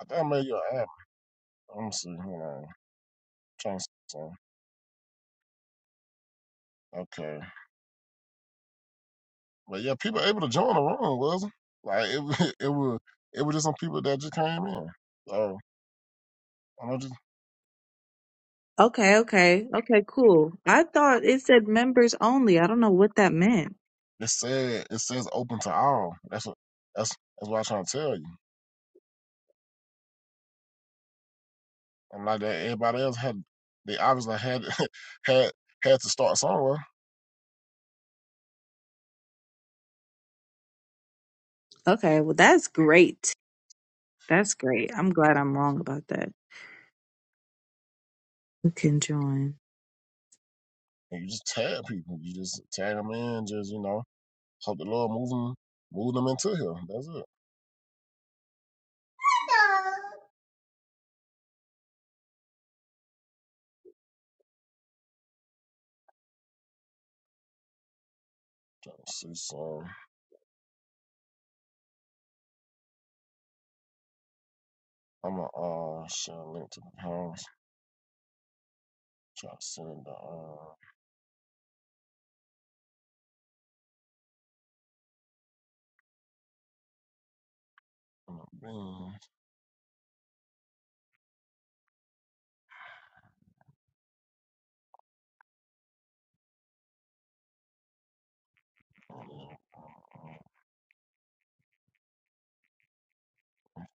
I think I made your app. Let me see. Hold on. trying to see. something. Okay. But yeah, people able to join the room, wasn't like it. wa- It was it was just some people that just came in. So I don't just Okay, okay, okay, cool. I thought it said members only. I don't know what that meant. it said it says open to all. That's what that's that's what I'm trying to tell you. I'm like that. Everybody else had they obviously had had had to start somewhere. Okay, well, that's great. That's great. I'm glad I'm wrong about that. You can join. And you just tag people. You just tag them in. Just you know hope the Lord move them move them into here. That's it. Trying to see. So I'm gonna uh share a link to the house. Trying to send the uh, send the man,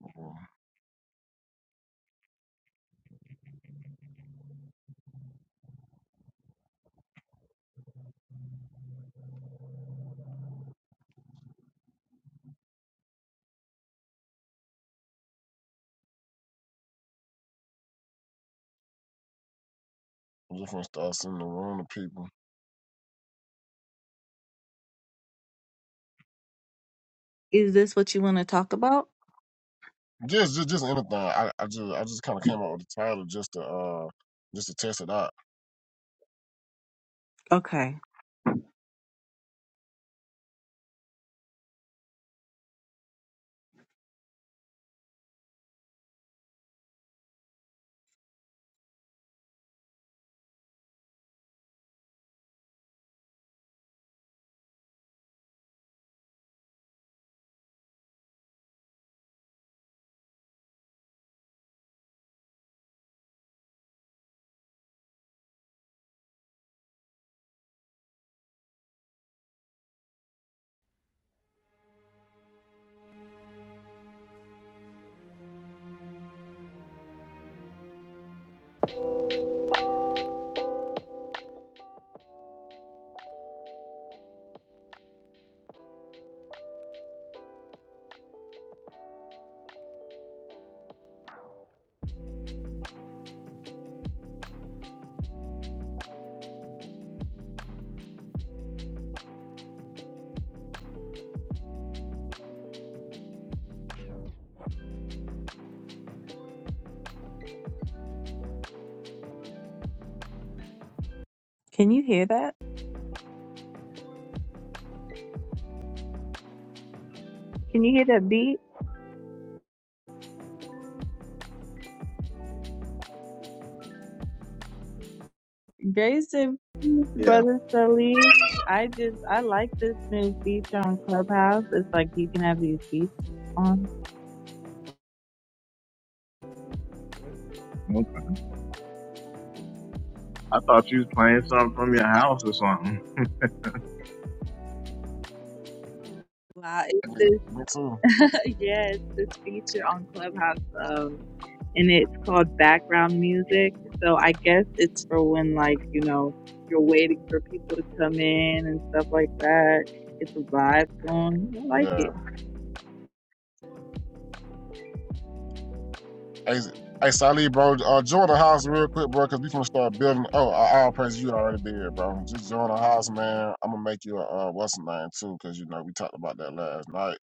fucking different stuff, sending the room to people. Is this what you want to talk about? Just, just, just anything. I, I just, I just kind of came up with the title just to, uh, just to test it out. Okay. Can you hear that? Can you hear that beat? Grace and peace, Yeah. brother Sully. I just I like this new feature on Clubhouse. It's like you can have these beats on. Okay. I thought you was playing something from your house or something. Wow, it's Yeah, this Me too. yes, this feature on Clubhouse. and it's called background music. So I guess it's for when like, you know, you're waiting for people to come in and stuff like that. It's a vibe going. I like Yeah. it. Hey, hey, Salih, bro. Uh, join the house real quick, bro, because we finna start building. Oh, I, I'll praise you already there, bro. Just join the house, man. I'm gonna make you a uh, what's the name too, because you know we talked about that last night.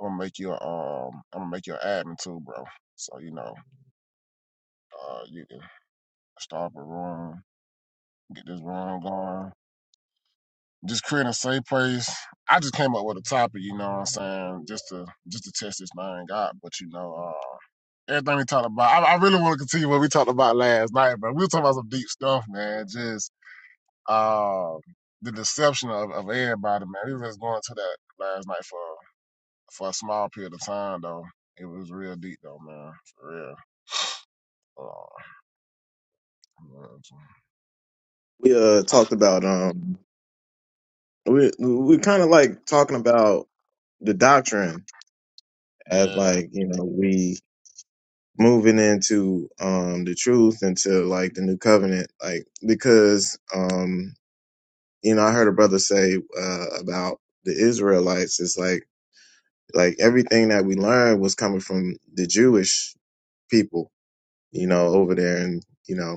I'm gonna make you a, um, I'm gonna make you an admin too, bro. So you know, uh, you can start up a room get this room going. Just creating a safe place. I just came up with a topic, you know what I'm saying, just to just to test this thing out. But you know, uh, everything we talked about, I, I really want to continue what we talked about last night, but we were talking about some deep stuff, man. Just uh, the deception of, of everybody, man. We were just going to that last night for for a small period of time, though. It was real deep, though, man. For real. Uh, We uh talked about um we we kind of like talking about the doctrine as yeah. like, you know, we moving into um the truth into like the new covenant like because um you know, I heard a brother say uh about the Israelites it's like like everything that we learned was coming from the Jewish people, you know, over there and you know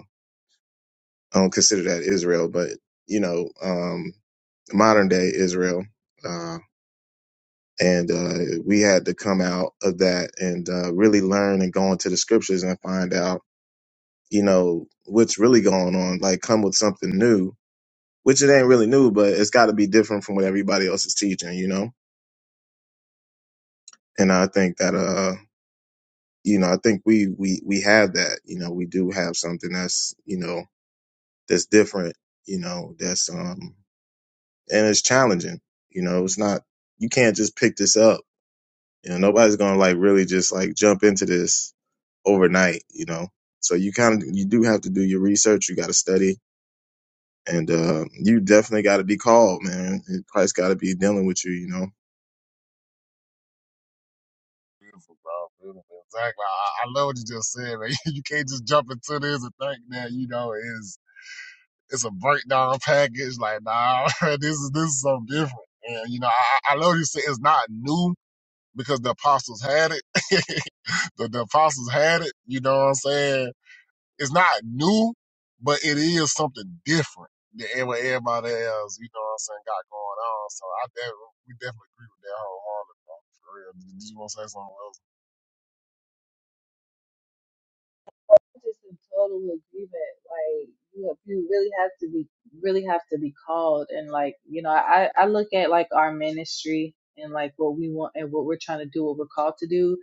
I don't consider that Israel, but you know, um, modern day Israel. Uh, and uh, we had to come out of that and uh, really learn and go into the scriptures and find out, you know, what's really going on. Like, come with something new, which it ain't really new, but it's got to be different from what everybody else is teaching, you know. And I think that, uh, you know, I think we we we have that. You know, we do have something that's you know that's different. You know, that's um and it's challenging. You know, it's not you can't just pick this up. You know, nobody's gonna like really just like jump into this overnight. You know, so you kind of you do have to do your research. You got to study, and uh, you definitely got to be called, man. And Christ got to be dealing with you. You know. Beautiful, bro. Beautiful. Exactly. I, I love what you just said, man. You can't just jump into this and think that, you know, is it's a breakdown package. Like, nah, this is this is something different. And you know, I, I love what you said it's not new because the apostles had it. the, the apostles had it, you know what I'm saying? It's not new, but it is something different than what everybody else, you know what I'm saying, got going on. So I definitely we definitely agree with that wholeheartedly for real. Did you want to say something else? I'm just in total agreement. Like you, have, you really have to be, really have to be called. And like you know, I I look at like our ministry and like what we want and what we're trying to do, what we're called to do.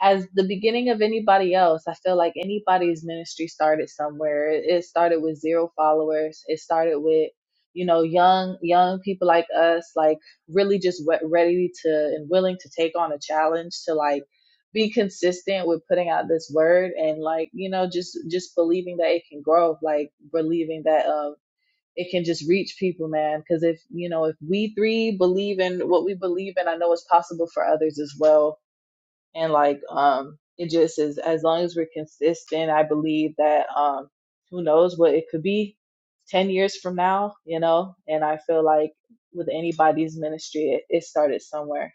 as the beginning of anybody else, I feel like anybody's ministry started somewhere. It, it started with zero followers. It started with, you know, young young people like us, like really just we- ready to and willing to take on a challenge to like be consistent with putting out this word and like you know just just believing that it can grow, like believing that um it can just reach people, man. Because if you know if we three believe in what we believe in, I know it's possible for others as well and like um it just is as long as we're consistent i believe that um who knows what it could be 10 years from now you know and i feel like with anybody's ministry it, it started somewhere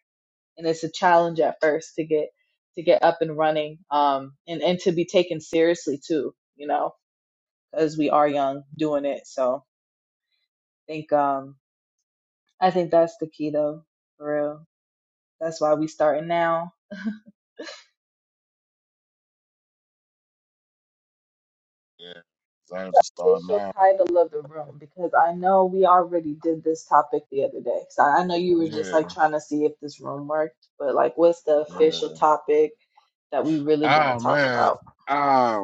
and it's a challenge at first to get to get up and running um and and to be taken seriously too you know as we are young doing it so i think um i think that's the key though for real that's why we starting now Yeah, Zane's a star official now. title of the room because I know we already did this topic the other day. So I know you were just Yeah, like trying to see if this room worked, but like, what's the official yeah. topic that we really want to Ah talk man, about? uh,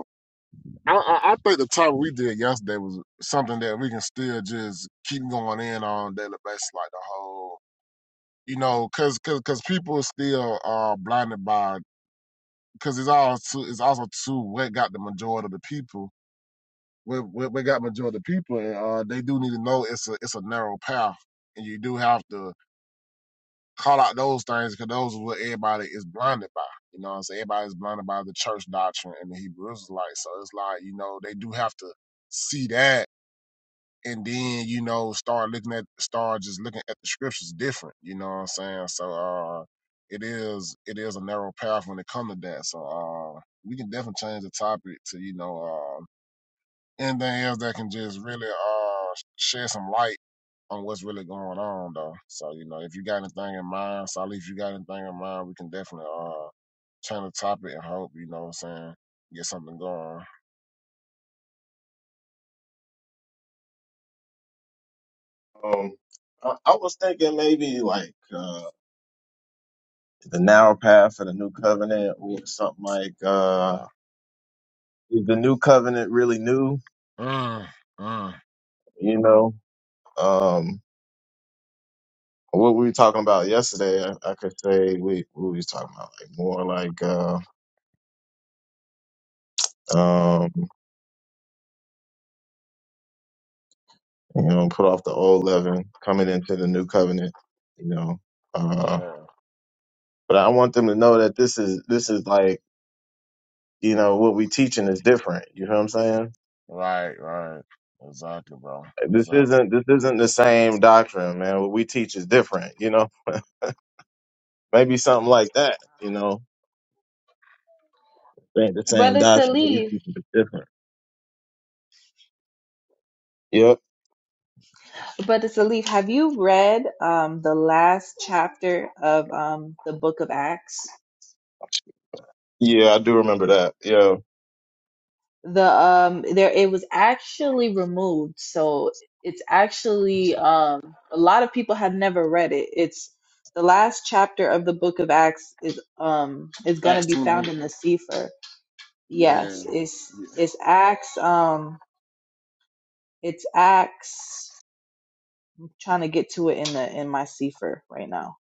I, I I think the topic we did yesterday was something that we can still just keep going in on a daily basis, like the whole, you know, cause cause cause people are still uh blinded by, cause it's all too, it's also too what got the majority of the people, what what, what got majority of the people, and uh they do need to know it's a it's a narrow path, and you do have to call out those things because those are what everybody is blinded by. You know what I'm saying? Everybody's blinded by the church doctrine and the Hebrew Israelites. So it's like, you know, they do have to see that and then, you know, start looking at start just looking at the scriptures different. You know what I'm saying? So uh it is it is a narrow path when it comes to that. So uh we can definitely change the topic to, you know, uh anything else that can just really uh shed some light on what's really going on though. So, you know, if you got anything in mind, Sally, if you got anything in mind, we can definitely uh turn the topic and hope, you know what I'm saying, get something going. Um, I, I was thinking maybe like uh, the narrow path of the new covenant, or something like uh, Yeah. is the new covenant really new? Mm, mm, You know. Um, what we were talking about yesterday, I, I could say we we was talking about like more like uh um you know put off the old leaven coming into the new covenant, you know. Uh, yeah. but I want them to know that this is this is like you know what we teaching is different. You know what I'm saying? Right, right. Exactly, bro. Like, This Exactly. isn't this isn't the same doctrine, man. What we teach is different. You know, maybe something like that. You know, it ain't the same Brother doctrine, but we Salif, teach it different. Yep. Brother Salif, have you read um, the last chapter of um, the book of Acts? Yeah, I do remember that. Yeah. The um there it was actually removed, so it's actually um a lot of people have never read it. It's the last chapter of the book of Acts is um is gonna That's be too found late. in the Sefer. Yeah. Yes, it's Yeah. it's Acts um it's Acts I'm trying to get to it in the in my Sefer right now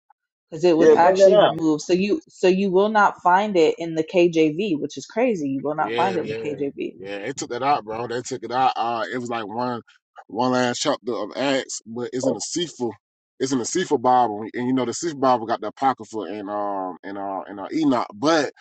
because it was Yeah, Yeah. bring that actually out. removed. So you so you will not find it in the KJV, which is crazy. You will not find it Yeah, in yeah, the KJV yeah. They took that out, bro. They took it out. Uh, it was like one, one last chapter of Acts, but it's in the Cephal. It's in the Cephal Bible, and you know the Cephal Bible got the Apocrypha and um and uh and uh, Enoch, but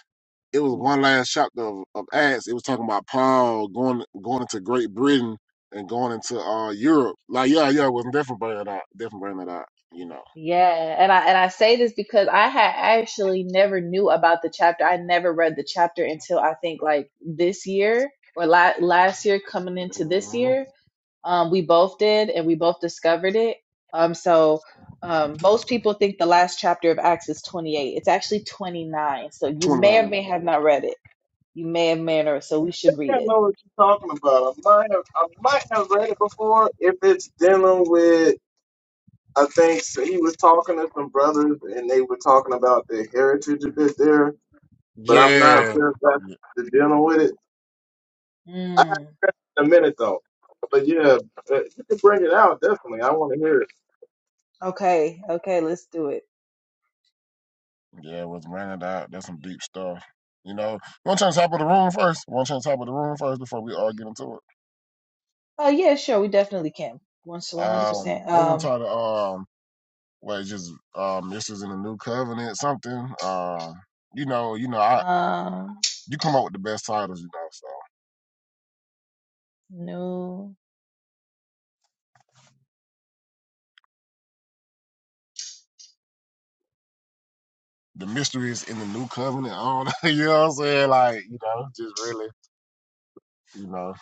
it was one last chapter of, of Acts. It was talking about Paul going going into Great Britain and going into uh Europe. Like yeah, yeah, it was definitely bringing that out. Definitely bringing that out. You know, Yeah, and I and I say this because I had actually never knew about the chapter. I never read the chapter until I think like this year or la last year coming into this Mhm. year. Um, we both did, and we both discovered it. Um, so um, most people think the last chapter of Acts is 28. It's actually 29. So you twenty may or nine. may have not read it. You may have may or so we should I read don't it. know what you're talking about. I might have, I might have read it before. If it's dealing with, I think so he was talking to some brothers and they were talking about the heritage a bit there, but I'm not Yeah. sure if that's the dealing with it. Mm, In a minute though, but yeah, uh, you can bring it out definitely. I want to hear it. okay, okay, let's do it. Yeah, was rented out. That's some deep stuff. You know, one chance top of the room first. One chance top of the room first before we all get into Uh, yeah, sure, we definitely can. Once it. one hundred Um, percent. we're gonna Um, try to um, well, it's just um, this is in the new covenant something. Uh, you know, you know, I um, you come up with the best titles, you know. So no, the mystery is in the new covenant. I don't know, you know what I'm saying? Like, you know, just really, you know,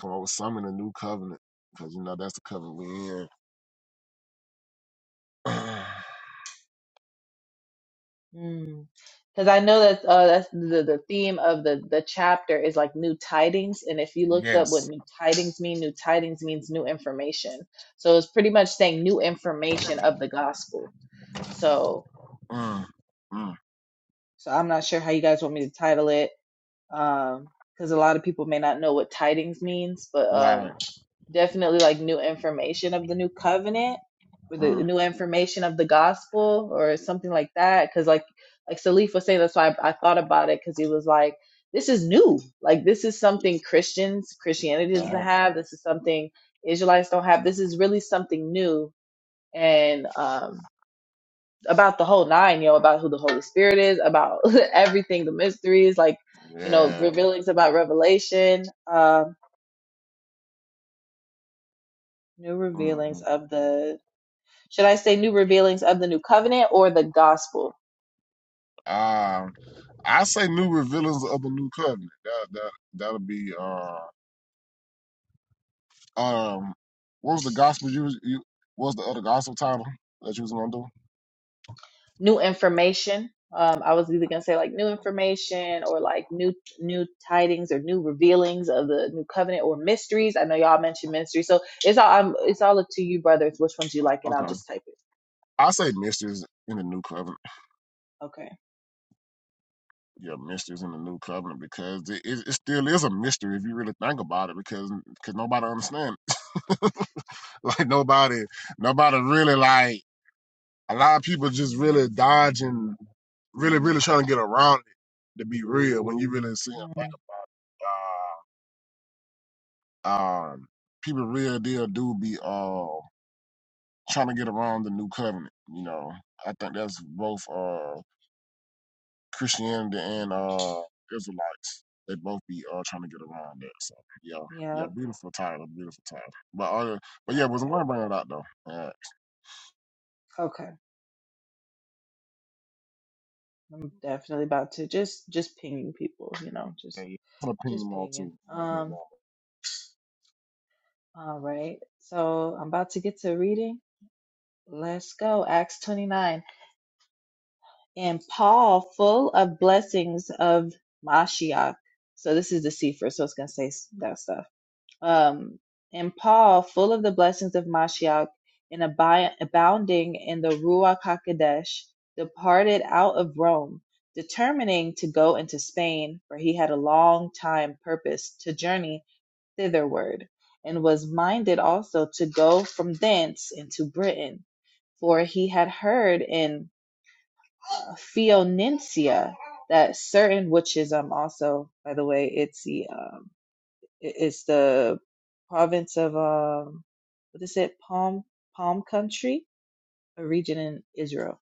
come up with some in the new covenant because you know that's the covenant we're in. because I know that uh, that's the the theme of the the chapter is like new tidings, and if you look up yes. what new tidings mean, new tidings means new information. So it's pretty much saying new information of the gospel. So, Mm, mm, so I'm not sure how you guys want me to title it, um, because a lot of people may not know what tidings means, but right. um. definitely like new information of the new covenant or the Mm. new information of the gospel or something like that because like like salif was saying that's why i, I thought about it because he was like this is new like this is something christians christianity doesn't yeah, have this is something israelites don't have this is really something new and um about the whole nine you know about who the holy spirit is about everything the mysteries like you know Yeah. revealings about revelation um new hmm revealings of the should I say new revealings of the new covenant or the gospel? Um, I say new revealings of the new covenant. That that that'll be uh um what was the gospel you was- you what was the other gospel title that you was gonna do? New information. Um, I was either gonna say like new information or like new new tidings or new revealings of the new covenant or mysteries. I know y'all mentioned mysteries, so it's all I'm, it's all up to you, brothers. Which ones you like, and I'll Okay, just type it. I say mysteries in the new covenant. Okay. Yeah, mysteries in the new covenant because it, it, it still is a mystery if you really think about it because because nobody understands. like nobody nobody really like a lot of people just really dodging really, really trying to get around to be real, when you really see and think Mm, about it, uh, um, people real deal do be uh, trying to get around the new covenant. You know, I think that's both uh, Christianity and uh, Israelites. They both be uh, trying to get around that. So yeah, yeah, yeah. beautiful title, beautiful title. But uh, but yeah, All wasn't right. going to bring it out though. Uh, Okay. I'm definitely about to just just pinging people. You know, yeah, just yeah. Put an opinion just on pinging. too. Opinion Um. All right. So I'm about to get to reading. Let's go. Acts 29. and Paul full of blessings of Mashiach. So this is the Sefer, so it's gonna say s- that stuff. Um, and Paul full of the blessings of Mashiach and abi- abounding in the Ruach Hakodesh, departed out of Rome, determining to go into Spain, for he had a long time purpose to journey thitherward, and was minded also to go from thence into Britain, for he had heard in Fionencia, that certain which is um also by the way it's the um i- it's the province of um what is it Palm Palm country a region in Israel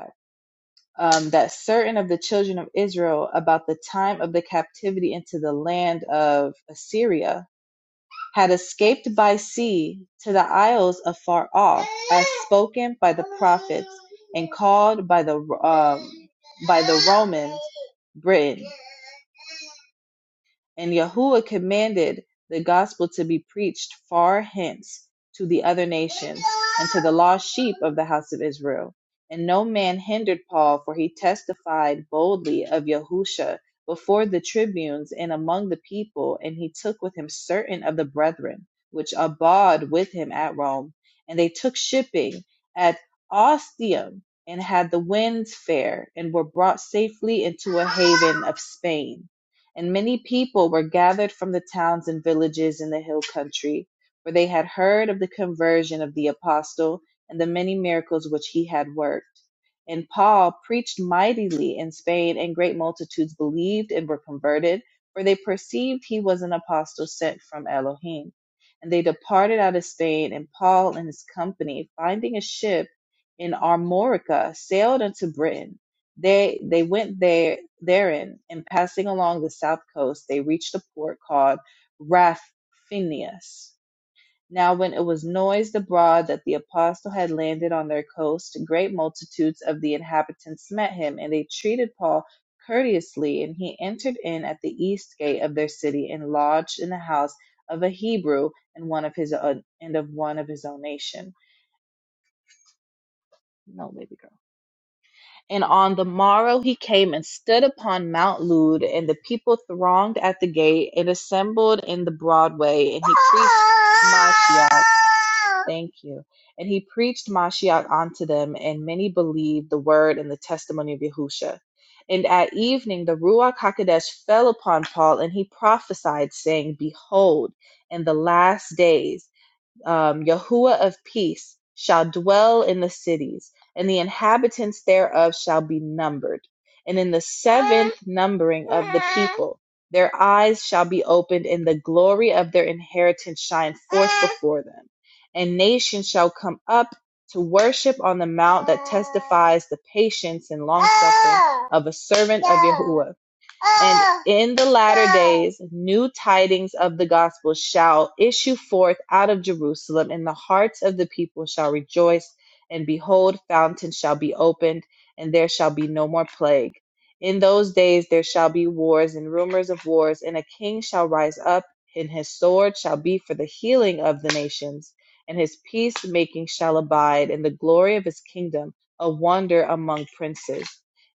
Okay. um that certain of the children of Israel about the time of the captivity into the land of Assyria had escaped by sea to the isles afar off, as spoken by the prophets and called by the um, by the Romans Britain. And Yahuwah commanded the gospel to be preached far hence to the other nations and to the lost sheep of the house of Israel. And no man hindered Paul, for he testified boldly of Yahusha before the tribunes and among the people, and he took with him certain of the brethren, which abode with him at Rome. And they took shipping at Ostium, and had the winds fair, and were brought safely into a haven of Spain and many people were gathered from the towns and villages in the hill country, for they had heard of the conversion of the apostle and the many miracles which he had worked. And Paul preached mightily in Spain, and great multitudes believed and were converted, for they perceived he was an apostle sent from Elohim. And they departed out of Spain, and Paul and his company, finding a ship in Armorica, sailed unto Britain they they went there therein, and passing along the south coast, they reached a port called Raphinius. Now, when it was noised abroad that the apostle had landed on their coast, great multitudes of the inhabitants met him, and they treated Paul courteously. And he entered in at the east gate of their city and lodged in the house of a Hebrew and one of his own, and of one of his own nation. No, baby girl. And on the morrow he came and stood upon Mount Lud, and the people thronged at the gate and assembled in the broad way, and he preached Mashiach. Thank you. And he preached Mashiach unto them, and many believed the word and the testimony of Yahusha. And at evening the Ruach HaKodesh fell upon Paul, and he prophesied, saying, Behold, in the last days um, Yahuwah of peace shall dwell in the cities, and the inhabitants thereof shall be numbered. And in the seventh numbering of the people, their eyes shall be opened, and the glory of their inheritance shine forth before them. And nations shall come up to worship on the mount that testifies the patience and long suffering of a servant of Yahuwah and in the latter days, new tidings of the gospel shall issue forth out of Jerusalem, and the hearts of the people shall rejoice. And behold, fountains shall be opened, and there shall be no more plague. In those days there shall be wars and rumors of wars, and a king shall rise up, and his sword shall be for the healing of the nations, and his peacemaking shall abide, and the glory of his kingdom a wonder among princes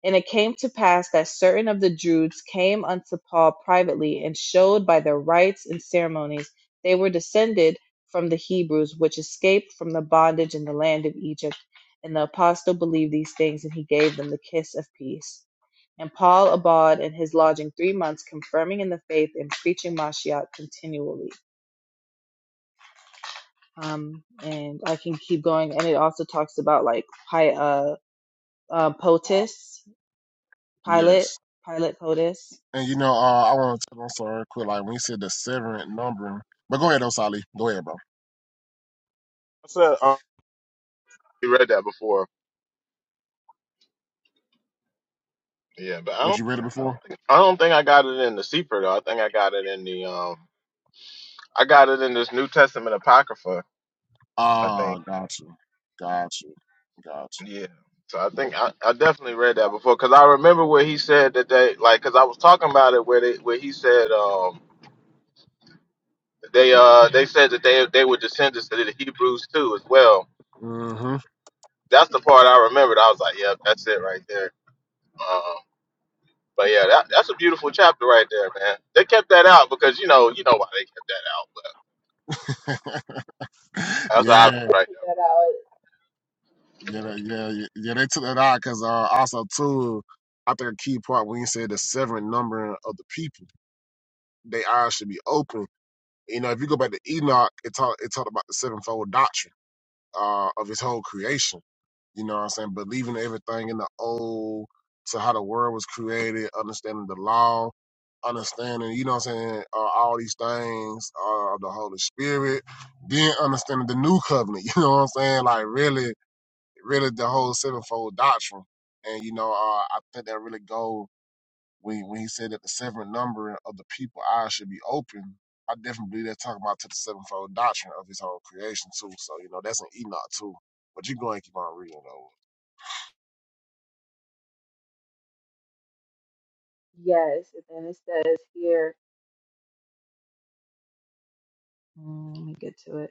and it came to pass that certain of the Jews came unto Paul privately, and showed by their rites and ceremonies they were descended from the Hebrews, which escaped from the bondage in the land of Egypt. And the apostle believed these things, and he gave them the kiss of peace. And Paul abode in his lodging three months, confirming in the faith and preaching Mashiach continually. Um, and I can keep going. And it also talks about like uh, uh, on Uh, POTUS, Pilate, yes. Pilate POTUS. And you know, uh, I want to. I'm sorry, quick. Like when you said the seventh number, but go ahead, Osali. Go ahead, bro. I said I already read that before. Yeah, but I What don't you read think it I before? don't think I don't think I got it in the Seeper though. I think I got it in the um I got it in this New Testament Apocrypha. I think. Ah, gotcha, gotcha, gotcha. Yeah. So I think I, I definitely read that before because I remember where he said that they like because I was talking about it where they where he said um they uh they said that they they were descendants of the Hebrews too as well. hmm That's the part I remembered. I was like, yep, that's it right there. Um, but yeah, that, that's a beautiful chapter right there, man. They kept that out because you know you know why they kept that out, but that's obvious yeah, Check right there. that out. yeah, that- yeah, yeah. yeah, They took that out because uh, also too, I think a key part when you said the seven number of the people, they eyes should be open. You know, if you go back to Enoch, it talked it talked about the sevenfold doctrine. uh, of his whole creation. You know what I'm saying? Believing everything in the old to how the world was created, understanding the law, understanding, you know what I'm saying, uh, all these things uh, of the Holy Spirit, then understanding the new covenant, you know what I'm saying? Like really, really the whole sevenfold doctrine. And, you know, uh, I think that really go. When, when he said that the seven number of the people eyes should be open, I definitely believe that's talking about to the sevenfold doctrine of his whole creation too. So you know that's an Enoch too. But you go and keep on reading though. Yes. And then it says here, mm, let me get to it.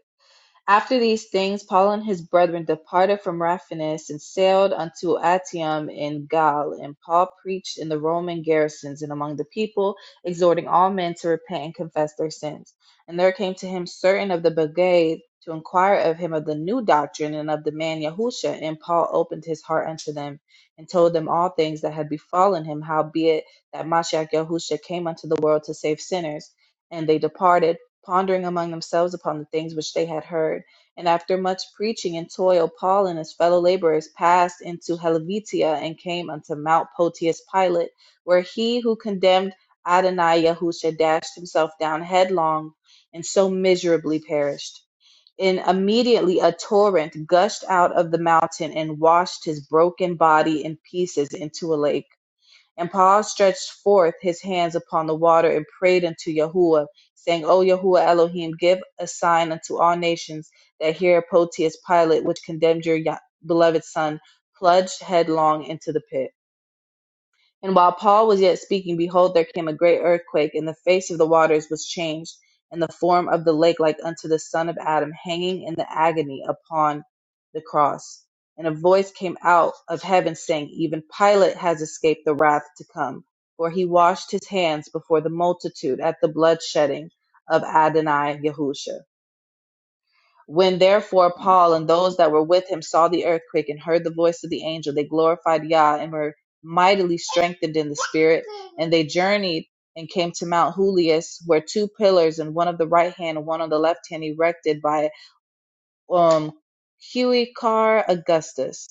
After these things, Paul and his brethren departed from Raphanus and sailed unto Actium in Gaul. And Paul preached in the Roman garrisons and among the people, exhorting all men to repent and confess their sins. And there came to him certain of the brigade to inquire of him of the new doctrine and of the man Yahusha. And Paul opened his heart unto them and told them all things that had befallen him, howbeit that Mashiach Yahusha came unto the world to save sinners. And they departed pondering among themselves upon the things which they had heard. And after much preaching and toil, Paul and his fellow laborers passed into Helvetia and came unto Mount Potius Pilate, where he who condemned Adonai Yahusha dashed himself down headlong and so miserably perished. And immediately a torrent gushed out of the mountain and washed his broken body in pieces into a lake and Paul stretched forth his hands upon the water and prayed unto Yahuwah, saying, O Yahuwah Elohim, give a sign unto all nations that here Pontius Pilate, which condemned your beloved son, plunged headlong into the pit. And while Paul was yet speaking, behold, there came a great earthquake, and the face of the waters was changed, and the form of the lake like unto the Son of Adam, hanging in the agony upon the cross. And a voice came out of heaven saying, Even Pilate has escaped the wrath to come, for he washed his hands before the multitude at the blood shedding of Adonai Yahusha. When therefore Paul and those that were with him saw the earthquake and heard the voice of the angel, they glorified Yah and were mightily strengthened in the spirit. And they journeyed and came to Mount Julius, where two pillars, and one of the right hand and one on the left hand, erected by um, Huicar Augustus.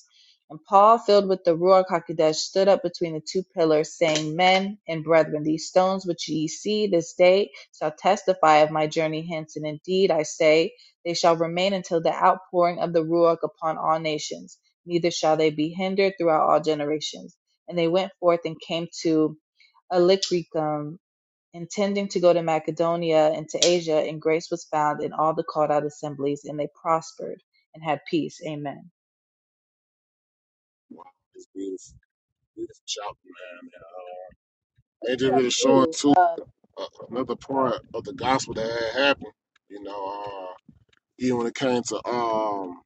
And Paul, filled with the Ruach HaKodesh, stood up between the two pillars, saying, Men and brethren, these stones which ye see this day shall testify of my journey hence. And indeed, I say, they shall remain until the outpouring of the Ruach upon all nations, neither shall they be hindered throughout all generations. And they went forth and came to Alicricum, intending to go to Macedonia and to Asia, and grace was found in all the called out assemblies, and they prospered and had peace. Amen. Wow, It's beautiful, beautiful chapter, man. And just Put Up really showing too. too Um, uh, another part of the gospel that had happened. You know, uh, even when it came to um,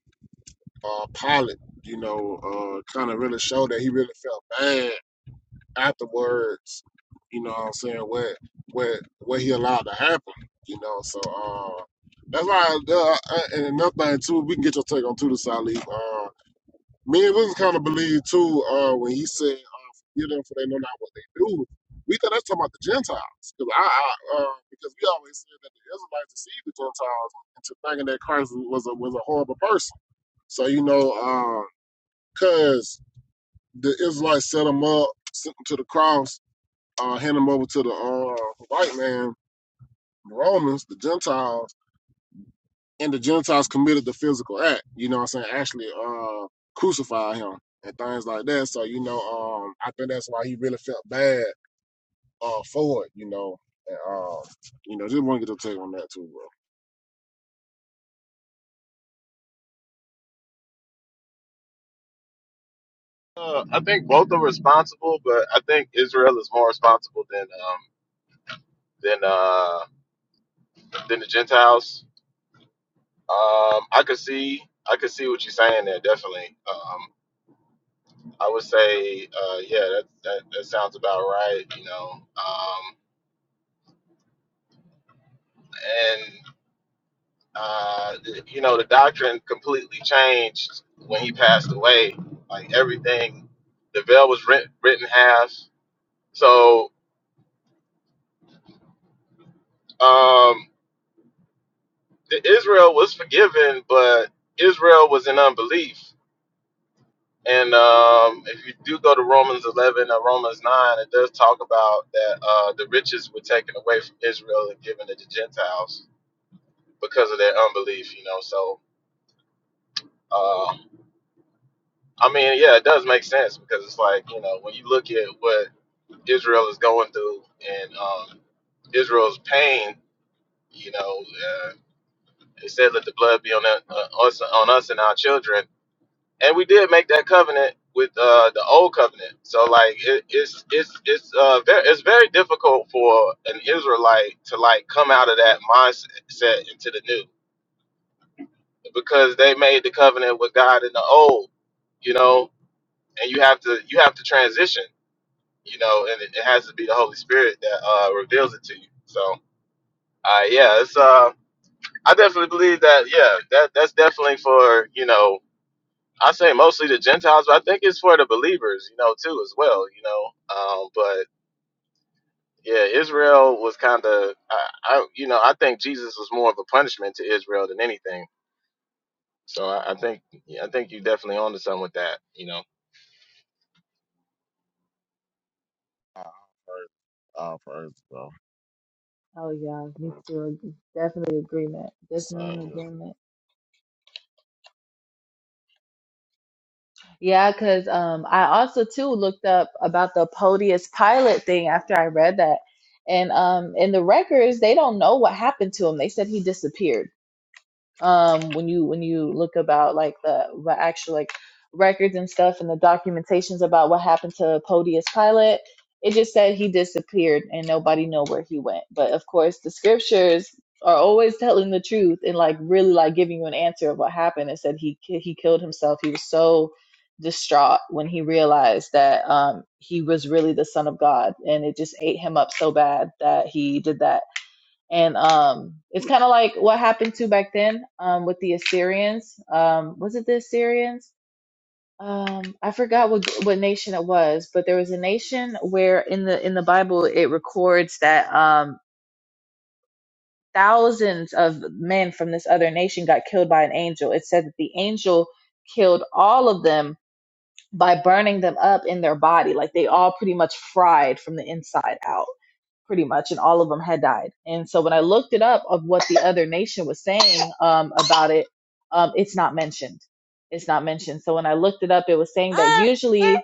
uh, Pilate, you know, uh, kind of really showed that he really felt bad afterwards, you know what I'm saying, what what what he allowed to happen, you know. So uh that's why uh, uh, and another thing too, we can get your take on too the Salif. Uh me and was kinda believe too, uh when he said uh forgive them for they know not what they do. We thought that's talking about the Gentiles. Cause I, I uh because we always said that the Israelites deceived the Gentiles into thinking that Christ was a was a horrible person. So, you know, uh 'cause cause the Israelites set him up, sent him to the cross, uh, hand them over to the uh, white man, the Romans, the Gentiles, and the Gentiles committed the physical act. You know what I'm saying? Actually, uh, crucify him and things like that. So you know, um, I think that's why he really felt bad uh, for it. You know, and, um, you know, just want to get your take on that too, bro. Uh, I think both are responsible, but I think Israel is more responsible than um than uh than the Gentiles Um, I could see, I could see what you're saying there. Definitely. Um, I would say, uh, yeah, that, that that sounds about right. You know, um, and uh, the- you know, the doctrine completely changed when he passed away. Like everything, the veil was rent, written half. So um, the Israel was forgiven, but Israel was in unbelief. And um, if you do go to Romans 11 or Romans 9, it does talk about that uh, the riches were taken away from Israel and given to the Gentiles because of their unbelief, you know. So, uh, I mean, yeah, it does make sense because it's like, you know, when you look at what Israel is going through and um, Israel's pain, you know, uh, it says, let the blood be on, that, uh, us, on us and our children and we did make that covenant with uh, the old covenant. So like it, it's it's it's uh very, it's very difficult for an Israelite to like come out of that mindset into the new because they made the covenant with God in the old, you know, and you have to you have to transition, you know, and it, it has to be the Holy Spirit that uh, reveals it to you. So uh yeah, it's uh I definitely believe that yeah that that's definitely for you know I say mostly the Gentiles, but I think it's for the believers, you know, too, as well, you know. Um, but yeah, Israel was kind of, I, I, you know, I think Jesus was more of a punishment to Israel than anything. So I, I think, yeah, I think you definitely onto something with that, you know. All praise, all praise, bro. oh yeah, me too. Definitely agreement. Definitely Same an here. agreement. Yeah, because um, I also too looked up about the Podius Pilate thing after I read that, and um, in the records they don't know what happened to him. They said he disappeared um when you when you look about like the the actual like records and stuff and the documentations about what happened to Podius Pilate it just said he disappeared and nobody know where he went but of course the scriptures are always telling the truth and like really like giving you an answer of what happened it said he he killed himself he was so distraught when he realized that um he was really the son of God and it just ate him up so bad that he did that and um, it's kind of like what happened to back then um, with the Assyrians. Um, was it the Assyrians? Um, I forgot what what nation it was, but there was a nation where in the in the Bible it records that um, thousands of men from this other nation got killed by an angel. It said that the angel killed all of them by burning them up in their body, like they all pretty much fried from the inside out pretty much, and all of them had died. And so when I looked it up of what the other nation was saying um, about it, um, it's not mentioned. It's not mentioned. So when I looked it up, it was saying that usually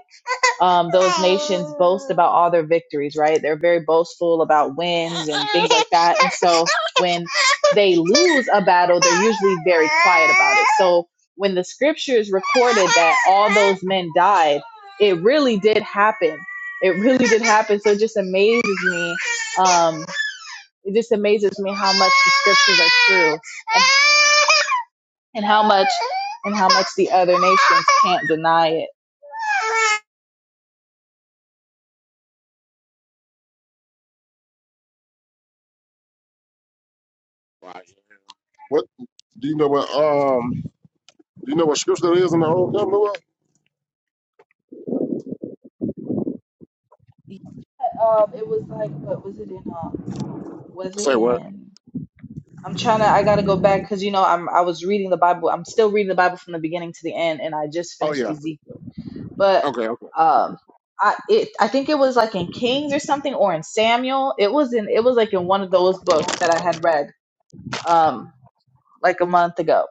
um, those nations boast about all their victories, right? They're very boastful about wins and things like that. And so when they lose a battle, they're usually very quiet about it. So when the scriptures recorded that all those men died, it really did happen. It really did happen. So it just amazes me. Um, it just amazes me how much the scriptures are true and, and how much and how much the other nations can't deny it. Right. What do you know? What um, do you know what scripture that is in the Old Testament? Um, it was like what was it in um was Say it what? in I'm trying to I got to go back because you know I'm I was reading the Bible I'm still reading the Bible from the beginning to the end and I just Oh finished yeah. Ezekiel but Okay. Okay. um I it I think it was like in Kings or something or in Samuel it was in it was like in one of those books that I had read um like a month ago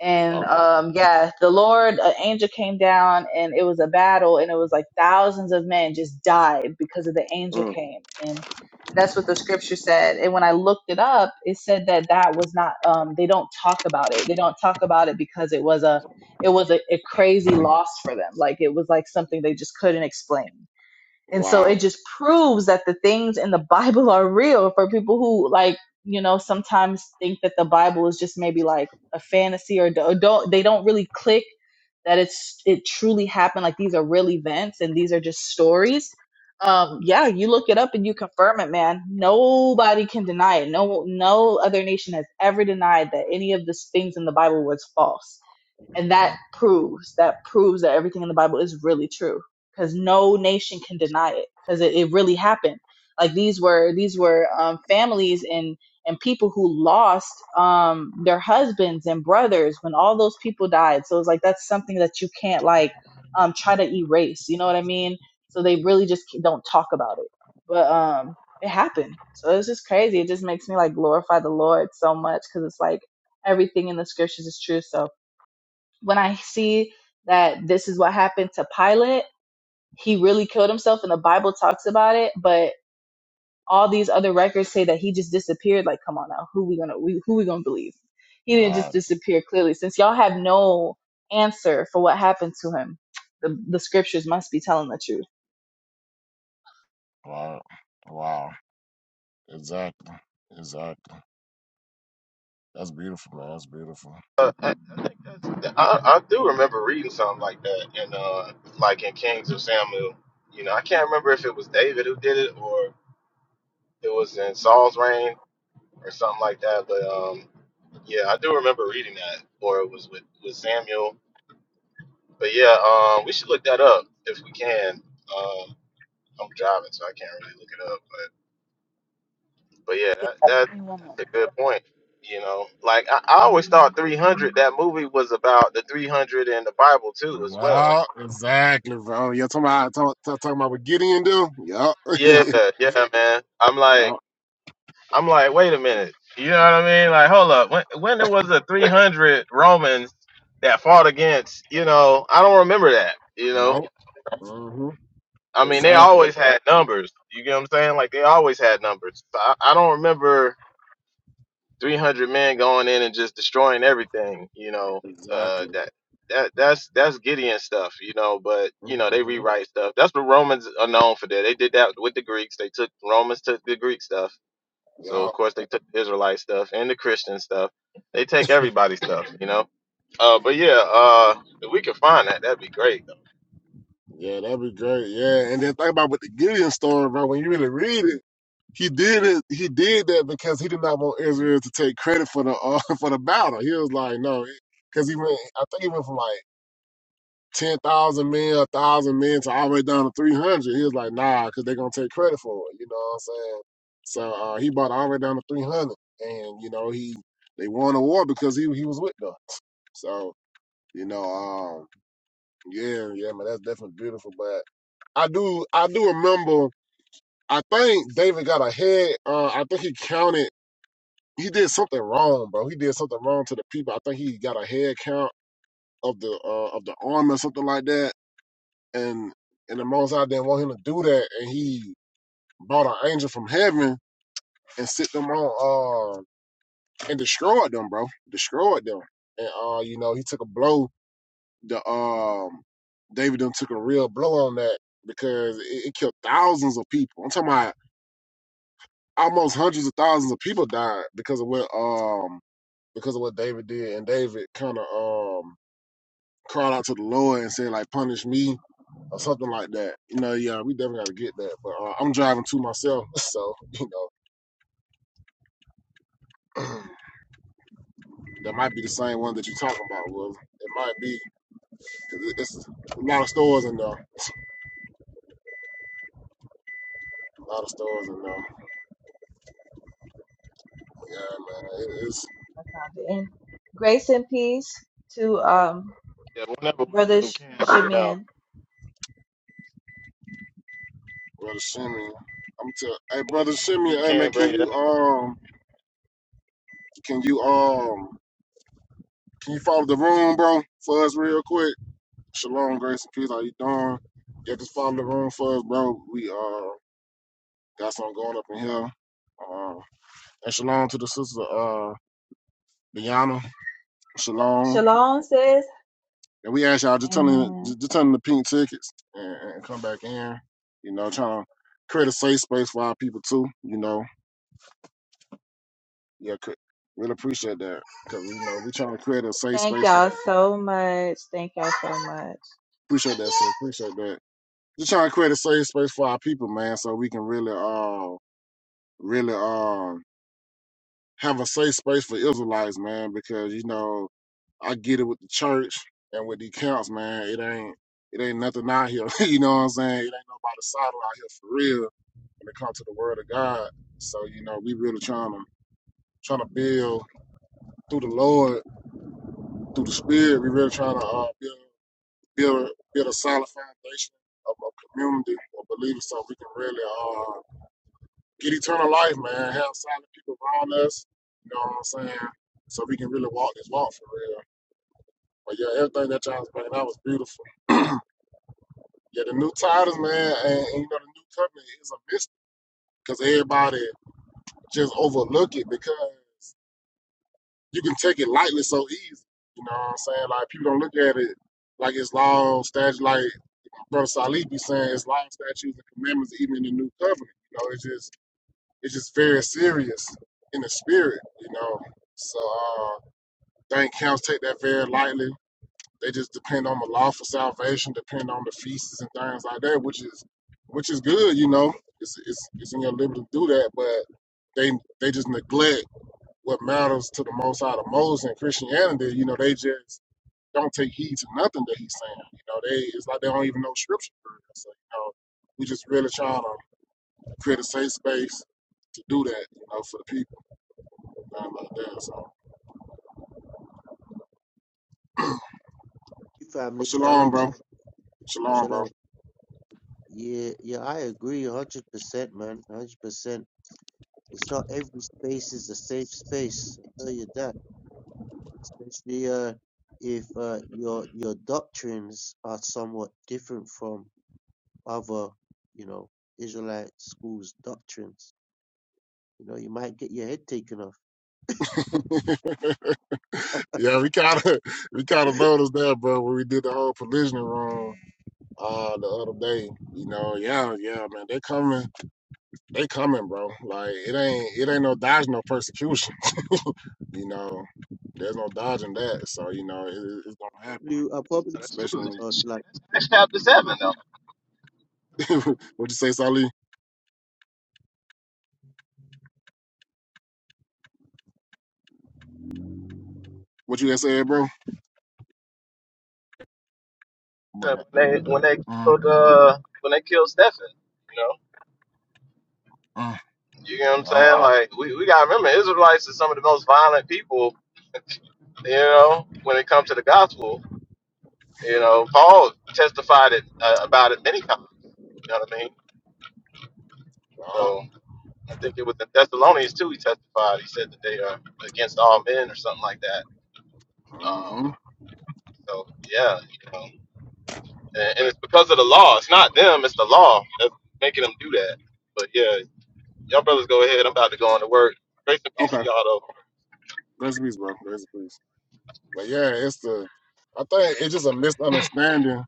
and okay. um yeah the lord an angel came down and it was a battle and it was like thousands of men just died because of the angel Mm. came and that's what the scripture said and when i looked it up it said that that was not um they don't talk about it they don't talk about it because it was a it was a, a crazy loss for them like it was like something they just couldn't explain and so Wow. it just proves that the things in the Bible are real for people who like, you know, sometimes think that the Bible is just maybe like a fantasy or do- don't they don't really click that it's it truly happened like these are real events and these are just stories. Um yeah, you look it up and you confirm it, man. Nobody can deny it. No no other nation has ever denied that any of the things in the Bible was false and that Mm, proves that proves that everything in the bible is really true because no nation can deny it because it, it really happened like these were these were um, families and and people who lost um their husbands and brothers when all those people died so it's like that's something that you can't like um try to erase you know what i mean so they really just don't talk about it but um it happened so it's just crazy it just makes me like glorify the lord so much because it's like everything in the scriptures is true so when I see that this is what happened to Pilate, he really killed himself, and the Bible talks about it. But all these other records say that he just disappeared. Like, come on now, who we gonna we, who we gonna believe? He didn't Right, just disappear. Clearly, since y'all have no answer for what happened to him, the the scriptures must be telling the truth. right. Wow. Exactly. Exactly. That's beautiful, man. That's beautiful. Uh, I, I think that's, I, I do remember reading something like that, in uh, like in Kings or Samuel, you know, I can't remember if it was David who did it or it was in Saul's reign or something like that, but. um, Yeah, I do remember reading that, or it was with with Samuel. But yeah, um, we should look that up if we can. Um, I'm driving, so I can't really look it up. But but yeah, that, Give that me one moment. that's a good point. You know, like I, I always thought 300. That movie was about the 300 and the Bible too, as well. Wow, exactly, bro. You're talking about, talk, talk- talking about what Gideon do? Yup. Yeah, yeah, man. I'm like, yup. I'm like, wait a minute. You know what I mean? Like, hold up. When when there was a 300 Romans that fought against, you know, I don't remember that. You know. Nope. Mm-hmm. I mean, they Exactly. always had numbers. You get what I'm saying? Like they always had numbers. So I, I don't remember 300 men going in and just destroying everything. You know, uh, Exactly. that that that's that's Gideon stuff. You know, but you know they Mm-hmm. rewrite stuff. That's what Romans are known for. That they did that with the Greeks. They took Romans took the Greek stuff. So of Yup. course they took the Israelite stuff and the Christian stuff. They take everybody's stuff. You know. Uh, but yeah, uh, if we can find that, that'd be great. Yeah, that'd be great. Yeah. And then think about with the Gideon story, bro. When you really read it, he did it. He did that because he did not want Israel to take credit for the uh, for the battle. He was like, no, because he went. I think he went from like 10,000 men, 1,000 men to all the way down to 300. He was like, nah, because they're going to take credit for it. You know what I'm saying? So uh, he bought all the way down to 300. And, you know, he they won the war because he, he was with them. So, you know, um, yeah, yeah, man, that's definitely beautiful. But I do I do remember I think David got a head uh I think he counted he did something wrong, bro. He did something wrong to the people. I think he got a head count of the uh of the army or something like that and and the Most High didn't want him to do that, and he brought an angel from heaven and sit them on, uh, and destroyed them, bro, destroyed them, and uh, you know, he took a blow. The um, David done took a real blow on that because it, it killed thousands of people. I'm talking about almost hundreds of thousands of people died because of what um because of what David did, and David kind of um cried out to the Lord and said like, punish me or something like that. You know, yeah, we definitely got to get that. But uh, I'm driving two myself, so you know, that might be the same one that you're talking about. Will it might be 'cause it- it's a lot of stores in there, a lot of stores in there. Yeah, I man, it found is. it. I found it. And grace and peace to um Yeah, whenever brother wisdom Sh- can dig it out. Shimeon. Brother Shimmy, I'm tell. Hey, brother wisdom whenever Shimmy, you hey man, can can bring it you out. um, can you um, can you follow the room, bro, for us real quick? Shalom, grace and peace. How you doing? Yeah, just follow the room for us, bro. We uh got something going up in here. Um, And shalom to the sister uh Diana. Shalom. Shalom says, And we ask y'all just turn in and. just turn in the pink tickets and, and come back in. You know, trying to create a safe space for our people too. You know, yeah, cre- really appreciate that because you know we trying to create a safe Thank space for. y'all so much. Thank y'all so much. Appreciate that, sis. Appreciate that. Just trying to create a safe space for our people, man, so we can really uh really um have a safe space for Israelites, man, because you know I get it with the church and with the camps, man. It ain't it ain't nothing out here. you know what I'm saying? It ain't nobody solid out here for real when it comes to the word of God. So, you know, we really trying to trying to build through the Lord, through the Spirit, we really trying to uh, build build a build a solid foundation of a community of believers so we can really uh, get eternal life, man, have solid people around us, you know what I'm saying? So we can really walk this walk for real. But yeah, everything that y'all was bringing out was beautiful. Yeah, the new titles, man, and, and you know the new covenant is a mystery because everybody just overlook it because you can take it lightly so easy. You know what I'm saying? Like people don't look at it like it's law statute. Like Brother Salih be saying, it's law statutes and commandments, even in the new covenant. You know, it's just it's just very serious in the spirit. You know, so uh, thing counts take that very lightly. They just depend on the law for salvation, depend on the feasts and things like that, which is which is good, you know. It's it's it's in your liberty to do that, but they they just neglect what matters to the most out of Moses and Christianity. You know, they just don't take heed to nothing that he's saying. You know, they it's like they don't even know scripture. So you know, we just really trying to create a safe space to do that. You know, for the people and things like that. So, but Family, shalom, shalom, bro. family, Shalom, shalom. Yeah, yeah, I agree, a hundred percent, man, a hundred percent. It's not every space is a safe space. I tell you that, especially uh, if uh, your your doctrines are somewhat different from other, you know, Israelite schools' doctrines. You know, you might get your head taken off. bro. Yeah, we kind of we kind of noticed that, bro. When we did the whole provisioning room uh, the other day, you know, yeah, yeah, man, they coming, they coming, bro. Like it ain't it ain't no dodging no persecution, you know. There's no dodging that, so you know it, it- it's gonna happen. probably, I probably, Yeah, That's true. Especially I when, was like, That's Acts chapter seven though. what you say, Sally? What you just said, bro? Yeah, But When they when they mm, killed uh when they killed Stephen, you know. mm, You know what I'm yeah, saying? Like we, we gotta remember Israelites are some of the most violent people, you know, when it comes to the gospel. You know, Paul testified it uh, about it many times, you know what I mean? yeah, So I think it was the Thessalonians too he testified. He said that they are against all men or something like that. Um hmm so yeah, you know. and, and it's because of the law. It's not them; it's the law that's making them do that. But yeah, y'all brothers go ahead. I'm about to go on to work. Grace and peace to okay, y'all though. grace and peace, bro, grace and peace. But yeah, it's the I think it's just a misunderstanding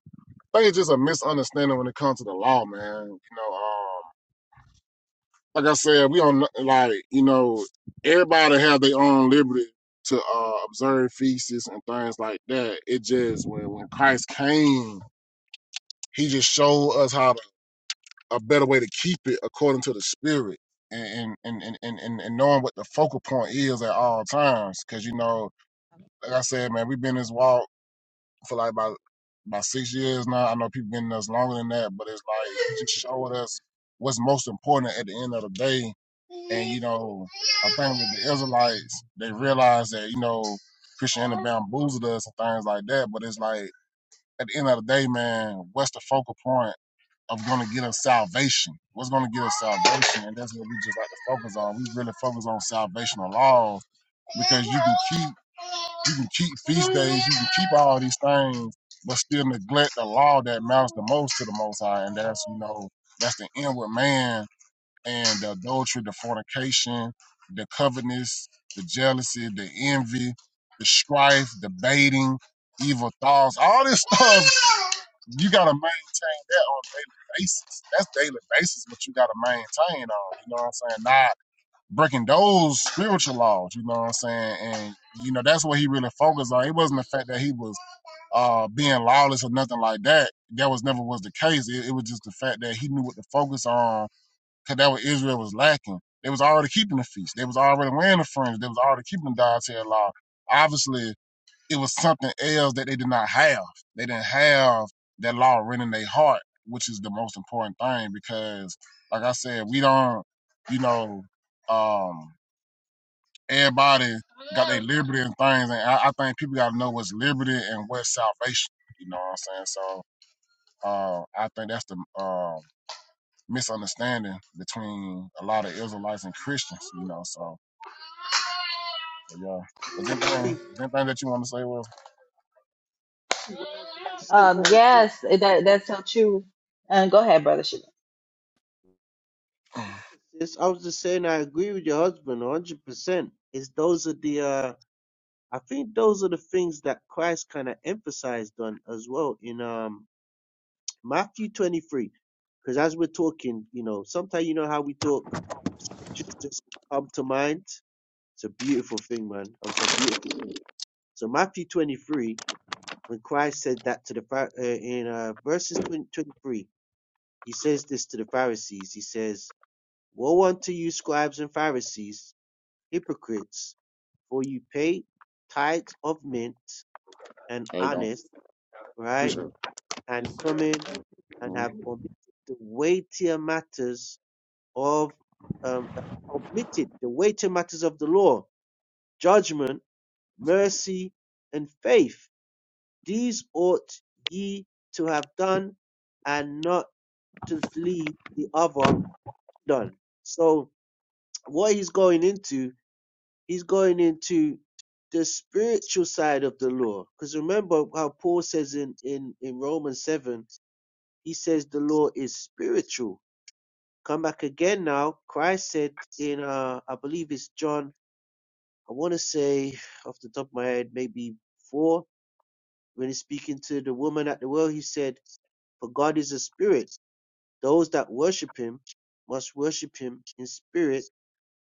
I think it's just a misunderstanding when it comes to the law, man. You know, um, like I said, we don't like you know everybody have their own liberty to uh, observe feasts and things like that. It just when when Christ came, he just showed us how to, a better way to keep it according to the spirit. And and, and, and, and and knowing what the focal point is at all times, because you know, like I said, man, we've been in this walk for like about about six years now. I know people been in us longer than that, but it's like he just showed us what's most important at the end of the day. And you know, I think with the Israelites, they realized that you know Christianity bamboozled us and things like that. But it's like at the end of the day, man, what's the focal point of going to get us salvation? What's going to get us salvation? And that's what we just like to focus on. We really focus on salvational laws because you can keep you can keep feast days, you can keep all these things, but still neglect the law that matters the most to the Most High, and that's you know that's the inward man and the adultery, the fornication, the covetousness, the jealousy, the envy, the strife, the baiting, evil thoughts, all this stuff. You gotta maintain that on a daily basis. That's daily basis what you gotta maintain on. You know what I'm saying? Not breaking those spiritual laws, you know what I'm saying? And you know, that's what he really focused on. It wasn't the fact that he was uh being lawless or nothing like that. That was never was the case. It, it was just the fact that he knew what to focus on because that what Israel was lacking. They was already keeping the feast. They was already wearing the fringe. They was already keeping the dietary law. Obviously, it was something else that they did not have. They didn't have that law written in their heart, which is the most important thing because, like I said, we don't, you know, um, everybody got their liberty and things, and I, I think people got to know what's liberty and what's salvation. You know what I'm saying? So uh, I think that's the uh, misunderstanding between a lot of Israelites and Christians. You know, so but yeah. yeah, Was I anything agree, was anything that you want to say? Well, one hundred Um, percent. yes, that that's so true. And go ahead, brother. Shimon. Sis, I was just saying I agree with your husband 100%. Is those are the uh I think those are the things that Christ kind of emphasized on as well in um Matthew 23. Cuz as we're talking, you know, sometimes you know how we talk just just come to mind. It's a beautiful thing, man. It's a beautiful. Thing. So Matthew 23, when Christ said that to the Phar- uh, in uh, verses 20, 23, he says this to the Pharisees. He says, "Woe unto you, scribes and Pharisees, Hypocrites! For you pay tithes of mint and hey, don't anise, right, appreciate it. and cumin, and Mm, have omitted the weightier matters of um, uh, omitted the weightier matters of the law, judgment, mercy, and faith. These ought ye to have done, and not to leave the other done. So what he's going into He's going into the spiritual side of the law. Because remember how Paul says in, in, in Romans 7, he says the law is spiritual. Come back again now. Christ said in, uh, I believe it's John, I want to say off the top of my head, maybe 4, when he's speaking to the woman at the well, he said, For God is a spirit. Those that worship him must worship him in spirit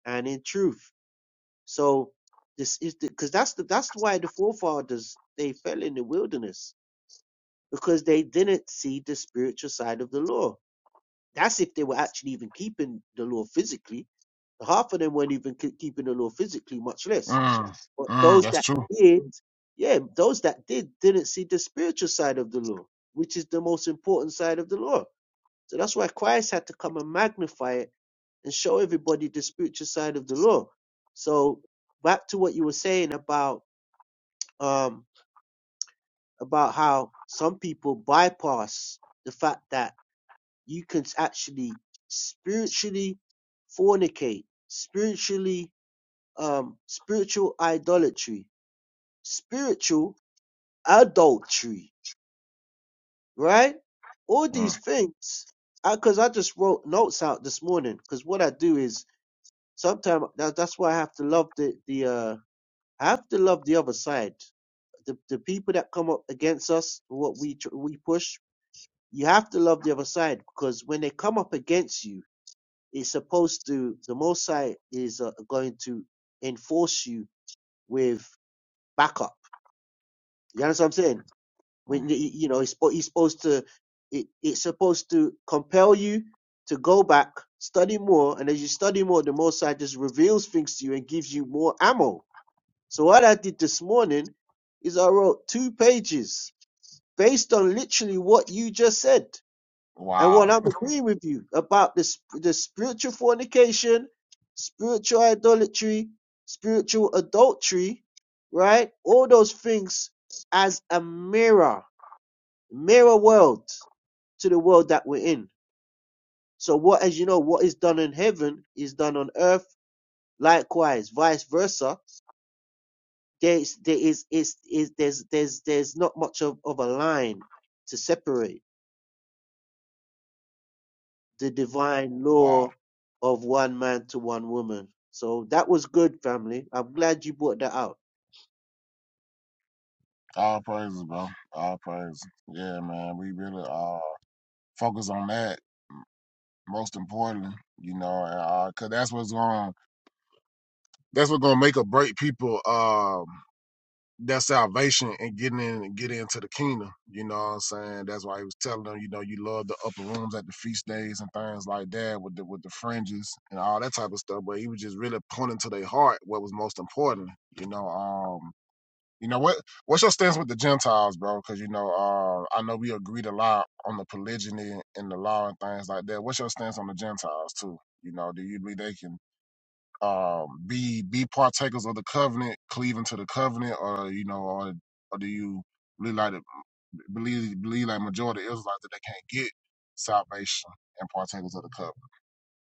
and in truth. So this is because that's the that's why the forefathers they fell in the wilderness because they didn't see the spiritual side of the law. That's if they were actually even keeping the law physically. Half of them weren't even ke- keeping the law physically, much less. mm, But mm, those that's that true. did, yeah, those that did didn't see the spiritual side of the law, which is the most important side of the law. So that's why Christ had to come and magnify it and show everybody the spiritual side of the law. So back to what you were saying about um, about how some people bypass the fact that you can actually spiritually fornicate, spiritually, um, spiritual idolatry, spiritual adultery, right? All Mm, these things. Because I, 'cause I just wrote notes out this morning. Because what I do is sometimes that, that's why I have to love the the uh, I have to love the other side the, the people that come up against us, what we tr- we push, you have to love the other side because when they come up against you, it's supposed to the Most High is uh, going to enforce you with backup. You understand what I'm saying? When mm. y- you know it's spo- he's supposed to, it, it's supposed to compel you to go back, study more, and as you study more, the Most High just reveals things to you and gives you more ammo. So what I did this morning is I wrote two pages based on literally what you just said And what Wow, I'm agreeing with you about this the spiritual fornication, spiritual idolatry, spiritual adultery, right? All those things as a mirror, mirror world to the world that we're in. So what as you know, what is done in heaven is done on earth, likewise, vice versa. There's there is is is there's there's there's not much of, of a line to separate the divine wow. law of one man to one woman. So that was good, family. I'm glad you brought that out. All praises, bro. All praises. Yeah, man. We really uh focus on that most importantly, you know, uh, cause that's what's going that's what's gonna make or break people um that salvation and getting in and get into the kingdom. You know what I'm saying? That's why he was telling them, you know, you love the upper rooms at the feast days and things like that with the with the fringes and all that type of stuff. But he was just really pointing to their heart what was most important, you know. Um you know what? What's your stance with the Gentiles, bro? Because you know, uh, I know we agreed a lot on the polygyny and the law and things like that. What's your stance on the Gentiles too? You know, do you believe they can um, be be partakers of the covenant, cleaving to the covenant, or you know, or, or do you really like the- believe believe like majority of Israelites that they can't get salvation and partakers of the covenant?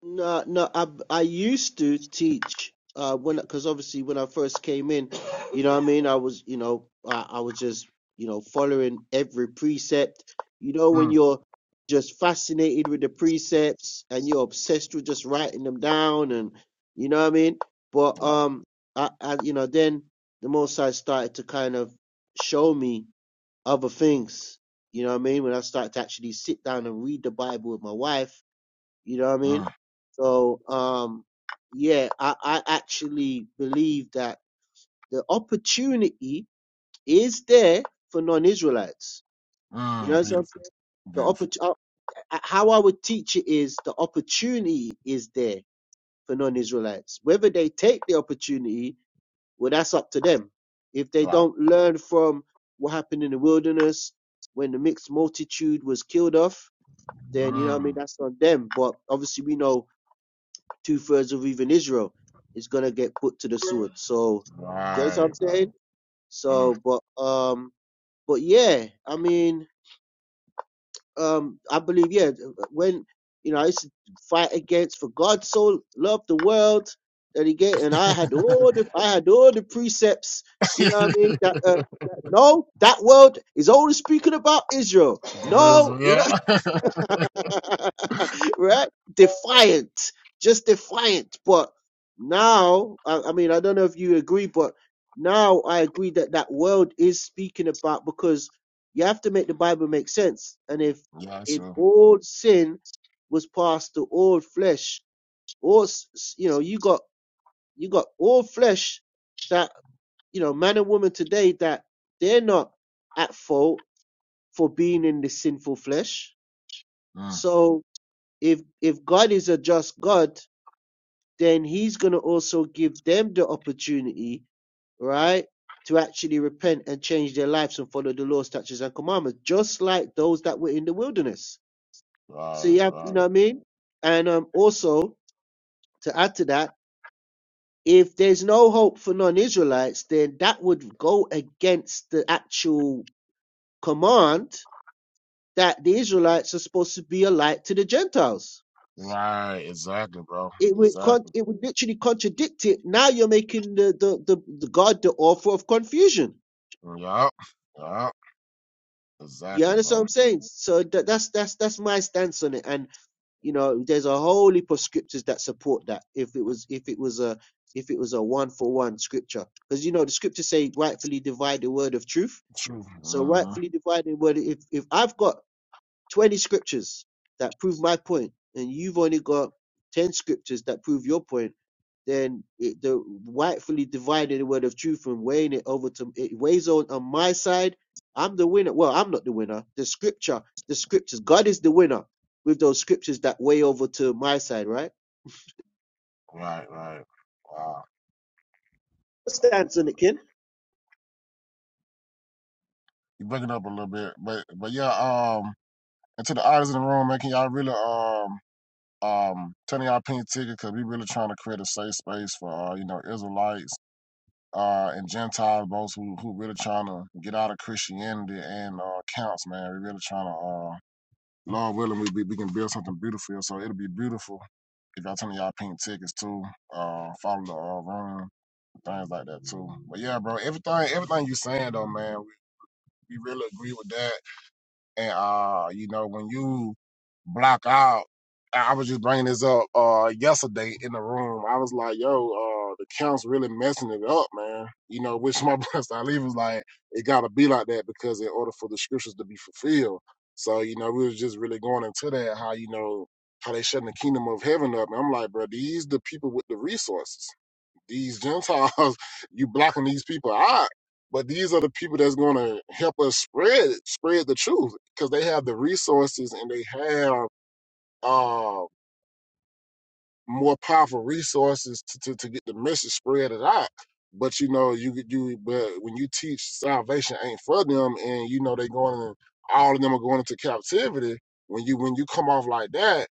No, no, I I used to teach uh when because obviously when I first came in, you know what I mean, I was, you know, I, I was just, you know, following every precept. You know, when Mm, you're just fascinated with the precepts and you're obsessed with just writing them down and you know what I mean? But wow. um I, I you know, then the most I started to kind of show me other things. You know what I mean? When I started to actually sit down and read the Bible with my wife you know what I mean? Mm, So, um, yeah, I, I actually believe that the opportunity is there for non-Israelites. You know mm, what I'm beautiful, saying? The beautiful. oppor- uh, uh, how I would teach it is the opportunity is there for non-Israelites. Whether they take the opportunity, well, that's up to them. If they Right. don't learn from what happened in the wilderness when the mixed multitude was killed off, then you know what I mean. Mm, That's on them. But obviously, we know two thirds of even Israel is gonna get put to the sword. So you know what right. I'm saying? right. So but um but yeah, I mean um I believe yeah when you know I used to fight against for God so loved the world that he gave and I had all Mm. the I had all the precepts, you know what I mean? That uh, no, that world is only speaking about Israel. No, Grizzle, you know yeah. right? Defiant, just defiant. But now, I, I mean, I don't know if you agree, but now I agree that that world is speaking about because you have to make the Bible make sense. And if if gotcha. all sin was passed to all flesh, all s- s- you know, you got you got all flesh that you know, man and woman today that they're not at fault for being in the sinful flesh. Mm. So if if God is a just God, then He's going to also give them the opportunity, right, to actually repent and change their lives and follow the laws, statutes, and commandments, just like those that were in the wilderness. So Right, you have, you right. know what I mean? And um, also to add to that, if there's no hope for non-Israelites, then that would go against the actual command that the Israelites are supposed to be a light to the Gentiles Right, exactly, bro. it would con- Exactly. it would literally contradict it. Now you're making the the, the, the God the author of confusion. Yup. Yup. You Exactly, understand what bro. I'm saying? So that, that's that's that's my stance on it. And you know, there's a whole heap of scriptures that support that. If it was if it was a if it was a one for one scripture, because you know the scriptures say rightfully divide the word of truth. True. So hmm rightfully divide the word. If if I've got 20 scriptures that prove my point and you've only got 10 scriptures that prove your point then it, the rightfully dividing the word of truth and weighing it over to it weighs on on my side i'm the winner well i'm not the winner the scripture the scriptures god is the winner with those scriptures that weigh over to my side right Right, right. Wow. stance on it kin You breaking up a little bit. But but yeah, um and to the artists in the room, man, can y'all really um um turn in y'all pink ticket because we really trying to create a safe space for uh, you know, Israelites uh, and Gentiles, both who who really trying to get out of Christianity and uh, counts, man. We really trying to uh. Lord willing, we, we we can build something beautiful. So it'll be beautiful if y'all turn y'all pink tickets too. Uh, follow the uh, room, things like that too. But yeah, bro, everything everything you saying though, man, we, we really agree with that. And uh, you know, when you block out, I I was just bringing this up uh yesterday in the room. I was like, yo, uh, the counts really messing it up, man. You know, which my brother I leave was like, it gotta be like that because in order for the scriptures to be fulfilled. So you know, we was just really going into that how you know how they shutting the kingdom of heaven up. And I'm like, bro, these the people with the resources. These Gentiles, you blocking these people out. But these are the people that's going to help us spread spread the truth because they have the resources and they have uh, more powerful resources to, to, to get the message spread it out. But you know, you could do but when you teach salvation ain't for them and you know they going in, all of them are going into captivity, when you when you come off like that,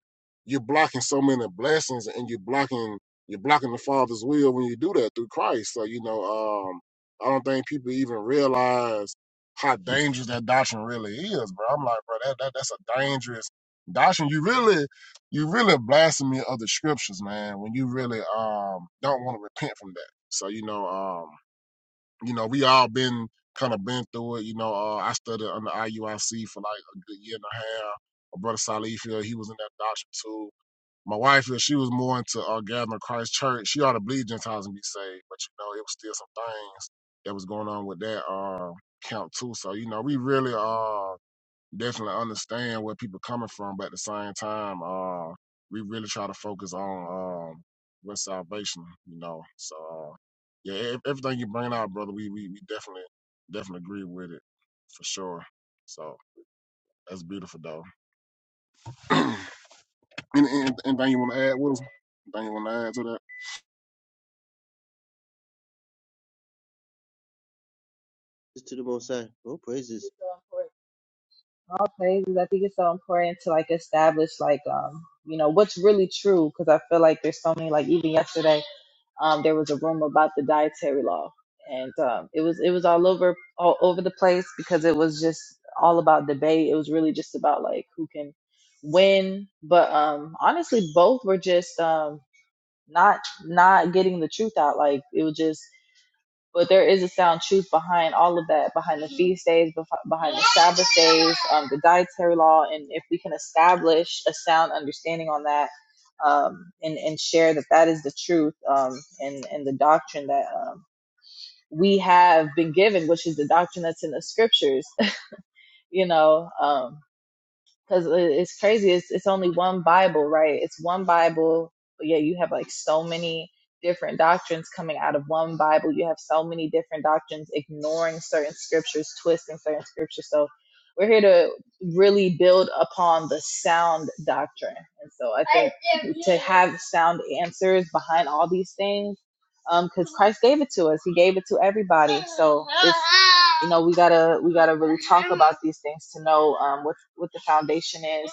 you're blocking so many blessings and you're blocking you're blocking the Father's will when you do that through Christ. So, you know, um I don't think people even realize how dangerous that doctrine really is, bro. I'm like, bro, that, that that's a dangerous doctrine. You really you really a blasphemy of the scriptures, man, when you really um don't want to repent from that. So, you know, um, you know, we all been kind of been through it. You know, uh, I studied under IUIC for like a good year and a half. My brother Salifia, he was in that doctrine too. My wife here, she was more into uh, gathering Christ Church. She ought to believe Gentiles and be saved, but you know, it was still some things that was going on with that uh, camp too. So, you know, we really uh definitely understand where people coming from, but at the same time, uh, we really try to focus on um what's salvation, you know. So uh, yeah, ev- everything you bring out, brother, we, we we definitely definitely agree with it for sure. So that's beautiful though. and, and, anything you want to add, Wilson? Anything you want to add to that? to the most high oh praises It's so important. All praises. I think it's so important to like establish like um you know what's really true because I feel like there's so many like even yesterday um there was a room about the dietary law and um it was it was all over all over the place because it was just all about debate. It was really just about like who can win, but um honestly both were just um not not getting the truth out like it was just but there is a sound truth behind all of that behind the feast days bef- behind the sabbath days um, the dietary law and if we can establish a sound understanding on that um, and and share that that is the truth um, and and the doctrine that um, we have been given which is the doctrine that's in the scriptures you know um, because it's crazy. It's it's only one Bible, right? It's one Bible, but yeah, you have like so many different doctrines coming out of one Bible. You have so many different doctrines ignoring certain scriptures, twisting certain scriptures. So we're here to really build upon the sound doctrine, and so I think to have sound answers behind all these things um, because Christ gave it to us. He gave it to everybody. So it's, you know we gotta we gotta really talk about these things to know um, what what the foundation is,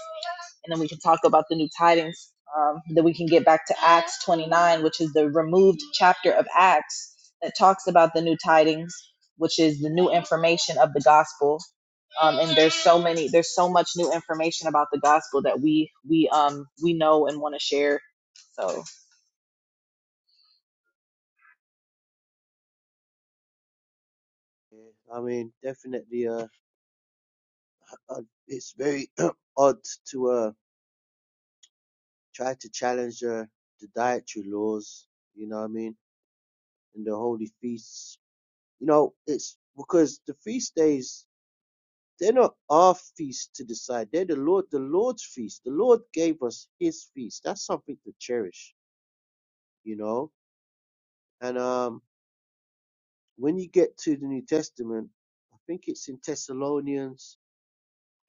and then we can talk about the new tidings. Um, then we can get back to Acts 29, which is the removed chapter of Acts that talks about the new tidings, which is the new information of the gospel. Um, and there's so many, there's so much new information about the gospel that we we um we know and want to share. So yeah, i mean definitely uh uh, it's very odd to uh. try to challenge the, the dietary laws, you know what I mean, and the holy feasts. You know, it's because the feast days, they're not our feast to decide. They're the Lord, the Lord's feast. The Lord gave us his feast. That's something to cherish, you know? And um when you get to the New Testament, I think it's in Thessalonians.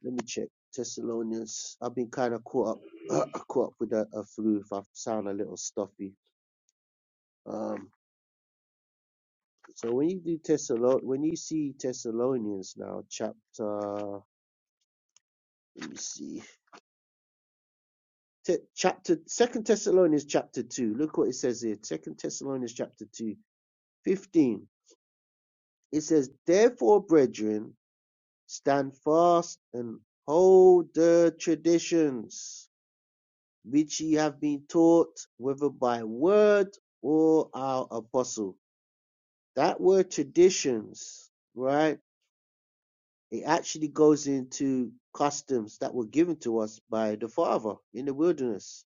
Let me check. Thessalonians. I've been kind of caught up, caught up with that uh, flu. If I sound a little stuffy, um, So when you do Thessalon, when you see Thessalonians now, chapter, let me see, Te- chapter Second Thessalonians chapter two. Look what it says here. Second Thessalonians chapter 2, fifteen. It says, "Therefore, brethren, stand fast and hold the traditions which ye have been taught, whether by word or our apostle." That word traditions, right? It actually goes into customs that were given to us by the Father in the wilderness,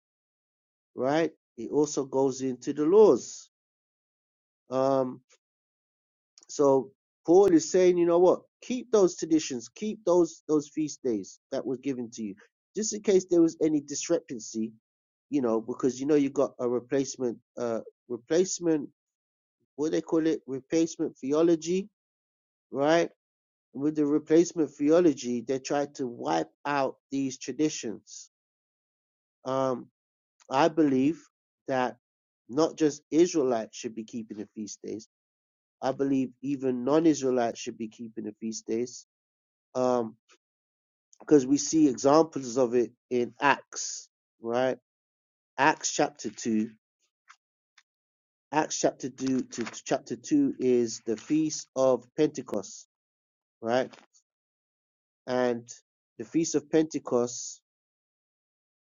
right? It also goes into the laws. Um, so Paul is saying, you know what? Keep those traditions, keep those those feast days that were given to you, just in case there was any discrepancy, you know, because you know you got a replacement, uh, replacement, what do they call it, replacement theology, right? With the replacement theology, they tried to wipe out these traditions Um, I believe that not just Israelites should be keeping the feast days. I believe even non-Israelites should be keeping the feast days. Um, because we see examples of it in Acts, right? Acts chapter two. Acts chapter two to to chapter two is the feast of Pentecost, right? And the feast of Pentecost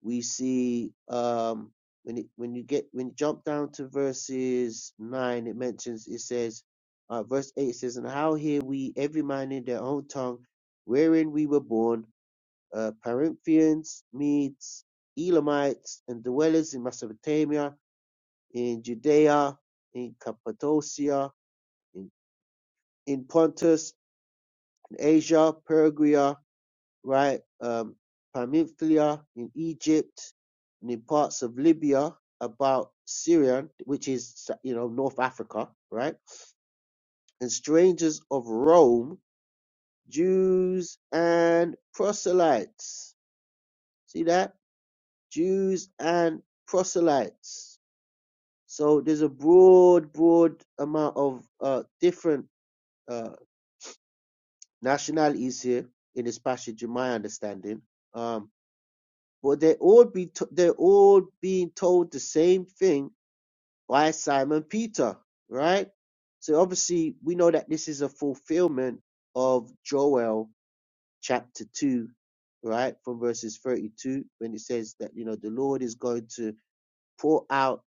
we see um when it, when you get when you jump down to verses nine, it mentions it says, uh, verse eight says, and how hear we every man in their own tongue, wherein we were born, uh, Perinthians, Medes, Elamites, and dwellers in Mesopotamia, in Judea, in Cappadocia, in, in Pontus, in Asia, Pergia. right? Um, Pamphyllia in Egypt and in parts of Libya about Syria, which is, you know, North Africa, right? And strangers of Rome, Jews and proselytes. See that? Jews and proselytes. So there's a broad, broad amount of uh, different uh, nationalities here in this passage, in my understanding. Um, But they all be t- they're all being told the same thing by Simon Peter, right? So obviously we know that this is a fulfillment of Joel chapter two, right, from verses thirty-two, when it says that you know the Lord is going to pour out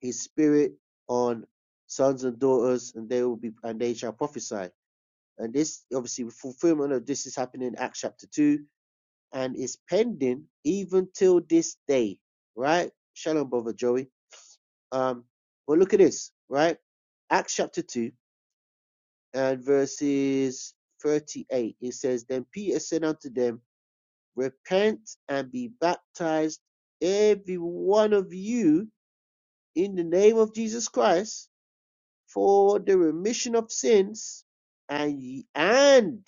His Spirit on sons and daughters, and they will be and they shall prophesy. And this obviously fulfillment of this is happening in Acts chapter two and is pending even till this day, right? Shalom, brother Joey. Um, but look at this, right? Acts chapter 2 and verses 38. It says, Then Peter said unto them, Repent and be baptized, every one of you, in the name of Jesus Christ, for the remission of sins, and ye, and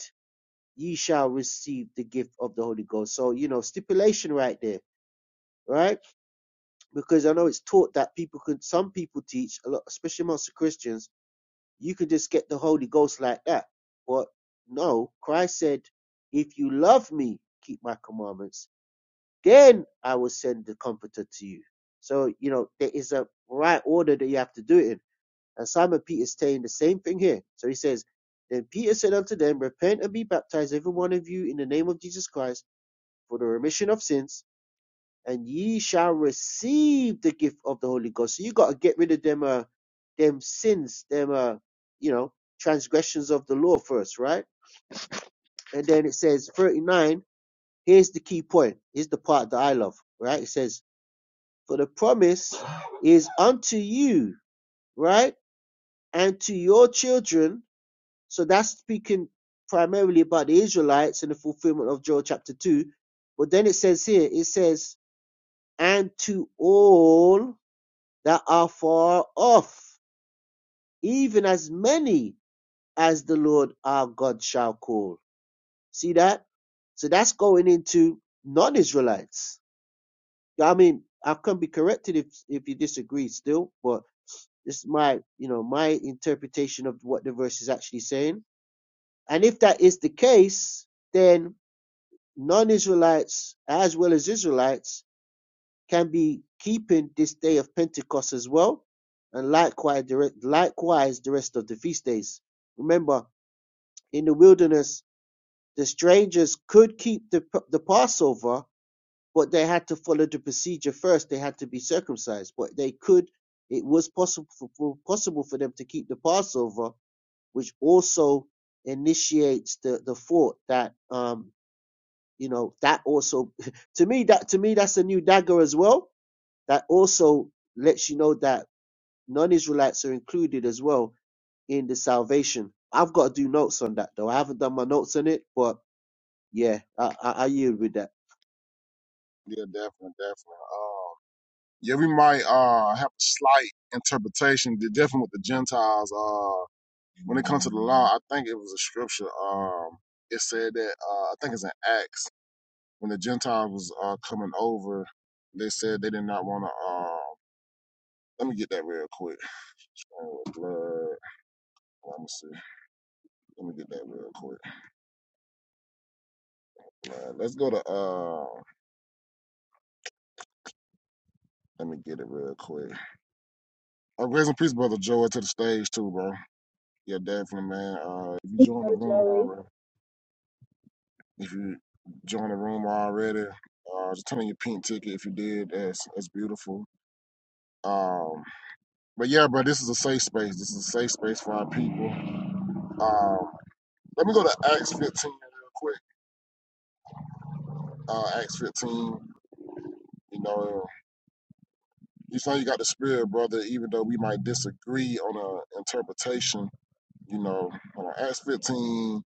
ye shall receive the gift of the Holy Ghost. So, you know, stipulation right there, right? because I know it's taught that people could some people teach a lot, especially amongst the Christians, you could just get the Holy Ghost like that. But no, Christ said, If you love me, keep my commandments, then I will send the comforter to you. So, you know, there is a right order that you have to do it in. And Simon Peter is saying the same thing here. So he says, Then Peter said unto them, Repent and be baptized, every one of you, in the name of Jesus Christ, for the remission of sins and ye shall receive the gift of the Holy Ghost. So you got to get rid of them, uh, them sins, them, uh, you know, transgressions of the law first, right? And then it says 39. Here's the key point. Here's the part that I love, right? It says, "For the promise is unto you, right, and to your children." So that's speaking primarily about the Israelites and the fulfillment of Joel chapter two. But then it says here, it says, "And to all." that are far off, even as many as the Lord our God shall call. See that? So that's going into non-Israelites. I mean, I can be corrected if if you disagree still, but this is my you know my interpretation of what the verse is actually saying. And if that is the case, then non-Israelites as well as Israelites can be keeping this day of Pentecost as well, and likewise the, likewise the rest of the feast days. Remember, in the wilderness, the strangers could keep the, the Passover, but they had to follow the procedure first. They had to be circumcised, but they could. It was possible for, possible for them to keep the Passover, which also initiates the, the thought that um you know that also to me that to me that's a new dagger as well that also lets you know that non-Israelites are included as well in the salvation. I've got to do notes on that though. I haven't done my notes on it, but yeah, I, I, I yield with that. Yeah, definitely, definitely. Uh, yeah, we might uh have a slight interpretation, de- definitely with the Gentiles. uh, When it comes to the law, I think it was a scripture. Um, it said that uh, I think it's in Acts when the Gentiles was uh, coming over, they said they did not want to. Um, let me get that real quick. Oh, blood. Let me see. Let me get that real quick. Blood. Let's go to. Uh, let me get it real quick. Uh, raise and peace, brother Joey, to the stage too, bro. Yeah, definitely, man. Uh, if you join the room already, if you join the room already, uh, just turn on your pink ticket if you did. That's that's beautiful. Um, But yeah, bro, this is a safe space. This is a safe space for our people. Um, let me go to Acts 15 real quick. Uh, Acts 15, you know, you know you got the spirit, brother, even though we might disagree on a interpretation, you know, Acts 15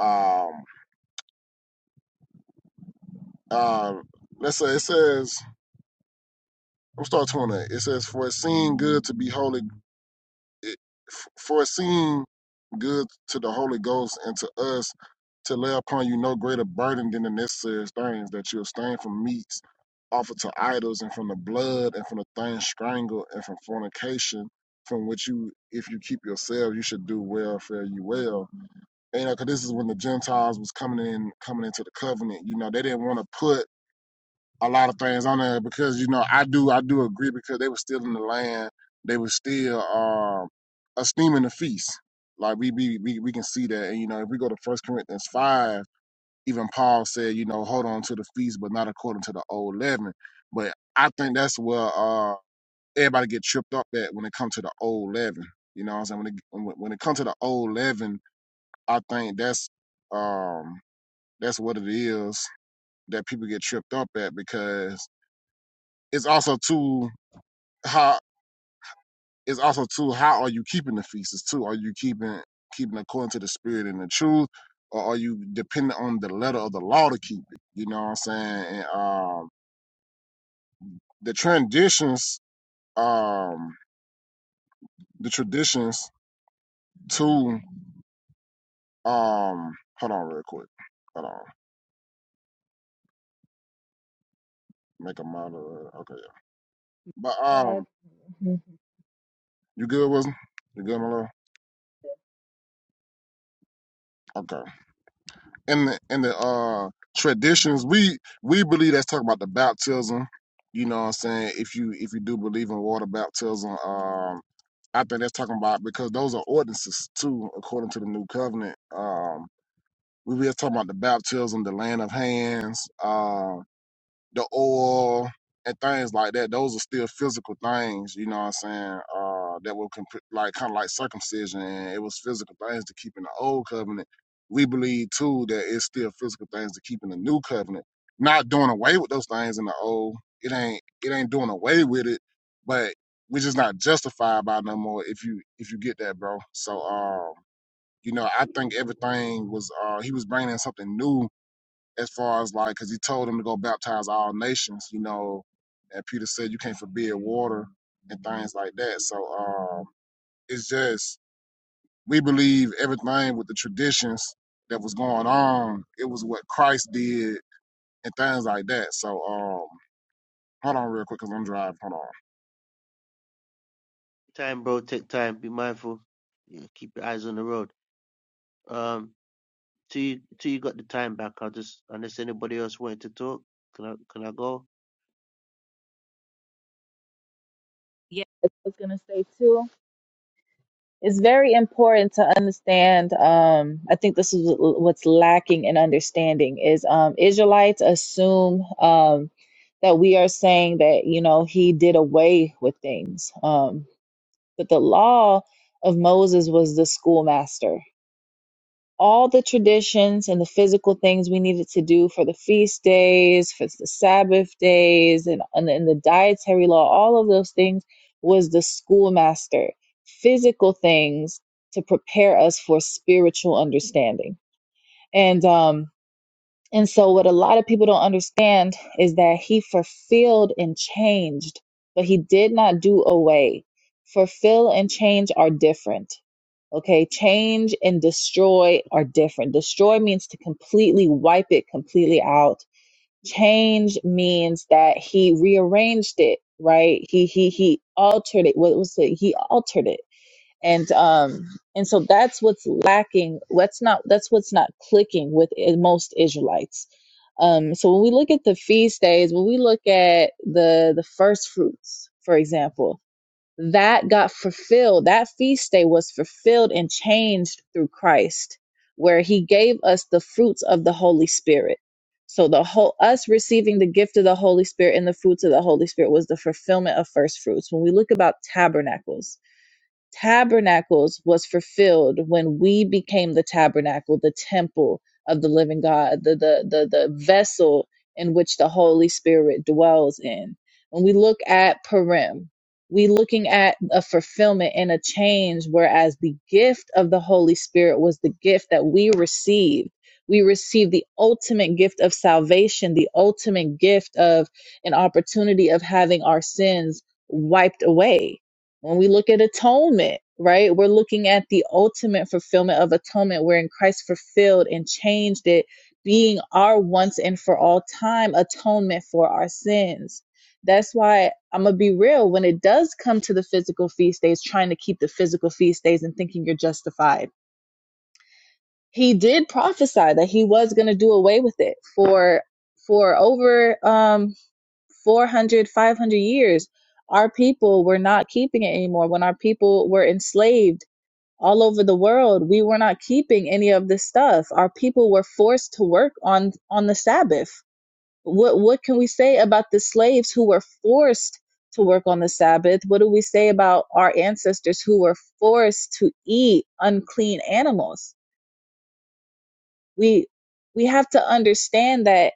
Um, um, uh, let's say it says, I'm start 20. It says, For it seemed good to be holy." it, for it seemed good to the Holy Ghost and to us to lay upon you no greater burden than the necessary things that you abstain from meats offered to idols and from the blood and from the things strangled and from fornication from which you if you keep yourselves you should do well fare you well and you know, because this is when the gentiles was coming in coming into the covenant you know they didn't want to put a lot of things on there because you know I do I do agree because they were still in the land. They were still um esteeming the feast. Like we be we, we can see that. And you know, if we go to First Corinthians five, even Paul said, you know, hold on to the feast, but not according to the old leaven. But I think that's where uh everybody get tripped up at when it comes to the old leaven. You know what I'm saying? When it when when it comes to the old leaven, I think that's um that's what it is that people get tripped up at because it's also too how it's also too how are you keeping the feasts too? Are you keeping keeping according to the spirit and the truth, or are you dependent on the letter of the law to keep it? You know what I'm saying? And, um, the traditions, um, the traditions too. Um, hold on, real quick. Hold on, make a model. Okay, yeah. But um, you good with? 'em? You good, my love? Okay. in the in the uh traditions we we believe that's talking about the baptism you know what i'm saying if you if you do believe in water baptism um i think that's talking about because those are ordinances too according to the new covenant um we were talking about the baptism the laying of hands um, the oil and things like that. Those are still physical things, you know what I'm saying? Uh, that were comp- like kind of like circumcision, and it was physical things to keep in the old covenant. We believe too that it's still physical things to keep in the new covenant. Not doing away with those things in the old. It ain't it ain't doing away with it, but we're just not justified by it no more. If you if you get that, bro. So um, you know, I think everything was uh he was bringing in something new as far as like, because he told them to go baptize all nations, you know, and Peter said you can't forbid water and things like that. So um, it's just we believe everything with the traditions that was going on. It was what Christ did and things like that. So um, hold on real quick, cause I'm driving. Hold on. Time, bro. Take time. Be mindful. Yeah, keep your eyes on the road. Um, till you, till you got the time back, I'll just unless anybody else wanted to talk, can I can I go? Yeah. I was gonna say too. It's very important to understand. Um, I think this is wh- what's lacking in understanding is um, Israelites assume um, that we are saying that you know he did away with things, um, but the law of Moses was the schoolmaster all the traditions and the physical things we needed to do for the feast days, for the Sabbath days, and, and, and the dietary law, all of those things was the schoolmaster, physical things to prepare us for spiritual understanding. And um, and so, what a lot of people don't understand is that he fulfilled and changed, but he did not do away. Fulfill and change are different. Okay, change and destroy are different. Destroy means to completely wipe it completely out. Change means that he rearranged it, right? He he he altered it. What was it? He altered it and um and so that's what's lacking that's not that's what's not clicking with i- most israelites um so when we look at the feast days when we look at the the first fruits for example that got fulfilled that feast day was fulfilled and changed through christ where he gave us the fruits of the holy spirit so the whole us receiving the gift of the holy spirit and the fruits of the holy spirit was the fulfillment of first fruits when we look about tabernacles tabernacles was fulfilled when we became the tabernacle, the temple of the living God, the the the, the vessel in which the Holy Spirit dwells in. When we look at Purim, we looking at a fulfillment and a change, whereas the gift of the Holy Spirit was the gift that we received. We received the ultimate gift of salvation, the ultimate gift of an opportunity of having our sins wiped away when we look at atonement, right, we're looking at the ultimate fulfillment of atonement wherein Christ fulfilled and changed it, being our once and for all time atonement for our sins. That's why I'm going to be real. When it does come to the physical feast days, trying to keep the physical feast days and thinking you're justified, he did prophesy that he was going to do away with it for for over. um. 400, 500 years our people were not keeping it anymore when our people were enslaved all over the world we were not keeping any of this stuff our people were forced to work on on the sabbath what what can we say about the slaves who were forced to work on the sabbath what do we say about our ancestors who were forced to eat unclean animals we we have to understand that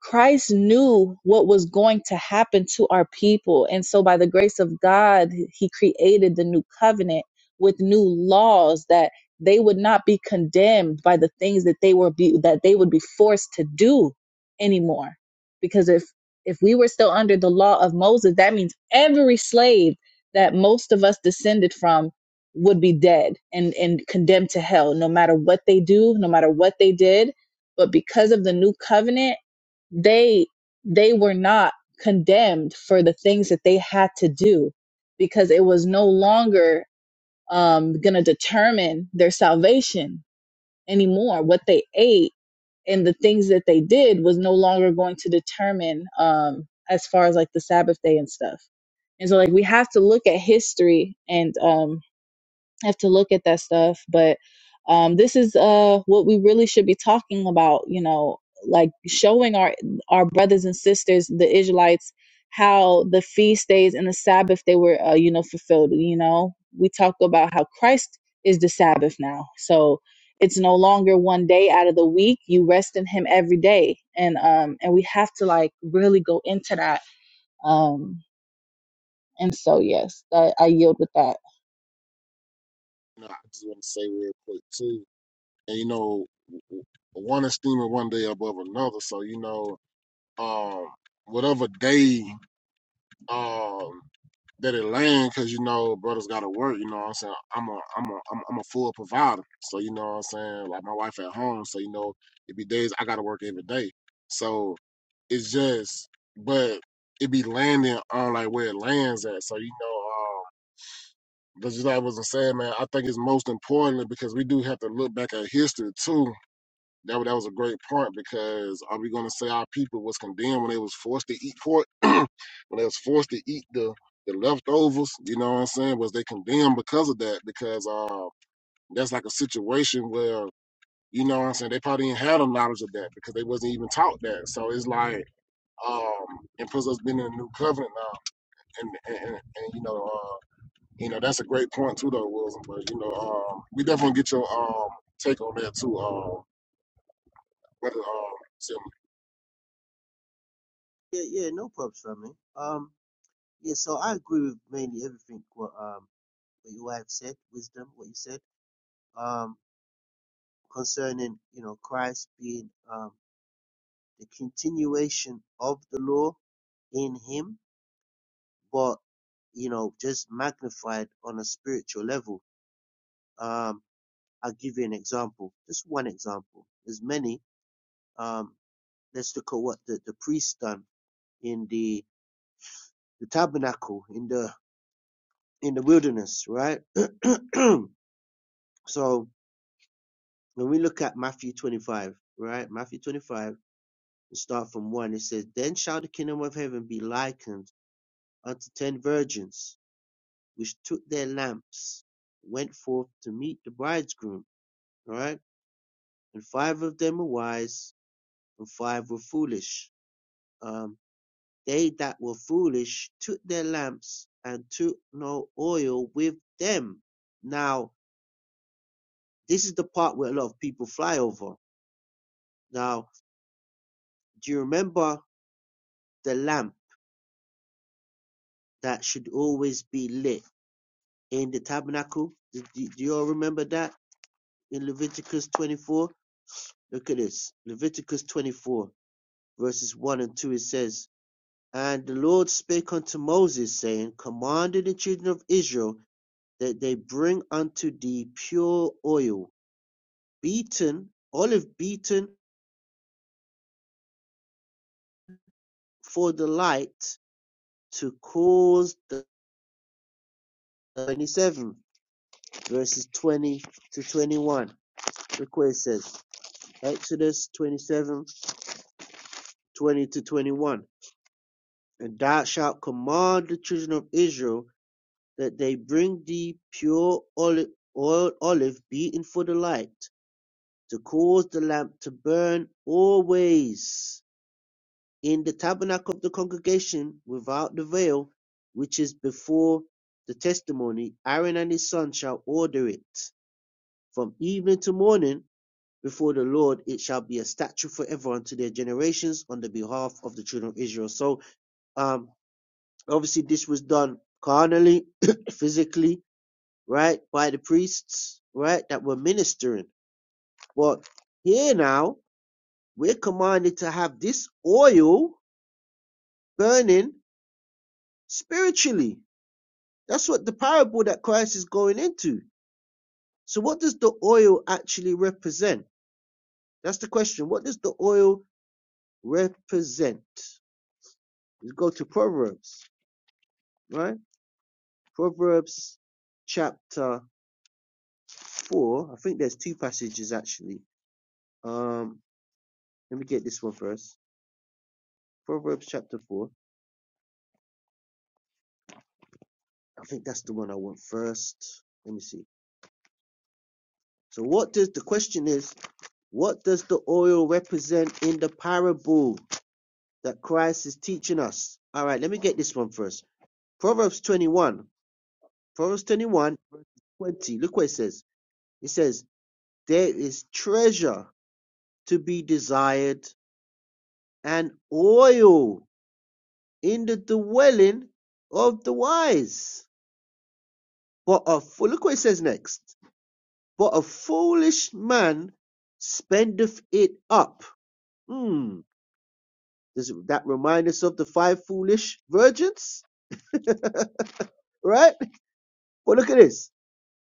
Christ knew what was going to happen to our people. And so, by the grace of God, He created the new covenant with new laws that they would not be condemned by the things that they were be, that they would be forced to do anymore because if if we were still under the law of Moses that means every slave that most of us descended from would be dead and and condemned to hell no matter what they do no matter what they did but because of the new covenant they they were not condemned for the things that they had to do because it was no longer um going to determine their salvation anymore what they ate and the things that they did was no longer going to determine um as far as like the sabbath day and stuff and so like we have to look at history and um have to look at that stuff. But um, this is uh, what we really should be talking about, you know, like showing our our brothers and sisters, the Israelites, how the feast days and the Sabbath they were, uh, you know, fulfilled. You know, we talk about how Christ is the Sabbath now, so it's no longer one day out of the week. You rest in Him every day, and um, and we have to like really go into that. Um, and so yes, I, I yield with that. No, I just want to say real quick too, and you know, w- w- one esteeming one day above another. So you know, um, whatever day. um that it land because you know brothers gotta work you know what i'm saying i'm a i'm a i'm, I'm a full provider so you know what i'm saying like my wife at home so you know it be days i gotta work every day so it's just but it be landing on like where it lands at so you know um that's just like I was saying, man. I think it's most important because we do have to look back at history too that, wa- that was a great part because are we going to say our people was condemned when they was forced to eat pork? when they was forced to eat the, the leftovers, you know what I'm saying? Was they condemned because of that? Because uh, that's like a situation where, you know what I'm saying, they probably didn't have the knowledge of that because they wasn't even taught that. So it's like, um, and plus us being in the new covenant now, and, and, and, and you know, uh, you know, that's a great point too, though, Wilson. But you know, um, we definitely get your um take on that too, um, brother, um, Yeah, yeah, no problems, family. Um, yeah, so I agree with mainly everything what um what you have said, wisdom, what you said. Um, concerning you know Christ being um, the continuation of the law in him, but you know just magnified on a spiritual level. Um, I'll give you an example, just one example. There's many. Um, let's look at what the, the priest done in the the tabernacle in the in the wilderness, right? so when we look at Matthew 25, right? Matthew 25, we start from one. It says, "Then shall the kingdom of heaven be likened." unto ten virgins, which took their lamps, went forth to meet the bridegroom. All right. And five of them were wise, and five were foolish. Um, they that were foolish took their lamps and took no oil with them. Now, this is the part where a lot of people fly over. Now, do you remember the lamp that should always be lit in the tabernacle? Do, do, do you all remember that in Leviticus 24? Look at this. Leviticus 24, verses 1 and 2. It says, And the Lord spake unto Moses, saying, Command the children of Israel that they bring unto thee pure oil, beaten, olive beaten for the light, to cause the 27, verses 20 to 21. Look what it says. Exodus 27 20 to 21. And thou shalt command the children of Israel that they bring thee pure oli- oil olive beaten for the light, to cause the lamp to burn always in the tabernacle of the congregation without the veil, which is before the testimony. Aaron and his son shall order it. From evening to morning before the Lord, it shall be a statute forever unto their generations on the behalf of the children of Israel. So, um, obviously, this was done carnally, physically, right, by the priests, right, that were ministering. But here now, we're commanded to have this oil burning spiritually. That's what the parable that Christ is going into. So, what does the oil actually represent? That's the question. What does the oil represent? Let's go to Proverbs, right? Proverbs chapter 4. I think there's two passages actually. Um, let me get this one first. Proverbs chapter 4. I think that's the one I want first. Let me see. So what does the question is, what does the oil represent in the parable that Christ is teaching us? All right, let me get this one first. Proverbs 21. Proverbs 21, verse 20. Look what it says. It says, There is treasure to be desired and oil in the dwelling of the wise. But a fool, look what it says next. For a foolish man spendeth it up. Hmm. Does that remind us of the five foolish virgins? Right? Well, look at this.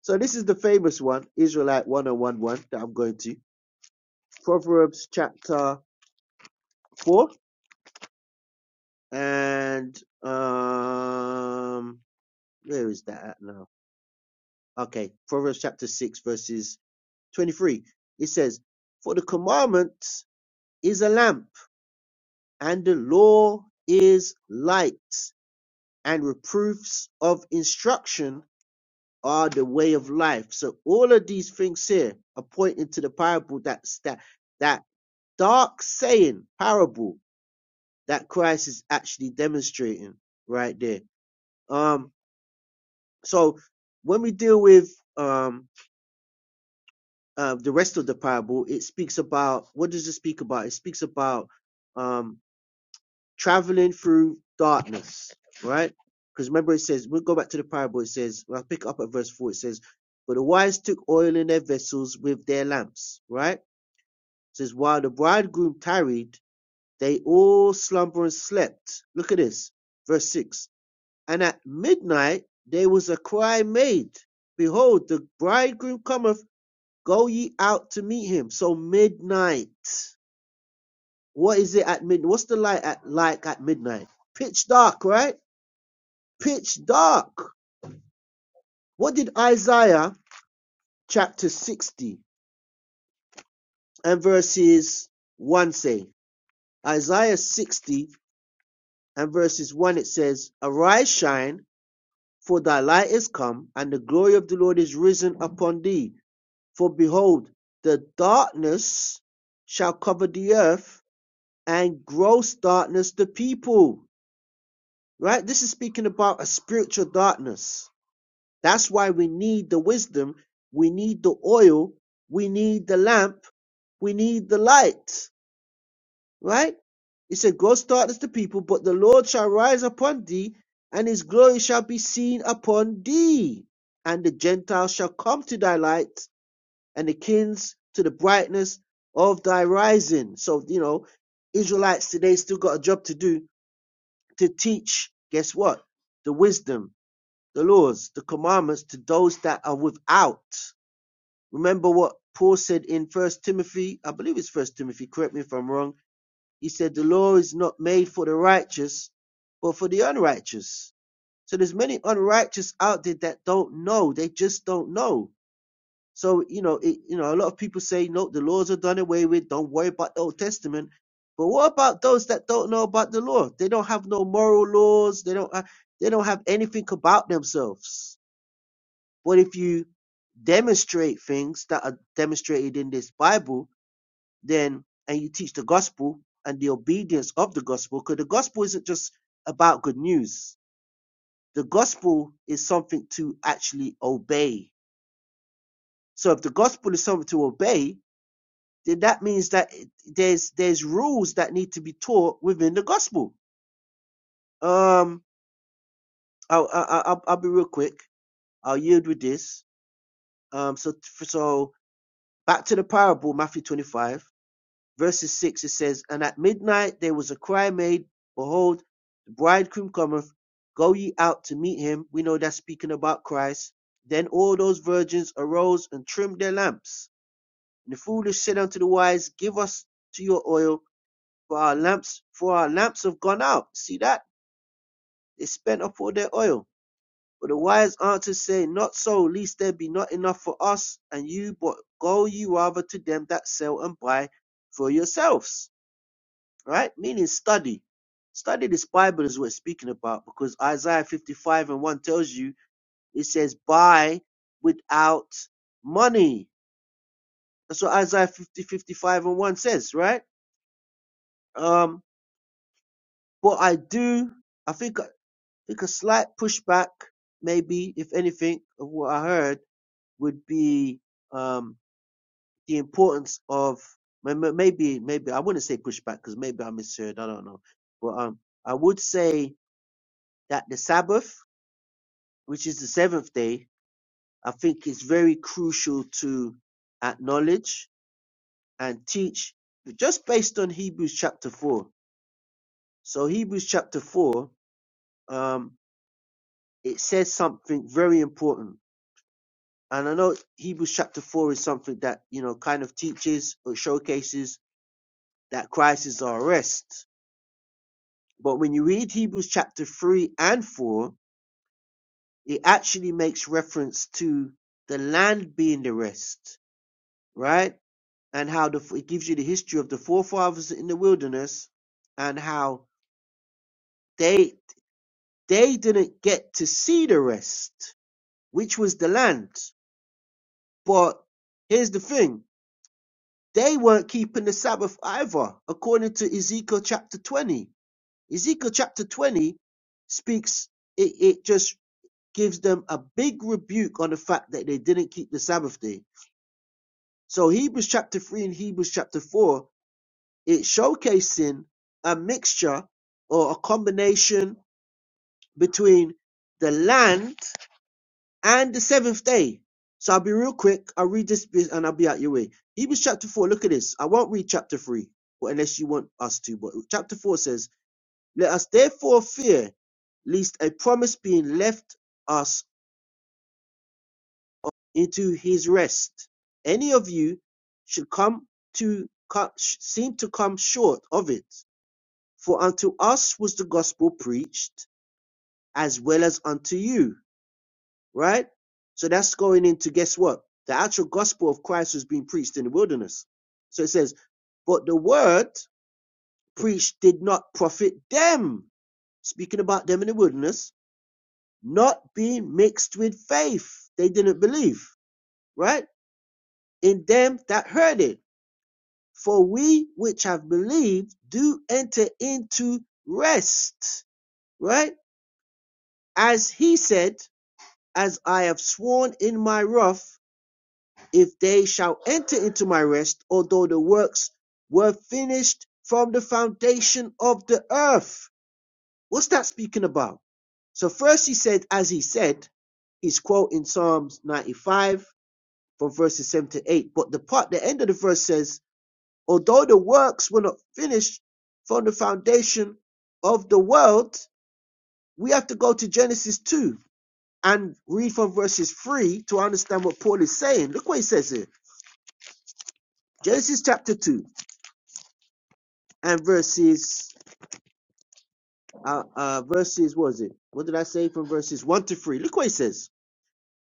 So this is the famous one, Israelite 101 one one that I'm going to. Proverbs chapter 4. And um where is that at now? Okay, Proverbs chapter 6, verses 23. It says, For the commandment is a lamp, and the law is light and reproofs of instruction are the way of life. So all of these things here are pointing to the parable that's that that dark saying parable that Christ is actually demonstrating right there. Um so when we deal with um uh, the rest of the parable, it speaks about what does it speak about? It speaks about um traveling through darkness, right? Because remember, it says, we'll go back to the parable. It says, well, I'll pick up at verse 4. It says, But the wise took oil in their vessels with their lamps, right? It says, While the bridegroom tarried, they all slumber and slept. Look at this, verse 6. And at midnight there was a cry made, Behold, the bridegroom cometh, go ye out to meet him. So midnight. What is it at midnight? What's the light at like at midnight? Pitch dark, right? pitch dark. What did Isaiah chapter 60 and verses 1 say? Isaiah 60 and verses 1 it says, Arise, shine, for thy light is come, and the glory of the Lord is risen upon thee. For behold, the darkness shall cover the earth, and gross darkness the people. Right? This is speaking about a spiritual darkness That's why we need the wisdom, we need the oil, we need the lamp, we need the light, right? It said, Go start as the people, but the Lord shall rise upon thee, and his glory shall be seen upon thee. And the Gentiles shall come to thy light, and the kings to the brightness of thy rising. So, you know, Israelites today still got a job to do to teach, guess what? The wisdom, the laws, the commandments to those that are without. Remember what Paul said in First Timothy, I believe it's First Timothy, correct me if I'm wrong. He said the law is not made for the righteous, but for the unrighteous. So there's many unrighteous out there that don't know. They just don't know. So you know, it, you know, a lot of people say no, the laws are done away with. Don't worry about the Old Testament. But what about those that don't know about the law? They don't have no moral laws. They don't. ha- They don't have anything about themselves. But if you demonstrate things that are demonstrated in this Bible, then and you teach the gospel and the obedience of the gospel, because the gospel isn't just about good news. The gospel is something to actually obey. So if the gospel is something to obey, then that means that there's there's rules that need to be taught within the gospel. Um, I'll, I'll I'll be real quick. I'll yield with this. Um, so so back to the parable, Matthew 25 verses 6, it says, And at midnight there was a cry made, Behold, the bridegroom cometh, go ye out to meet him. We know that's speaking about Christ. Then all those virgins arose and trimmed their lamps. And the foolish said unto the wise, Give us to your oil, for our lamps, for our lamps have gone out. See that? They spent up all their oil. But the wise answered, saying, Not so, lest there be not enough for us and you, but go ye rather to them that sell and buy for yourselves. right? Meaning study. Study this Bible is what it's speaking about because Isaiah 55 and 1 tells you it says buy without money. That's what Isaiah 50, fifty-five and 1 says, right? Um, but I do, I think, I think a slight pushback, maybe, if anything, of what I heard would be, um, the importance of may- may- maybe, maybe I wouldn't say pushback because maybe I misheard. I don't know, but, um, I would say that the Sabbath which is the seventh day, I think is very crucial to acknowledge and teach just based on Hebrews chapter 4. So, Hebrews chapter 4, um, it says something very important. And I know Hebrews chapter 4 is something that, you know, kind of teaches or showcases that Christ is our rest. But when you read Hebrews chapter 3 and 4, it actually makes reference to the land being the rest, right? and how the, it gives you the history of the forefathers in the wilderness and how they they didn't get to see the rest, which was the land. But here's the thing: they weren't keeping the Sabbath either, according to Ezekiel chapter 20. Ezekiel chapter 20 speaks; it, it just gives them a big rebuke on the fact that they didn't keep the Sabbath day. So Hebrews chapter 3 and Hebrews chapter 4 It's showcasing a mixture or a combination between the land and the seventh day. So I'll be real quick. I'll read this bit and I'll be out your way. Hebrews chapter 4, look at this. I won't read chapter 3, but unless you want us to. But chapter 4 says, Let us therefore fear, lest a promise being left us into his rest. Any of you should come to co- seem to come short of it. For unto us was the gospel preached, as well as unto you, right? So that's going into guess what? The actual gospel of Christ was being preached in the wilderness. So it says, but the word preached did not profit them. Speaking about them in the wilderness, not being mixed with faith. They didn't believe, right? In them that heard it. For we which have believed do enter into rest, right? As he said, as I have sworn in my wrath, if they shall enter into my rest, although the works were finished from the foundation of the earth. What's that speaking about? So first he said, as he said, he's quoting Psalms 95 from verses 7 to 8. But the part, the end of the verse says, although the works were not finished from the foundation of the world, we have to go to Genesis 2 and read from verses 3 to understand what Paul is saying. Look what he says here. Genesis chapter 2 and verses, uh, uh, verses, what is it? What did I say from verses 1 to 3? Look what he says.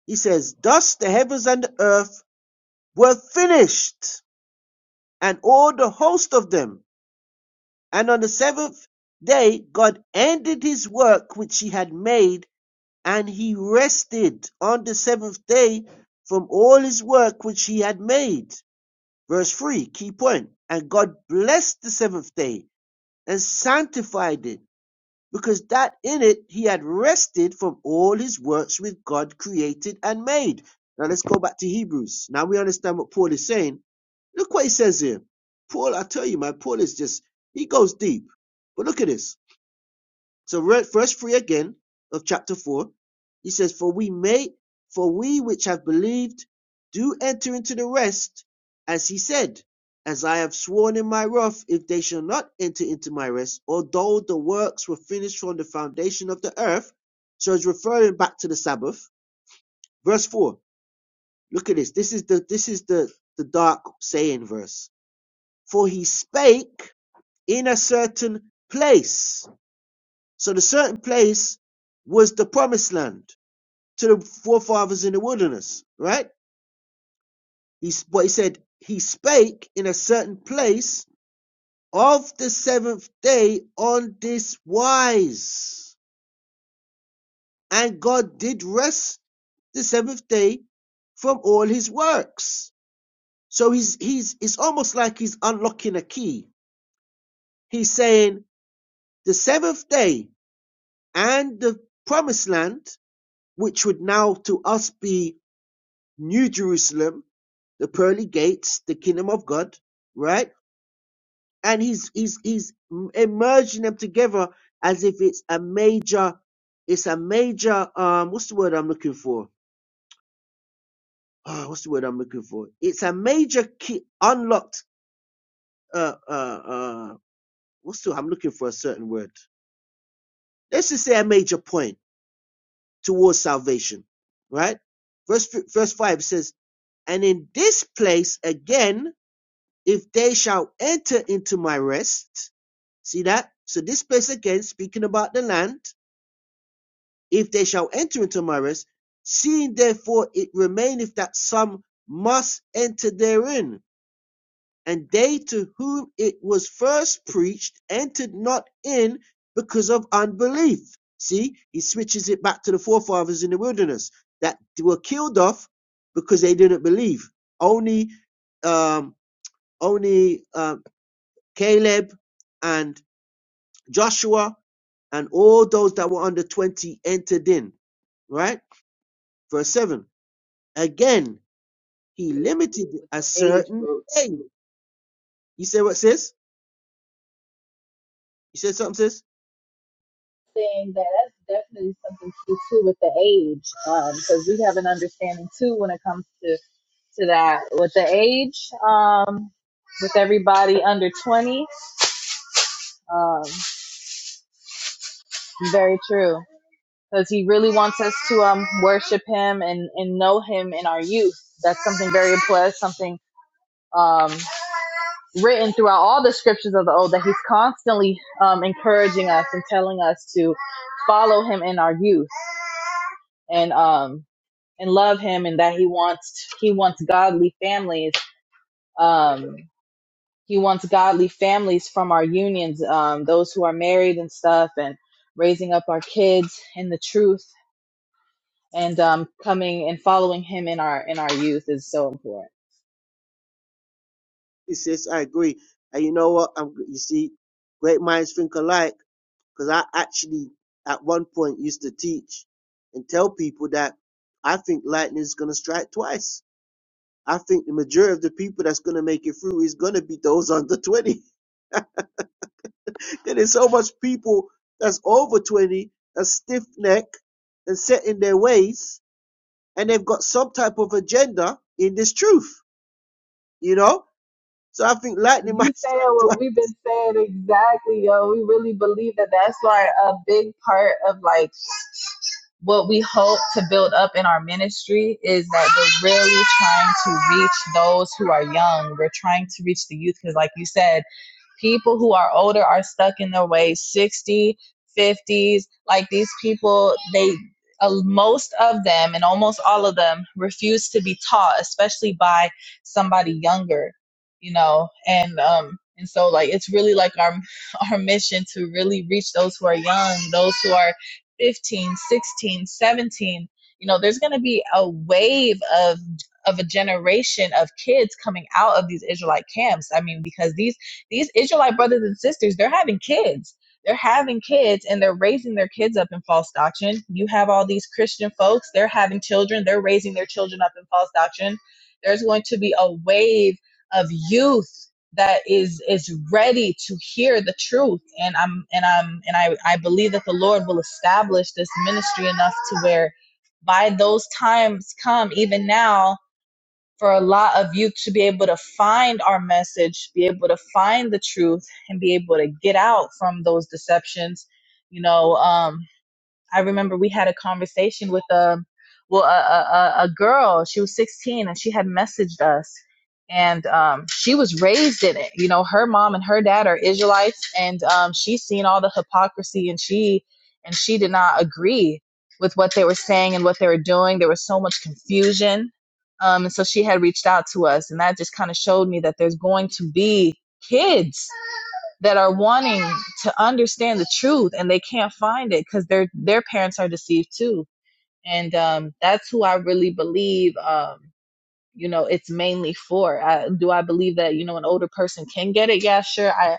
He says, Thus the heavens and the earth were finished, and all the host of them. And on the seventh day, God ended his work which he had made, and he rested on the seventh day from all his work which he had made. Verse 3, key point. And God blessed the seventh day and sanctified it, because that in it he had rested from all his works which God created and made. Now let's go back to Hebrews. Now we understand what Paul is saying. Look what he says here. Paul, I tell you, man, Paul is just, he goes deep. But look at this. So read verse three again of chapter four, he says, "For we may, for we which have believed, do enter into the rest, as he said, as I have sworn in my wrath, if they shall not enter into my rest, although the works were finished from the foundation of the earth." So it's referring back to the Sabbath. Verse four. Look at this. This is the this is the the dark saying verse. For he spake in a certain place so the certain place was the promised land to the forefathers in the wilderness, right? He, but he said, He spake in a certain place of the seventh day on this wise. And God did rest the seventh day from all his works. So he's, he's, it's almost like he's unlocking a key. He's saying the seventh day and the promised land, which would now to us be New Jerusalem, the pearly gates, the kingdom of God, right? And he's he's he's merging them together as if it's a major, it's a major um what's the word I'm looking for? Ah, what's the word I'm looking for? It's a major key unlocked uh uh uh what's the I'm looking for a certain word. Let's just say a major point towards salvation, right? Verse verse five says, and in this place again If they shall enter into my rest, see that? So this place again, speaking about the land, if they shall enter into my rest, seeing therefore it remaineth that some must enter therein, and they to whom it was first preached entered not in because of unbelief. See, he switches it back to the forefathers in the wilderness that were killed off because they didn't believe. Only um, only uh, Caleb and Joshua and all those that were under 20 entered in. Right? Verse 7. Again, he limited With a the age certain group. day. You say what, sis? You said something, sis? saying that that's definitely something to do too with the age, because we have an understanding too when it comes to to that with the age, um, with everybody under twenty. Um, very true, because he really wants us to um worship him and and know him in our youth. That's something very important. Something um written throughout all the scriptures of the old that he's constantly um encouraging us and telling us to follow him in our youth and um and love him and that he wants he wants godly families um he wants godly families from our unions um those who are married and stuff and raising up our kids in the truth and um coming and following him in our in our youth is so important He says, I agree. And you know what? I'm, you see, great minds think alike. Because I actually, at one point, used to teach and tell people that I think lightning is going to strike twice. I think the majority of the people that's going to make it through is going to be those under 20. There is so much people that's over 20 that's stiff necked and set in their ways, and they've got some type of agenda in this truth, you know? So I think lightning You might strike saying what twice. we've been saying exactly, yo. We really believe that that's like a big part of like what we hope to build up in our ministry is that we're really trying to reach those who are young. We're trying to reach the youth because, like you said, People who are older are stuck in their ways, 60, fifties, Like these people, they uh, most of them and almost all of them refuse to be taught, especially by somebody younger, you know. And um and so like it's really like our our mission to really reach those who are young, those who are 15, 16, 17, You know, there's going to be a wave of of a generation of kids coming out of these Israelite camps. I mean, because these these Israelite brothers and sisters, they're having kids. They're having kids and they're raising their kids up in false doctrine. You have all these Christian folks, they're having children, they're raising their children up in false doctrine. There's going to be a wave of youth that is is ready to hear the truth and i'm and i'm and i i believe that the lord will establish this ministry enough to where by those times come even now for a lot of youth to be able to find our message, be able to find the truth, and be able to get out from those deceptions. You know, um, I remember we had a conversation with a well a, a, a girl. She was 16 and she had messaged us, and um, she was raised in it. You know, her mom and her dad are Israelites, and um, she's seen all the hypocrisy, and she and she did not agree with what they were saying and what they were doing. There was so much confusion, um, and so she had reached out to us, and that just kind of showed me that there's going to be kids that are wanting to understand the truth and they can't find it because their their parents are deceived too and um that's who i really believe um you know it's mainly for I, do i believe that you know an older person can get it yeah sure i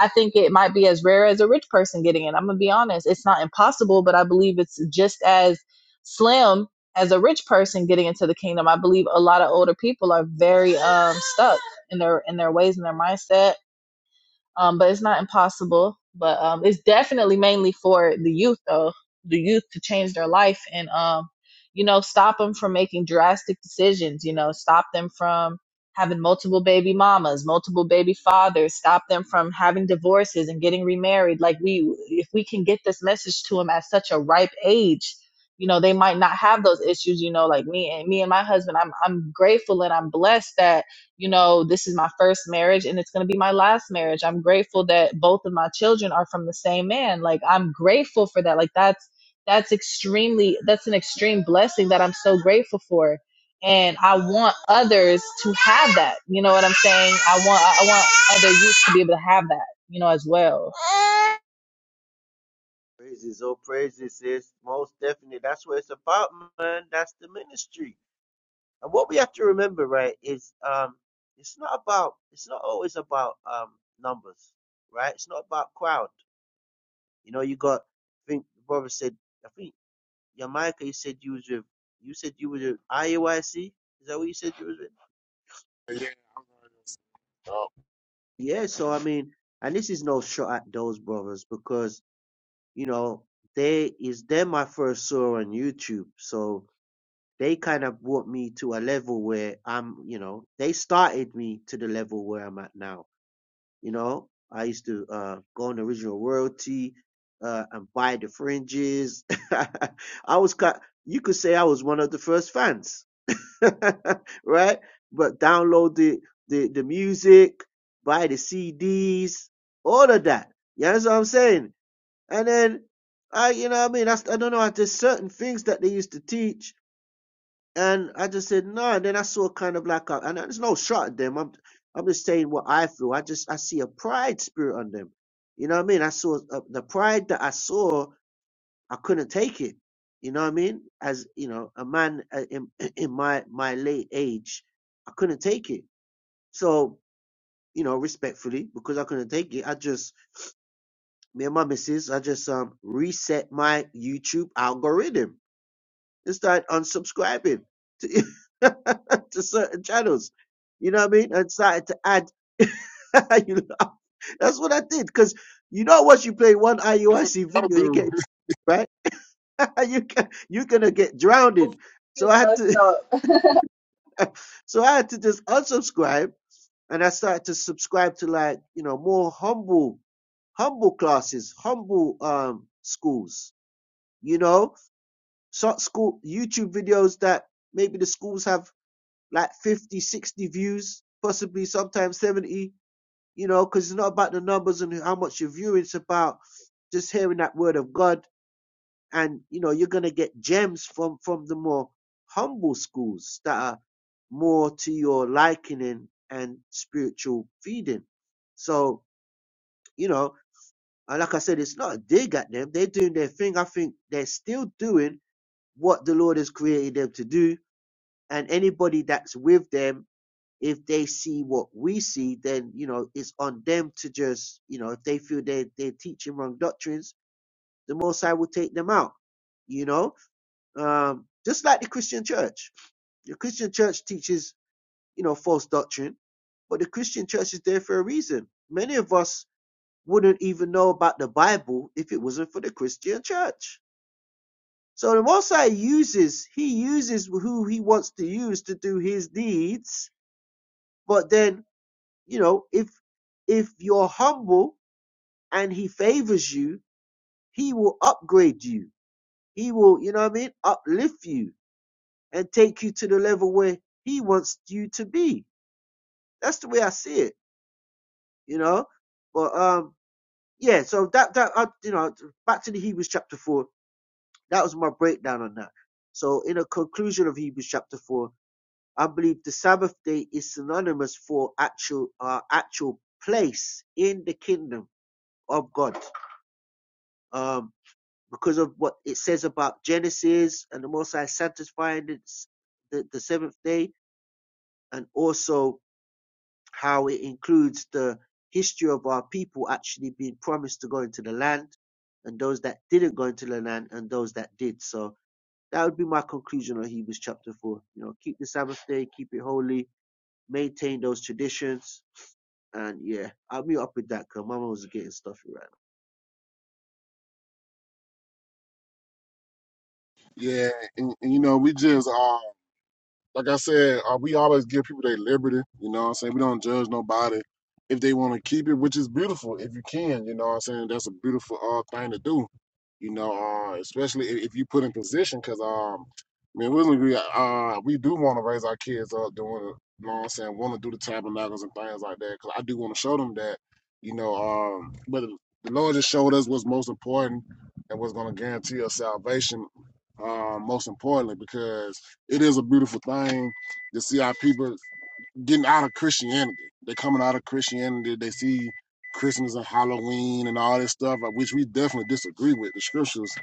i think it might be as rare as a rich person getting it i'm gonna be honest it's not impossible but i believe it's just as slim as a rich person getting into the kingdom i believe a lot of older people are very um stuck in their in their ways and their mindset um, but it's not impossible. But um, it's definitely mainly for the youth, though, the youth to change their life and, um, you know, stop them from making drastic decisions. You know, stop them from having multiple baby mamas, multiple baby fathers. Stop them from having divorces and getting remarried. Like we, if we can get this message to them at such a ripe age. You know, they might not have those issues, you know, like me and me and my husband, I'm I'm grateful and I'm blessed that you know, this is my first marriage and it's going to be my last marriage. I'm grateful that both of my children are from the same man. Like I'm grateful for that. Like that's that's extremely that's an extreme blessing that I'm so grateful for. And I want others to have that. You know what I'm saying? I want I want other youth to be able to have that, you know, as well. Praises, oh praises, sis. Most definitely. That's what it's about, man. That's the ministry. And what we have to remember, right, is um it's not about it's not always about um numbers, right? It's not about crowd. You know, you got I think the brother said I think Jamaica, you said you was with, you said you was with IUIC? Is that what you said you was with? Yeah, I'm nervous. Oh, Yeah, so I mean, and this is no shot at those brothers because, you know, they is them I first saw on YouTube. So they kind of brought me to a level where I'm, you know, they started me to the level where I'm at now. You know, I used to uh, go on original royalty uh, and buy the fringes. I was, ki- you could say I was one of the first fans right? But download the, the, the music, buy the CDs, all of that. You understand what I'm saying? And then I, you know what I mean? I s- I don't know, there's certain things that they used to teach. And I just said, no. And then I saw kind of like a, and there's no shot at them. I'm, I'm just saying what I feel. I just, I see a pride spirit on them. You know what I mean? I saw uh, the pride that I saw I couldn't take it. You know what I mean? As you know, a man uh, in in my my late age, I couldn't take it. So you know, respectfully, because I couldn't take it, I just me and my missus, I just um reset my YouTube algorithm and started unsubscribing to to certain channels. You know what I mean? And started to add. you know, that's what I did because you know once you play one that's what IUIC you gotta video, you do. get it, right. you can, you're gonna get drowned. So Is I had messed to, up. hey, so I had to just unsubscribe, and I started to subscribe to like you know more humble, humble classes, humble um schools. You know, so school YouTube videos that maybe the schools have like 50, 60 views, possibly sometimes 70. You know, because it's not about the numbers and how much you're viewing; it's about just hearing that word of God and you know you're going to get gems from from the more humble schools that are more to your likening and spiritual feeding so you know like i said it's not a dig at them they're doing their thing i think they're still doing what the lord has created them to do and anybody that's with them if they see what we see then you know it's on them to just you know if they feel they they're teaching wrong doctrines the most i will take them out you know Um, just like the Christian church. The Christian church teaches, you know, false doctrine, but the Christian church is there for a reason. Many of us wouldn't even know about the Bible if it wasn't for the Christian church. So the Most High uses, he uses who he wants to use to do his deeds. But then, you know, if, if you're humble and he favors you, he will upgrade you. He will, you know what I mean, uplift you and take you to the level where he wants you to be. That's the way I see it, you know. But um, yeah. So that that uh, you know, back to the Hebrews chapter four. That was my breakdown on that. So in a conclusion of Hebrews chapter four, I believe the Sabbath day is synonymous for actual uh, actual place in the kingdom of God. Um, because of what it says about Genesis and the Most High satisfying the, the, the seventh day, and also how it includes the history of our people actually being promised to go into the land and those that didn't go into the land and those that did. So that would be my conclusion on Hebrews chapter 4. You know, keep the Sabbath day, keep it holy, maintain those traditions. And yeah, I'll be up with that because Mama was getting stuffy right yeah, and, and you know we just uh. like I said, uh, we always give people their liberty. You know what I'm saying? We don't judge nobody if they want to keep it, which is beautiful if you can. You know what I'm saying? That's a beautiful uh, thing to do. You know, uh, especially if, if you put in position, because um, man, we agree. Uh, uh, we do want to raise our kids up doing, it, you know what I'm saying, want to do the tabernacles and things like that, because I do want to show them that, you know, um, but the Lord just showed us what's most important and what's going to guarantee us salvation. Uh, most importantly, because it is a beautiful thing to see our people getting out of Christianity. They're coming out of Christianity. They see Christmas and Halloween and all this stuff, uh, which we definitely disagree with. The scriptures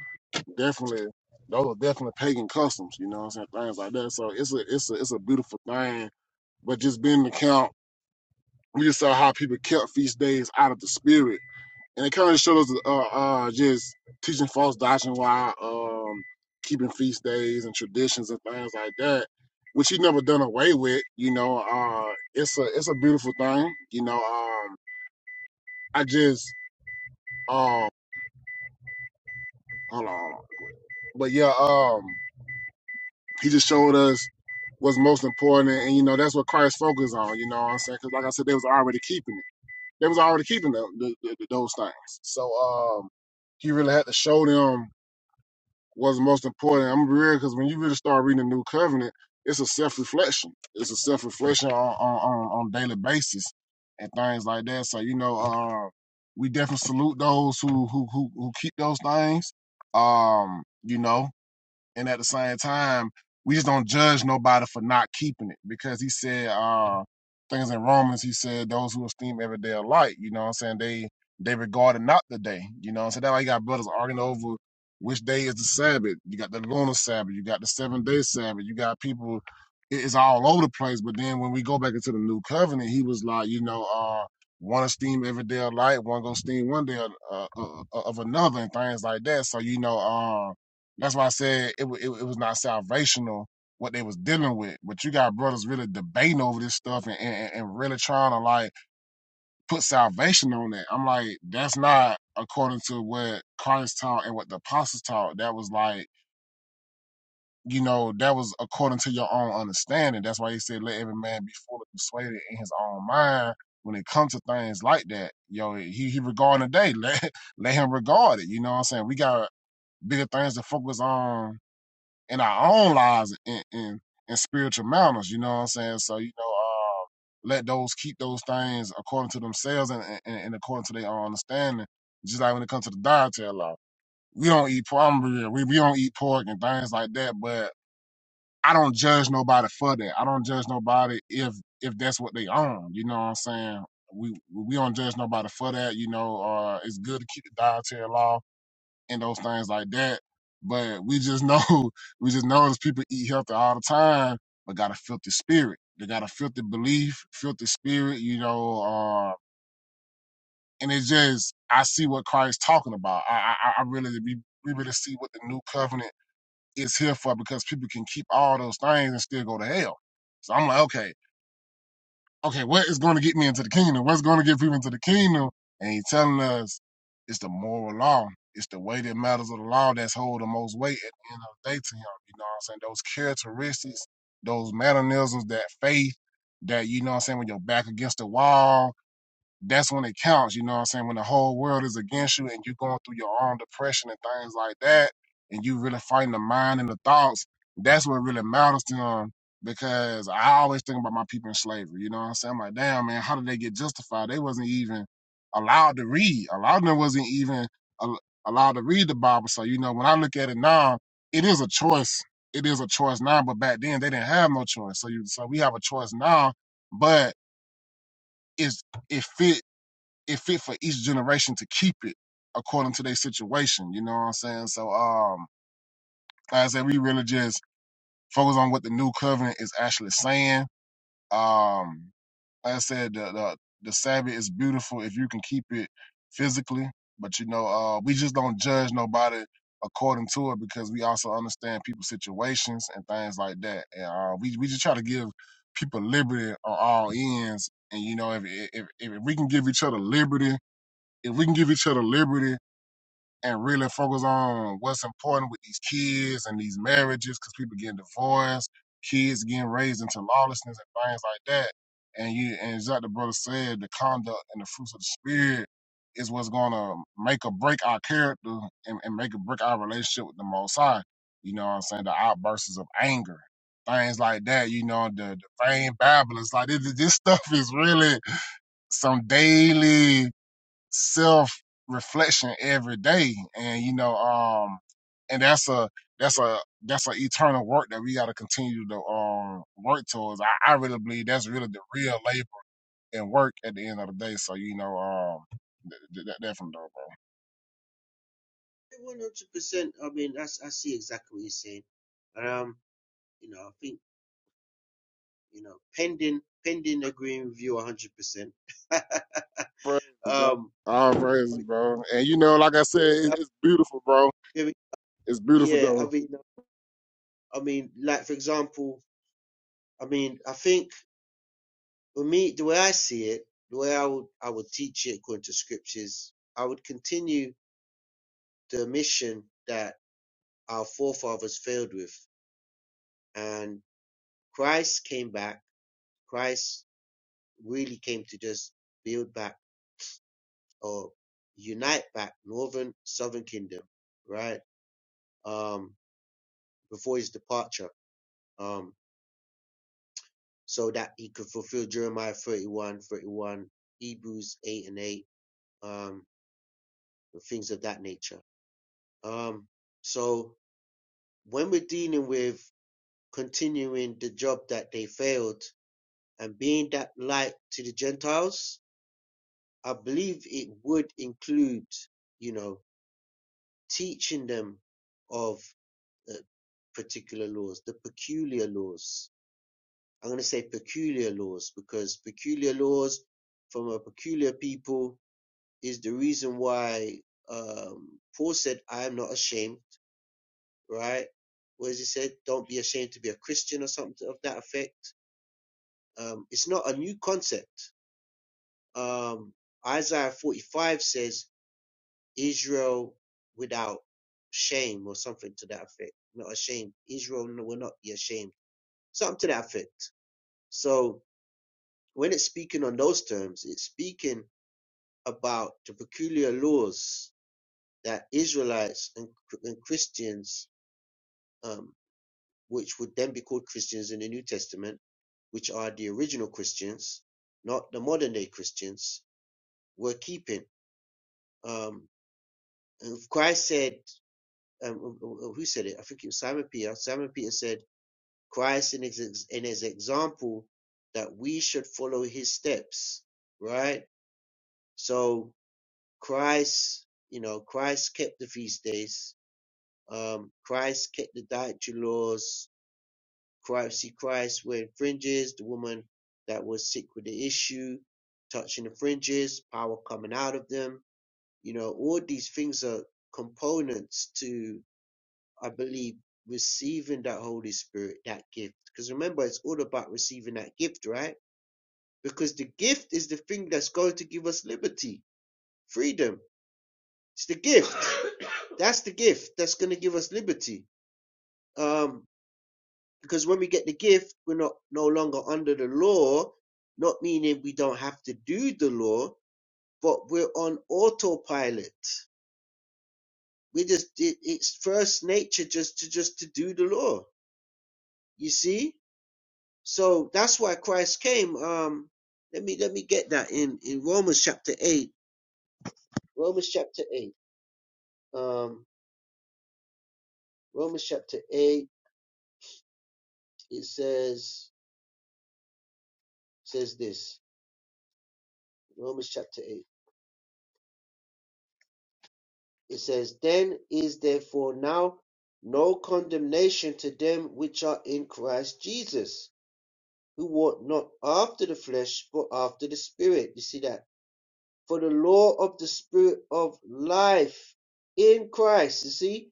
definitely, those are definitely pagan customs, you know what I'm saying? Things like that. So it's a, it's a, it's a beautiful thing. But just being the count, we just saw how people kept feast days out of the spirit and it kind of showed us uh, uh, just teaching false doctrine while um, keeping feast days and traditions and things like that, which he never done away with. You know, uh, it's a it's a beautiful thing. You know, um, I just um, hold on, hold on. but yeah, um, he just showed us what's most important, and you know that's what Christ focused on. You know what I'm saying? Because like I said, they was already keeping it. They was already keeping the, the, the, those things. So um, he really had to show them was most important. I'm real because when you really start reading the New Covenant, it's a self reflection. It's a self reflection on on on on daily basis and things like that. So you know, uh, we definitely salute those who who who who keep those things. Um, you know. And at the same time, we just don't judge nobody for not keeping it because he said uh things in Romans, he said those who esteem every day alike, you know what I'm saying? They they regard it not the day. You know what I'm saying? That's why you got brothers arguing over which day is the Sabbath. You got the lunar Sabbath, you got the seven day Sabbath, you got people it- it's all over the place. But then when we go back into the new covenant, he was like, you know, uh one esteem every day of light. one go esteem one day uh, uh, uh, of another, and things like that. So you know, um, that's why I said it, wa- it, it was not salvational what they was dealing with. But you got brothers really debating over this stuff and, and, and really trying to like put salvation on it. I'm like, that's not according to what Christ taught and what the apostles taught. That was like, you know, that was according to your own understanding. That's why he said, let every man be fully persuaded in his own mind. When it comes to things like that, yo, he, he regarding the day, let, let him regard it. You know what I'm saying? We got bigger things to focus on in our own lives in, in in spiritual manners. You know what I'm saying? So you know, uh, let those keep those things according to themselves and, and, and according to their own understanding. Just like when it comes to the dietary law, we don't eat pork. We we don't eat pork and things like that. But I don't judge nobody for that. I don't judge nobody if if that's what they own. You know what I'm saying? We we don't judge nobody for that. You know, uh, it's good to keep the dietary law and those things like that. But we just know, we just know as people eat healthy all the time, but got a filthy spirit. They got a filthy belief, filthy spirit, you know. Uh, and it just, I see what Christ's talking about. I, I, I I really, we, we really see what the new covenant is here for because people can keep all those things and still go to hell. So I'm like, okay, okay, what is going to get me into the kingdom? What's going to get people into the kingdom? And he's telling us it's the moral law. It's the weighted matters of the law that's hold the most weight at the end of the day to him. You know what I'm saying? Those characteristics, those mannerisms, that faith, that, you know what I'm saying, when you're back against the wall, that's when it counts. You know what I'm saying? When the whole world is against you and you're going through your own depression and things like that, and you really fighting the mind and the thoughts, that's what really matters to them. Because I always think about my people in slavery. You know what I'm saying? I'm like, damn, man, how did they get justified? They wasn't even allowed to read. A lot of them wasn't even allowed to read the Bible. So, you know, when I look at it now, it is a choice. It is a choice now, but back then they didn't have no choice. So, you, so we have a choice now, but it's it fit it fit for each generation to keep it according to their situation. You know what I'm saying? So um like I said, we really just focus on what the new covenant is actually saying. Um like I said, the the, the Sabbath is beautiful if you can keep it physically. But you know, uh we just don't judge nobody according to it because we also understand people's situations and things like that. And uh we we just try to give people liberty on all ends. And you know, if if if if we can give each other liberty if we can give each other liberty and really focus on what's important with these kids and these marriages, because people getting divorced, kids getting raised into lawlessness and things like that. And you and it's like the brother said, the conduct and the fruits of the spirit is what's gonna make or break our character and, and make or break our relationship with the Most High. You know what I'm saying? The outbursts of anger, things like that. You know, the, the vain babblings, like this, this stuff is really some daily self reflection every day and you know um and that's a that's a that's an eternal work that we got to continue to um work towards I, I really believe that's really the real labor and work at the end of the day so you know um th- th- that that from now. 100%. I mean, that's, I see exactly what you're saying. And, um, you know, I think, you know, pending, pending agreeing with you 100%. bro praise bro um, all praise I bro and you know like i said it, it's beautiful bro mean, it's beautiful yeah, I though mean, no, I mean, like for example, I mean, I think for me, the way I see it, the way I would I would teach it according to scriptures, I would continue the mission that our forefathers failed with, and Christ came back. Christ really came to just build back or unite back northern southern kingdom, right? Um, before his departure. Um, so that he could fulfill Jeremiah 31, 31, Hebrews 8 and 8, um, things of that nature. Um, so when we're dealing with continuing the job that they failed and being that light to the Gentiles, I believe it would include, you know, teaching them of uh, particular laws, the peculiar laws. I'm going to say peculiar laws because peculiar laws from a peculiar people is the reason why um, Paul said, I am not ashamed, right? What does he said? Don't be ashamed to be a Christian or something of that effect. Um, it's not a new concept. Um, Isaiah 45 says, Israel without shame or something to that effect. Not ashamed. Israel will not be ashamed. Something to that effect. So when it's speaking on those terms, it's speaking about the peculiar laws that Israelites and, and Christians um, which would then be called Christians in the New Testament, which are the original Christians, not the modern day Christians, were keeping. Um, and Christ said, um, who said it? I think it was Simon Peter. Simon Peter said, Christ in his, in his example that we should follow his steps, right? So Christ, you know, Christ kept the feast days. Um, Christ kept the dietary laws Christ, See Christ, when fringes, the woman that was sick with the issue, touching the fringes, power coming out of them. You know, all these things are components to, I believe, receiving that Holy Spirit, that gift. Because remember, it's all about receiving that gift, right? Because the gift is the thing that's going to give us liberty, freedom. It's the gift. that's the gift that's going to give us liberty. Um, because when we get the gift, we're not no longer under the law, not meaning we don't have to do the law, but we're on autopilot. We just it, it's first nature just to just to do the law. You see? So that's why Christ came. Um let me let me get that in in Romans chapter 8. Romans chapter 8. Um Romans chapter 8 it says says this. Romans chapter 8. It says, Then is therefore now no condemnation to them which are in Christ Jesus, who walk not after the flesh, but after the Spirit. You see that? For the law of the Spirit of life in Christ, you see,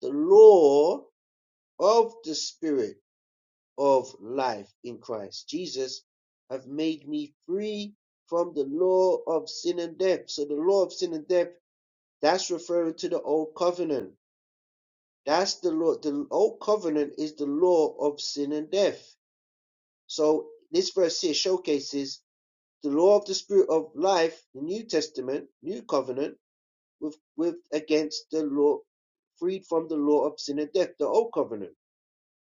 the law of the Spirit of life in Christ Jesus have made me free from the law of sin and death. So the law of sin and death, that's referring to the old covenant That's the law. The old covenant is the law of sin and death. So this verse here showcases the law of the spirit of life, the New Testament, New Covenant, with with against the law, freed from the law of sin and death, the old covenant.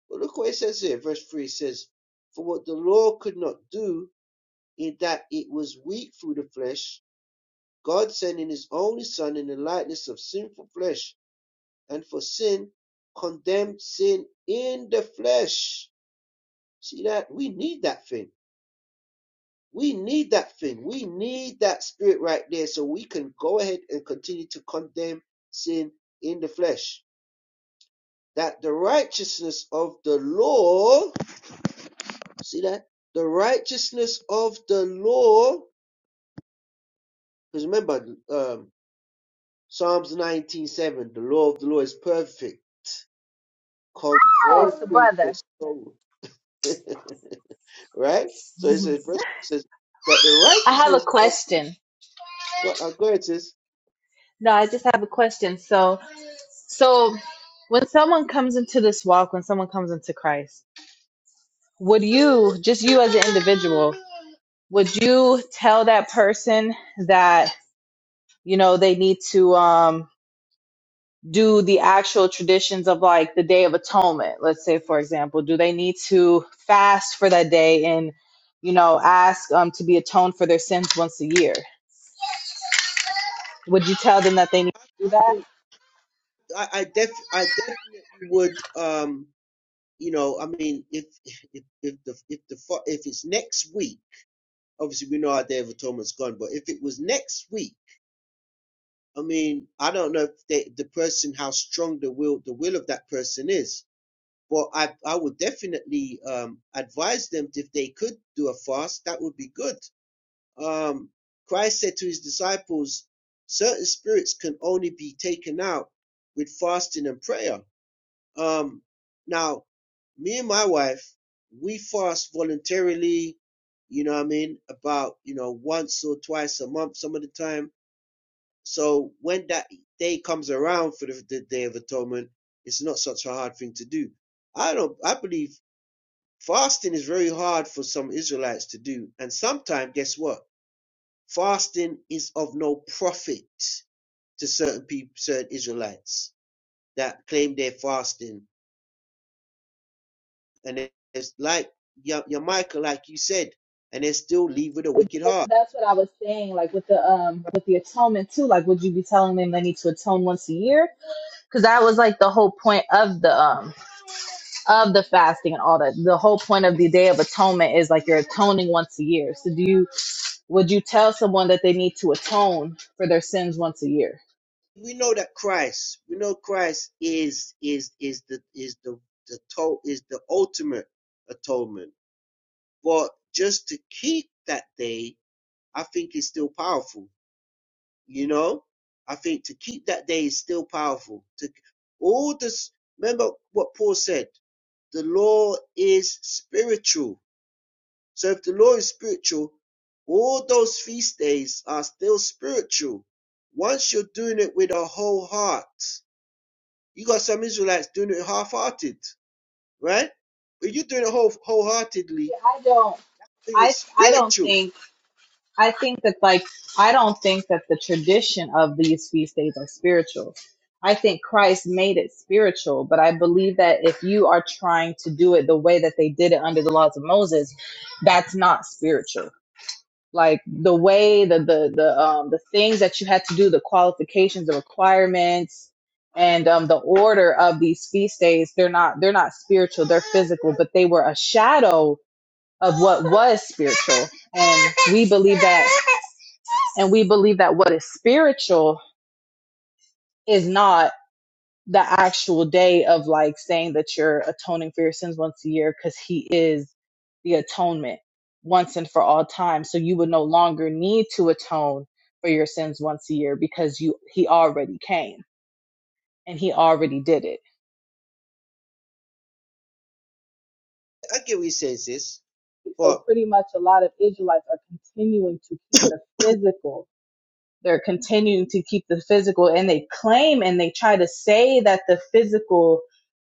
But look what it says here, verse three says, For what the law could not do in that it was weak through the flesh, God sending his only son in the likeness of sinful flesh and for sin, condemned sin in the flesh. See that? We need that thing. We need that thing. We need that spirit right there so we can go ahead and continue to condemn sin in the flesh. That the righteousness of the law, see that? The righteousness of the law, because remember, um, Psalms 19:7, the law of the law is perfect, so converting the brother. soul. right? So it says, verse says that the I have a righteousness of question. God, uh, go ahead, sis. No, I just have a question. So, So when someone comes into this walk, when someone comes into Christ, would you, just you as an individual, would you tell that person that, you know, they need to um do the actual traditions of like the Day of Atonement, let's say for example, do they need to fast for that day and, you know, ask um to be atoned for their sins once a year? Would you tell them that they need to I, do I, that? think- I I def, I definitely would, um, you know, I mean, if if if the if the fo- if it's next week, obviously we know our day of atonement's gone, but if it was next week, I mean, I don't know if they, the person how strong the will the will of that person is, but I I would definitely um advise them if they could do a fast, that would be good um, Christ said to his disciples, certain spirits can only be taken out with fasting and prayer. Um, now, me and my wife, we fast voluntarily, you know what I mean, about, you know, once or twice a month, some of the time. So when that day comes around for the, the Day of Atonement, it's not such a hard thing to do. I don't, I believe fasting is very hard for some Israelites to do. And sometimes, guess what? Fasting is of no profit to certain people, certain Israelites that claim they're fasting. And it's like your, your like you said, and they still leave with a wicked That's, heart. that's what I was saying, like with the um with the atonement too. Like, would you be telling them they need to atone once a year? Because that was like the whole point of the um of the fasting and all that. The whole point of the Day of Atonement is like you're atoning once a year. So, do you would you tell someone that they need to atone for their sins once a year? We know that Christ, we know Christ is is is the is the the to, is the ultimate atonement. But just to keep that day, I think is still powerful You know, I think to keep that day is still powerful. To all this, remember what Paul said: the law is spiritual. So if the law is spiritual, all those feast days are still spiritual. Once you're doing it with a whole heart, you got some Israelites doing it half-hearted, right? But you're doing it whole wholeheartedly, Yeah, I don't. then I it's I don't. don't spiritual. think. I think that like I don't think that the tradition of these feast days are spiritual. I think Christ made it spiritual, but I believe that if you are trying to do it the way that they did it under the laws of Moses, that's not spiritual. Like the way the the the um the things that you had to do, the qualifications, the requirements, and um the order of these feast days, they're not they're not spiritual, they're physical, but they were a shadow of what was spiritual. And we believe that and we believe that what is spiritual is not the actual day of like saying that you're atoning for your sins once a year because he is the atonement once and for all time so you would no longer need to atone for your sins once a year because you he already came and he already did it I get what you're saying, sis, so but pretty much a lot of israelites are continuing to keep the physical they're continuing to keep the physical and they claim and they try to say that the physical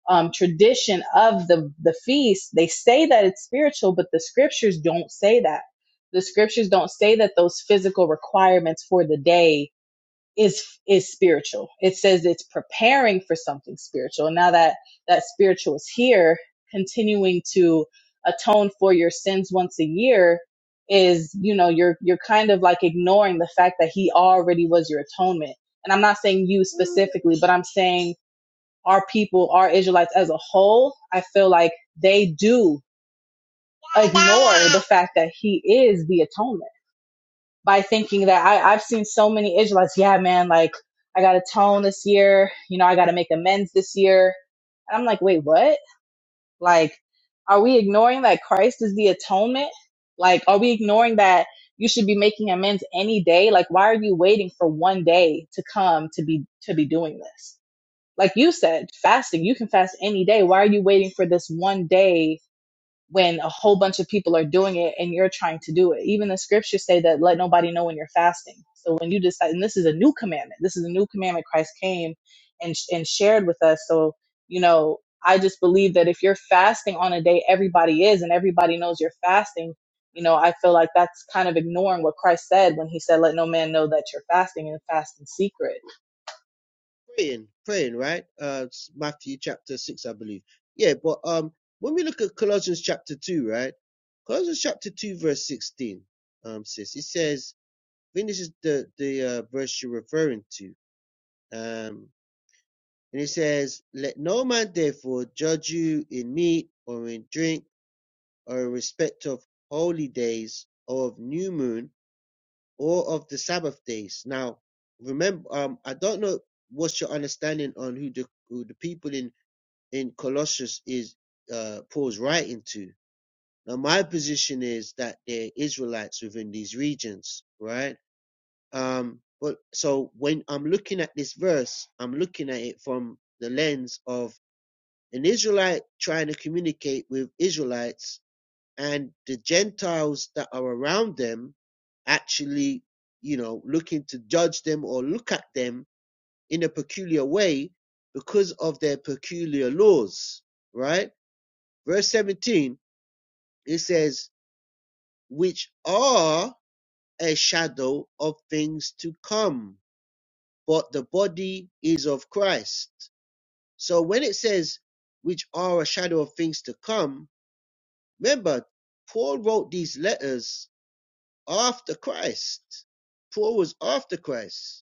um, tradition of the the feast they say that it's spiritual but the scriptures don't say that the scriptures don't say that those physical requirements for the day is is spiritual. It says it's preparing for something spiritual. And now that that spiritual is here, continuing to atone for your sins once a year is, you know, you're you're kind of like ignoring the fact that he already was your atonement. And I'm not saying you specifically, but I'm saying our people, our Israelites as a whole, I feel like they do ignore the fact that he is the atonement by thinking that I, I've seen so many Israelites, yeah, man, like I got to tone this year, you know, I got to make amends this year. And I'm like, wait, what? Like, are we ignoring that Christ is the atonement? Like, are we ignoring that you should be making amends any day? Like, why are you waiting for one day to come to be, to be doing this? Like you said, fasting, you can fast any day. Why are you waiting for this one day when a whole bunch of people are doing it and you're trying to do it. Even the scriptures say that let nobody know when you're fasting. So when you decide, and this is a new commandment, this is a new commandment Christ came and and shared with us. So you know, I just believe that if you're fasting on a day everybody is and everybody knows you're fasting, you know, I feel like that's kind of ignoring what Christ said when he said, "Let no man know that you're fasting and fast in secret." praying, praying, right? Uh, it's Matthew chapter six, I believe. Yeah, but um, when we look at Colossians chapter two, right? Colossians chapter two, verse sixteen, um, sis, it says, I think this is the the uh, verse you're referring to, um, and it says, "Let no man therefore judge you in meat or in drink or in respect of holy days or of new moon or of the Sabbath days." Now, remember, um, I don't know what's your understanding on who the who the people in in Colossus is uh, Paul's writing to. Now, my position is that they're Israelites within these regions, right? Um, but so when I'm looking at this verse, I'm looking at it from the lens of an Israelite trying to communicate with Israelites and the Gentiles that are around them actually, you know, looking to judge them or look at them in a peculiar way because of their peculiar laws, right? Verse 17, it says, which are a shadow of things to come, but the body is of Christ. So when it says, which are a shadow of things to come, remember, Paul wrote these letters after Christ. Paul was after Christ.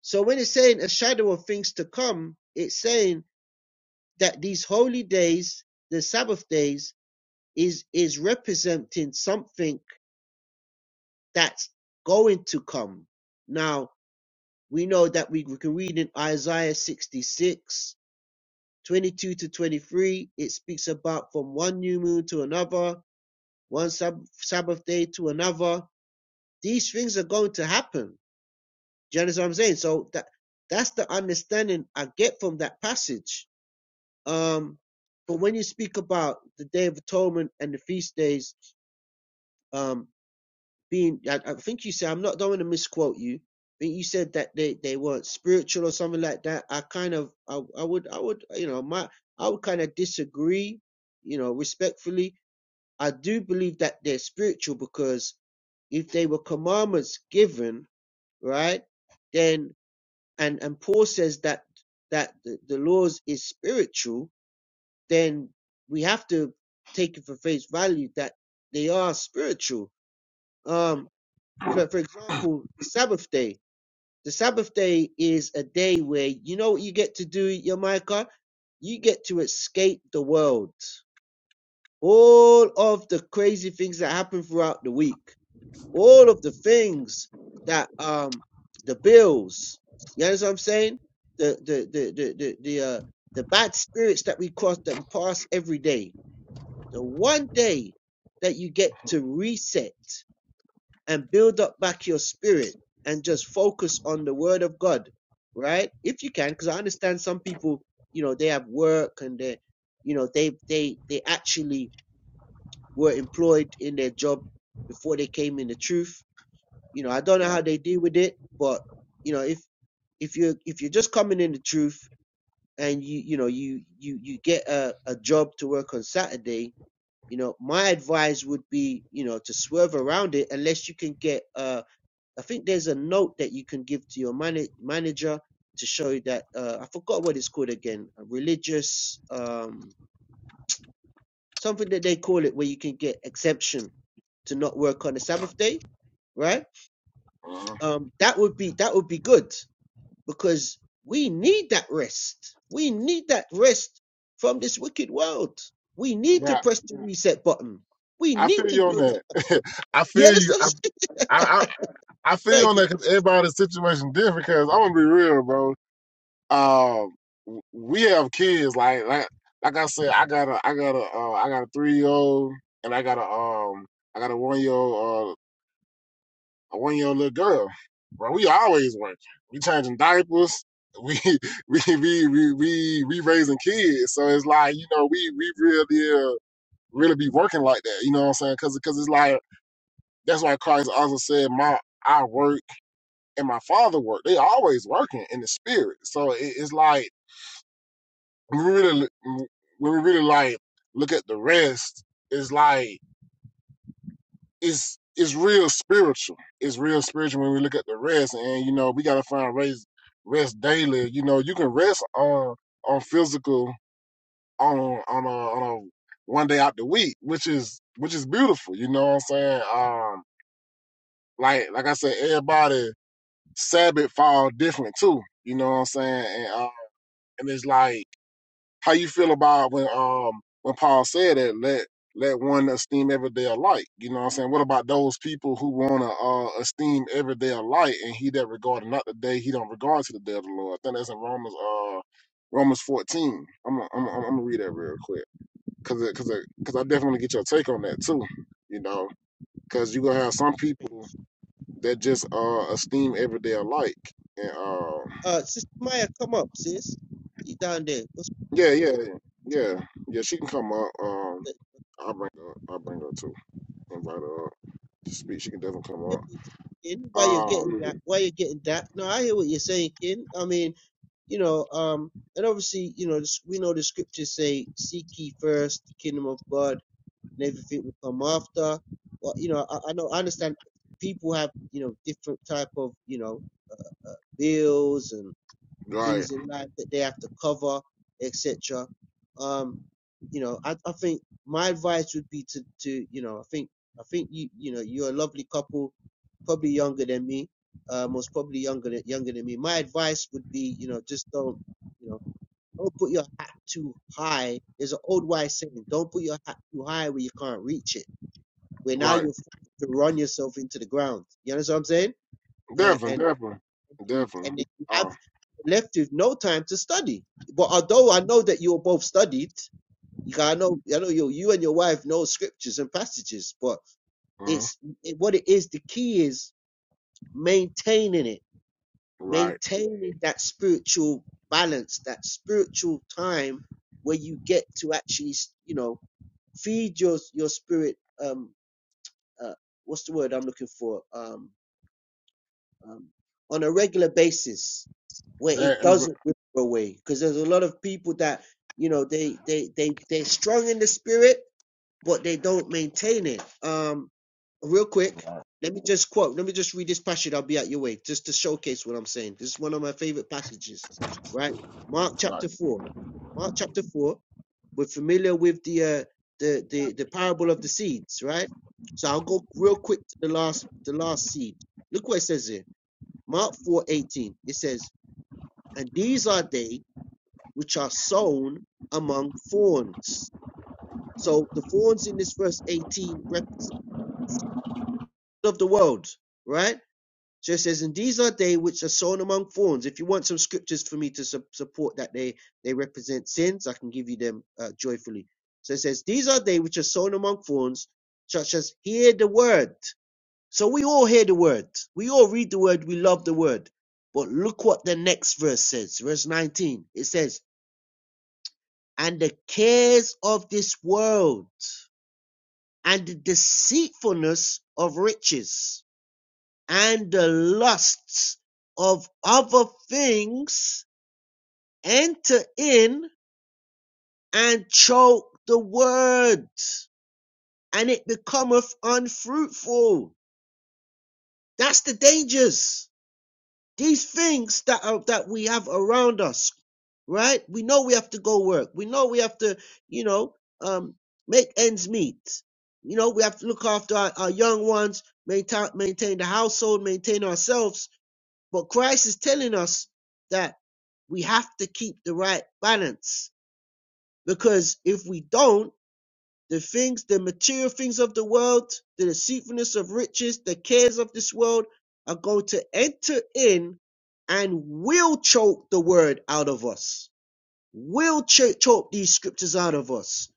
So when it's saying a shadow of things to come, it's saying that these holy days, the Sabbath days, is is representing something that's going to come. Now, we know that we can read in Isaiah 66:22 to 23, it speaks about from one new moon to another, one sab- Sabbath day to another. These things are going to happen. Do you understand what I'm saying? So that that's the understanding I get from that passage. Um, but when you speak about the Day of Atonement and the feast days, um, being I, I think you said I'm not don't want to misquote you. But you said that they, they weren't spiritual or something like that. I kind of I, I would I would you know my I would kind of disagree, you know, respectfully. I do believe that they're spiritual because if they were commandments given, right, then and and Paul says that that the, the laws is spiritual, then we have to take it for face value that they are spiritual. Um for, for example, the Sabbath day. The Sabbath day is a day where you know what you get to do, Yamaika? You get to escape the world. All of the crazy things that happen throughout the week, all of the things that um the bills, you understand what I'm saying? The the the the the, the uh the bad spirits that we cross that we pass every day. The one day that you get to reset and build up back your spirit and just focus on the word of God, right? If you can, because I understand some people, you know, they have work and they, you know, they they they actually were employed in their job before they came in the truth. You know, I don't know how yeah they deal with it, but you know, if if you are if you're just coming in the truth and you you know you you you get a, a job to work on Saturday, you know, my advice would be, you know, to swerve around it unless you can get a I think there's a note that you can give to your mana manager to show that uh, I forgot what it's called again. A religious um, something that they call it where you can get exemption to not work on the Sabbath day, right? Mhm. Um, that would be that would be good because we need that rest. We need that rest from this wicked world. We need to Yeah, press the reset button. We i need feel to you on build up. that i Yeah, feel that's you so i i I feel on stupid. that because everybody's situation different. Because I'm gonna be real, bro. Um, w- we have kids. Like, like, like I said, I got a, I got a, uh, I got a three year old, and I got a, um, I got a one year old, uh, a one year old little girl. Bro, we always working. We changing diapers. We we we we we, we raising kids. So it's like you know, we we really uh, really be working like that. You know what I'm saying? Because because it's like that's why Christ also said, "My I work." and my father work. They always working in the spirit. So it, it's like when we really when we really like look at the rest, it's like it's it's real spiritual. It's real spiritual when we look at the rest, and you know we gotta find rest rest daily. You know you can rest on on physical on on a, on a one day out the week, which is which is beautiful. You know what I'm saying? Um, like like I said, everybody Sabbath fall different too. You know what I'm saying? And And it's like how you feel about when um when Paul said that let let one esteem every day alike. You know what I'm saying? What about those people who wanna uh esteem every day alike and he that regarded not the day he don't regard to the day of the Lord. I think that's in Romans uh Romans 14. I'm gonna- I'm gonna- I'm gonna read that real quick because cause it- 'cause it- 'cause I definitely get your take on that too. You know, because you gonna have some people that just uh esteem every day alike and uh Uh, Sister Maya, come up, sis. You down there? What's Yeah, yeah, yeah, yeah. She can come up. Um, I'll bring her. I'll bring her too. Invite her up to speak. She can definitely come hear up. what you're saying, Ken, why you're Um, getting that, why you're getting that. No, I hear what you're saying, Ken. I mean, you know, um, and obviously, you know, this- we know the scriptures say, "Seek ye first the kingdom of God, and everything will come after." Well, you know, I, I know, I understand people have, you know, different type of, you know, uh, bills and and right, things in life that they have to cover, etc. Um, you know, I, I think my advice would be to, to, you know, I think, I think you, you know, you're a lovely couple, probably younger than me, uh, most probably younger than, younger than me. My advice would be, you know, just don't, you know, don't put your hat too high. There's an old wise saying, don't put your hat too high where you can't reach it, where now right. you're forced to run yourself into the ground. You understand what I'm saying? Uh, Definitely, And definitely, and, definitely. and then you have Oh, uh, left with no time to study. But although I know that you were both studied, you got- I know I know you you and your wife know scriptures and passages, but mm-hmm, it's it, what it is. The key is maintaining it, right. maintaining that spiritual balance, that spiritual time where you get to actually, s- you know, feed your your spirit. Um, uh, what's the word I'm looking for? Um. um, on a regular basis where it And, and, doesn't wither away because there's a lot of people that you know they they they they're strong in the spirit but they don't maintain it um real quick right, let me just quote let me just read this passage i'll be at your way just to showcase what i'm saying this is one of my favorite passages right mark right. chapter 4 mark chapter 4 we're familiar with the uh, the the the parable of the seeds right so i'll go real quick to the last the last seed look what it says here Mark 4:18 it says, "And these are they which are sown among thorns." So the thorns in this verse 18 represent of the world, right? So it says, "And these are they which are sown among thorns." If you want some scriptures for me to su- support that they they represent sins, I can give you them uh, joyfully. So it says, "These are they which are sown among thorns, such as hear the word." So we all hear the word. We all read the word. We love the word. But look what the next verse says. Verse 19. It says, And the cares of this world and the deceitfulness of riches and the lusts of other things enter in and choke the word and it becometh unfruitful. That's the dangers. these things that are, that we have around us, right? We know we have to go work. We know we have to, you know, um, make ends meet. You know, we have to look after our, our young ones, maintain, maintain the household, maintain ourselves. But Christ is telling us that we have to keep the right balance because if we don't, the things, the material things of the world, the deceitfulness of riches, the cares of this world are going to enter in and will choke the word out of us, will cho- choke these scriptures out of us,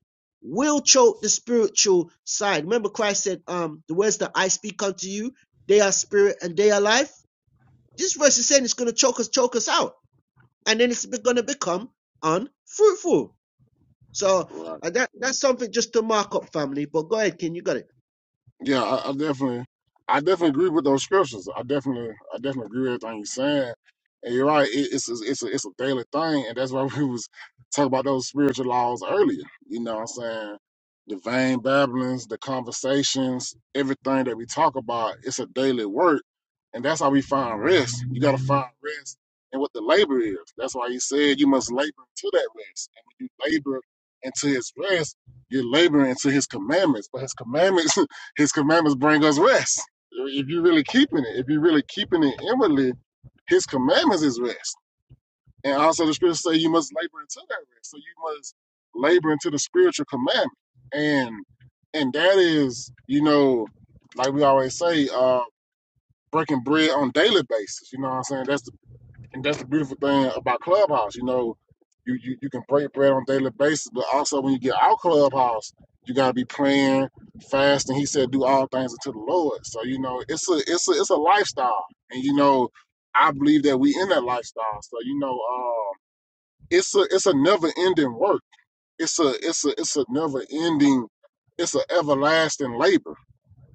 will choke the spiritual side. Remember, Christ said, um, the words that I speak unto you, they are spirit and they are life. This verse is saying it's going to choke us, choke us out, and then it's going to become unfruitful so right. uh, that that's something just to mark up, family. But go ahead, Ken, you got it. Yeah, I, I definitely, I definitely agree with those scriptures. I definitely, I definitely agree with everything you're saying. And you're right. It, it's a, it's a, it's a daily thing, and that's why we was talking about those spiritual laws earlier. You know, what I'm saying the vain babblings, the conversations, everything that we talk about. It's a daily work, and that's how we find rest. You got to find rest in what the labor is. That's why he said you must labor into that rest, and when you labor into His rest, you're laboring into His commandments. But His commandments His commandments bring us rest. If you're really keeping it, if you're really keeping it inwardly, his commandments is rest. And also the scriptures say you must labor into that rest. So you must labor into the spiritual commandment. And and that is, you know, like we always say, uh, breaking bread on a daily basis. You know what I'm saying? That's the and that's the beautiful thing about Clubhouse. You know, you you, you can break bread on a daily basis, but also when you get out Clubhouse, you gotta be praying, fasting. He said, "Do all things unto the Lord." So you know, it's a it's a it's a lifestyle, and you know, I believe that we in that lifestyle. So you know, um, it's a it's a never ending work. It's a it's a it's a never ending. It's an everlasting labor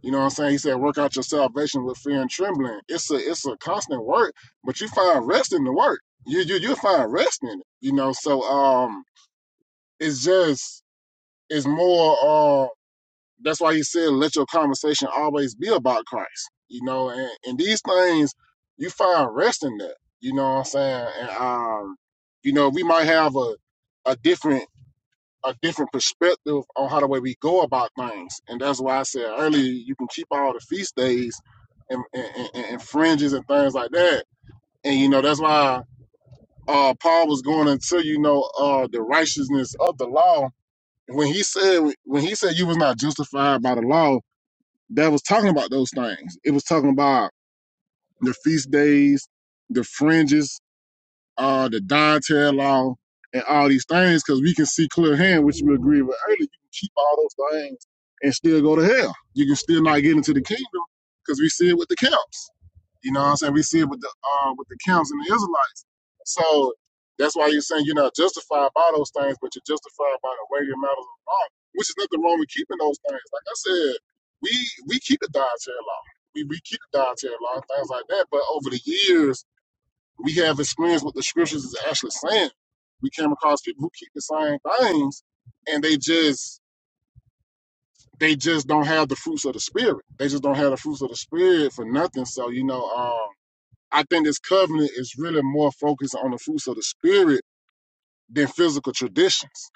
you know what I'm saying? He said, work out your salvation with fear and trembling. It's a it's a constant work, but you find rest in the work. You you you find rest in it. You know, so um it's just it's more uh that's why he said let your conversation always be about Christ. You know, and, and these things you find rest in that. You know what I'm saying? And um, you know, we might have a a different a different perspective on how the way we go about things. And that's why I said earlier, you can keep all the feast days and, and, and, and fringes and things like that. And you know, that's why uh, Paul was going into you know uh, the righteousness of the law when he said when he said you was not justified by the law. That was talking about those things. It was talking about the feast days, the fringes, uh, the Dante law, and all these things, because we can see clear hand, which we agree with earlier. You can keep all those things and still go to hell. You can still not get into the kingdom because we see it with the camps. You know what I'm saying? We see it with the uh, with the camps and the Israelites. So that's why you're saying you're not justified by those things, but you're justified by the weightier matters of the law, which is nothing wrong with keeping those things. Like I said, we we keep the dietary law. We, we keep the dietary law and things like that. But over the years, we have experience what the scriptures is actually saying. We came across people who keep the same things and they just they just don't have the fruits of the spirit. They just don't have the fruits of the spirit for nothing. So, you know, um I think this covenant is really more focused on the fruits of the spirit than physical traditions.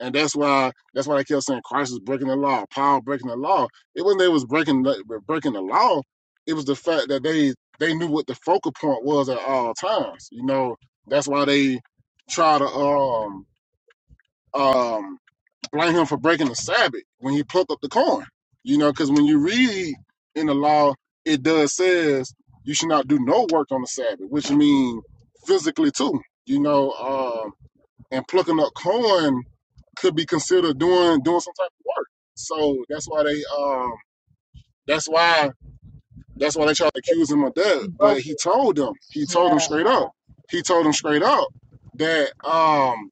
And that's why that's why I kept saying Christ is breaking the law, Paul breaking the law. It wasn't they was breaking the, breaking the law. It was the fact that they they knew what the focal point was at all times. You know, that's why they try to um um blame him for breaking the Sabbath when he plucked up the corn. You know, because when you read in the law, it does says you should not do no work on the Sabbath, which means physically too. You know, um and plucking up corn could be considered doing doing some type of work. So that's why they um that's why that's why they tried to accuse him of that. He But broke he it. told them he told Yeah. them straight up he told them straight up that um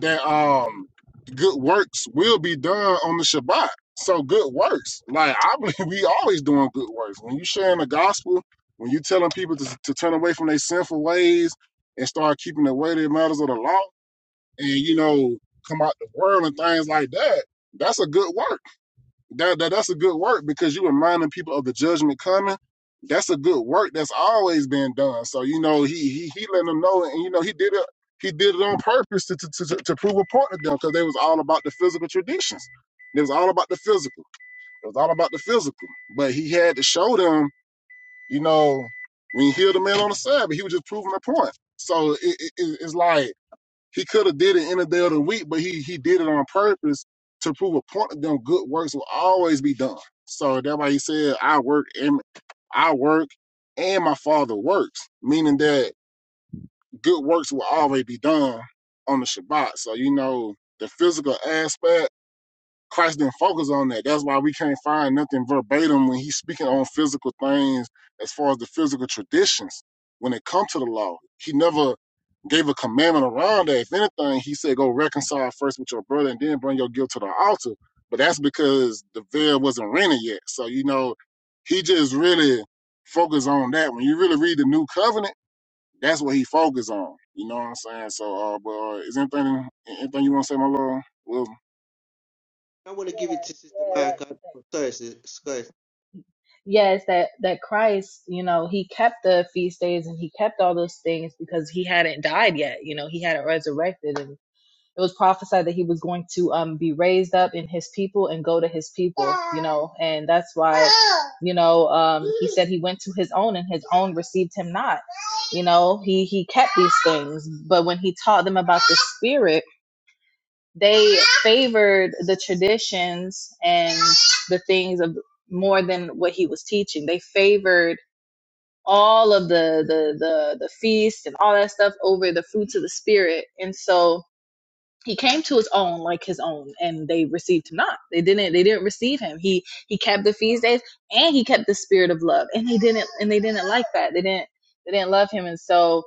that um good works will be done on the Shabbat. So good works, like I believe we always doing good works. When you sharing the gospel, when you telling people to, to turn away from their sinful ways and start keeping the way that matters of the law, and you know come out the world and things like that that's a good work that, that that's a good work because you are reminding people of the judgment coming that's a good work that's always been done so you know he he, he let them know and you know he did it he did it on purpose to to, to, to prove a point to them because they was all about the physical traditions it was all about the physical it was all about the physical but he had to show them you know when he healed the man on the sabbath he was just proving a point so it, it- it's like he could have did it in the day of the week, but he he did it on purpose to prove a point that them good works will always be done. So that's why he said, I work and I work and my father works, meaning that good works will always be done on the Shabbat. So you know the physical aspect Christ didn't focus on that. That's why we can't find nothing verbatim when he's speaking on physical things as far as the physical traditions when it comes to the law. He never gave a commandment around that. If anything, he said go reconcile first with your brother and then bring your guilt to the altar. But that's because the veil wasn't rented yet. So, you know, he just really focused on that. When you really read the new covenant, that's what he focused on. You know what I'm saying? So, uh, but uh, is anything anything you want to say, my lord? Wilson? I want to give it Yeah. to Sister Marika. Yeah. Sorry, Scott, yes that that christ you know he kept the feast days and he kept all those things because he hadn't died yet you know he hadn't resurrected and it was prophesied that he was going to um be raised up in his people and go to his people you know and that's why you know um he said he went to his own and his own received him not you know he he kept these things but when he taught them about the spirit they favored the traditions and the things of more than what he was teaching. They favored all of the the the the feast and all that stuff over the fruits of the spirit and so he came to his own like his own and they received him not they didn't they didn't receive him he he kept the feast days and he kept the spirit of love and they didn't and they didn't like that they didn't they didn't love him and so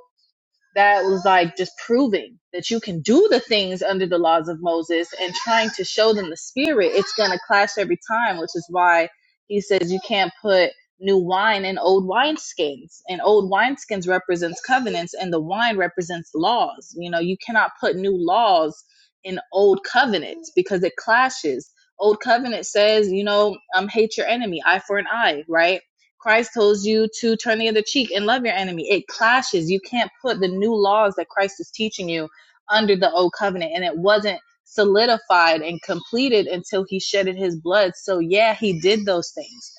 that was like just proving that you can do the things under the laws of Moses and trying to show them the spirit, it's going to clash every time, which is why he says you can't put new wine in old wineskins. And old wineskins represents covenants and the wine represents laws. You know, you cannot put new laws in old covenants because it clashes. Old covenant says, you know, um, hate your enemy, eye for an eye, right? Christ tells you to turn the other cheek and love your enemy. It clashes. You can't put the new laws that Christ is teaching you under the old covenant. And it wasn't solidified and completed until he shedded his blood. So, yeah, he did those things.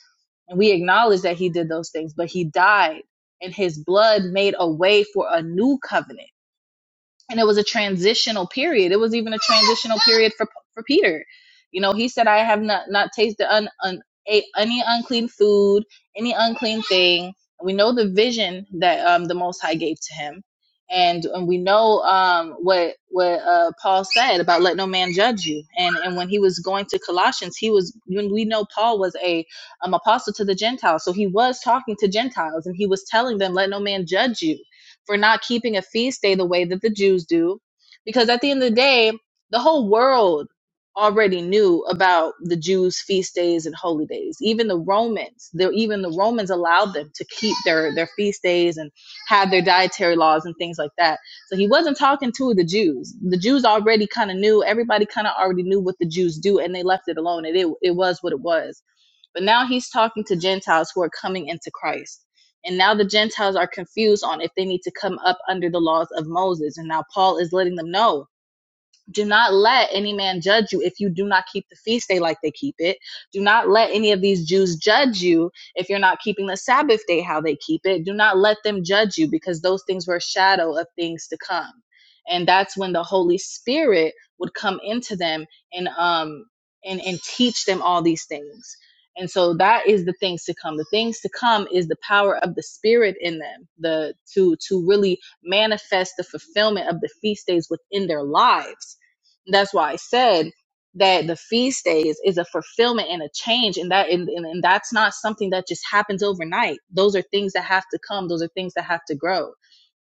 And we acknowledge that he did those things, but he died and his blood made a way for a new covenant and it was a transitional period. It was even a transitional period for for Peter. You know, he said, "I have not not tasted un, un, a, any unclean food, any unclean thing." We know the vision that um, the Most High gave to him, and, and we know um, what what uh, Paul said about let no man judge you. And and when he was going to Colossians, he was when we know Paul was a um, apostle to the Gentiles, so he was talking to Gentiles, and he was telling them, "Let no man judge you." for not keeping a feast day the way that the Jews do. Because at the end of the day, the whole world already knew about the Jews' feast days and holy days. Even the Romans, the, even the Romans allowed them to keep their, their feast days and have their dietary laws and things like that. So he wasn't talking to the Jews. The Jews already kind of knew, everybody kind of already knew what the Jews do and they left it alone. And it, it was what it was but now he's talking to Gentiles who are coming into Christ. And now the Gentiles are confused on if they need to come up under the laws of Moses. And now Paul is letting them know do not let any man judge you if you do not keep the feast day like they keep it. Do not let any of these Jews judge you if you're not keeping the Sabbath day how they keep it. Do not let them judge you because those things were a shadow of things to come. And that's when the Holy Spirit would come into them and um and and teach them all these things. And so that is the things to come. The things to come is the power of the spirit in them, the to to really manifest the fulfillment of the feast days within their lives that's why I said that the feast days is a fulfillment and a change, and that and, and, and that's not something that just happens overnight. Those are things that have to come. Those are things that have to grow.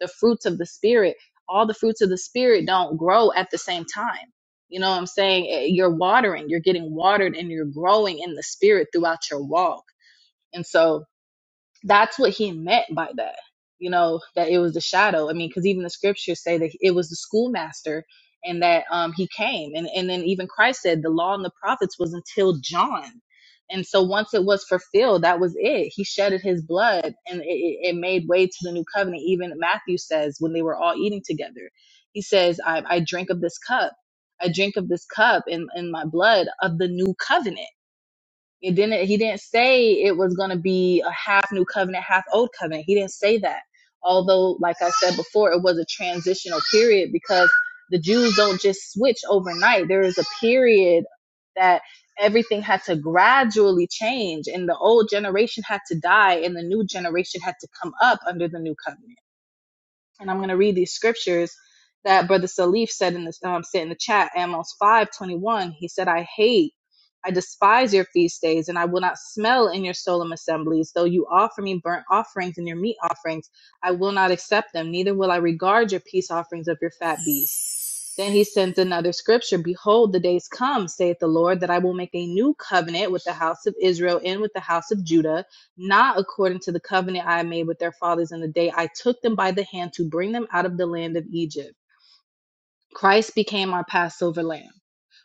The fruits of the spirit, all the fruits of the spirit, don't grow at the same time. You know what I'm saying? Eh, You're watering, you're getting watered, and you're growing in the spirit throughout your walk. And so that's what he meant by that you know that it was the shadow i mean because even the scriptures say that it was the schoolmaster and that um he came and and then even christ said the law and the prophets was until john and so once it was fulfilled that was it he shedded his blood and it, it it made way to the new covenant even matthew says when they were all eating together he says i, I drink of this cup i drink of this cup in, in my blood of the new covenant it didn't. He didn't say it was going to be a half new covenant, half old covenant. He didn't say that. Although, like I said before, it was a transitional period because the Jews don't just switch overnight. There is a period that everything had to gradually change, and the old generation had to die, and the new generation had to come up under the new covenant and I'm going to read these scriptures that Brother Salif said in the um, said in the chat, Amos five twenty one. He said, "I hate, I despise your feast days, and I will not smell in your solemn assemblies. Though you offer me burnt offerings and your meat offerings, I will not accept them. Neither will I regard your peace offerings of your fat beasts." Then he sends another scripture. Behold, the days come, saith the Lord, that I will make a new covenant with the house of Israel and with the house of Judah not according to the covenant I made with their fathers in the day I took them by the hand to bring them out of the land of Egypt. Christ became our Passover lamb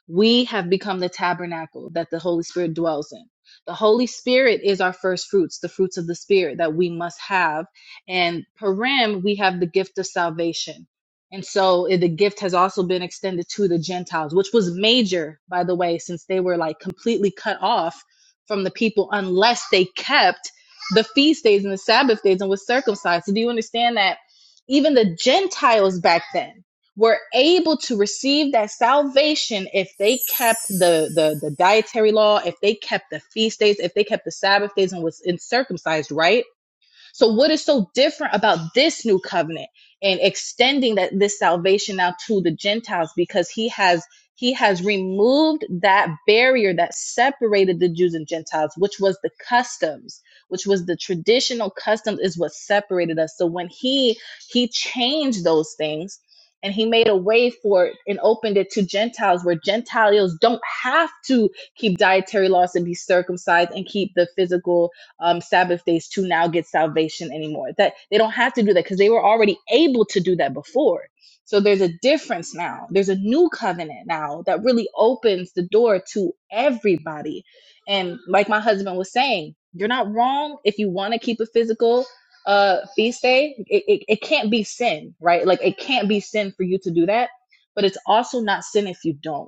we have become the tabernacle that the Holy Spirit dwells in. The Holy Spirit is our first fruits, the fruits of the Spirit that we must have. And Purim, we have the gift of salvation. And so eh, the gift has also been extended to the Gentiles, which was major, by the way, since they were like completely cut off from the people unless they kept the feast days and the Sabbath days and was circumcised. So do you understand that even the Gentiles back then? were able to receive that salvation if they kept the, the the dietary law, if they kept the feast days, if they kept the Sabbath days and was in circumcised, right? So, what is so different about this new covenant and extending that this salvation now to the Gentiles? Because he has he has removed that barrier that separated the Jews and Gentiles, which was the customs, which was the traditional customs, is what separated us. So when he he changed those things and he made a way for it and opened it to Gentiles where Gentiles don't have to keep dietary laws and be circumcised and keep the physical um, Sabbath days to now get salvation anymore. That they don't have to do that because they were already able to do that before. So there's a difference now. There's a new covenant now that really opens the door to everybody. And like my husband was saying, you're not wrong if you want to keep a physical uh feast day. It, it, it can't be sin, right? Like it can't be sin for you to do that, but it's also not sin if you don't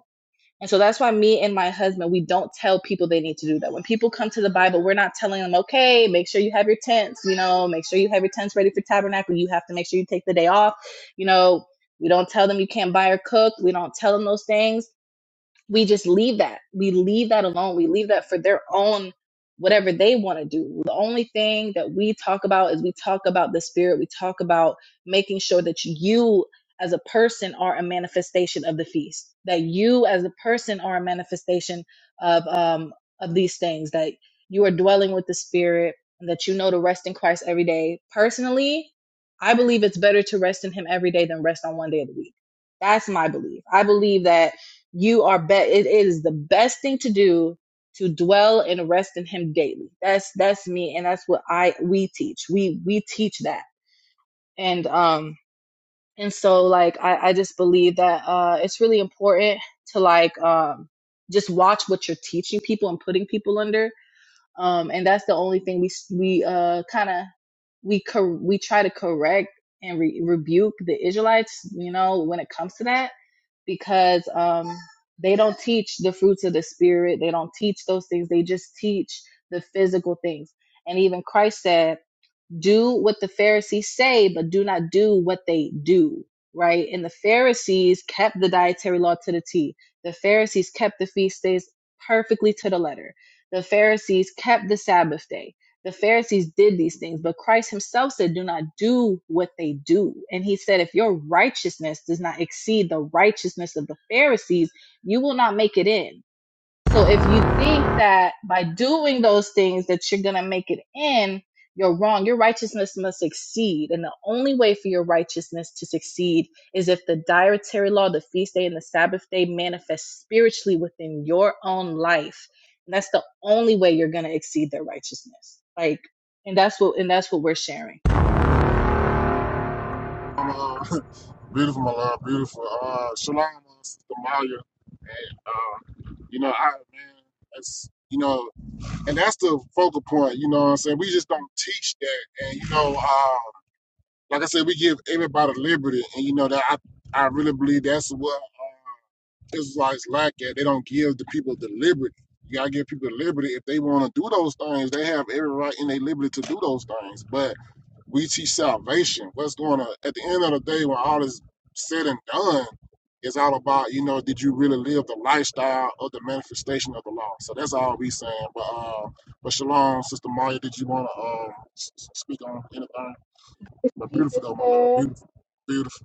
and so that's why me and my husband, we don't tell people they need to do that. When people come to the Bible, we're not telling them, okay, make sure you have your tents, you know, make sure you have your tents ready for tabernacle. You have to make sure you take the day off. You know, we don't tell them you can't buy or cook. We don't tell them those things we just leave that. We leave that alone. We leave that for their own whatever they want to do. The only thing that we talk about is we talk about the spirit. We talk about making sure that you as a person are a manifestation of the feast. That you as a person are a manifestation of um of these things that you are dwelling with the spirit and that you know to rest in Christ every day. Personally, I believe it's better to rest in him every day than rest on one day of the week. That's my belief. I believe that you are be- it is the best thing to do to dwell and rest in him daily that's that's me and that's what i we teach we we teach that and um and so like i i just believe that uh it's really important to like um just watch what you're teaching people and putting people under um and that's the only thing we we uh kind of we cor- we try to correct and re- rebuke the israelites you know when it comes to that because um, they don't teach the fruits of the spirit. They don't teach those things. They just teach the physical things. And even Christ said, do what the Pharisees say, but do not do what they do, right? And the Pharisees kept the dietary law to the T. The Pharisees kept the feast days perfectly to the letter. The Pharisees kept the Sabbath day. The Pharisees did these things, but Christ himself said, Do not do what they do. And he said, If your righteousness does not exceed the righteousness of the Pharisees, you will not make it in. So if you think that by doing those things that you're gonna make it in, you're wrong. Your righteousness must succeed. And the only way for your righteousness to succeed is if the dietary law, the feast day, and the Sabbath day manifest spiritually within your own life. And that's the only way you're gonna exceed their righteousness. Like, and that's what and that's what we're sharing on our Beautiful, my love. Beautiful. Uh, shalom, uh, Sister Maya. Uh, you know, I man, that's you know, and that's the focal point. You know, what I'm saying we just don't teach that, and you know, uh, like I said, we give everybody liberty, and you know that I I really believe that's what uh, Israelites lack at. They don't give the people the liberty. You gotta give people the liberty if they want to do those things. They have every right in their liberty to do those things, but we teach salvation. What's going on at the end of the day when all is said and done, it's all about, you know, did you really live the lifestyle of the manifestation of the law? So that's all we saying. But uh but Shalom, Sister Maya, did you wanna um s- s- speak on anything? But Hey, beautiful though, my love. sister. Beautiful. Beautiful.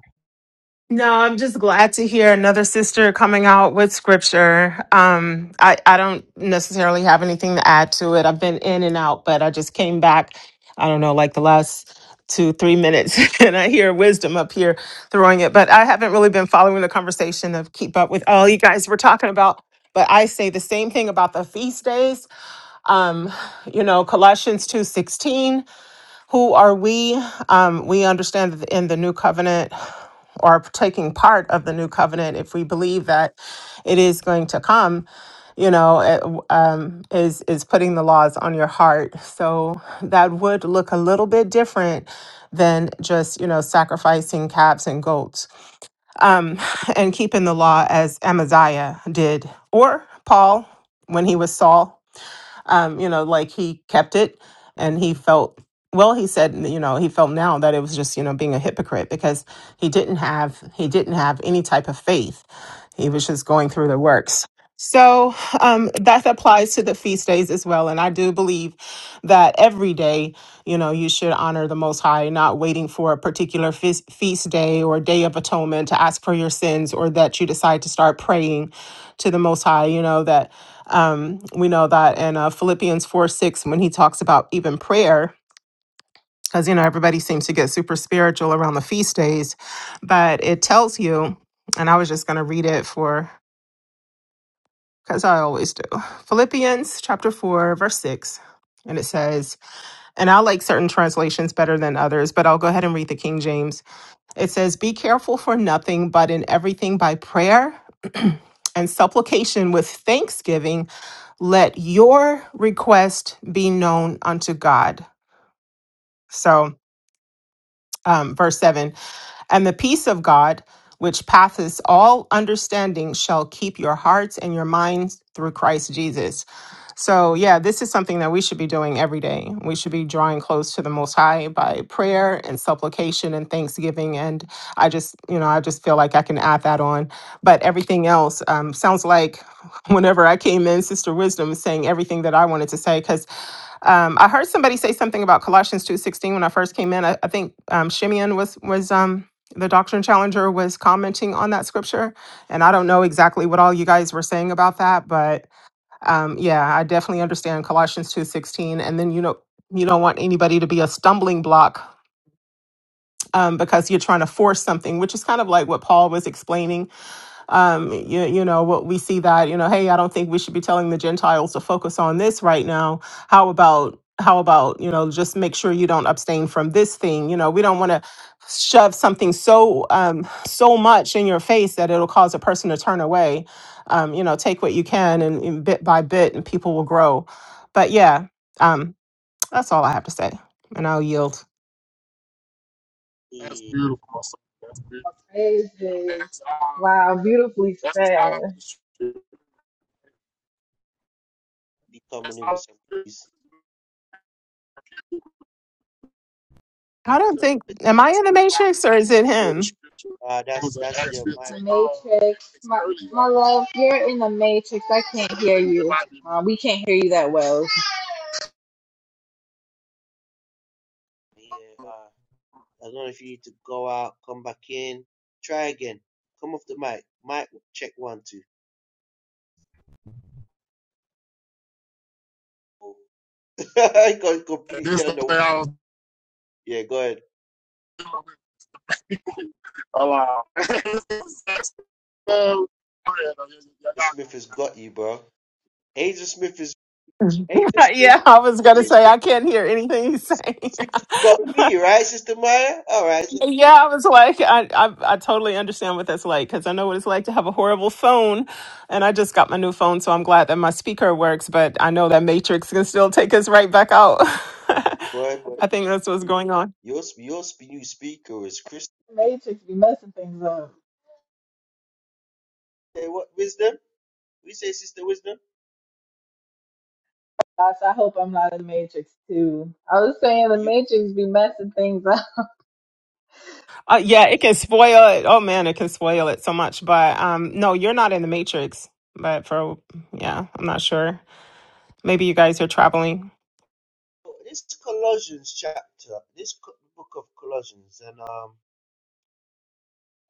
No, I'm just glad to hear another sister coming out with scripture. Um, I, I don't necessarily have anything to add to it. I've been in and out, but I just came back, I don't know, like the last two, three minutes, and I hear wisdom up here throwing it. But I haven't really been following the conversation of keep up with all you guys were talking about. But I say the same thing about the feast days. Um, you know, Colossians two sixteen. Who are we? Um, we understand that in the new covenant or taking part of the new covenant if we believe that it is going to come you know it, w- um, is is putting the laws on your heart so that would look a little bit different than just you know sacrificing calves and goats um, and keeping the law as amaziah did or paul when he was saul um, you know, like he kept it and he felt well, he said, you know, he felt now that it was just, you know, being a hypocrite because he didn't have he didn't have any type of faith. He was just going through the works. So um, that applies to the feast days as well. And I do believe that every day, you know, you should honor the Most High, not waiting for a particular feast, feast day or day of atonement to ask for your sins or that you decide to start praying to the Most High, you know, that um, we know that in uh, Philippians 4 6, when he talks about even prayer, because, you know, everybody seems to get super spiritual around the feast days, but it tells you, and I was just going to read it for, because I always do. Philippians chapter 4, verse 6. And it says, and I like certain translations better than others, but I'll go ahead and read the King James. It says, Be careful for nothing, but in everything by prayer and supplication with thanksgiving let your request be known unto God. So, um, verse 7 And the peace of God, which passeth all understanding, shall keep your hearts and your minds through Christ Jesus. So, yeah, this is something that we should be doing every day. We should be drawing close to the Most High by prayer and supplication and thanksgiving. And I just, you know, I just feel like I can add that on. But everything else um, sounds like whenever I came in, Sister Wisdom was saying everything that I wanted to say because um, I heard somebody say something about Colossians two sixteen when I first came in. I, I think um, Shimeon was was um, the doctrine challenger was commenting on that scripture, and I don't know exactly what all you guys were saying about that, but um, yeah, I definitely understand Colossians two sixteen. And then you know you don't want anybody to be a stumbling block um, because you're trying to force something, which is kind of like what Paul was explaining um you, you know what we see that you know hey i don't think we should be telling the gentiles to focus on this right now how about how about you know just make sure you don't abstain from this thing you know we don't want to shove something so um so much in your face that it'll cause a person to turn away um you know take what you can and, and bit by bit and people will grow but yeah um that's all i have to say and i'll yield That's the beautiful, my son. That's beautiful. You know, Praises. that's all Wow, beautifully that's all said. with the scripture. the coming That's in with all some peace. i don't That's think am i in the matrix or is it for the him scripture. Uh, It that's was an that's Acts your 15. mic. the Um, matrix. it's My earlier. my love, you're in the matrix. I can't It hear ain't me. It you. might be me. Uh, we can't hear you that well. here. uh, I don't know if you need to go out, come back in, try again. Come off the mic. Mic check one two. I got And this completely is the under one. thing I was Yeah, go ahead. dealing with a lot. so, oh, yeah, no, yeah, yeah, Smith has got you, bro. Agent Smith is Agent Smith. yeah, I was gonna say I can't hear anything he's saying. He's Got me, right, Sister Maya? All right. yeah, I was like, I, I I totally understand what that's like because I know what it's like to have a horrible phone, and I just got my new phone, so I'm glad that my speaker works. But I know that Matrix can still take us right back out. I Boy, boy. think that's what's going on. Your, sp- your sp- new speaker is Christian. The Matrix be messing things up. Hey, what wisdom? We say, Sister Wisdom. Gosh, I hope I'm not in the Matrix too. I was saying the Are You, matrix be messing things up. Uh, yeah, it can spoil it. Oh man, it can spoil it so much. But um, no, you're not in the Matrix. But for yeah, I'm not sure. Maybe you guys are traveling. oh, this Colossians chapter, this co- book of Colossians, and um,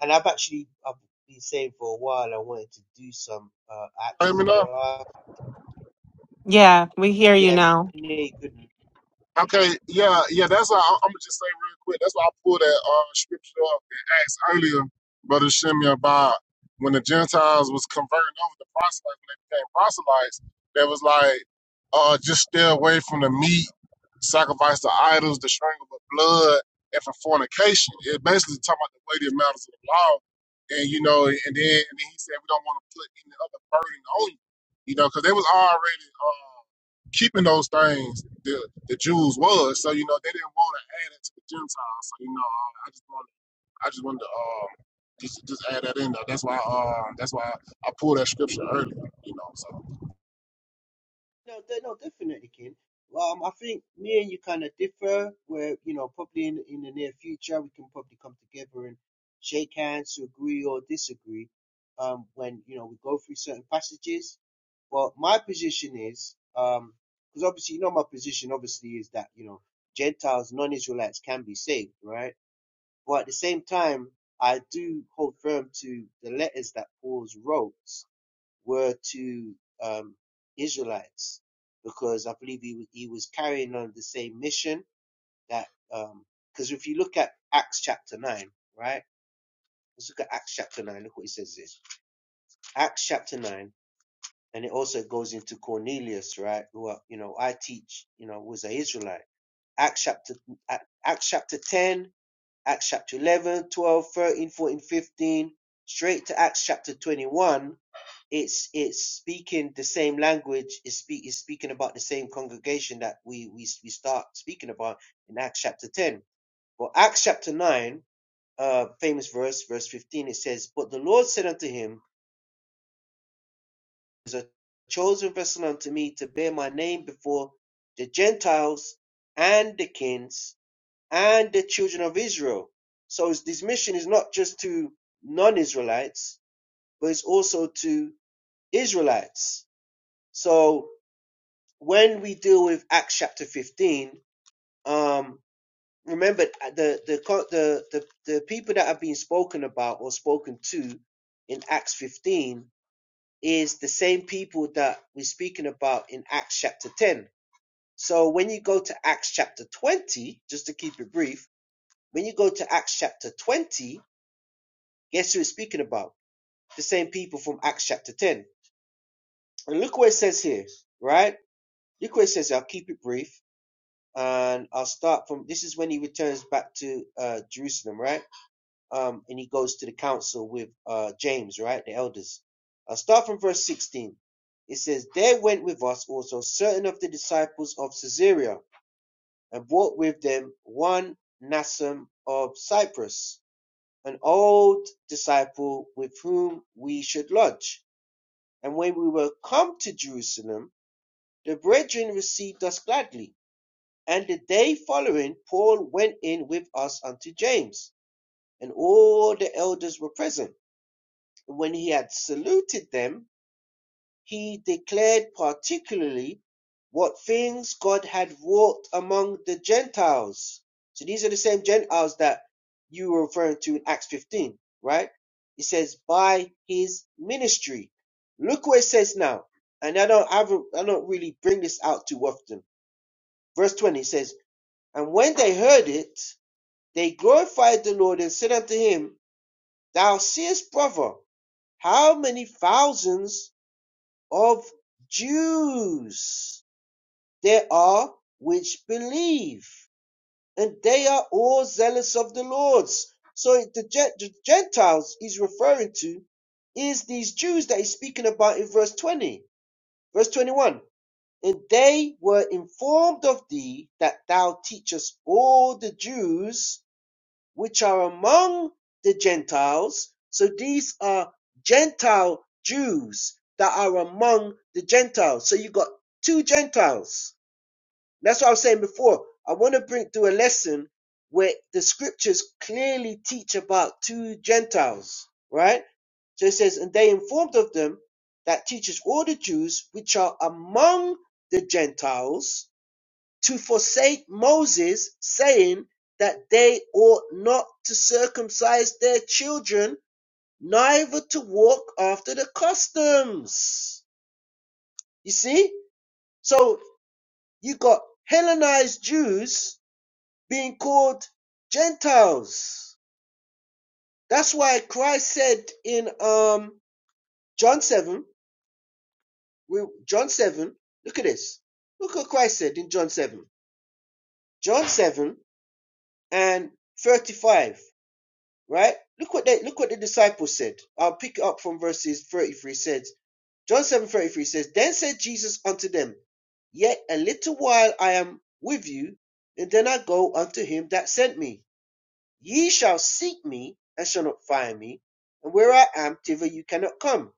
and I've actually I've been saying for a while I wanted to do some uh, actual class. Yeah, we hear you Yeah, now. good Okay, yeah, yeah, that's why I, I'm gonna just say real quick. That's why I pulled that uh, scripture up in Acts earlier, Brother Shimmy, about when the Gentiles was converting over to proselytes, when they became proselytes, that was like, uh, just stay away from the meat sacrifice to idols, the strangle of blood, and for fornication. It basically talking about the weighty matters of the law. And you know, and then and then he said we don't want to put any other burden on you, you know, because they was already uh, keeping those things. The the Jews was so you know they didn't want to add it to the Gentiles. So you know, uh, I just wanted I just wanted to um, just just add that in there. That's why uh, that's why I pulled that scripture earlier, you know. So No, de- no, definitely, Ken. Um, I think me and you kind of differ. Where you know, probably in in the near future, we can probably come together and shake hands to agree or disagree. Um, when you know we go through certain passages. But my position is, um, because obviously you know my position obviously is that you know Gentiles, non-Israelites can be saved, right? But at the same time, I do hold firm to the letters that Paul's wrote were to um, Israelites because I believe he, he was carrying on the same mission that um, because if you look at Acts chapter nine, right? Let's look at Acts chapter nine. Look what he says here. Acts chapter nine, and it also goes into Cornelius, right? Who are, you know I teach, you know, was an Israelite. Acts chapter Acts chapter ten, Acts chapter 11 12 13 14 15 straight to Acts chapter 21 it's it's speaking the same language is speak is speaking about the same congregation that we we we start speaking about in Acts chapter 10 but Acts chapter 9 uh famous verse verse 15 it says but the Lord said unto him is a chosen vessel unto me to bear my name before the Gentiles and the kings and the children of Israel so it's- this mission is not just to non-Israelites but it's also to Israelites so when we deal with Acts chapter 15, um, remember uh, the, the the the the people that have been spoken about or spoken to in Acts 15 is the same people that we're speaking about in Acts chapter 10. So when you go to Acts chapter 20, just to keep it brief, when you go to Acts chapter 20, guess who it's speaking about? The same people from Acts chapter 10. And look what it says here, right? Look what it says. here, I'll keep it brief. and I'll start from this is when he returns back to uh, Jerusalem, right? Um, and he goes to the council with uh, James, right? The elders. I'll start from verse 16. It says, There went with us also certain of the disciples of Caesarea, and brought with them one Nassim of Cyprus, an old disciple with whom we should lodge. And when we were come to Jerusalem, the brethren received us gladly and the day following, Paul went in with us unto James, and all the elders were present. And when he had saluted them, he declared particularly what things God had wrought among the Gentiles. So these are the same Gentiles that you were referring to in Acts 15, right? It says, by his ministry. Look what it says now. And I don't, I, not I don't really bring this out too often. Verse 20 says, And when they heard it, They glorified the Lord and said unto him, Thou seest, brother, how many thousands of Jews there are which believe, and they are all zealous of the Lord's. So the, the Gentiles he's referring to is these Jews that he's speaking about in verse 20, verse 21. And they were informed of thee that thou teachest all the Jews which are among the Gentiles. So these are Gentile Jews that are among the Gentiles. So you got two Gentiles. That's what I was saying before. I want to bring through a lesson where the scriptures clearly teach about two Gentiles, right? So it says, and they informed of them that teaches all the Jews which are among the Gentiles to forsake Moses, saying that they ought not to circumcise their children, neither to walk after the customs. You see? So you got Hellenized Jews being called Gentiles. That's why Christ said in um, John 7, we, John 7, look at this. Look what Christ said in John 7. John 7 and 35. right? Look what they look what the disciples said. I'll pick up from verses 33 says John 7 33 says, Then said Jesus unto them, Yet a little while I am with you, and then I go unto him that sent me. Ye shall seek me and shall not find me, and where I am, thither you cannot come.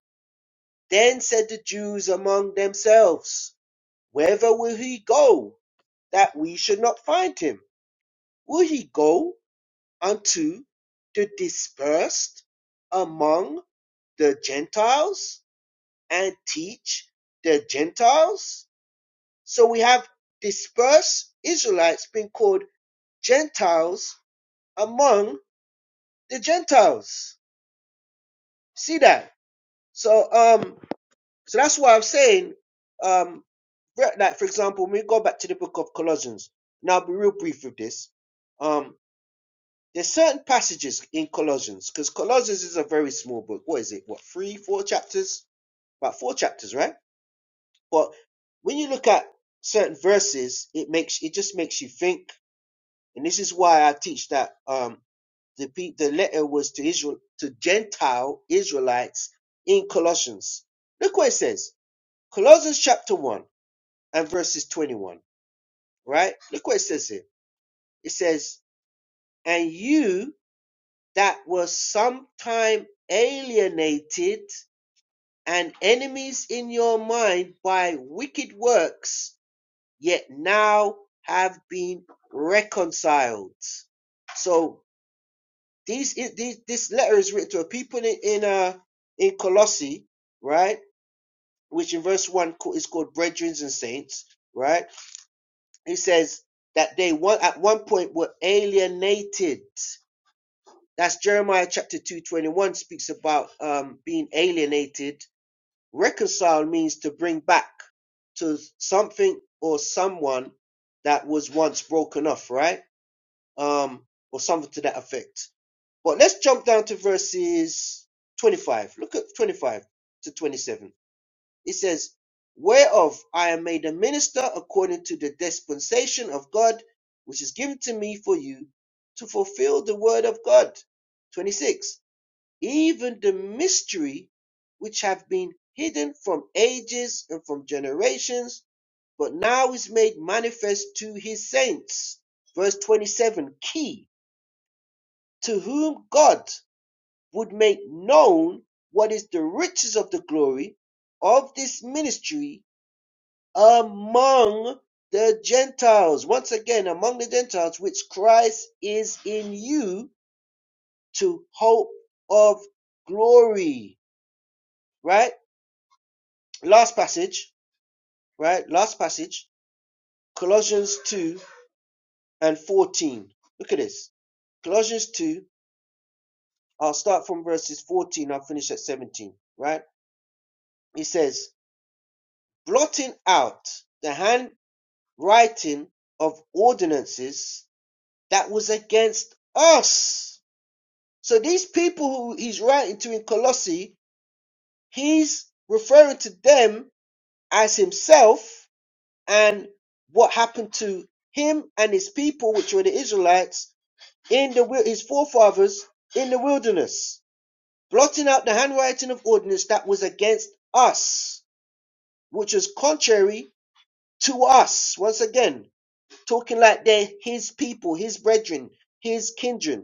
Then said the Jews among themselves, Whither will he go, that we should not find him? Will he go unto the dispersed among the Gentiles and teach the Gentiles. So we have dispersed Israelites being called Gentiles among the Gentiles. See that? So um, so that's why I'm saying um, like for example, when we go back to the book of Colossians, and I'll be real brief with this. Um, there's certain passages in Colossians because Colossians is a very small book. What is it? What three, four chapters? About four chapters, right? But when you look at certain verses, it makes it just makes you think. And this is why I teach that um, the pe- the letter was to Israel to Gentile Israelites in Colossians. Look what it says. Colossians chapter 1 and verses 21, right? Look what it says here. It says, "And you that were sometime alienated and enemies in your mind by wicked works yet now have been reconciled. So these, these this letter is written to a people in in, uh, in Colossae, right? Which in verse one is called brethren and saints, right? It says that they one at one point were alienated. That's Jeremiah chapter two twenty one speaks about um, being alienated. Reconcile means to bring back to something or someone that was once broken off, right? um, or something to that effect. But let's jump down to verses 25. Look at 25 to 27. It says, Whereof I am made a minister according to the dispensation of God, which is given to me for you to fulfill the word of God. 26. Even the mystery which have been hidden from ages and from generations, but now is made manifest to his saints. Verse 27, key to whom God would make known what is the riches of the glory of this ministry among the Gentiles. Once again, among the Gentiles, which Christ is in you to hope of glory. Right? Last passage, right? Last passage, Colossians 2 and 14. Look at this. Colossians 2, I'll start from verses 14, I'll finish at 17, right? He says, blotting out the handwriting of ordinances that was against us. So these people who he's writing to in Colossae, he's referring to them as himself and what happened to him and his people, which were the Israelites, in the wil- his forefathers in the wilderness, blotting out the handwriting of ordinance that was against us, which was contrary to us. Once again, talking like they're his people, his brethren, his kindred,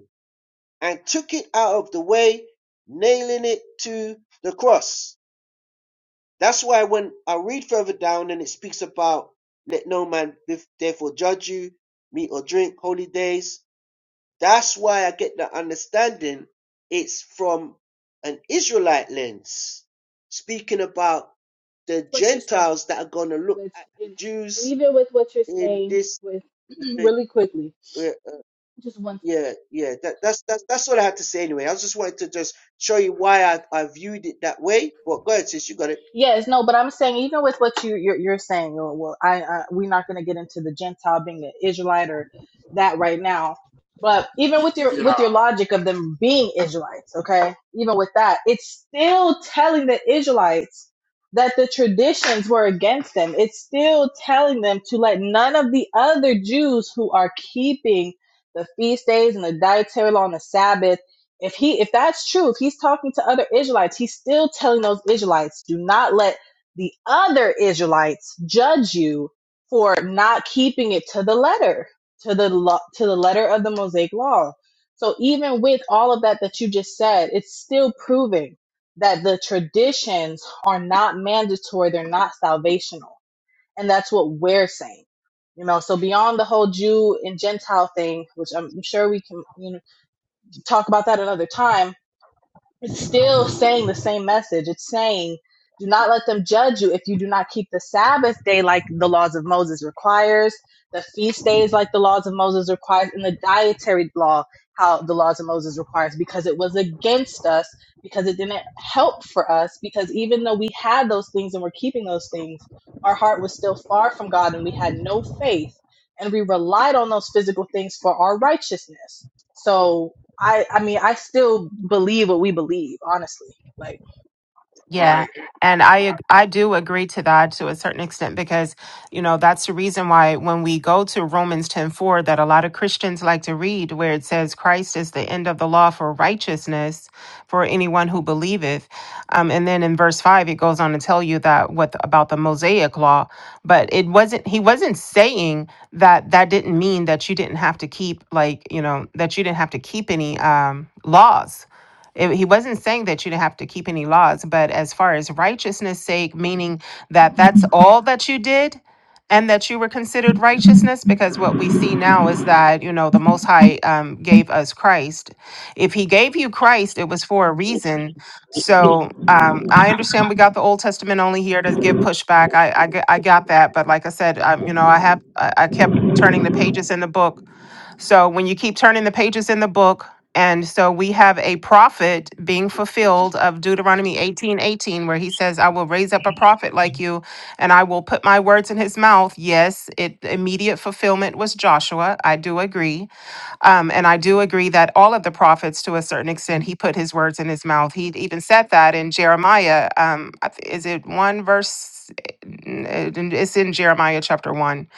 and took it out of the way, nailing it to the cross. That's why when I read further down and it speaks about let no man therefore judge you, meat or drink, holy days, that's why I get the understanding it's from an Israelite lens, speaking about the Gentiles that are going to look Which at the is, and Jews even with what you're in saying, this. with really quickly, just one Yeah, second. yeah, that, that's that's that's all I had to say anyway. I just wanted to just show you why I, I viewed it that way. But go ahead, sis, you got it. Yes, no, but I'm saying even with what you you're, you're saying, well, well, I, I we're not going to get into the Gentile being an Israelite or that right now. But even with your yeah, with your logic of them being Israelites, okay, even with that, it's still telling the Israelites that the traditions were against them. It's still telling them to let none of the other Jews who are keeping the feast days and the dietary law and the Sabbath if he if that's true if he's talking to other israelites he's still telling those israelites do not let the other israelites judge you for not keeping it to the letter to the lo- to the letter of the mosaic law so even with all of that that you just said it's still proving that the traditions are not mandatory they're not salvational and that's what we're saying you know so beyond the whole jew and gentile thing which i'm sure we can you know talk about that another time it's still saying the same message. It's saying, do not let them judge you if you do not keep the Sabbath day like the laws of Moses requires, the feast days like the laws of Moses requires, and the dietary law how the laws of Moses requires, because it was against us, because it didn't help for us, because even though we had those things and were keeping those things, our heart was still far from God and we had no faith and we relied on those physical things for our righteousness. So I I mean I still believe what we believe, honestly. Like Yeah. right, And I ag- I do agree to that to a certain extent because you know that's the reason why when we go to Romans 10:4 that a lot of Christians like to read where it says Christ is the end of the law for righteousness for anyone who believeth. Um, and then in verse 5 it goes on to tell you that what about the Mosaic law, but it wasn't he wasn't saying that that didn't mean that you didn't have to keep like, you know, that you didn't have to keep any um laws it- he wasn't saying that you didn't have to keep any laws, but as far as righteousness' sake, meaning that that's all that you did and that you were considered righteousness, because what we see now is that, you know, the Most High um, gave us Christ. If he gave you Christ, it was for a reason. So um, I understand we got the Old Testament only here to give pushback. I, I, g- I got that. But like I said, um, you know, I have, I, I kept turning the pages in the book so when you keep turning the pages in the book, and so we have a prophet being fulfilled of Deuteronomy eighteen eighteen, where he says, I will raise up a prophet like you, and I will put my words in his mouth. Yes, it immediate fulfillment was Joshua. I do agree. Um, and I do agree that all of the prophets, to a certain extent, he put his words in his mouth. He even said that in Jeremiah. Um, I th- is it one verse? It's in Jeremiah chapter one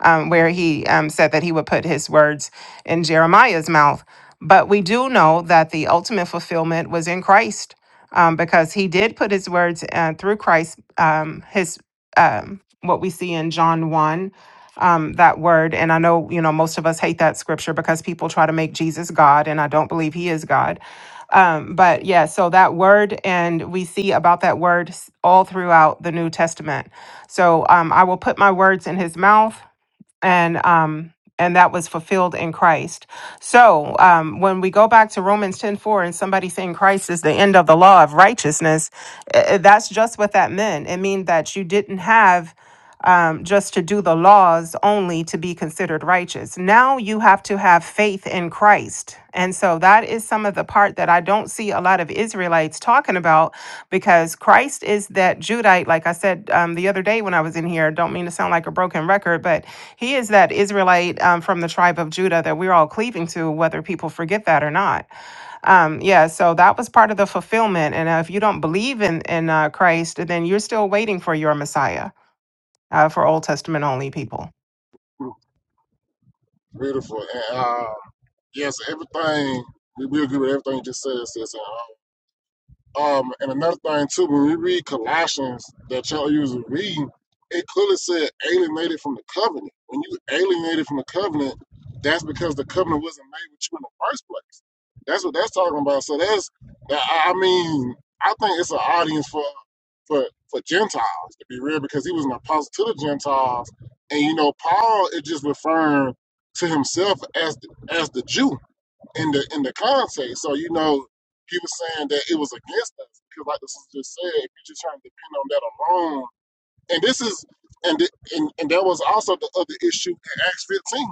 um, where he um, said that he would put his words in Jeremiah's mouth. But we do know that the ultimate fulfillment was in Christ um, because he did put his words uh, through Christ, um, his um, what we see in John 1 um, that word. And I know, you know, most of us hate that scripture because people try to make Jesus God, and I don't believe he is God. Um, but yeah, so that word, and we see about that word s- all throughout the New Testament. So um, I will put my words in his mouth and um and that was fulfilled in Christ. So um, when we go back to Romans ten four and somebody saying Christ is the end of the law of righteousness, eh, eh, that's just what that meant. It means that you didn't have um, just to do the laws only to be considered righteous. Now you have to have faith in Christ. And so that is some of the part that I don't see a lot of Israelites talking about because Christ is that Judite. Like I said um, the other day when I was in here, don't mean to sound like a broken record, but he is that Israelite um, from the tribe of Judah that we're all cleaving to, whether people forget that or not um yeah so that was part of the fulfillment and uh, if you don't believe in in uh, christ then you're still waiting for your messiah uh, for Old Testament only people. beautiful. and. uh, Yes, everything we, we agree with everything you just said, sis. And, Um, and another thing too, when we read Colossians that y'all usually reading, it clearly said alienated from the covenant. When you alienated from the covenant, that's because the covenant wasn't made with you in the first place. That's what that's talking about. So that's that. I I mean, I think it's an audience for for for Gentiles to be real, because he was an apostle to the Gentiles, and you know, Paul is just referring to himself as the, as the Jew in the in the context. So you know, he was saying that it was against us because, like the sister just said, if you're just trying to depend on that alone, and this is and the, and and that was also the other issue in Acts 15.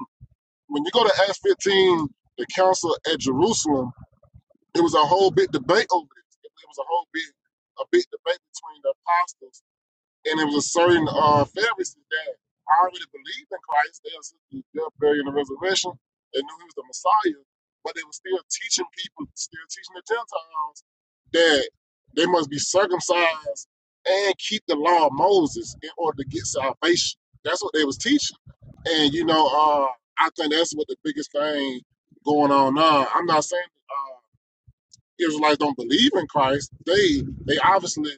When you go to Acts 15, the council at Jerusalem, it was a whole big debate over this. It was a whole big a big debate between the apostles and it was certain uh, Pharisees that already believed in Christ. They accepted the death, burial, and resurrection. They knew he was the Messiah, but they were still teaching people, still teaching the Gentiles that they must be circumcised and keep the law of Moses in order to get salvation. That's what they was teaching. And you know, uh, I think that's what the biggest thing going on now. I'm not saying uh, Israelites don't believe in Christ. They they obviously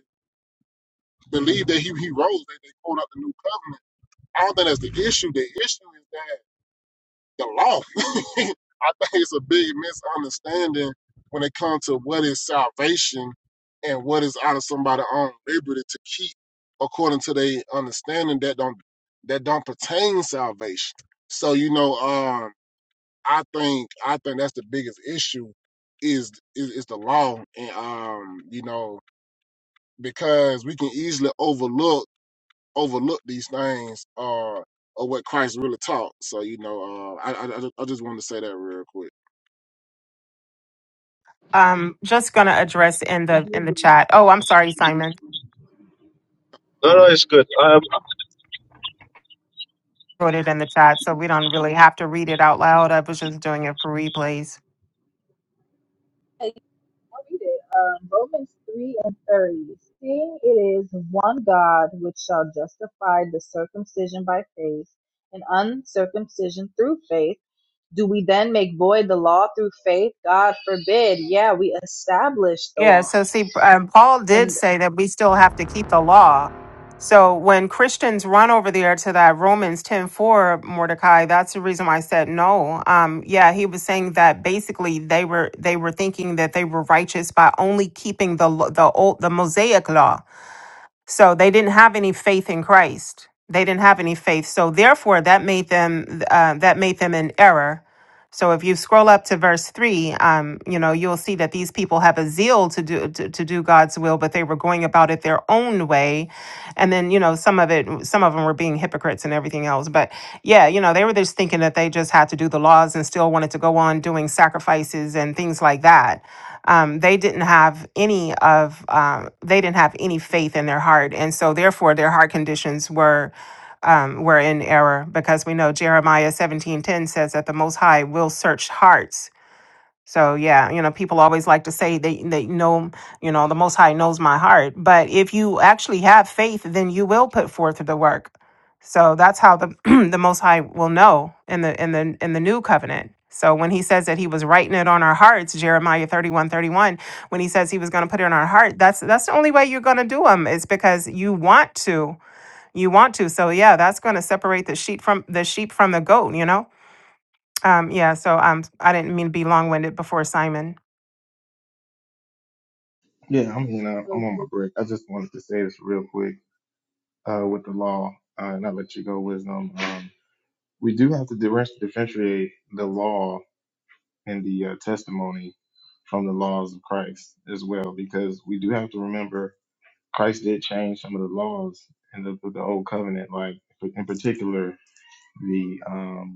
believe that he, he rose, that they quote out the new covenant. I don't think that's the issue. The issue is that the law. I think it's a big misunderstanding when it comes to what is salvation and what is out of somebody's own liberty to keep according to their understanding that don't that don't pertain salvation. So you know, um, I think I think that's the biggest issue is is, is the law, and um, you know, because we can easily overlook overlook these things uh, or what Christ really taught. So you know, uh, I, I I ju- I just wanted to say that real quick. Um, just gonna address in I the do in the believe. chat. Oh, I'm sorry, Simon No, Oh, no, it's good. Um, wrote it in the chat, so we don't really have to read it out loud. I was just doing it for replays. Hey, I'll read it. Um, Romans 3 and 30. Seeing it is one God which shall justify the circumcision by faith and uncircumcision through faith, do we then make void the law through faith? God forbid. Yeah, we establish the Yeah. law. So see, um, Paul did And say that we still have to keep the law. So when Christians run over there to that Romans ten four Mordecai, that's the reason why I said no. Um, yeah, he was saying that basically they were they were thinking that they were righteous by only keeping the lo- the old the Mosaic law So they didn't have any faith in Christ. They didn't have any faith. So therefore, that made them uh, that made them in error so if you scroll up to verse three, um, you know you'll see that these people have a zeal to do to, to do God's will, but they were going about it their own way, and then you know some of it, some of them were being hypocrites and everything else. But yeah, you know they were just thinking that they just had to do the laws and still wanted to go on doing sacrifices and things like that. Um, they didn't have any of um, they didn't have any faith in their heart, and so therefore their heart conditions were um, were in error because we know Jeremiah 17:10 says that the Most High will search hearts. So yeah, you know, people always like to say they they know, you know, the Most High knows my heart. But if you actually have faith, then you will put forth the work. So that's how the the Most High will know in the in the in the new covenant. So when he says that he was writing it on our hearts, Jeremiah 31 31, when he says he was going to put it on our heart, that's that's the only way you're going to do them is because you want to you want to. So yeah, that's going to separate the sheep from the sheep from the goat. You know. Um, yeah. So um, I didn't mean to be long winded before Simon. Yeah, I'm you know I'm those on my break. I just wanted to say this real quick uh, with the law, uh, and I let you go, wisdom. Um, we do have to differ- differentiate the law and the uh, testimony from the laws of Christ as well, because we do have to remember Christ did change some of the laws in the, the old covenant, like in particular the um,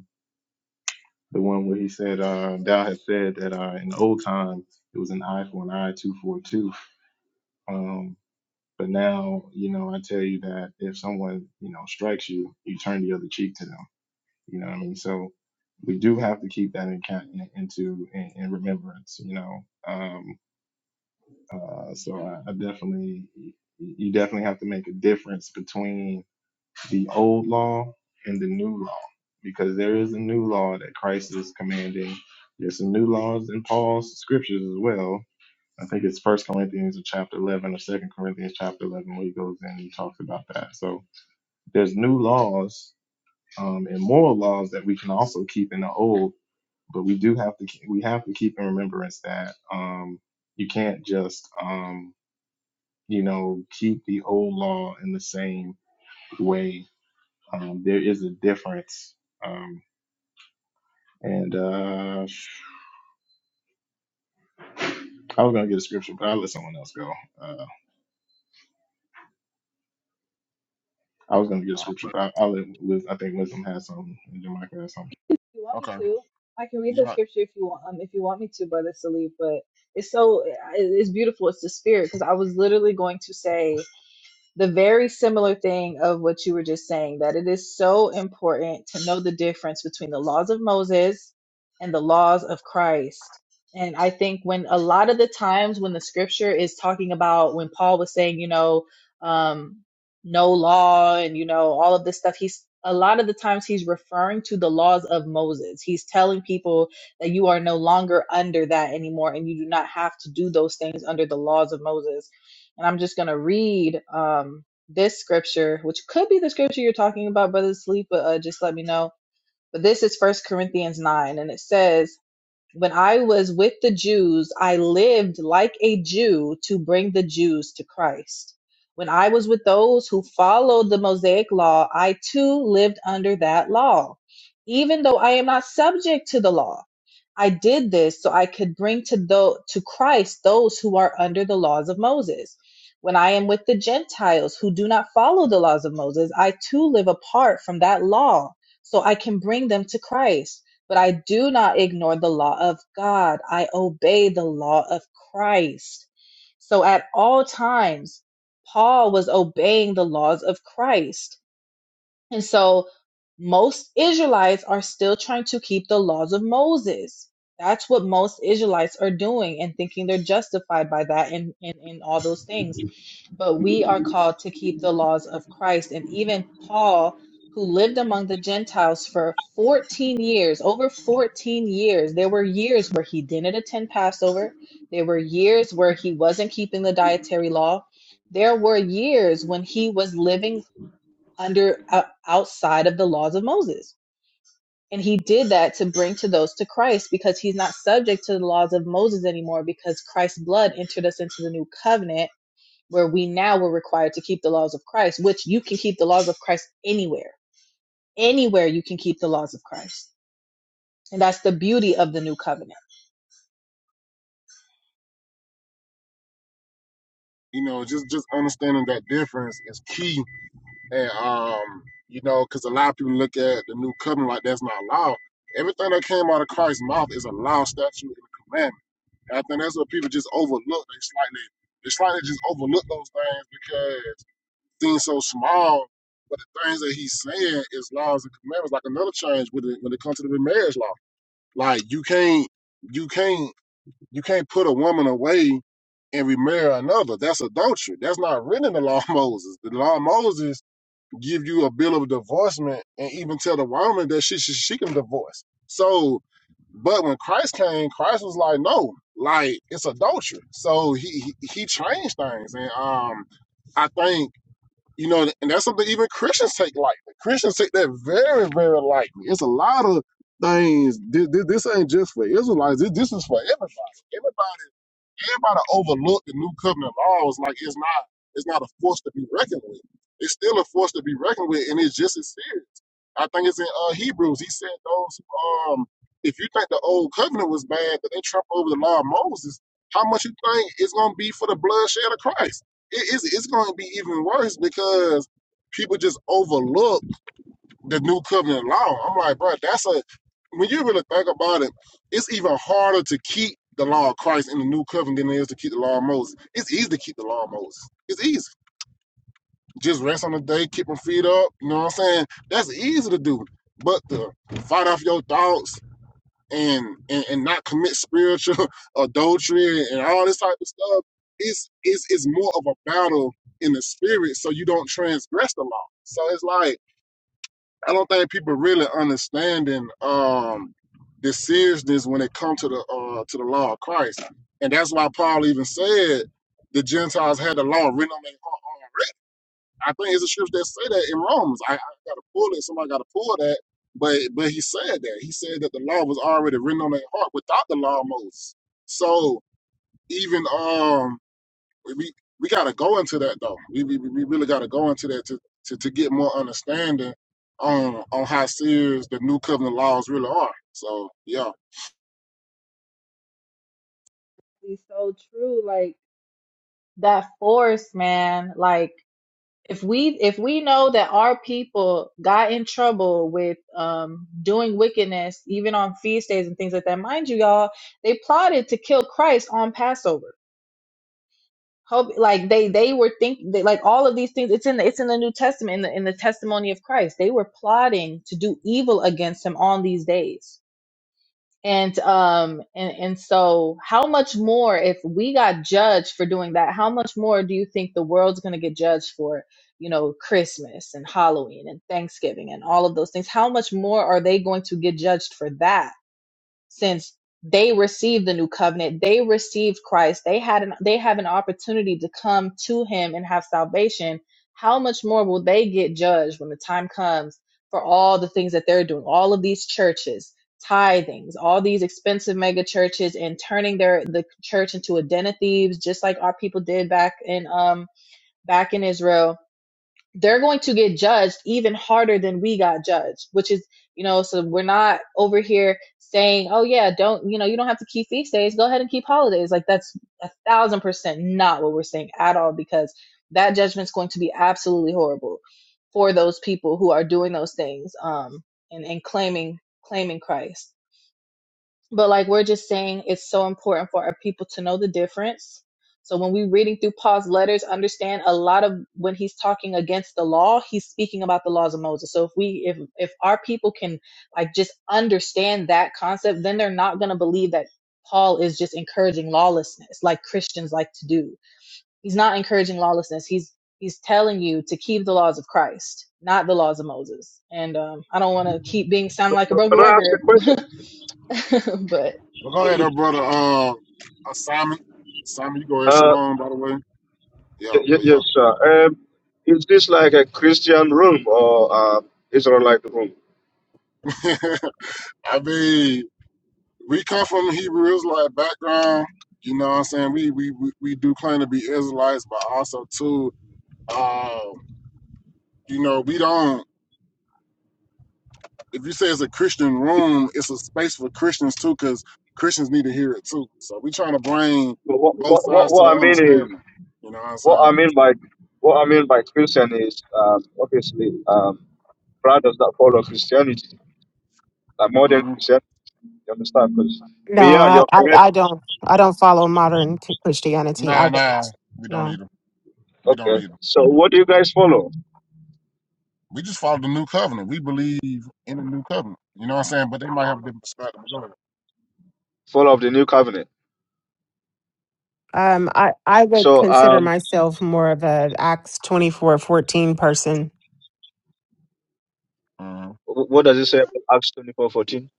The one where he said, uh, Dow had said that uh, in the old time it was an eye for an eye, two for a tooth. Um, but now, you know, I tell you that if someone, you know, strikes you, you turn the other cheek to them. You know what I mean? So we do have to keep that in, ca- in into in, in remembrance. You know, um, uh, so I, I definitely, you definitely have to make a difference between the old law and the new law, because there is a new law that Christ is commanding. There's some new laws in Paul's scriptures as well. I think it's First Corinthians chapter eleven or Second Corinthians chapter eleven where he goes in and he talks about that. So there's new laws um, and moral laws that we can also keep in the old, but we do have to keep, we have to keep in remembrance that um, you can't just um, you know keep the old law in the same way um, there is a difference. Um, and uh, I was gonna get a scripture, but I'll let someone else go. Uh, I was gonna get a scripture, okay, but I, I'll let Wiz, I think Wisdom has something, and Jamaica has something. you want me okay, to, I can read the yeah, scripture if you want. Um, if you want me to, brother Salif, but it's so it- it's beautiful. It's the spirit because I was literally going to say the very similar thing of what you were just saying that it is so important to know the difference between the laws of Moses and the laws of Christ. And I think when a lot of the times when the scripture is talking about when Paul was saying, you know, um, no law and, you know, all of this stuff, he's a lot of the times he's referring to the laws of Moses. He's telling people that you are no longer under that anymore and you do not have to do those things under the laws of Moses and I'm just going to read um, this scripture, which could be the scripture you're talking about, Brother Sleep, but uh, just let me know. But this is First Corinthians 9, and it says, When I was with the Jews, I lived like a Jew to bring the Jews to Christ. When I was with those who followed the Mosaic law, I too lived under that law, even though I am not subject to the law. I did this so I could bring to tho- to Christ those who are under the laws of Moses. When I am with the Gentiles who do not follow the laws of Moses, I too live apart from that law so I can bring them to Christ. But I do not ignore the law of God. I obey the law of Christ. So at all times, Paul was obeying the laws of Christ and so most Israelites are still trying to keep the laws of Moses. That's what most Israelites are doing and thinking they're justified by that and, and, and all those things. But we are called to keep the laws of Christ. And even Paul, who lived among the Gentiles for 14 years, over 14 years, there were years where he didn't attend Passover. There were years where he wasn't keeping the dietary law. There were years when he was living under uh, outside of the laws of Moses. And he did that to bring to those to Christ because he's not subject to the laws of Moses anymore because Christ's blood entered us into the new covenant where we now were required to keep the laws of Christ, which you can keep the laws of Christ anywhere. Anywhere you can keep the laws of Christ. And that's the beauty of the new covenant. you know, just just understanding that difference is key, and um, you know, because a lot of people look at the new covenant like that's not law. Everything that came out of Christ's mouth is a law, statute, and a commandment. And I think that's what people just overlook. They slightly, they slightly just overlook those things things so small, but the things that he's saying is laws and commandments. Like another change with it when it comes to the marriage law. Like you can't, you can't, you can't put a woman away and remarry another. That's adultery. That's not written in the law of Moses. The law of Moses give you a bill of divorcement and even tell the woman that she she, she can divorce. So, but when Christ came, Christ was like, no, like it's adultery. So he he, he changed things, and um, I think. You know, and that's something even Christians take lightly. Christians take that very, very lightly. It's a lot of things. This, this this ain't just for Israelites. This, this is for everybody. Everybody everybody overlook the new covenant laws like it's not it's not a force to be reckoned with. It's still a force to be reckoned with, and it's just as serious. I think it's in uh, Hebrews. He said those who, um if you think the old covenant was bad, that they trump over the law of Moses, how much you think it's gonna be for the bloodshed of Christ? It is it's it's gonna be even worse because people just overlook the new covenant law. I'm like, bro, that's a when you really think about it, it's even harder to keep the law of Christ in the new covenant than it is to keep the law of Moses. It's easy to keep the law of Moses. It's easy. Just rest on the day, keep them feet up. You know what I'm saying? That's easy to do. But to fight off your thoughts and and, and not commit spiritual adultery and all this type of stuff, it's it's it's more of a battle in the spirit, so you don't transgress the law. So it's like I don't think people really understanding um, the seriousness when it comes to the uh, to the law of Christ, and that's why Paul even said the Gentiles had the law written on their heart. I think it's the scripture that say that in Romans. I, I got to pull it. Somebody got to pull that. But but he said that he said that the law was already written on their heart without the law of Moses. So even um we we, we got to go into that though. We we, we really got to go into that to, to to get more understanding on on how serious the new covenant laws really are. So yeah, It's so true. Like that force, man. Like if we if we know that our people got in trouble with um doing wickedness even on feast days and things like that mind you y'all they plotted to kill christ on passover Hope, like they they were think like all of these things it's in the it's in the new testament in the in the testimony of christ they were plotting to do evil against him on these days and um and and so how much more if we got judged for doing that how much more do you think the world's going to get judged for you know christmas and halloween and thanksgiving and all of those things how much more are they going to get judged for that since they received the new covenant they received christ they had an they have an opportunity to come to him and have salvation how much more will they get judged when the time comes for all the things that they're doing all of these churches tithings all these expensive mega churches and turning their the church into a den of thieves just like our people did back in um back in israel they're going to get judged even harder than we got judged, which is, you know, so we're not over here saying, oh, yeah, don't, you know, you don't have to keep feast days. Go ahead and keep holidays. Like, that's a thousand percent not what we're saying at all, because that judgment's going to be absolutely horrible for those people who are doing those things um, and, and claiming claiming Christ but like we're just saying it's so important for our people to know the difference so when we're reading through paul's letters understand a lot of when he's talking against the law he's speaking about the laws of moses so if we if if our people can like just understand that concept then they're not going to believe that paul is just encouraging lawlessness like christians like to do he's not encouraging lawlessness he's he's telling you to keep the laws of christ not the laws of moses and um, i don't want to keep being sounding like a broken can I ask a record question? but but go ahead, uh, brother. Uh, uh, Simon, Simon, you go ahead, Uh, Shalom. By the way, yeah, y- y- but yes, sir. Um, is this like a Christian room or uh, Israelite room? yeah, I mean we come from a Hebrew Israelite background. You know what I'm saying? We we we we do claim to be Israelites, but also too, uh, you know, we don't. if you say it's a Christian room, it's a space for Christians too, because Christians need to hear it too. So we trying to bring But what, both what, what, sides to what I an mean is, understanding. You know what I'm what I saying? mean So, by what I mean by Christian is um, obviously um, brothers that follow Christianity, like modern hmm Christianity. You understand? Because No, we are. I, You're I correct. I don't I don't follow modern t- Christianity. I Nah, nah, don't. we don't No. need them. We don't Okay. need them. So what do you guys follow? We just follow the new covenant. We believe in the new covenant. You know what I'm saying? But they might have a different perspective. But go ahead. Follow of the New Covenant. Um, I I would So consider um, myself more of a Acts twenty four fourteen person. Mhm. wh- what does it say about Acts twenty four fourteen?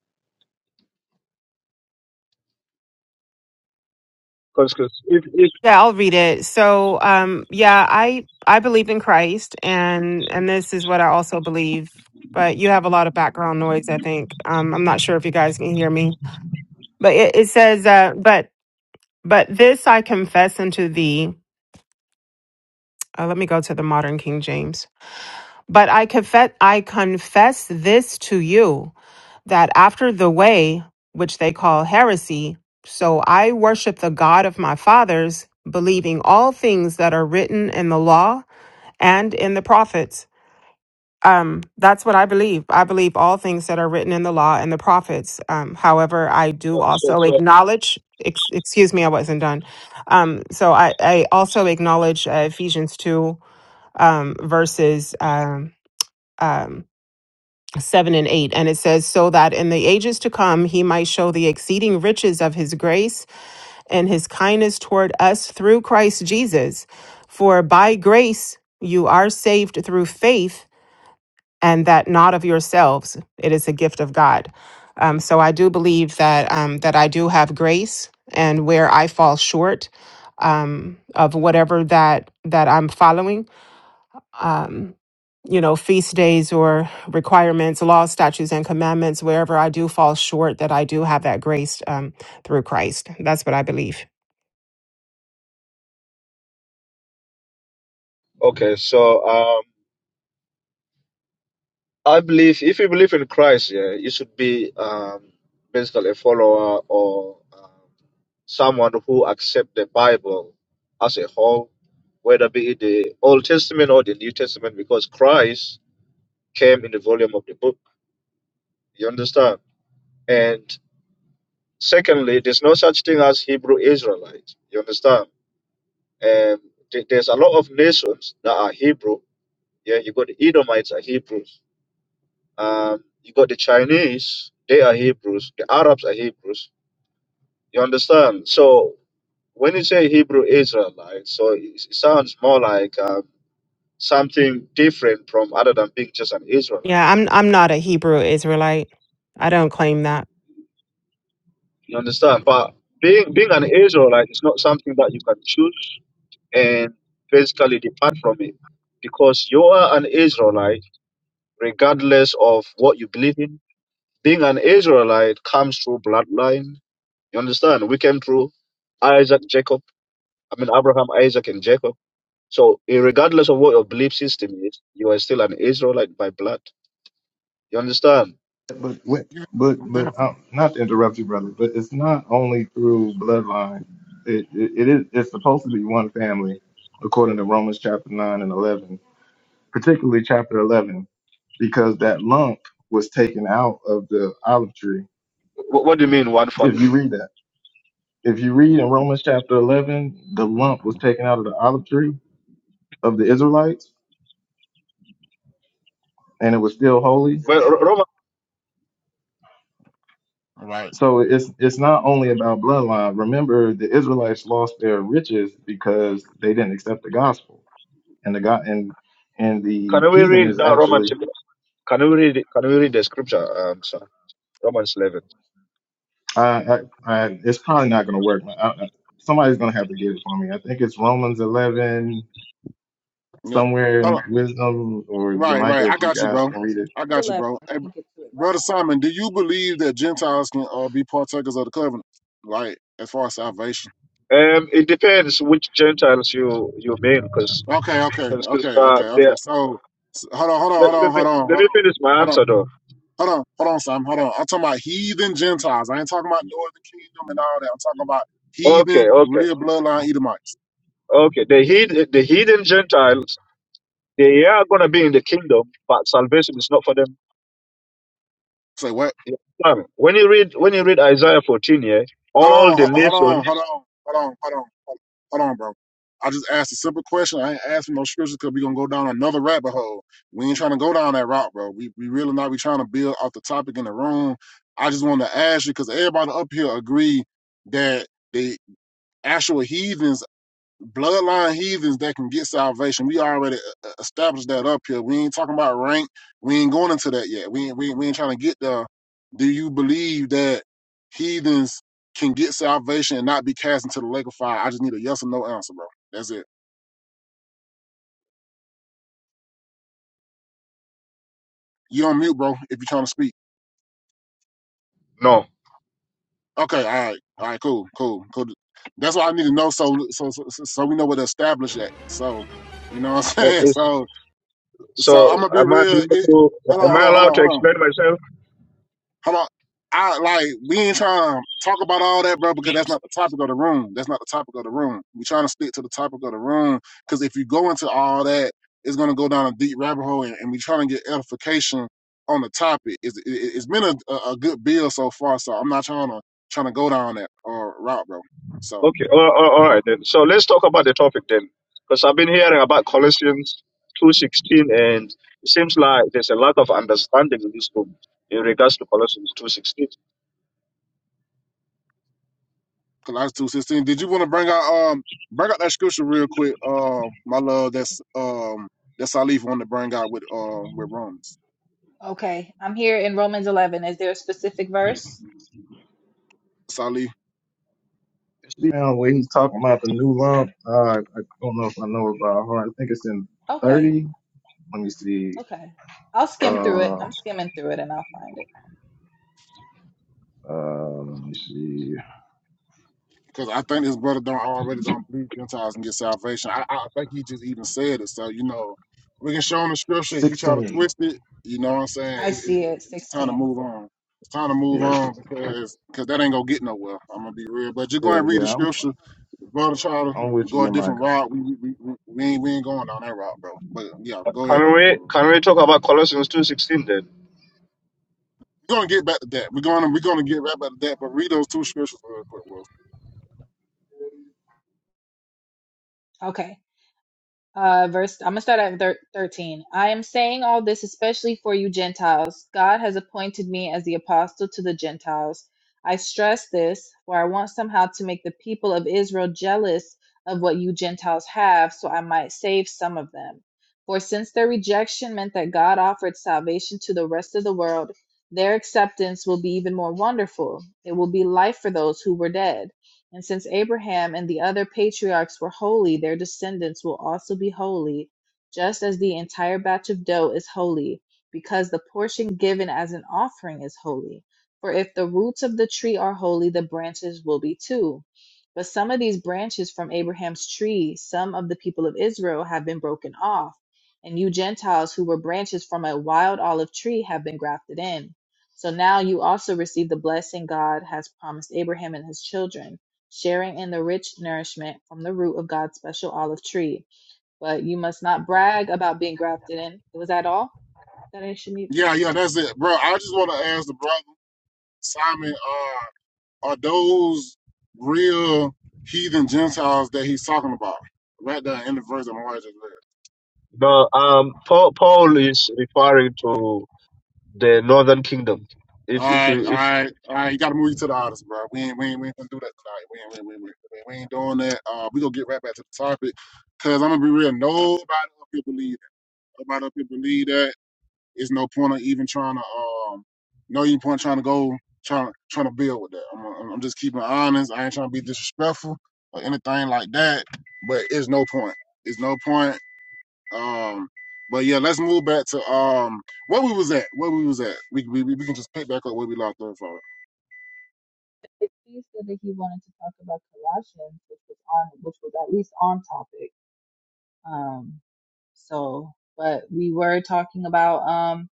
Because if, if Yeah, I'll read it. So, um, yeah, I I believe in Christ, and and this is what I also believe. But you have a lot of background noise. I think um, I'm not sure if you guys can hear me. But it, it says, uh, but but this I confess unto thee. Uh, let me go to the modern King James. But I confess I confess this to you that after the way which they call heresy, so I worship the God of my fathers, believing all things that are written in the law and in the prophets. Um, that's what I believe. I believe all things that are written in the law and the prophets. Um, however, I do so, so, also so acknowledge. Ex- excuse me, I wasn't done. Um, so I, I also acknowledge uh, Ephesians two um, verses um, um, seven and eight, and it says, "So that in the ages to come he might show the exceeding riches of his grace and his kindness toward us through Christ Jesus. For by grace you are saved through faith." and that not of yourselves. It is a gift of God. Um, so I do believe that um, that I do have grace, and where I fall short um, of whatever that that I'm following um, you know, feast days or requirements, laws, statutes, and commandments, wherever I do fall short, that I do have that grace um, through Christ. That's what I believe. Okay, so um, I believe if you believe in Christ, yeah, you should be um, basically a follower or um, someone who accept the Bible as a whole, whether be it the Old Testament or the New Testament, because Christ came in the volume of the book. You understand? And secondly, there's no such thing as Hebrew Israelites. You understand? And th- there's a lot of nations that are Hebrew. Yeah, you got the Edomites are Hebrews Um, you got the Chinese, they are Hebrews. The Arabs are Hebrews. You understand? So when you say Hebrew Israelite, so it, it sounds more like um, something different from other than being just an Israelite. Yeah, I'm I'm not a Hebrew Israelite. I don't claim that. You I understand? mean, But being being an Israelite is not something that you can choose and basically depart from it because you are an Israelite regardless of what you believe in. Being an Israelite comes through bloodline You understand? We came through Isaac, Jacob. I mean Abraham, Isaac, and Jacob. So eh, regardless of what your belief system is, you are still an Israelite by blood. You understand? But wi- you but but different. um, not to interrupt you, brother. But it's not only through bloodline. It, it it is it's supposed to be one family, according to Romans chapter nine and eleven, particularly chapter eleven, because that lump was taken out of the olive tree. What, what do you mean one family? If you read that. If you read in Romans chapter 11, the lump hmm was taken out of the olive tree of the Israelites and it was still It holy. was Well, Ro- eleven. Roman, Right. So it's it's not only about bloodline. Remember, the Israelites lost their riches because they didn't accept the gospel. And the God and and the can we heathen read is that Romans? actually Can we read? it- Can we read the scripture? Um, sir, Romans eleven. I I, I it's probably not going to work. I, I, somebody's going to have to get it for me. I think it's Romans 11 Yeah. somewhere Hold on. in wisdom or Right, Yamika right. I if you got you, guys bro. can read it I Romans got you, 11. bro. Let Hey, me get to it right Brother Simon, do you believe that Gentiles can uh, be partakers of the covenant? Like, as far as salvation? Um, it depends which Gentiles you you mean, because Okay, okay, because okay, uh, okay, they- okay. So, s- hold on, hold on, let, hold on, let me hold on, let hold on. me finish my Hold on, answer though. hold on, hold on, Simon. Hold on. I'm talking about heathen Gentiles. I ain't talking about Northern Kingdom and all that. I'm talking about heathen, Okay, okay, real bloodline Edomites. okay. The hid the hidden Gentiles They are going to be in the kingdom, but salvation is not for them. Say what? Um, When you read when you read Isaiah 14 here, Hold all on, the ho- hold on, nations, hold on, hold on, hold on, hold hold on, bro. I just asked a simple question. I ain't asking no scriptures because we gonna go down another rabbit hole. We ain't trying to go down that route, bro. We we really not. We trying to build off the topic in the room. I just wanted to ask you because everybody up here agree that the actual heathens bloodline heathens that can get salvation. We already uh, uh, established that up here. We ain't talking about rank. We ain't going into that yet. We ain't, we ain't, we ain't trying to get there. Do you believe that heathens can get salvation and not be cast into the lake of fire? I just need a yes or no answer, bro. That's it. You on mute, bro, if you're trying to speak. no. Okay, all right. All right, cool, cool, cool. That's what I need to know so so so, so so we know where to establish that. So, you know what I'm That saying? is, So so I'm so gonna be am I real. allowed It, to hold on, am hold I on, hold allowed on, to hold on. explain myself? Hold on. I like we ain't trying to talk about all that, bro, because that's not the topic of the room. That's not the topic of the room. We trying to stick to the topic of the room because if you go into all that, it's gonna go down a deep rabbit hole, and, and we trying to get edification on the topic. It's, it, it's been a, a good build so far, so I'm not trying to trying to go down that uh, route, bro. So Okay, all, all, all right then. So let's talk about the topic then, because I've been hearing about Colossians 2:16, and it seems like there's a lack of understanding in this room in regards to Colossians 2:16. Colossians two sixteen. Did you want to bring out um bring out that scripture real quick, uh, my love? That's um that's Salif wanted to bring out with uh with Romans. now. Okay, I'm here in Romans 11. Is there a specific verse? Salif Yeah, when he's talking about the new lump, uh, I I don't know if I know about heart. I think it's in Okay, 30. Let me see. okay. I'll skim through it. Uh, I'm skimming through it and I'll find it. uh, let me see. Because I think this brother don't already don't believe Gentiles and get salvation. I, I think he just even said it. So, you know, we can show him the scripture. If you try to 16. twist it, you know what I'm saying? I It's, it's, see it, it's time to 16. move on. It's time to move Yes. on because cause that ain't going to get nowhere. I'm going to be real. But just Yeah, go and read the yeah. I'm, scripture. If brother try to I'm with you, go a yeah, Michael. different route, we, we, we, we, we ain't, we ain't going down that route, bro. But yeah, go ahead, Can though. we can We're we talk about Colossians 2:16 then? going to get back to that. We're going to we're gonna get right back to that. But read those two scriptures real quick, Will. Okay. Uh, verse, I'm gonna start at thir- 13. I am saying all this especially for you Gentiles. God has appointed me as the apostle to the Gentiles. I stress this, for I want somehow to make the people of Israel jealous of what you Gentiles have, so I might save some of them. For since their rejection meant that God offered salvation to the rest of the world, their acceptance will be even more wonderful. It will be life for those who were dead. And since Abraham and the other patriarchs were holy, their descendants will also be holy, just as the entire batch of dough is holy, because the portion given as an offering is holy. For if the roots of the tree are holy, the branches will be too. But some of these branches from Abraham's tree, some of the people of Israel, have been broken off, and you Gentiles who were branches from a wild olive tree have been grafted in. So now you also receive the blessing God has promised Abraham and his children sharing in the rich nourishment from the root of God's special olive tree. But you must not brag about being grafted in. Was that all that I should need? Yeah, yeah, that's it, bro. I just want to ask the brother. Simon, are are those real heathen Gentiles that he's talking about? Right there in the verse that my wife just read. No, um, Paul, Paul is referring to the northern kingdom. All If if right, you all right, all right. You gotta move you to the audience, bro. We ain't, we ain't, we ain't gonna do that tonight. We ain't, we ain't, we ain't, we ain't we ain't doing that. Uh, we gonna get right back to the topic, cause I'm gonna be real. Nobody up here believe that. Nobody up here believe that. it's no point of even trying to um no even point trying to go trying trying to build with that. I'm I'm just keeping it honest. I ain't trying to be disrespectful or anything like that. But it's no point. It's no point. Um, but yeah, let's move back to um where we was at. Where we was at. We we we can just pick back up where we lost off. from. He said that he wanted to talk about Colossians, which was on, which was at least on topic. Um, so, but we were talking about, um,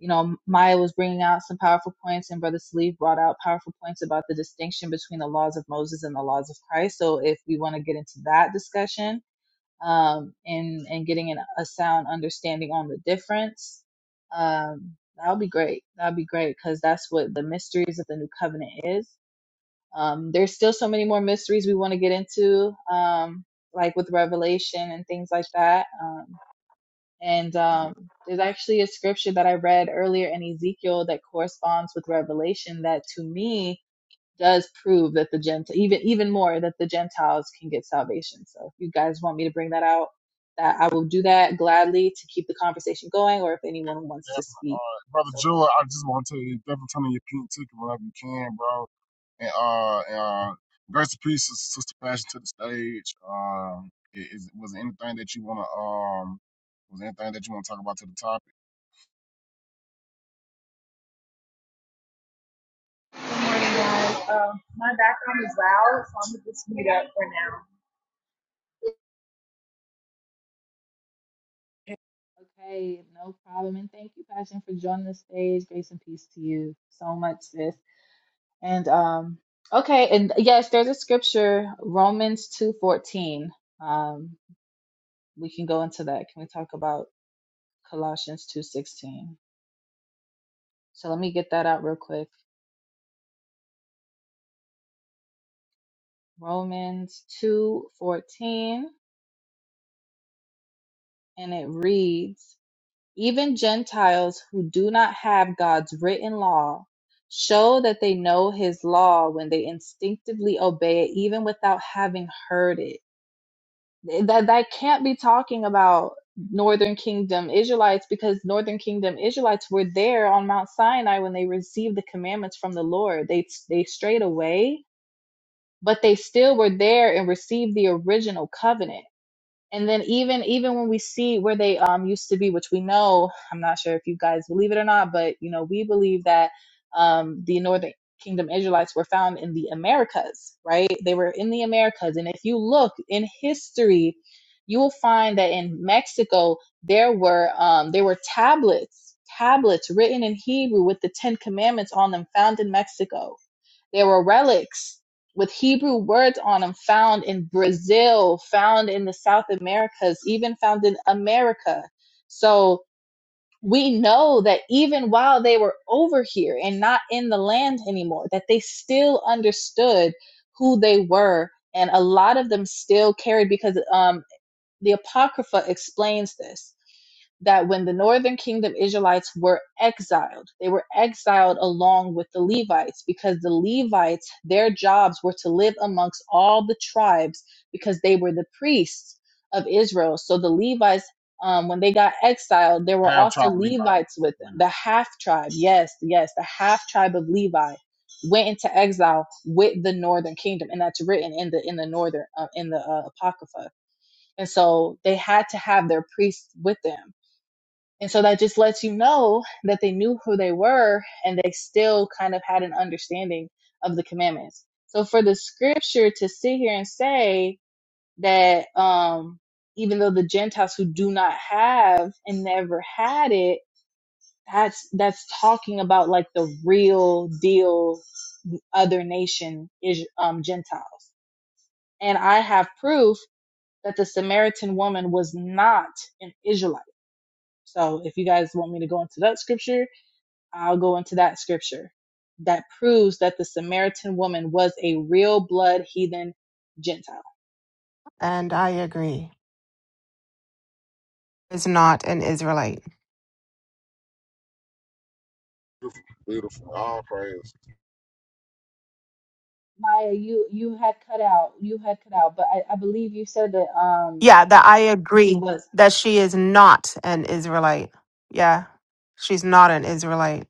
you know, Maya was bringing out some powerful points, and Brother Sleeve brought out powerful points about the distinction between the laws of Moses and the laws of Christ. So, if we want to get into that discussion, um, and and getting an, a sound understanding on the difference. Um, that will be great. That will be great because that's what the mysteries of the new covenant is. Um, there's still so many more mysteries we want to get into, um, like with Revelation and things like that. Um, and um, there's actually a scripture that I read earlier in Ezekiel that corresponds with Revelation that to me does prove that the gent even even more that the Gentiles can get salvation. So if you guys want me to bring that out, that I will do that gladly to keep the conversation going, or if anyone wants to Definitely, speak uh, brother so far. Joe. I just want to tell you, definitely turn on your pink ticket whenever you can, bro And uh, and, uh, grace and peace, Sister Passion, to the stage. Um, i- is, was there anything that you wanna um, was there anything that you wanna talk about to the topic? Good morning, guys. Um, my background is loud, so I'm gonna just mute up for Okay, no problem. And thank you, Passion, for joining the stage. Grace and peace to you so much, sis. And um, okay, and yes, there's a scripture, Romans two fourteen. Um, we can go into that. Can we talk about Colossians two sixteen? So let me get that out real quick. Romans 2:14 and it reads, "Even Gentiles who do not have God's written law show that they know his law when they instinctively obey it even without having heard it." That that can't be talking about Northern Kingdom Israelites because Northern Kingdom Israelites were there on Mount Sinai when they received the commandments from the Lord. They they strayed away, but they still were there and received the original covenant and then even even when we see where they um used to be which we know i'm not sure if you guys believe it or not but you know we believe that um the northern kingdom israelites were found in the americas right they were in the americas and if you look in history you will find that in mexico there were um there were tablets tablets written in hebrew with the ten commandments on them found in mexico there were relics with Hebrew words on them found in Brazil, found in the South Americas, even found in America. So we know that even while they were over here and not in the land anymore, that they still understood who they were. And a lot of them still carried because um, the Apocrypha explains this that when the northern kingdom Israelites were exiled, they were exiled along with the Levites because the Levites, their jobs were to live amongst all the tribes because they were the priests of Israel. So the Levites, um, when they got exiled, there were Have also trouble, Levi. Levites with Yeah. them. The half tribe, yes, yes, the half tribe of Levi went into exile with the northern kingdom and that's written in the in the northern uh, in the uh, apocrypha and so they had to have their priests with them and so that just lets you know that they knew who they were and they still kind of had an understanding of the commandments. So for the scripture to sit here and say that um even though the Gentiles who do not have and never had it, that's that's talking about like the real deal other nation is um Gentiles. And I have proof that the Samaritan woman was not an Israelite. So if you guys want me to go into that scripture, I'll go into that scripture that proves that the Samaritan woman was a real blood heathen Gentile. And I agree. Is not an Israelite. Beautiful. All praise. Maya, you you had cut out, you had cut out, but I, I believe you said that um Yeah, that I she agree was. that she is not an Israelite. Yeah, she's not an Israelite.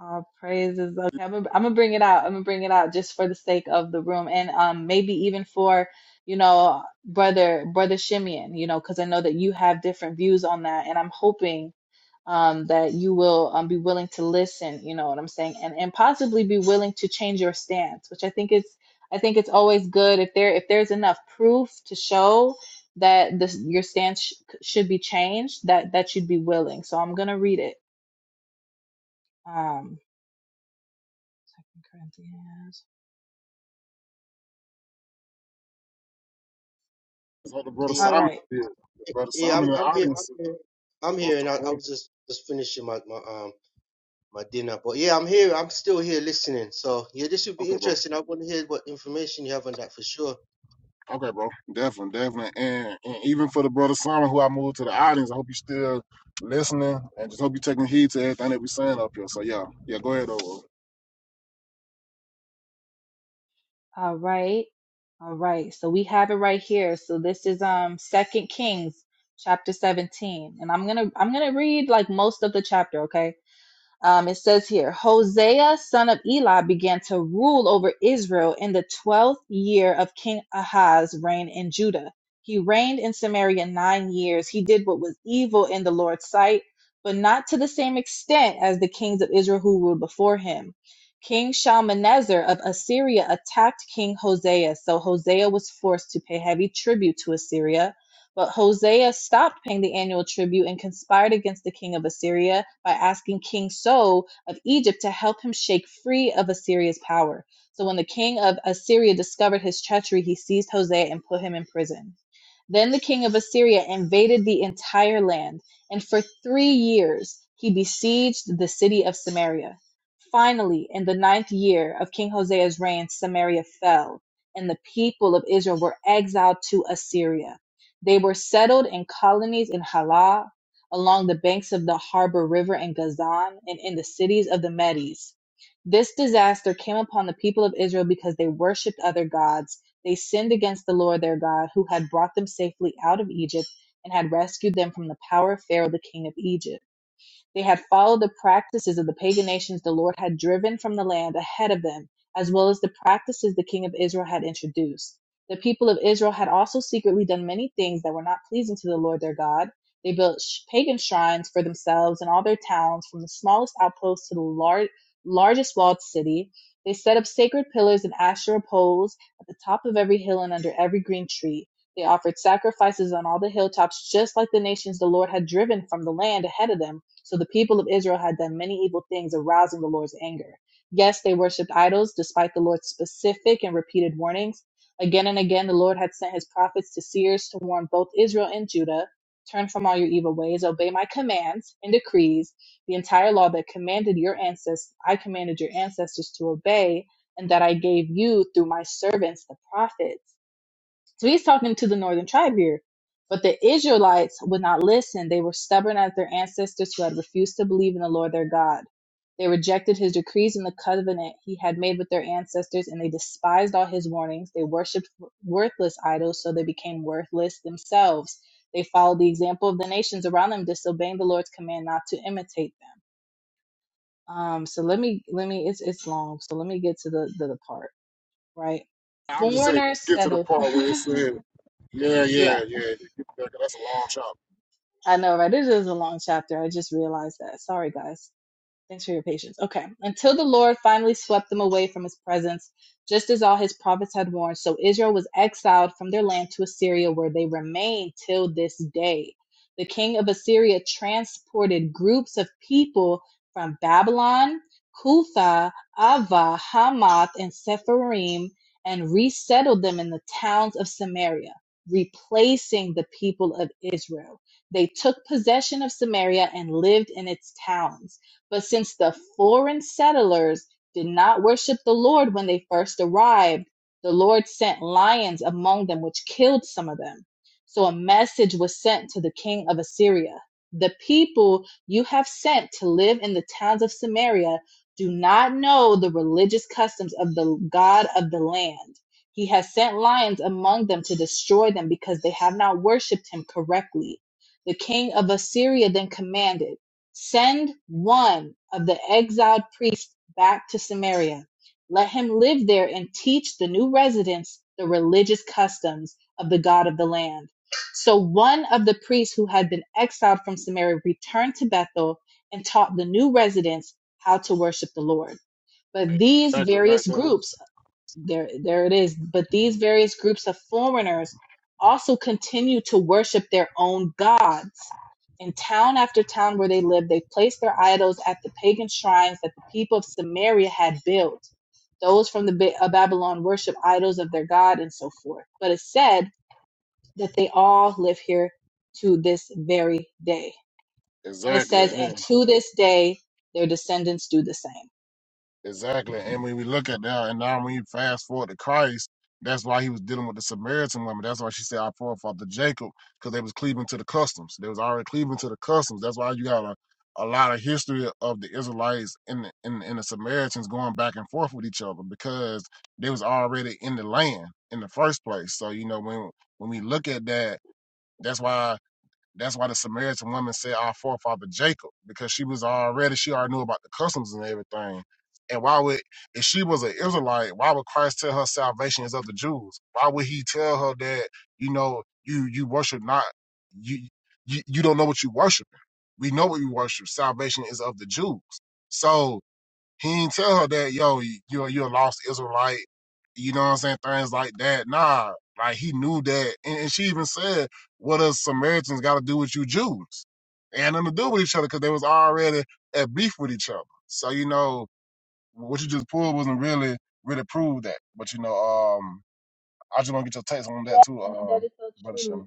All praises. Okay, I'm gonna, I'm gonna bring it out. I'm gonna bring it out just for the sake of the room, and um maybe even for you know brother brother Shimeon, you know, because I know that you have different views on that, and I'm hoping um, that you will um, be willing to listen you know what i'm saying and and possibly be willing to change your stance which i think is i think it's always good if there if there's enough proof to show that this your stance sh- should be changed that that should be willing so i'm gonna read it um second corinthians So the brother all Simon, right did. the brother Yeah, Simon I'm, in the I'm, yeah, I'm audience, is I'm here, I'm here, I'm most here, and I, I important. was just just finishing my my um my dinner. But yeah, I'm here, I'm still here listening. So yeah, this would be Okay, bro. interesting. I want to hear what information you have on that for sure. Okay, bro. Definitely, definitely. And, and even for the brother Simon, who I moved to the audience, I hope you still listening, and just hope you're taking heed to everything that we're saying up here. So yeah, yeah. Go ahead, over. all right all right so we have it right here so this is um second kings chapter 17 and i'm gonna i'm gonna read like most of the chapter okay Um, it says here Hosea, son of Eli, began to rule over Israel in the 12th year of King Ahaz's reign in Judah. He reigned in Samaria nine years. He did what was evil in the Lord's sight, but not to the same extent as the kings of Israel who ruled before him. King Shalmaneser of Assyria attacked King Hosea, so Hosea was forced to pay heavy tribute to Assyria but Hosea stopped paying the annual tribute and conspired against the king of Assyria by asking King So of Egypt to help him shake free of Assyria's power. So when the king of Assyria discovered his treachery, he seized Hosea and put him in prison. Then the king of Assyria invaded the entire land, and for three years he besieged the city of Samaria. Finally, in the ninth year of King Hosea's reign, Samaria fell, and the people of Israel were exiled to Assyria. They were settled in colonies in Halah, along the banks of the harbor river in Gazan, and in the cities of the Medes. This disaster came upon the people of Israel because they worshipped other gods they sinned against the Lord their God, who had brought them safely out of Egypt and had rescued them from the power of Pharaoh, the king of Egypt. They had followed the practices of the pagan nations the Lord had driven from the land ahead of them, as well as the practices the king of Israel had introduced. The people of Israel had also secretly done many things that were not pleasing to the Lord their God. They built pagan shrines for themselves in all their towns, from the smallest outpost to the lar- largest walled city. They set up sacred pillars and Asherah poles at the top of every hill and under every green tree. They offered sacrifices on all the hilltops, just like the nations the Lord had driven from the land ahead of them so the people of Israel had done many evil things, arousing the Lord's anger. Yes, they worshipped idols, despite the Lord's specific and repeated warnings. Again and again, the Lord had sent his prophets to seers to warn both Israel and Judah turn from all your evil ways, obey my commands and decrees, the entire law that commanded your ancestors, I commanded your ancestors to obey, and that I gave you through my servants, the prophets. So he's talking to the northern tribe here. But the Israelites would not listen. They were stubborn as their ancestors who had refused to believe in the Lord their God. They rejected his decrees and the covenant he had made with their ancestors, and they despised all his warnings. They worshipped worthless idols, so they became worthless themselves. They followed the example of the nations around them, disobeying the Lord's command not to imitate them. Um, so let me let me it's it's long, so let me get to the the, the part, right? I would just say Foreigners get to the settled. part where it said Yeah, yeah, yeah yeah. That- That's a long shot. I know, right? It is a long chapter. I just realized that. Sorry, guys. Thanks for your patience. Okay. Until the Lord finally swept them away from his presence, just as all his prophets had warned. So Israel was exiled from their land to Assyria, where they remain till this day. The king of Assyria transported groups of people from Babylon, Cutha, Ava, Hamath, and Sepharim, and resettled them in the towns of Samaria, replacing the people of Israel. They took possession of Samaria and lived in its towns but since the foreign settlers did not worship the Lord when they first arrived, the Lord sent lions among them, which killed some of them. So a message was sent to the king of Assyria The people you have sent to live in the towns of Samaria do not know the religious customs of the God of the land. He has sent lions among them to destroy them because they have not worshipped him correctly. The king of Assyria then commanded. Send one of the exiled priests back to Samaria. Let him live there and teach the new residents the religious customs of the God of the land. So one of the priests who had been exiled from Samaria returned to Bethel and taught the new residents how to worship the Lord. But Like, these Exactly, right various there. groups there there it is but these various groups of foreigners also continue to worship their own gods in town after town where they lived they placed their idols at the pagan shrines that the people of samaria had built those from the Ba- of babylon worship idols of their god and so forth but it said that they all live here to this very day and it Exactly, says and and to this day their descendants do the same exactly. And when we look at that, and now when you fast forward to Christ, that's why he was dealing with the Samaritan woman. That's why she said, "Our forefather Jacob," because they was cleaving to the customs. They was already cleaving to the customs. That's why you got a, a lot of history of the Israelites and the, and, and the Samaritans going back and forth with each other because they was already in the land in the first place. So you know when when we look at that, that's why. That's why the Samaritan woman said our forefather Jacob, because she was already, she already knew about the customs and everything. And why would, if she was an Israelite, why would Christ tell her salvation is of the Jews? Why would he tell her that, you know, you, you worship not, you, you, you don't know what you worship. We know what we worship. Salvation is of the Jews. So, he didn't tell her that, yo, you're you're a lost Israelite, you know what I'm saying? Things like that. Nah, like he knew that. And, and she even said, What does Samaritans gotta do with you Jews? And nothing to do with each other because they was already at beef with each other. So, you know, what you just pulled wasn't really, really prove that. But you know, um, I just wanna get your takes on that too, That, and that um, is so Brother true Shem.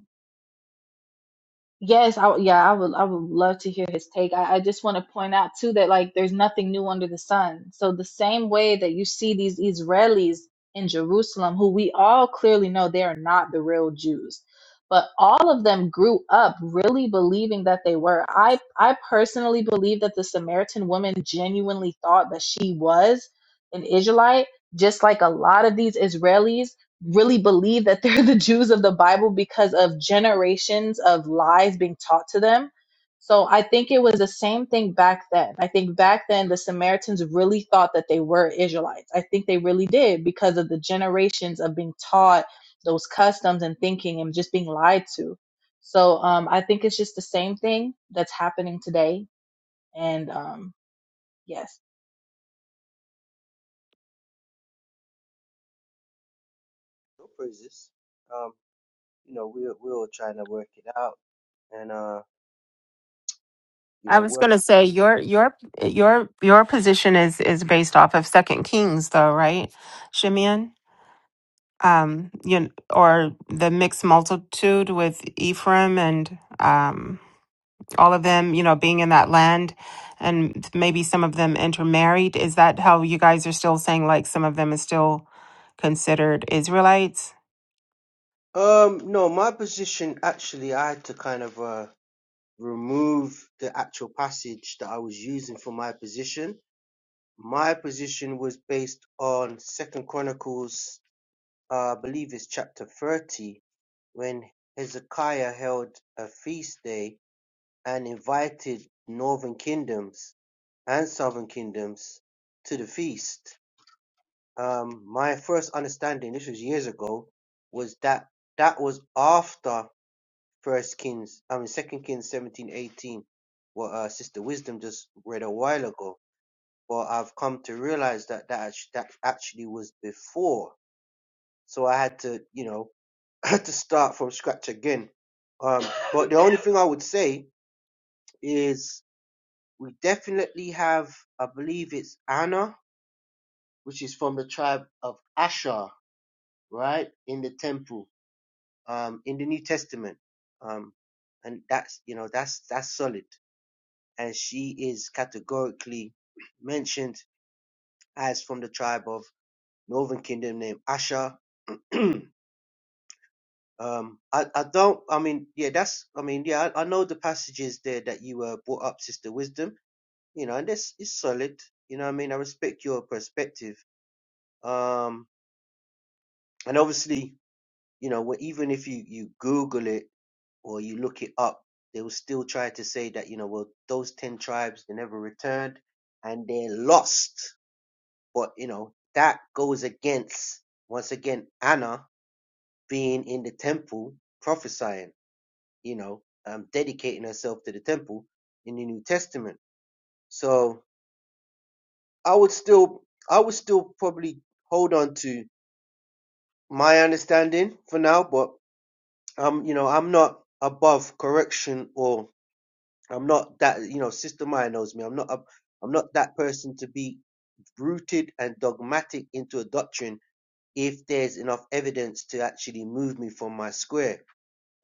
Yes, I yeah, I would I would love to hear his take. I, I just want to point out too that like there's nothing new under the sun. So the same way that you see these Israelis in Jerusalem, who we all clearly know they are not the real Jews, but all of them grew up really believing that they were. I I personally believe that the Samaritan woman genuinely thought that she was an Israelite, just like a lot of these Israelis really believe that they're the Jews of the Bible because of generations of lies being taught to them. So I think it was the same thing back then. I think back then the Samaritans really thought that they were Israelites. I think they really did because of the generations of being taught those customs and thinking and just being lied to. So um, I think it's just the same thing that's happening today. And um, yes, No praises. Um, you know, we're we're all trying to work it out and uh, you I know, was work. gonna say your your your your position is is based off of Second Kings, though, right, Shimeon? Um, you kn- or the mixed multitude with Ephraim and um all of them, you know, being in that land and maybe some of them intermarried. Is that how you guys are still saying like some of them is still considered Israelites? Um, no, my position actually, I had to kind of uh. remove the actual passage that I was using for my position. My position was based on Second Chronicles, uh, I believe it's chapter 30, when Hezekiah held a feast day and invited northern kingdoms and southern kingdoms to the feast. Um, my first understanding, this was years ago, was that that was after First Kings, I mean Second Kings seventeen eighteen, what uh, Sister Wisdom just read a while ago. But I've come to realize that that act- that actually was before, so I had to you know I had to start from scratch again. Um, but the only thing I would say is we definitely have, I believe it's Anna, which is from the tribe of Asher, right in the temple, um, in the New Testament, um, and that's you know that's that's solid. and she is categorically mentioned as from the tribe of Northern Kingdom named Asher. um, I, I don't, I mean, yeah, that's, I mean, yeah, I, I know the passages there that you uh, brought up, Sister Wisdom, you know, and this is solid, you know what I mean? I respect your perspective. Um, and obviously, you know, wh- even if you, you Google it or you look it up, they will still try to say that, you know, well, those 10 tribes, they never returned and they're lost But you know, that goes against once again Anna being in the temple prophesying, you know, um, dedicating herself to the temple in the New Testament. So I would still I would still probably hold on to my understanding for now, but um, you know, I'm not above correction or I'm not that you know, Sister Maya knows me. I'm not a, I'm not that person to be rooted and dogmatic into a doctrine if there's enough evidence to actually move me from my square.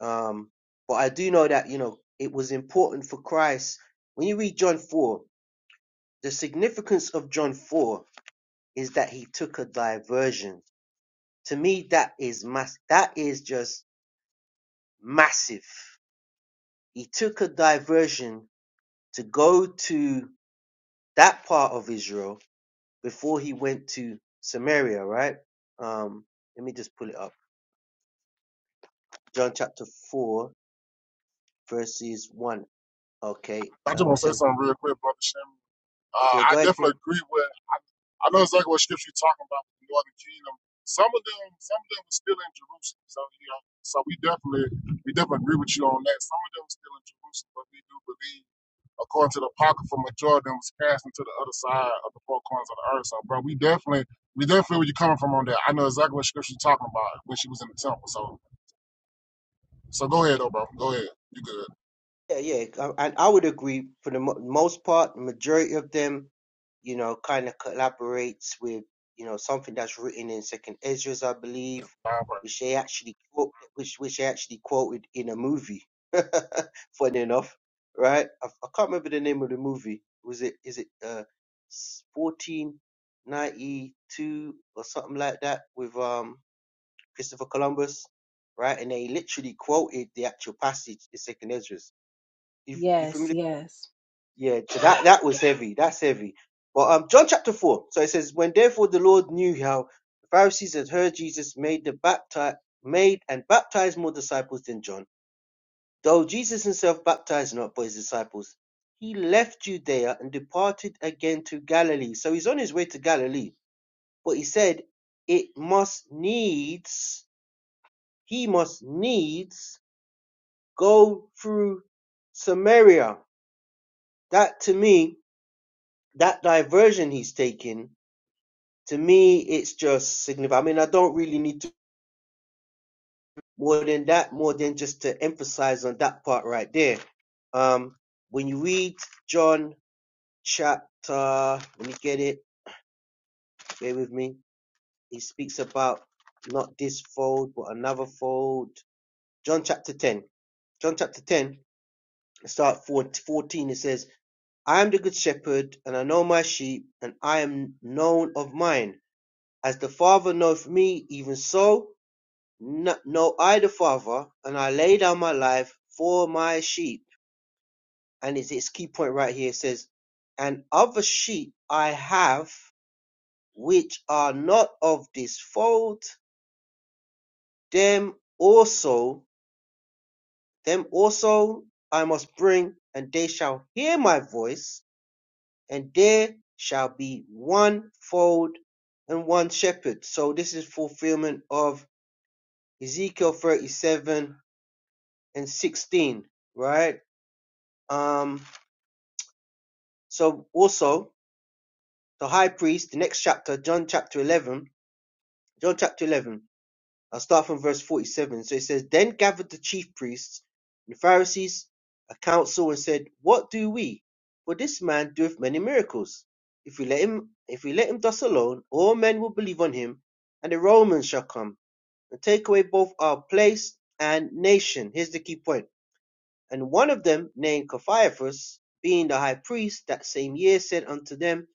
Um, but I do know that, you know, it was important for Christ. When you read John 4, the significance of John 4 is that he took a diversion. To me, that is mass, that is just massive. He took a diversion to go to that part of Israel before he went to Samaria, right? Um, let me just pull it up. John chapter 4, verses 1 Okay. I just Um, it wanna say says, something real quick, Brother Shem. Uh, yeah, I go ahead. definitely Ken. agree with I know exactly what scripture you're talking about with the northern kingdom. Some of them, some of them are still in Jerusalem. So you know, so we definitely, we definitely agree with you on that. Some of them are still in Jerusalem, but we do believe, according to the apocrypha, majority of them was cast into the other side of the four corners of the earth. So, bro, we definitely, we definitely where you're coming from on that. I know exactly what scripture you're talking about when she was in the temple. So, so go ahead, though, bro. Go ahead. You good? Yeah, yeah. uh, And I would agree for the mo- most part, majority of them, you know, kind of collaborates with, you know, something that's written in Second Ezra's, I believe, Fine, which they actually quote, which which they actually quoted in a movie. Funny enough, right? I, I can't remember the name of the movie. Was it is it uh fourteen ninety two or something like that with um Christopher Columbus, right? And they literally quoted the actual passage, the second Esdras. You you yes, familiar? yes. Yeah, so that that was heavy. That's heavy. But um, John chapter four. So it says, when therefore the Lord knew how the Pharisees had heard Jesus made the baptize made and baptized more disciples than John, though Jesus himself baptized not but his disciples. He left Judea and departed again to Galilee. So he's on his way to Galilee. But he said, it must needs, he must needs go through Samaria. That to me, that diversion he's taking, to me, it's just significant. I mean, I don't really need to more than that, more than just to emphasize on that part right there. Um, when you read John chapter, let me get it, bear with me. He speaks about not this fold, but another fold. John chapter 10. John chapter 10, start 4 14, it says, I am the good shepherd, and I know my sheep, and I am known of mine. As the Father knoweth me, even so know I the Father, and I lay down my life for my sheep. And it's its key point right here. It says, And other sheep I have, which are not of this fold, them also, them also I must bring, and they shall hear my voice, and there shall be one fold and one shepherd. So this is fulfillment of Ezekiel 37 and 16, right? Um, so also the high priest, the next chapter, John chapter 11, John chapter 11. I'll start from verse 47. So it says, Then gathered the chief priests and the Pharisees a council and said, What do we? For this man doeth many miracles. If we let him if we let him thus alone, all men will believe on him, and the Romans shall come and take away both our place and nation. Here's the key point. And one of them, named Caiaphas, being the high priest that same year, said unto them,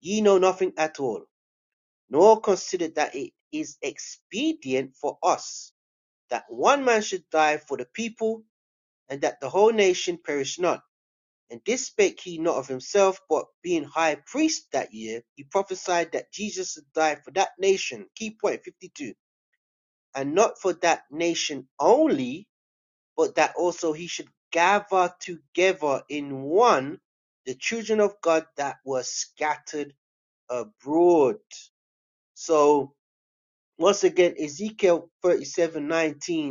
Ye know nothing at all, nor consider that it is expedient for us that one man should die for the people, and that the whole nation perish not. And this spake he not of himself, but being high priest that year, he prophesied that Jesus should die for that nation. Key point 52. And not for that nation only, but that also he should gather together in one the children of God that were scattered abroad. So, once again, Ezekiel 37 19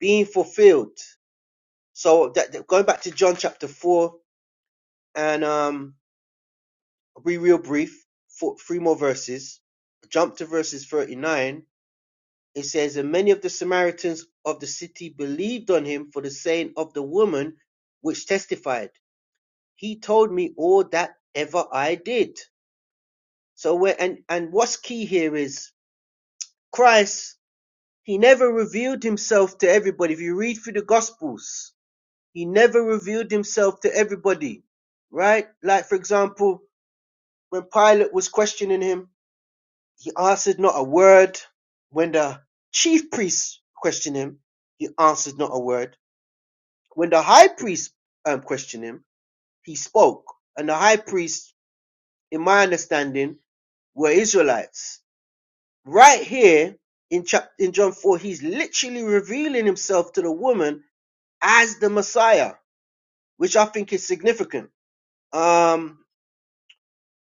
being fulfilled. So that, that- going back to John chapter four, and um, I'll be real brief. Four, three more verses. Jump to verses thirty-nine. It says, "And many of the Samaritans of the city believed on him for the saying of the woman, which testified, He told me all that ever I did." So, where and and what's key here is Christ. He never revealed himself to everybody. If you read through the Gospels, he never revealed himself to everybody right? Like, for example, When Pilate was questioning him, he answered not a word. When the chief priests questioned him, he answered not a word. When the high priest um, questioned him, he spoke. And the high priests, in my understanding, were Israelites. Right here in, chapter in John 4, he's literally revealing himself to the woman as the Messiah, which I think is significant. Um,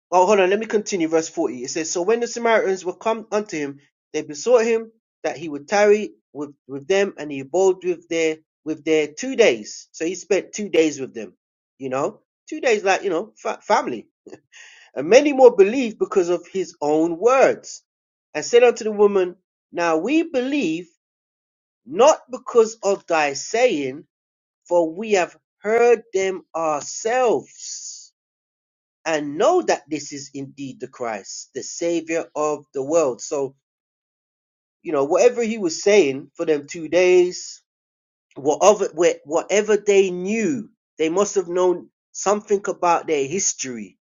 Oh, hold on. Let me continue. Verse 40. It says, So when the Samaritans were come unto him, they besought him that he would tarry with, with them, and he abode with their with their two days. So he spent two days with them. You know, two days like you know fa- family. And many more believed because of his own words, and said unto the woman, Now we believe not because of thy saying, for we have heard them ourselves and know that this is indeed the Christ, the Savior of the world. So, you know, whatever he was saying for them two days, whatever, whatever they knew, they must have known something about their history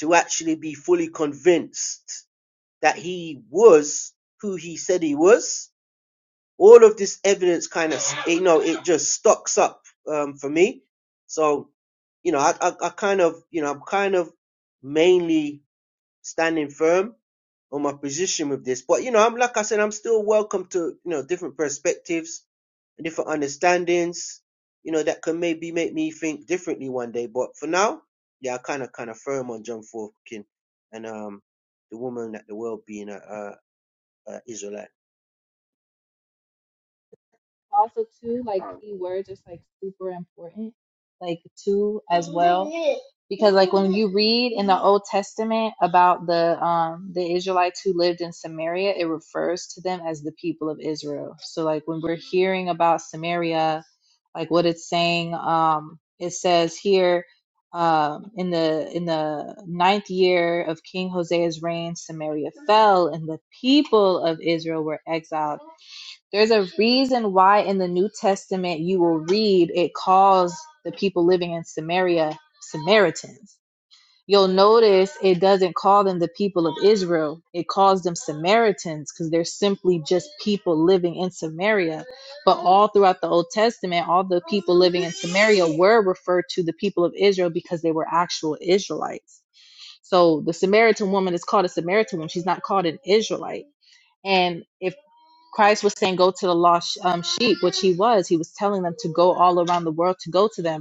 to actually be fully convinced that he was who he said he was. All of this evidence kind of, you know, it just stocks up um, for me. So, you know, I, I, I kind of, you know, I'm kind of mainly standing firm on my position with this. But you know, I'm like I said, I'm still welcome to you know different perspectives, and different understandings. You know that can maybe make me think differently one day. But for now, yeah, I kind of kind of firm on John Forkin and um the woman at the world being a, a, a Israelite. also too like keywords is like super important like too as well because like when you read in the old testament about the um the israelites who lived in samaria it refers to them as the people of israel so like when we're hearing about samaria like what it's saying um it says here um in the in the ninth year of king hosea's reign samaria fell and the people of israel were exiled there's a reason why in the New Testament you will read it calls the people living in Samaria Samaritans. You'll notice it doesn't call them the people of Israel. It calls them Samaritans because they're simply just people living in Samaria. But all throughout the Old Testament, all the people living in Samaria were referred to the people of Israel because they were actual Israelites. So the Samaritan woman is called a Samaritan woman. She's not called an Israelite. And if Christ was saying, Go to the lost um, sheep, which he was. He was telling them to go all around the world to go to them.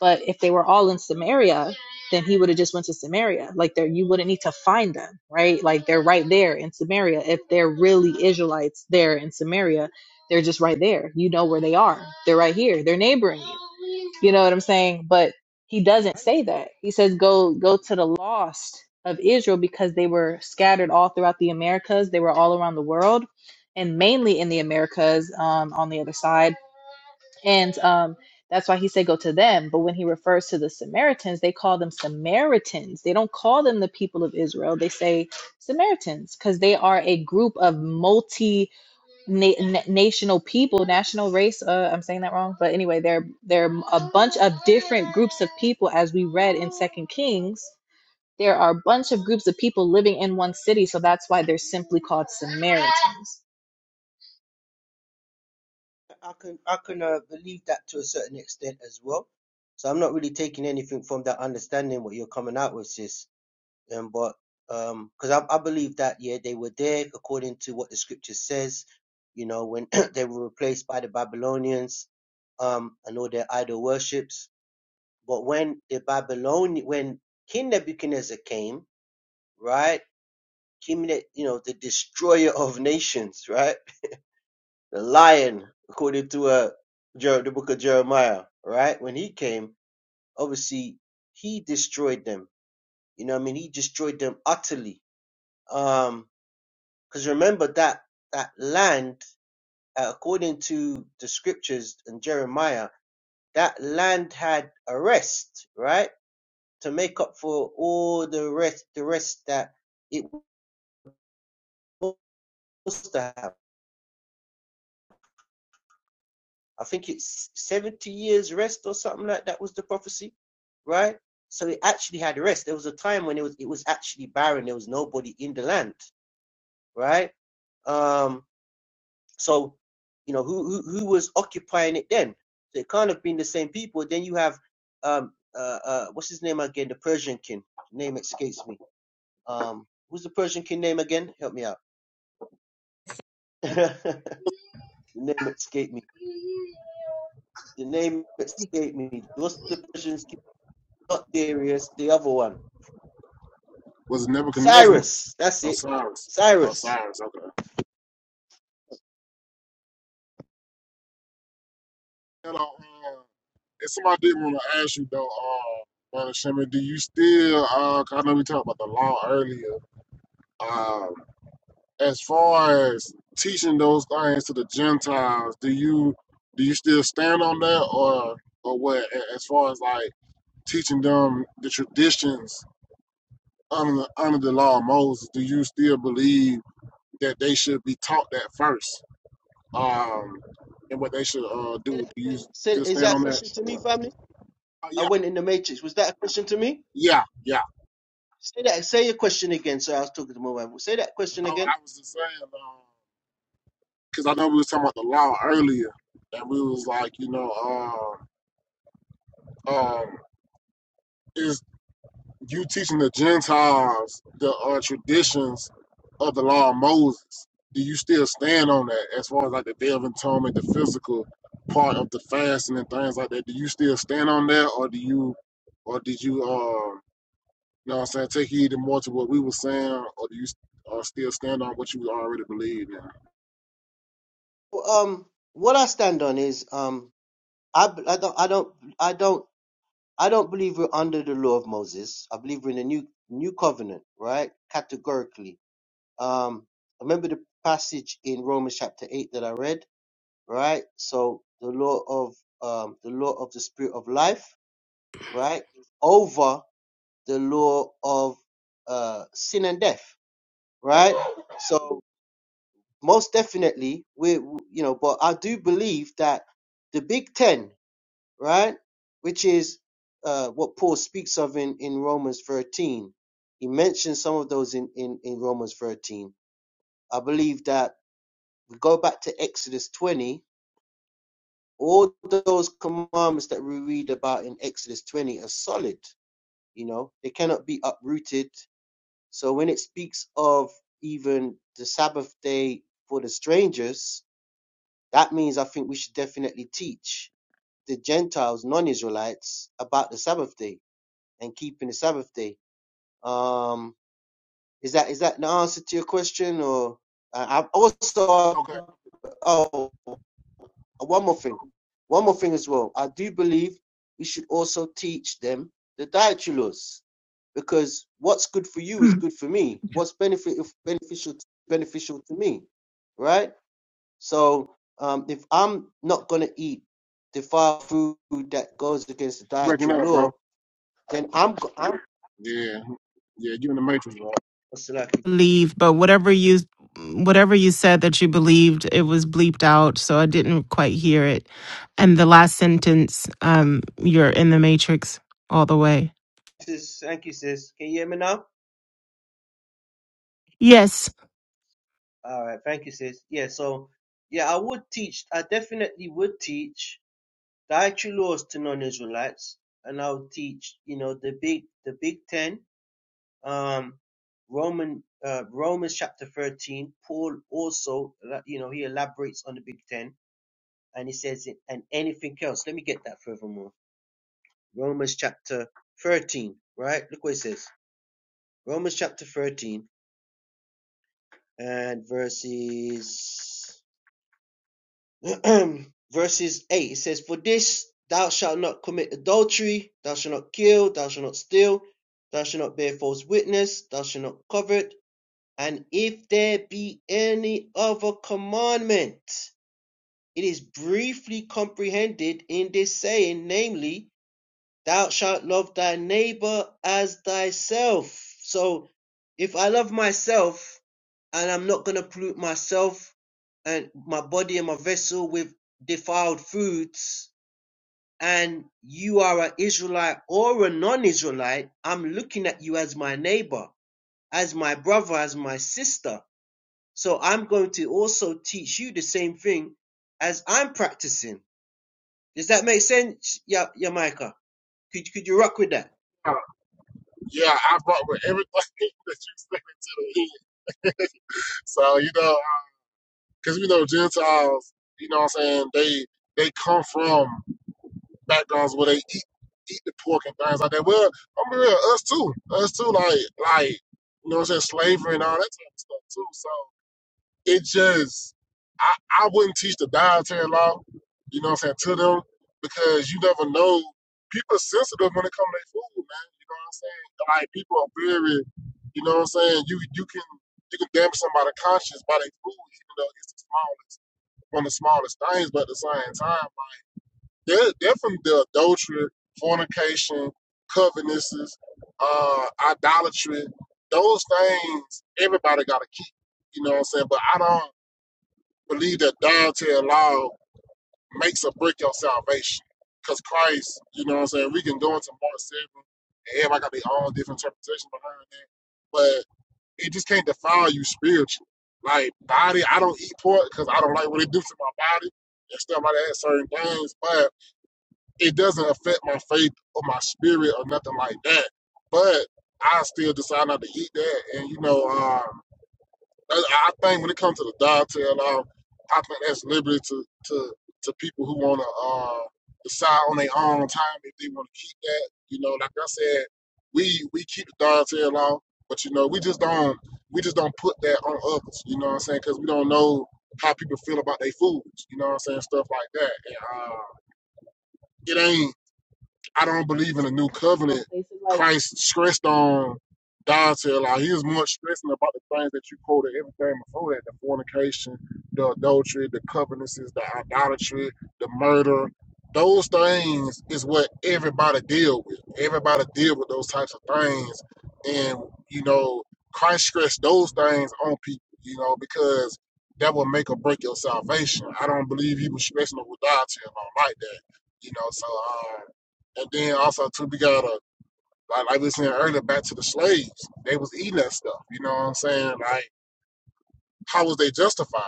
But if they were all in Samaria, then he would have just went to Samaria. Like there, you wouldn't need to find them, right? Like they're right there in Samaria. If they're really Israelites there in Samaria, they're just right there. You know where they are. They're right here. They're neighboring you. You know what I'm saying? But he doesn't I say understand. that. He says, "Go, go to the lost of Israel, because they were scattered all throughout the Americas. They were all around the world, and mainly in the Americas um, on the other side." and um, that's why he said go to them. But when he refers to the Samaritans, they call them Samaritans. They don't call them the people of Israel. They say Samaritans because they are a group of multi national people, national race. Uh, I'm saying that wrong, but anyway, they're they're a bunch of different groups of people, as we read in Second Kings. There are a bunch of groups of people living in one city, so that's why they're simply called Samaritans. I can I can uh, believe that to a certain extent as well. So I'm not really taking anything from that understanding what you're coming out with, sis. Um, but um, because I, I believe that yeah, they were there according to what the scripture says. You know, when they were replaced by the Babylonians um, and all their idol worships. But when the Babylonian, when King Nebuchadnezzar came, right? King, Ne- you know, the destroyer of nations, right? The lion, according to uh, Jer- the book of Jeremiah, right? When he came, obviously he destroyed them. You know, what I mean, he destroyed them utterly. Um, Because remember that that land, uh, according to the scriptures and Jeremiah, that land had a rest, right, to make up for all the rest, the rest that it was supposed to have. I think it's seventy years rest or something like that was the prophecy, right? So it actually had rest. There was a time when it was it was actually barren. There was nobody in the land, right? Um, So, you know, who who, who was occupying it then? So it can't have been the same people. Then you have um uh, uh what's his name again? The Persian king. Name escapes me. Um who's the Persian king name again? Help me out. the name escaped me. The name escaped me. What's the Persian king? Not Darius, the other one. Was it Nebuchadnezzar? Cyrus. That's it. Osiris. Cyrus. Osiris. Okay. Hello. um, And somebody did want to ask you though, uh, Brother Shimon, do you still? Uh, 'cause I know we talked about the law earlier. Um, as far as teaching those things to the Gentiles, do you do you still stand on that, or or what? A- As far as like teaching them the traditions under the, under the law of Moses, do you still believe that they should be taught that first, um, and what they should uh, Say do? that Do you again. Say, still is stand that a on that? question to me, Uh, family? I yeah, went in the matrix. Was that a question to me? yeah, yeah. Say that. Say your question again. So I was talking to my wife. Say that question No, again. I was just saying, because I know we was talking about the law earlier, and we was like, you know, um, um, is you teaching the Gentiles the uh, traditions of the law of Moses? Do you still stand on that as far as like the Day of Atonement, the physical part of the fasting and things like that? Do you still stand on that, or do you, or did you, um, you know, what I'm saying, take heed and more to what we were saying, or do you uh, still stand on what you already believed in? um what I stand on is um I, b- I don't I don't I don't I don't believe we're under the law of Moses. I believe we're in the new new covenant, right? Categorically. Um I remember the passage in Romans chapter 8 that I read, right? So the law of um the law of the spirit of life, right? Over the law of uh sin and death, right? So most definitely we you know, but I do believe that the Big Ten right? Which is uh, what Paul speaks of in, in Romans 13. He mentions some of those in, in, in Romans 13. I believe that we go back to Exodus 20, all those commandments that we read about in Exodus 20 are solid, you know, they cannot be uprooted. So when it speaks of even the Sabbath day for the strangers, that means I think we should definitely teach the Gentiles, non Israelites, about the Sabbath day and keeping the Sabbath day. Um, is that is that the answer to your question? Or uh, I also Okay, oh one more thing, one more thing as well. I do believe we should also teach them the dietary laws because what's good for you is good for me. What's benefit beneficial beneficial to me, right? So um, if I'm not gonna eat defiled food that goes against the breaking dietary up, law, bro. then I'm Yeah. Yeah, you in the matrix, bro. I'm believe, but whatever you whatever you said that you believed, it was bleeped out, so I didn't quite hear it. And the last sentence, um, you're in the matrix all the way. sis. Thank you, sis. Can you hear me now? Yes. All right. Thank you, sis. Yeah. So, yeah, I would teach. I definitely would teach dietary laws to non-Israelites, and I would teach, you know, the big, the Big Ten, um, Roman, uh, Romans chapter thirteen. Paul also, uh, you know, he elaborates on the Big Ten, and he says, it- and anything else. Let me get that furthermore. Romans chapter thirteen. Right. Look what it says. Romans chapter thirteen and verses. verses 8 it says for this thou shalt not commit adultery thou shalt not kill thou shalt not steal thou shalt not bear false witness thou shalt not covet and if there be any other commandment it is briefly comprehended in this saying namely thou shalt love thy neighbor as thyself. So if I love myself and I'm not going to pollute myself and my body and my vessel with defiled foods, and you are an Israelite or a non Israelite, I'm looking at you as my neighbor, as my brother, as my sister. So I'm going to also teach you the same thing as I'm practicing. Does that make sense, Yamaika? Could, could you rock with that? Uh, Yeah, I brought with everything that you said to the end. So, you know, because we know Gentiles, you know what I'm saying, they they come from backgrounds where they eat eat the pork and things like that. Well, I'm gonna be real, us too. Us too, like like you know what I'm saying, slavery and all that type of stuff too. So. It just, I, I wouldn't teach the dietary law, you know what I'm saying, to them because you never know. People are sensitive when it comes to their food, man. You know what I'm saying? Like people are very, you know what I'm saying. You you can you can damage somebody's conscience by their food, even though it's the smallest, one of the smallest things. But at the same time, like, they're definitely the adultery, fornication, covetousness, uh, idolatry. Those things everybody got to keep. You know what I'm saying? But I don't believe that dying to allow makes or break your salvation. Because Christ, you know what I'm saying? We can go into Mark 7, and everybody got their own different interpretation behind that. But it just can't defile you spiritually. Like, body, I don't eat pork because I don't like what it do to my body and stuff like that, certain things. But it doesn't affect my faith or my spirit or nothing like that. But I still decide not to eat that. And, you know, um, I I think when it comes to the dog tail law, I think that's liberty to to to people who want to uh, decide on their own time if they want to keep that. You know, like I said, we we keep the dog tail law, but you know, we just don't we just don't put that on others. You know what I'm saying? Because we don't know how people feel about their foods. You know what I'm saying? Stuff like that. And, uh, it ain't. I don't believe in the new Coming from a covenant. place of like Christ stressed on God's here, like he was more stressing about the things that you quoted everything before that, the fornication, the adultery, the covenances, the idolatry, the murder. Those things is what everybody deal with. Everybody deal with those types of things. And, you know, Christ stressed those things on people, you know, because that will make or break your salvation. I don't believe he was stressing the God's here like that. You know, so um and then also too, we got a like, like we was saying earlier, back to the slaves. They was eating that stuff. You know what I'm saying? Like, how was they justified?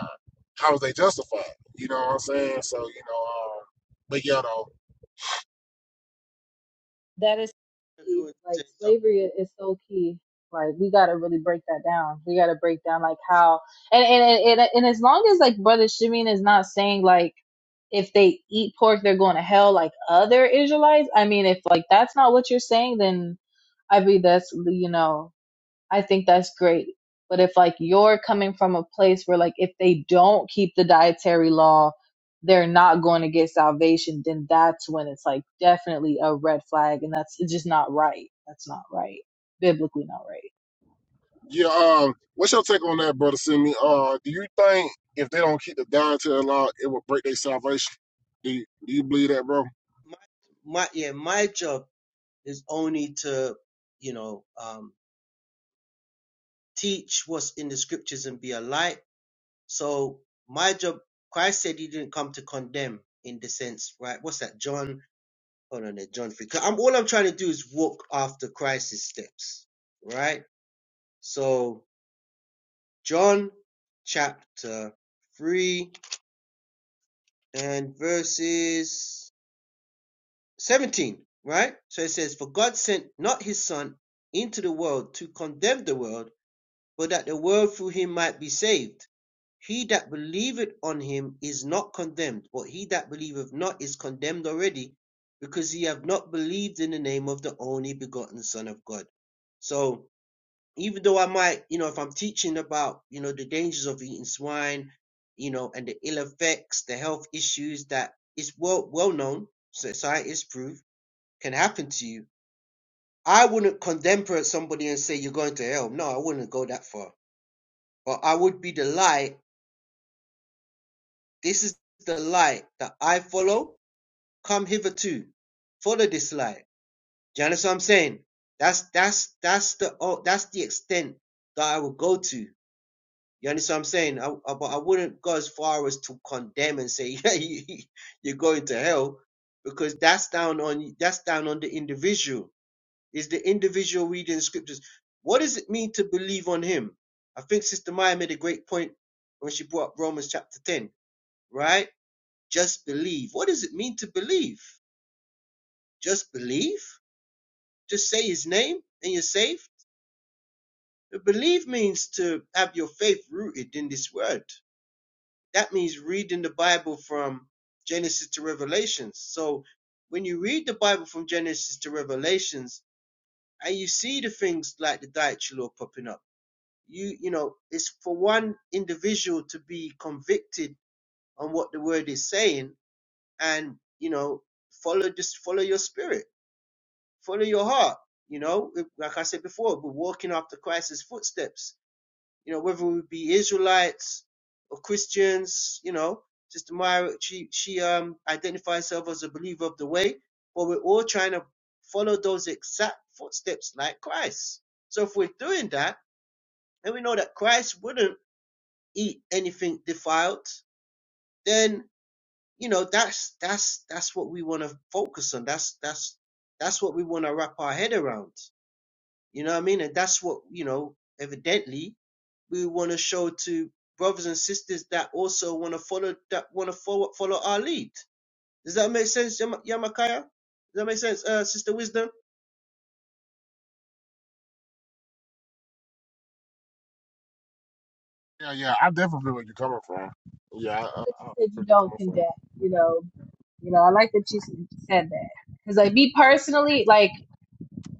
How was they justified? You know what I'm saying? So you know, um, but yeah, though, That is so if you key. would say Like so. slavery i- is so key. Like we gotta really break that down. We gotta break down like how and and and, and as long as like Brother Shimeen is not saying like if they eat pork they're going to hell like other Israelites. I mean, if like that's not what you're saying, then I mean that's you know I think that's great. But if like you're coming from a place where like if they don't keep the dietary law, they're not going to get salvation, then that's when it's like definitely a red flag and that's it's just not right. That's not right. Biblically not right. yeah. Um, what's your take on that, brother Simi? Uh, do you think if they don't keep the dietary law, it will break their salvation? Do you, do you believe that, bro? My, my, yeah, my job is only to, you know, um, teach what's in the scriptures and be a light. So my job, Christ said he didn't come to condemn in the sense, right? What's that? John, hold on there, John 3. 'Cause I'm, all I'm trying to do is walk after Christ's steps, right? So John chapter 3 and verses 17, right? So it says, For God sent not his Son into the world to condemn the world, but that the world through him might be saved. He that believeth on him is not condemned, but he that believeth not is condemned already, because he have not believed in the name of the only begotten Son of God. So even though I might, you know, if I'm teaching about, you know, the dangers of eating swine, you know, and the ill effects, the health issues that is well well known, so scientists prove can happen to you. I wouldn't condemn somebody and say you're going to hell. No, I wouldn't go that far. But I would be the light. This is the light that I follow. Come hitherto. Follow this light. Do you understand what I'm saying? That's that's that's the oh, that's the extent that I would go to. You understand what I'm saying? I, I, but I wouldn't go as far as to condemn and say, yeah, you, you're going to hell, because that's down on that's down on the individual. is the individual reading scriptures. What does it mean to believe on him? I think Sister Maya made a great point when she brought up Romans chapter 10, right? Just believe. What does it mean to believe? Just believe? Just say his name and you're saved? But Believe means to have your faith rooted in this word. That means reading the Bible from Genesis to Revelations. So when you read the Bible from Genesis to Revelations and you see the things like the diet law popping up, you you know it's for one individual to be convicted on what the word is saying and you know follow just follow your spirit follow your heart you know If- like i said before we're walking after christ's footsteps you know whether we be israelites or christians you know sister myra she she um identifies herself as a believer of the way but we're all trying to follow those exact footsteps like christ so if we're doing that and we know that christ wouldn't eat anything defiled, then you know that's that's that's what we want to focus on. That's that's that's what we want to wrap our head around. You know what I mean? And that's what you know. Evidently, we want to show to brothers and sisters that also want to follow that want to follow follow our lead. Does that make sense, Yama- Yamakaya? Does that make sense, uh, Sister Wisdom? Yeah, yeah. I definitely feel where you're coming from. Yeah, I, I, I like I that you feel said you where you're don't coming from. condemn, you know. You know, I like that you s- said that. Cuz like me personally, like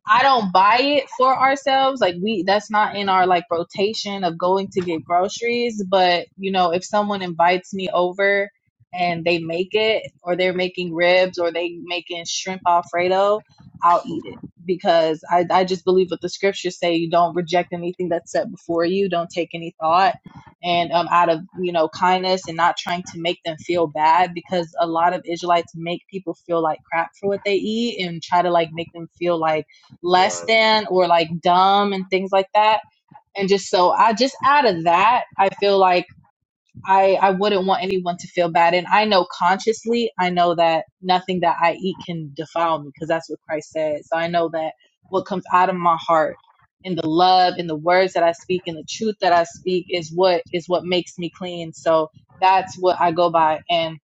I don't buy it for ourselves. Like we that's not in our like rotation of going to get groceries, but you know, if someone invites me over and they make it or they're making ribs or they making shrimp alfredo, I'll eat it because I I just believe what the scriptures say, you don't reject anything that's set before you, don't take any thought and um out of, you know, kindness and not trying to make them feel bad because a lot of Israelites make people feel like crap for what they eat and try to like make them feel like less Right. than or like dumb and things like that. And just so I just out of that, I feel like I I wouldn't want anyone to feel bad. And I know consciously, I know that nothing that I eat can defile me because that's what Christ said. So I know that what comes out of my heart and the love and the words that I speak and the truth that I speak is what is what makes me clean. So that's what I go by. And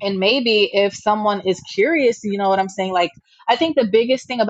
and maybe if someone is curious, you know what I'm saying? Like I think the biggest thing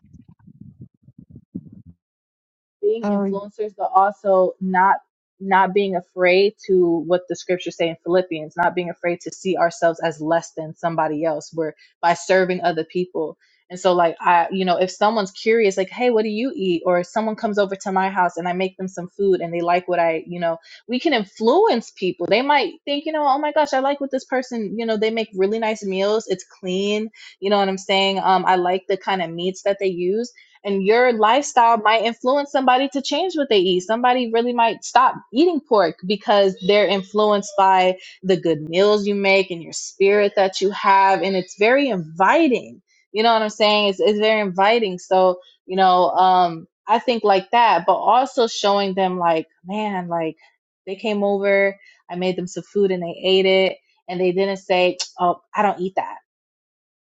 being Oh, influencers but also not not being afraid to what the scriptures say in philippians not being afraid to see ourselves as less than somebody else where by serving other people and so like i you know if someone's curious like hey what do you eat or if someone comes over to my house and i make them some food and they like what i you know we can influence people they might think you know oh my gosh i like what this person you know they make really nice meals it's clean you know what i'm saying um i like the kind of meats that they use and your lifestyle might influence somebody to change what they eat. Somebody really might stop eating pork because they're influenced by the good meals you make and your spirit that you have. And it's very inviting. You know what I'm saying? It's, it's very inviting. So, you know, um, I think like that, but also showing them like, man, like they came over, I made them some food and they ate it. And they didn't say, oh, I don't eat that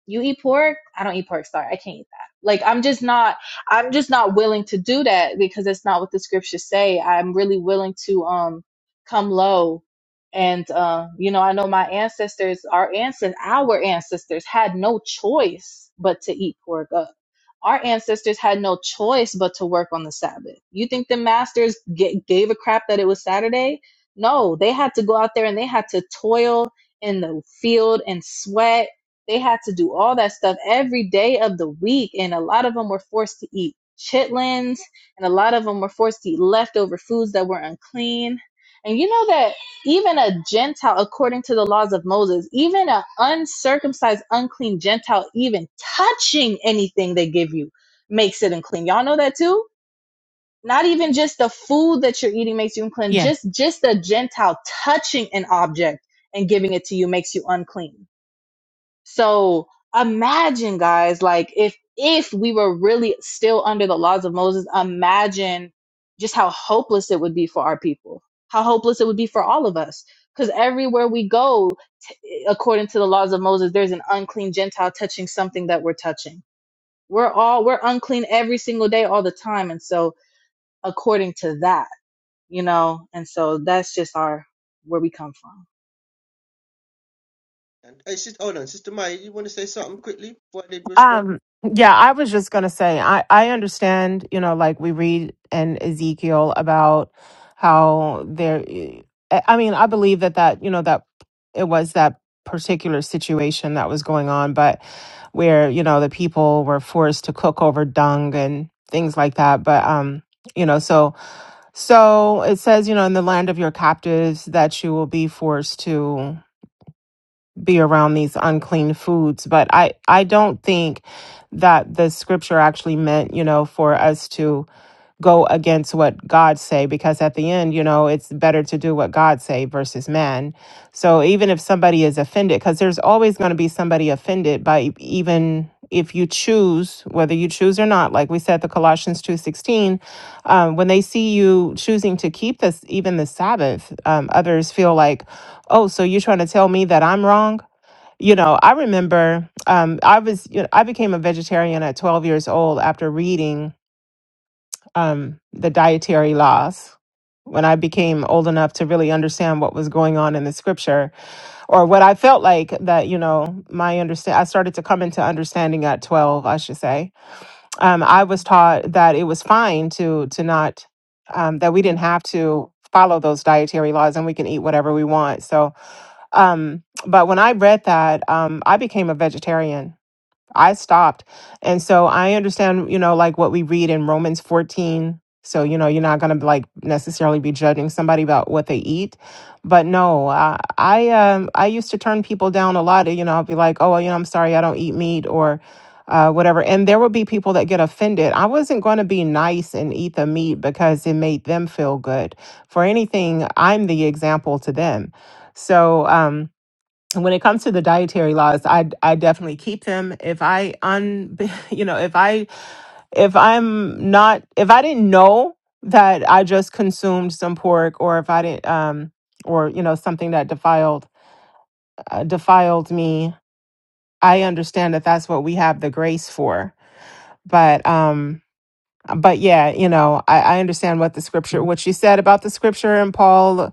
you eat pork i don't eat pork sorry i can't eat that like i'm just not i'm just not willing to do that because that's not what the scriptures say i'm really willing to um come low and uh, you know i know my ancestors our ancestors our ancestors had no choice but to eat pork up our ancestors had no choice but to work on the sabbath you think the masters g- gave a crap that it was saturday no they had to go out there and they had to toil in the field and sweat they had to do all that stuff every day of the week. And a lot of them were forced to eat chitlins, and a lot of them were forced to eat leftover foods that were unclean. And you know that even a Gentile, according to the laws of Moses, even an uncircumcised, unclean Gentile, even touching anything they give you makes it unclean. Y'all know that too? Not even just the food that you're eating makes you unclean. yeah. Just just a Gentile touching an object and giving it to you makes you unclean. So imagine, guys, like if if we were really still under the laws of Moses, imagine just how hopeless it would be for our people, how hopeless it would be for all of us. Because everywhere we go, t- according to the laws of Moses, there's an unclean Gentile touching something that we're touching. We're all we're unclean every single day, all the time, and so according to that, you know, and so that's just our where we come from. And hey, sister, hold on, Sister Maya, you want to say something quickly before I did respond? Um, yeah, I was just gonna say, I I understand, you know, like we read in Ezekiel about how there. I I mean, I believe that that you know that it was that particular situation that was going on, but where you know the people were forced to cook over dung and things like that. But um, you know, so so it says, you know, in the land of your captives that you will be forced to be around these unclean foods but i i don't think that the scripture actually meant you know for us to go against what god say because at the end you know it's better to do what god say versus man so even if somebody is offended because there's always going to be somebody offended by e- even if you choose whether you choose or not like we said the colossians 2.16 um, when they see you choosing to keep this even the sabbath um, others feel like oh so you're trying to tell me that i'm wrong you know, I remember um, I was you know, I became a vegetarian at 12 years old after reading um, the dietary laws. When I became old enough to really understand what was going on in the scripture, or what I felt like that, you know, my understand, I started to come into understanding at twelve, I should say. Um, I was taught that it was fine to to not, um, that we didn't have to follow those dietary laws, and we can eat whatever we want. So um, but when I read that, um, I became a vegetarian I stopped. And so I understand, you know, like what we read in Romans 14. So, you know, you're not going to like necessarily be judging somebody about what they eat. But no, I, I, um, I used to turn people down a lot. You know, I'd be like, oh, well, you know, I'm sorry, I don't eat meat or uh, whatever. And there would be people that get offended. I wasn't going to be nice and eat the meat because it made them feel good. For anything, I'm the example to them. So, um, and when it comes to the dietary laws, I I definitely keep them. If I un, you know, if I if I'm not if I didn't know that I just consumed some pork, or if I didn't um or you know something that defiled uh, defiled me, I understand that that's what we have the grace for. But um, but yeah, you know, I, I understand what the scripture what she said about the scripture and Paul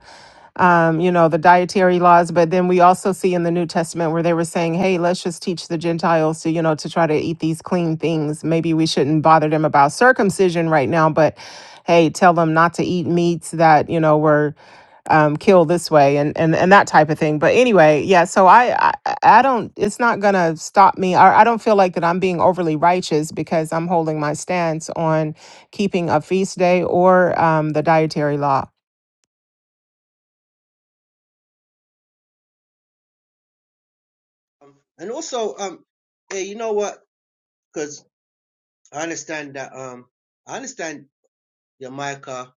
um, you know, the dietary laws. But then we also see in the New Testament where they were saying, hey, let's just teach the Gentiles to, you know, to try to eat these clean things. Maybe we shouldn't bother them about circumcision right now, but hey, tell them not to eat meats that, you know, were um, killed this way and, and, and that type of thing. But anyway, yeah, so I, I, I don't, it's not going to stop me. I, I don't feel like that I'm being overly righteous because I'm holding my stance on keeping a feast day or um, the dietary law. Um, and also, um, hey, you know what? I understand that. Um, I understand your Micah,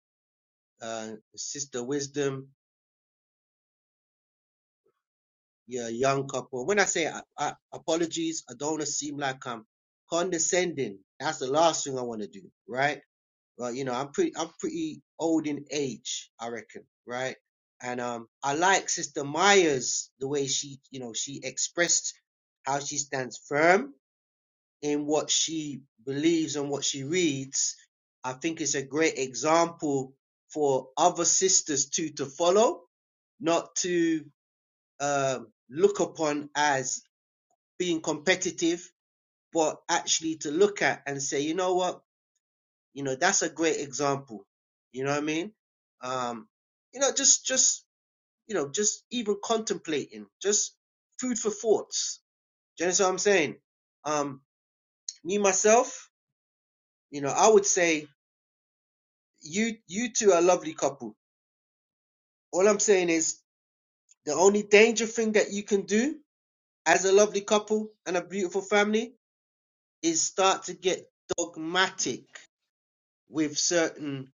uh, sister wisdom, your young couple. When I say I, I, apologies, I don't want to seem like I'm condescending. That's the last thing I want to do, right? Well, you know, I'm pretty, I'm pretty old in age, I reckon, right? And um, I like Sister Myers the way she, you know, she expressed how she stands firm in what she believes and what she reads, I think it's a great example for other sisters too to follow, not to um, look upon as being competitive, but actually to look at and say, you know what, you know that's a great example. You know what I mean? Um, you know, just just you know, just even contemplating, just food for thoughts. Do you understand what I'm saying? Um, me myself, you know, I would say you you two are a lovely couple. All I'm saying is the only danger thing that you can do as a lovely couple and a beautiful family is start to get dogmatic with certain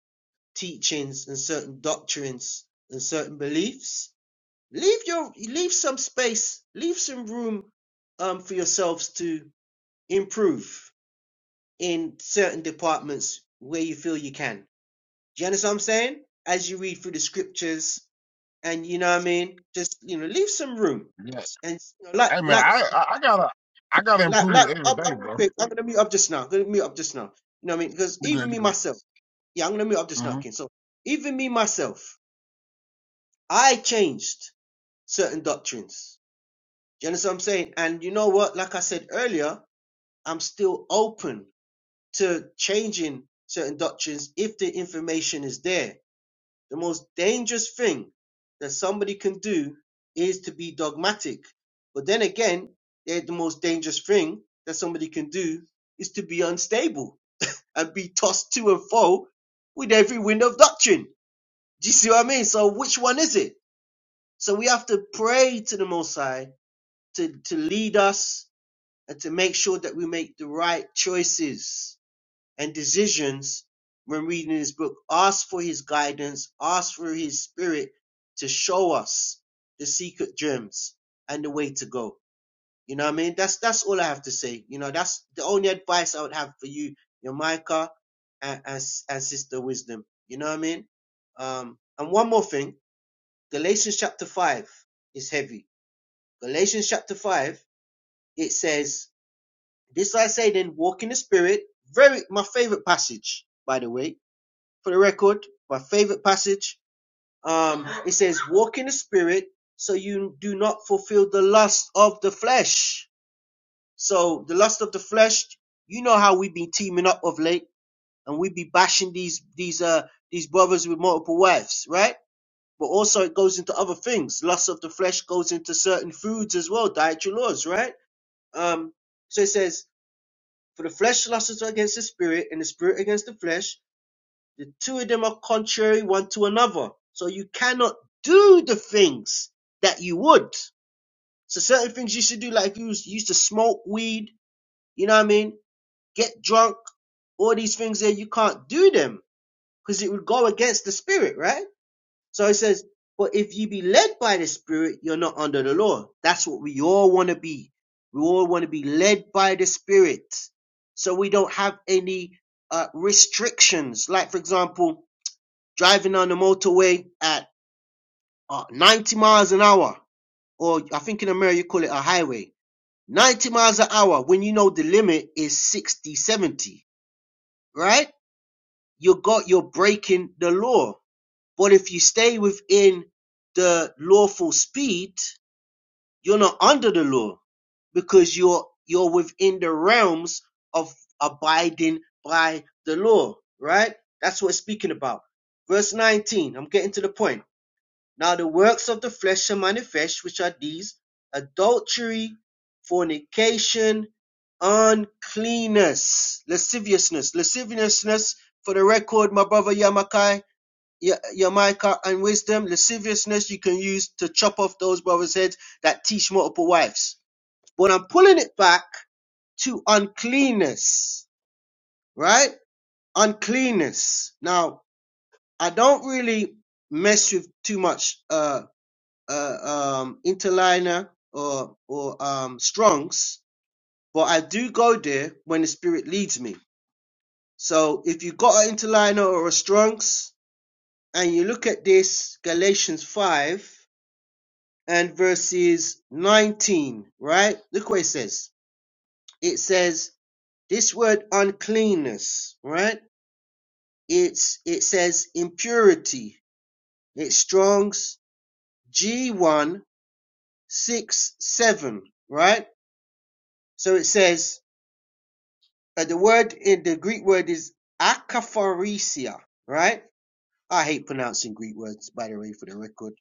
teachings and certain doctrines and certain beliefs. Leave your leave some space, leave some room um for yourselves to improve in certain departments where you feel you can. Do you understand what I'm saying? As you read through the scriptures and you know what I mean. Just you know, leave some room, Yes. and you know, like Hey man, like I, I, I gotta I gotta like like. improve every I'm, day, I'm going bro. quick. I'm gonna mute up just now. I'm gonna mute up just now. You know what I mean? Because You're even good. me You're good. myself, yeah, I'm gonna mute up just now, Uh-huh. King. So even me myself, I changed certain doctrines. Do you understand what I'm saying? And you know what? Like I said earlier, I'm still open to changing certain doctrines if the information is there The most dangerous thing that somebody can do is to be dogmatic. But then again, eh, the most dangerous thing that somebody can do is to be unstable and be tossed to and fro with every wind of doctrine. Do you see what I mean? So which one is it? So we have to pray to the Most High to, to lead us and to make sure that we make the right choices and decisions when reading this book. Ask for his guidance, ask for his spirit to show us the secret gems and the way to go. You know what I mean? That's that's all I have to say. You know, that's the only advice I would have for you, your Micah and, and, and Sister Wisdom. You know what I mean? Um, and one more thing, Galatians chapter five is heavy. Galatians chapter five, it says, This I say then, walk in the spirit. Very my favorite passage, by the way for the record, my favorite passage. Um, it says, walk in the spirit so you do not fulfill the lust of the flesh. So the lust of the flesh, you know how we've been teaming up of late and we be bashing these, these, uh, these brothers with multiple wives, right? But also it goes into other things. Lust of the flesh goes into certain foods as well, dietary laws, right? Um, so it says, for the flesh lusts against the spirit and the spirit against the flesh The two of them are contrary one to another. So you cannot do the things that you would. So certain things you should do, like if you used to smoke weed, you know what I mean? Get drunk, all these things there, you can't do them because it would go against the spirit, right? So it says, but if you be led by the spirit, you're not under the law. That's what we all want to be. We all want to be led by the spirit. So we don't have any uh, restrictions. Like, for example, driving on the motorway at uh, 90 miles an hour, or I think in America you call it a highway, 90 miles an hour when you know the limit is 60, 70, right? You got, you're breaking the law. But if you stay within the lawful speed, you're not under the law because you're, you're within the realms of abiding by the law, right? That's what it's speaking about. Verse 19, I'm getting to the point. Now the works of the flesh are manifest, which are these adultery, fornication, uncleanness, lasciviousness, lasciviousness. For the record, my brother Yamakai, Yamaika, and wisdom, lasciviousness you can use to chop off those brothers' heads that teach multiple wives. But I'm pulling it back to uncleanness, right? Uncleanness. Now, I don't really mess with too much uh uh, um, Interliner or or um, Strongs, but I do go there when the Spirit leads me. So if you got an Interliner or a Strongs, and you look at this Galatians five and verses nineteen, right? Look what it says. It says this word uncleanness, right? It's it says impurity. It's Strong's G one six seven, right? So it says Uh, the word in the Greek word is akaphoresia, right? I hate pronouncing Greek words, by the way, for the record.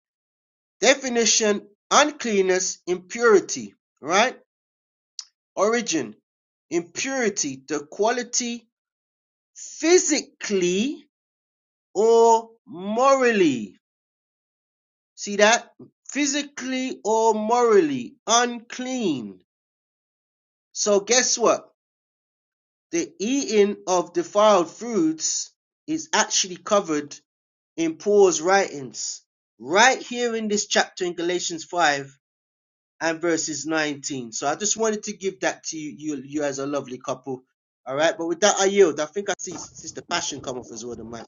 Definition uncleanness, impurity, right? Origin impurity, the quality physically or morally. See that? Physically or morally unclean. So, guess what? The eating of defiled foods is actually covered in Paul's writings, right here in this chapter in Galatians 5 and verses 19. So I just wanted to give that to you, you, you as a lovely couple. All right, but with that, I yield. I think I see Sister Passion come off as well, the man.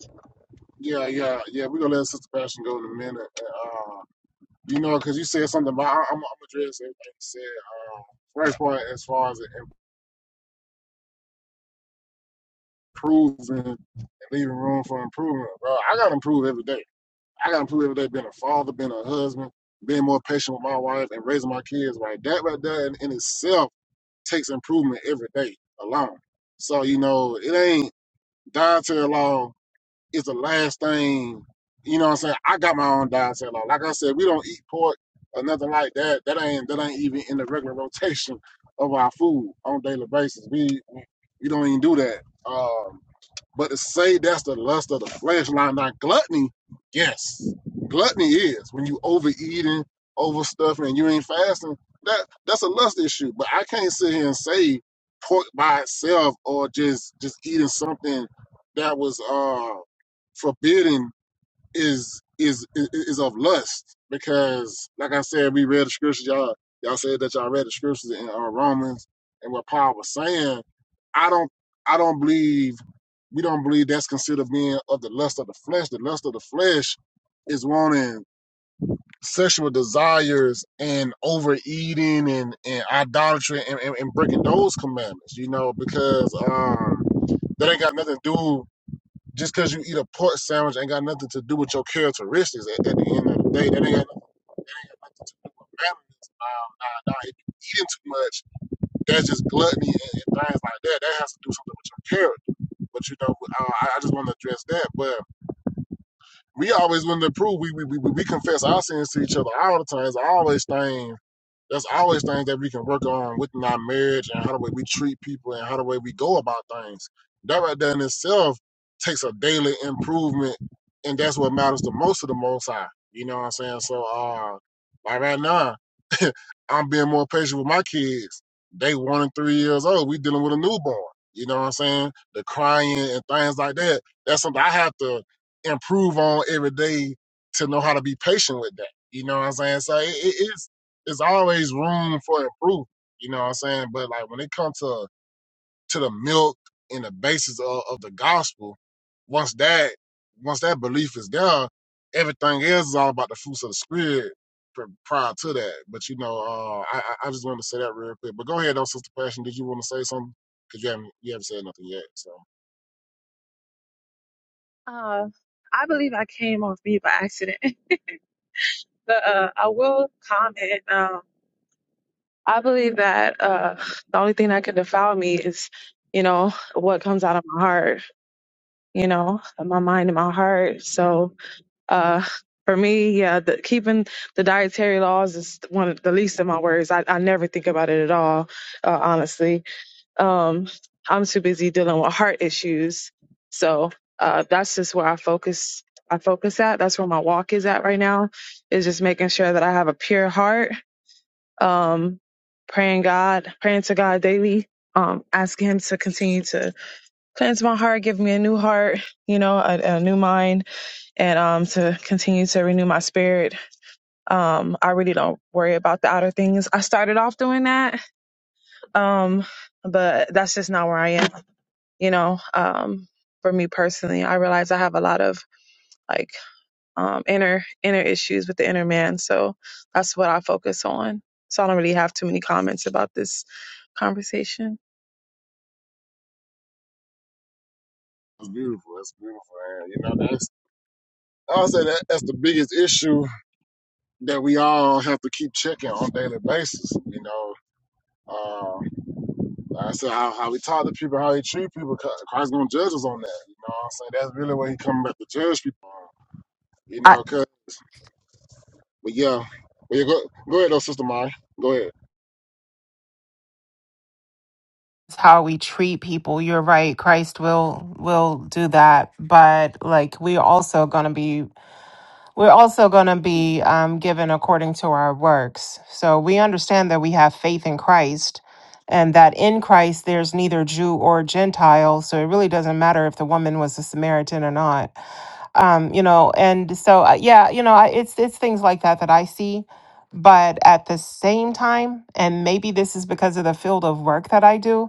Yeah, yeah, yeah. We're gonna let Sister Passion go in a minute. And, uh, you know, because you said something about I, I'm, I'm address everything you said. Uh, first part as far as improving and leaving room for improvement, bro. I gotta improve every day. I gotta improve every day, being a father, being a husband, being more patient with my wife, and raising my kids. Right, that right there in, in itself takes improvement every day alone. So you know, it ain't dietary law. is the last thing, you know what I'm saying? I got my own diet set law. Like I said, we don't eat pork or nothing like that. That ain't that ain't even in the regular rotation of our food on a daily basis. We we don't even do that. Um but to say that's the lust of the flesh, line not gluttony, yes. Gluttony is when you overeating, overstuffing, and you ain't fasting. That that's a lust issue. But I can't sit here and say pork by itself or just just eating something that was uh forbidden is is is of lust because like I said, we read the scriptures, y'all y'all said that y'all read the scriptures in uh, Romans and what Paul was saying. I don't I don't believe we don't believe that's considered being of the lust of the flesh. The lust of the flesh is wanting sexual desires and overeating and, and idolatry and, and, and breaking those commandments, you know, because um that ain't got nothing to do just because you eat a pork sandwich ain't got nothing to do with your characteristics at, at the end of the day. That ain't got nothing to do with manliness. Nah, nah, nah. If you eating too much, that's just gluttony and, and things like that. That has to do something with your character. But you know, uh, I, I just want to address that. But we always want to prove. We we, we we confess our sins to each other all the time. It's always things there's always things that we can work on within our marriage and how the way we treat people and how the way we go about things. That right there in itself takes a daily improvement, and that's what matters the most to the Most High. You know what I'm saying? So, uh, like right now. I'm being more patient with my kids. They one and three years old. We dealing with a newborn. You know what I'm saying? The crying and things like that. That's something I have to improve on every day to know how to be patient with that. You know what I'm saying? So it, it, it's it's always room for improvement. You know what I'm saying? But like when it comes to to the milk and the basis of, of the gospel, once that once that belief is there, everything else is all about the fruits of the spirit prior to that. But you know, uh, I I just wanted to say that real quick. But go ahead, though, Sister Passion. Did you want to say something? Because you haven't you haven't said nothing yet. So now. Uh, I believe I came off mute by accident, but uh, I will comment. Um, I believe that uh, the only thing that can defile me is, you know, what comes out of my heart, you know, my mind and my heart. So, uh. For me, yeah, the, keeping the dietary laws is one of the least of my worries. I, I never think about it at all, uh, honestly Um, I'm too busy dealing with heart issues. So uh, that's just where I focus. I focus at. That's where my walk is at right now. Is just making sure that I have a pure heart. Um, praying God, praying to God daily. Um, asking Him to continue to cleanse my heart, give me a new heart, you know, a, a new mind, and um, to continue to renew my spirit. Um, I really don't worry about the outer things. I started off doing that, um, but that's just not where I am you know um for me personally i realize i have a lot of like um inner inner issues with the inner man so that's what i focus on so i don't really have too many comments about this conversation it's beautiful. It's beautiful. And you know, that's I'll say that that's the biggest issue that we all have to keep checking on a daily basis. You know. uh, Like I said, how, how we talk to people, how we treat people, Christ gonna judge us on that. You know what I'm saying? That's really what he coming back to judge people on. You know, cause but yeah. Well yeah, go go ahead though, sister Mari. Go ahead. how we treat people. You're right. Christ will will do that, but like we're also going to be we're also going to be um, given according to our works. So we understand that we have faith in Christ, and that in Christ there's neither Jew or Gentile. So it really doesn't matter if the woman was a Samaritan or not. Um, you know, and so uh, yeah, you know, I- it's it's things like that that I see. But at the same time, and maybe this is because of the field of work that I do,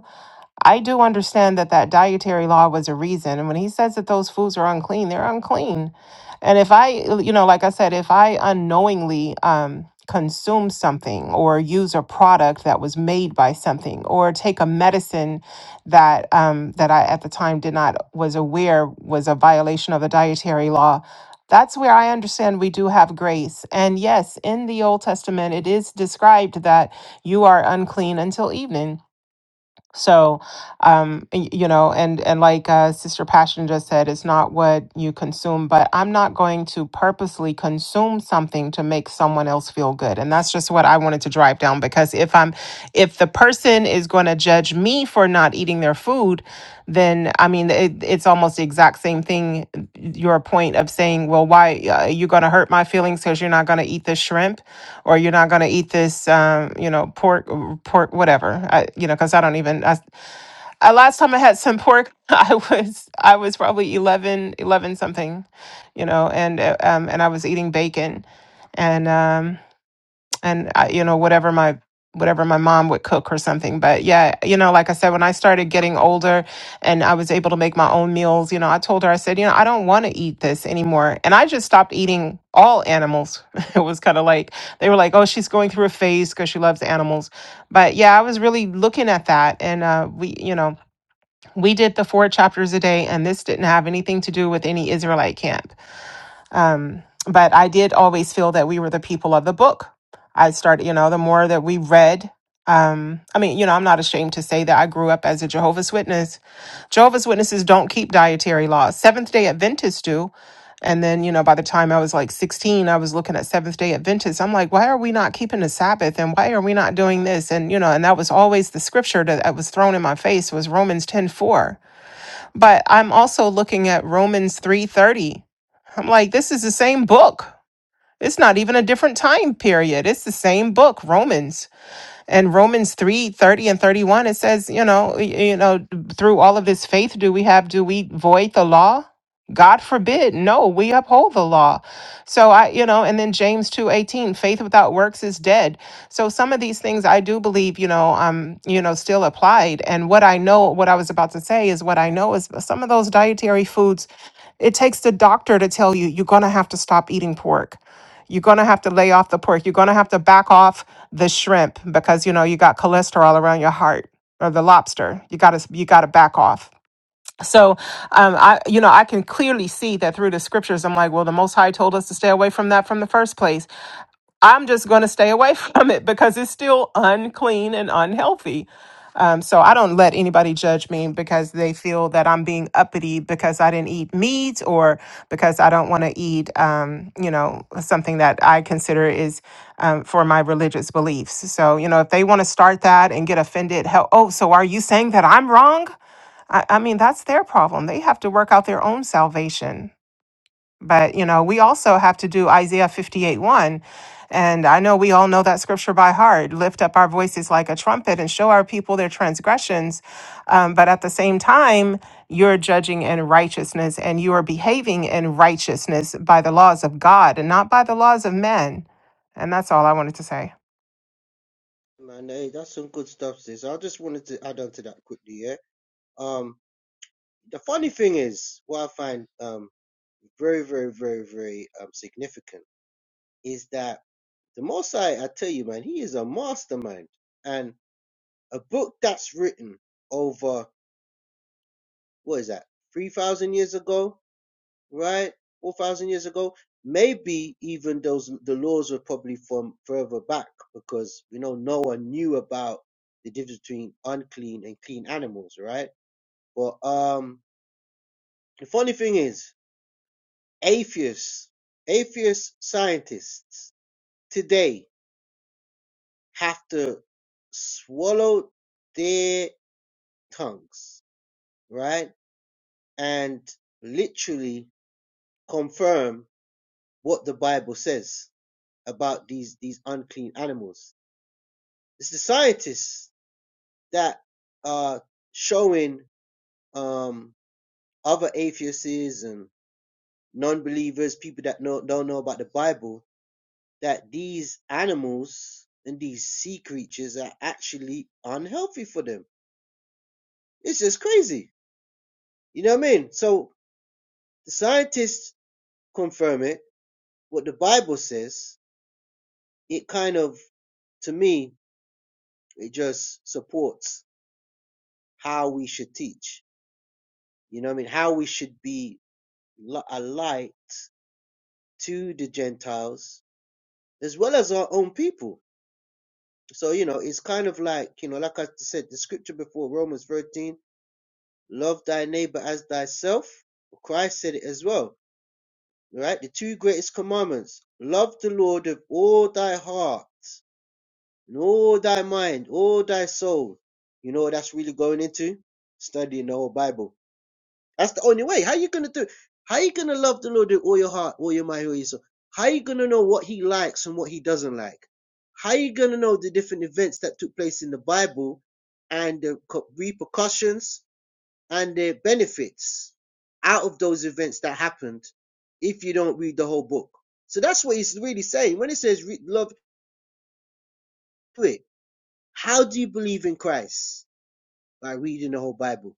I do understand that that dietary law was a reason. And when he says that those foods are unclean, they're unclean. And if I, you know, like I said, if I unknowingly um, consume something or use a product that was made by something or take a medicine that um, that I at the time did not was aware was a violation of the dietary law. That's where I understand we do have grace. And yes, in the Old Testament, it is described that you are unclean until evening. So, um, y- you know, and and like uh, Sister Passion just said, it's not what you consume, but I'm not going to purposely consume something to make someone else feel good, and that's just what I wanted to drive down. Because if I'm, if the person is going to judge me for not eating their food, then I mean, it, it's almost the exact same thing. Your point of saying, well, why uh, you're going to hurt my feelings because you're not going to eat the shrimp? or you're not going to eat this um you know pork pork whatever i you know because i don't even I, I last time i had some pork i was i was probably 11, 11 something you know and uh, um and i was eating bacon and um and I, you know whatever my whatever my mom would cook or something but yeah you know like i said when i started getting older and i was able to make my own meals you know i told her i said you know i don't want to eat this anymore and i just stopped eating all animals it was kind of like they were like oh she's going through a phase because she loves animals but yeah i was really looking at that and uh, we you know we did the four chapters a day and this didn't have anything to do with any israelite camp um, but I did always feel that we were the people of the book. I started, you know, the more that we read, um, I mean, you know, I'm not ashamed to say that I grew up as a Jehovah's Witness. Jehovah's Witnesses don't keep dietary laws. Seventh day Adventists do. And then, you know, by the time I was like 16, I was looking at Seventh day Adventists. I'm like, why are we not keeping the Sabbath? And why are we not doing this? And, you know, and that was always the scripture that that was thrown in my face was Romans 10:4. But I'm also looking at Romans 3:30. I'm like, this is the same book. It's not even a different time period. It's the same book, Romans and Romans 3 30 and 31, it says, you know, you know, through all of this faith, do we have, do we void the law? God forbid. No, we uphold the law. So I, you know, and then James 2 18, faith without works is dead. So some of these things I do believe, you know, um, you know, still applied. And what I know, what I was about to say is what I know is some of those dietary foods it takes the doctor to tell you you're going to have to stop eating pork you're going to have to lay off the pork you're going to have to back off the shrimp because you know you got cholesterol around your heart or the lobster you got to you got to back off so um i you know i can clearly see that through the scriptures i'm like well the most high told us to stay away from that from the first place I'm just going to stay away from it because it's still unclean and unhealthy. Um, so I don't let anybody judge me because they feel that I'm being uppity because I didn't eat meat or because I don't want to eat, um, you know, something that I consider is um, for my religious beliefs. So, you know, if they want to start that and get offended, hell, oh, so are you saying that I'm wrong? I, I mean, that's their problem. They have to work out their own salvation. But, you know, we also have to do Isaiah 58 1. And I know we all know that scripture by heart lift up our voices like a trumpet and show our people their transgressions. Um, but at the same time, you're judging in righteousness and you are behaving in righteousness by the laws of God and not by the laws of men. And that's all I wanted to say. Man, hey, that's some good stuff, sis. I just wanted to add on to that quickly, yeah. Um, the funny thing is, what I find um very, very, very, very um significant is that the Most High, I tell you, man, he is a mastermind, and a book that's written over what is that, 3,000 years ago, right? 4,000 years ago. Maybe even those, the laws were probably from further back because, you know, no one knew about the difference between unclean and clean animals, right? But, um, the funny thing is atheists, atheist scientists today have to swallow their tongues, right? And literally confirm what the Bible says about these these unclean animals. It's the scientists that are showing um, other atheists and non-believers, people that know, don't know about the Bible, that these animals and these sea creatures are actually unhealthy for them. It's just crazy. You know what I mean? So the scientists confirm it. What the Bible says, it kind of, to me, it just supports how we should teach. You know what I mean? How we should be a light to the Gentiles as well as our own people. So, you know, it's kind of like, you know, like I said, the scripture before Romans 13, love thy neighbor as thyself. Well, Christ said it as well, right? The two greatest commandments love the Lord of all thy heart and all thy mind, all thy soul. You know what that's really going into? Studying the whole Bible That's the only way. How you gonna do? How you gonna love the Lord with all your heart, all your mind, all your soul? How you gonna know what He likes and what He doesn't like? How you gonna know the different events that took place in the Bible and the co- repercussions and the benefits out of those events that happened if you don't read the whole book? So that's what He's really saying when it says re- love do it. How do you believe in Christ by reading the whole Bible?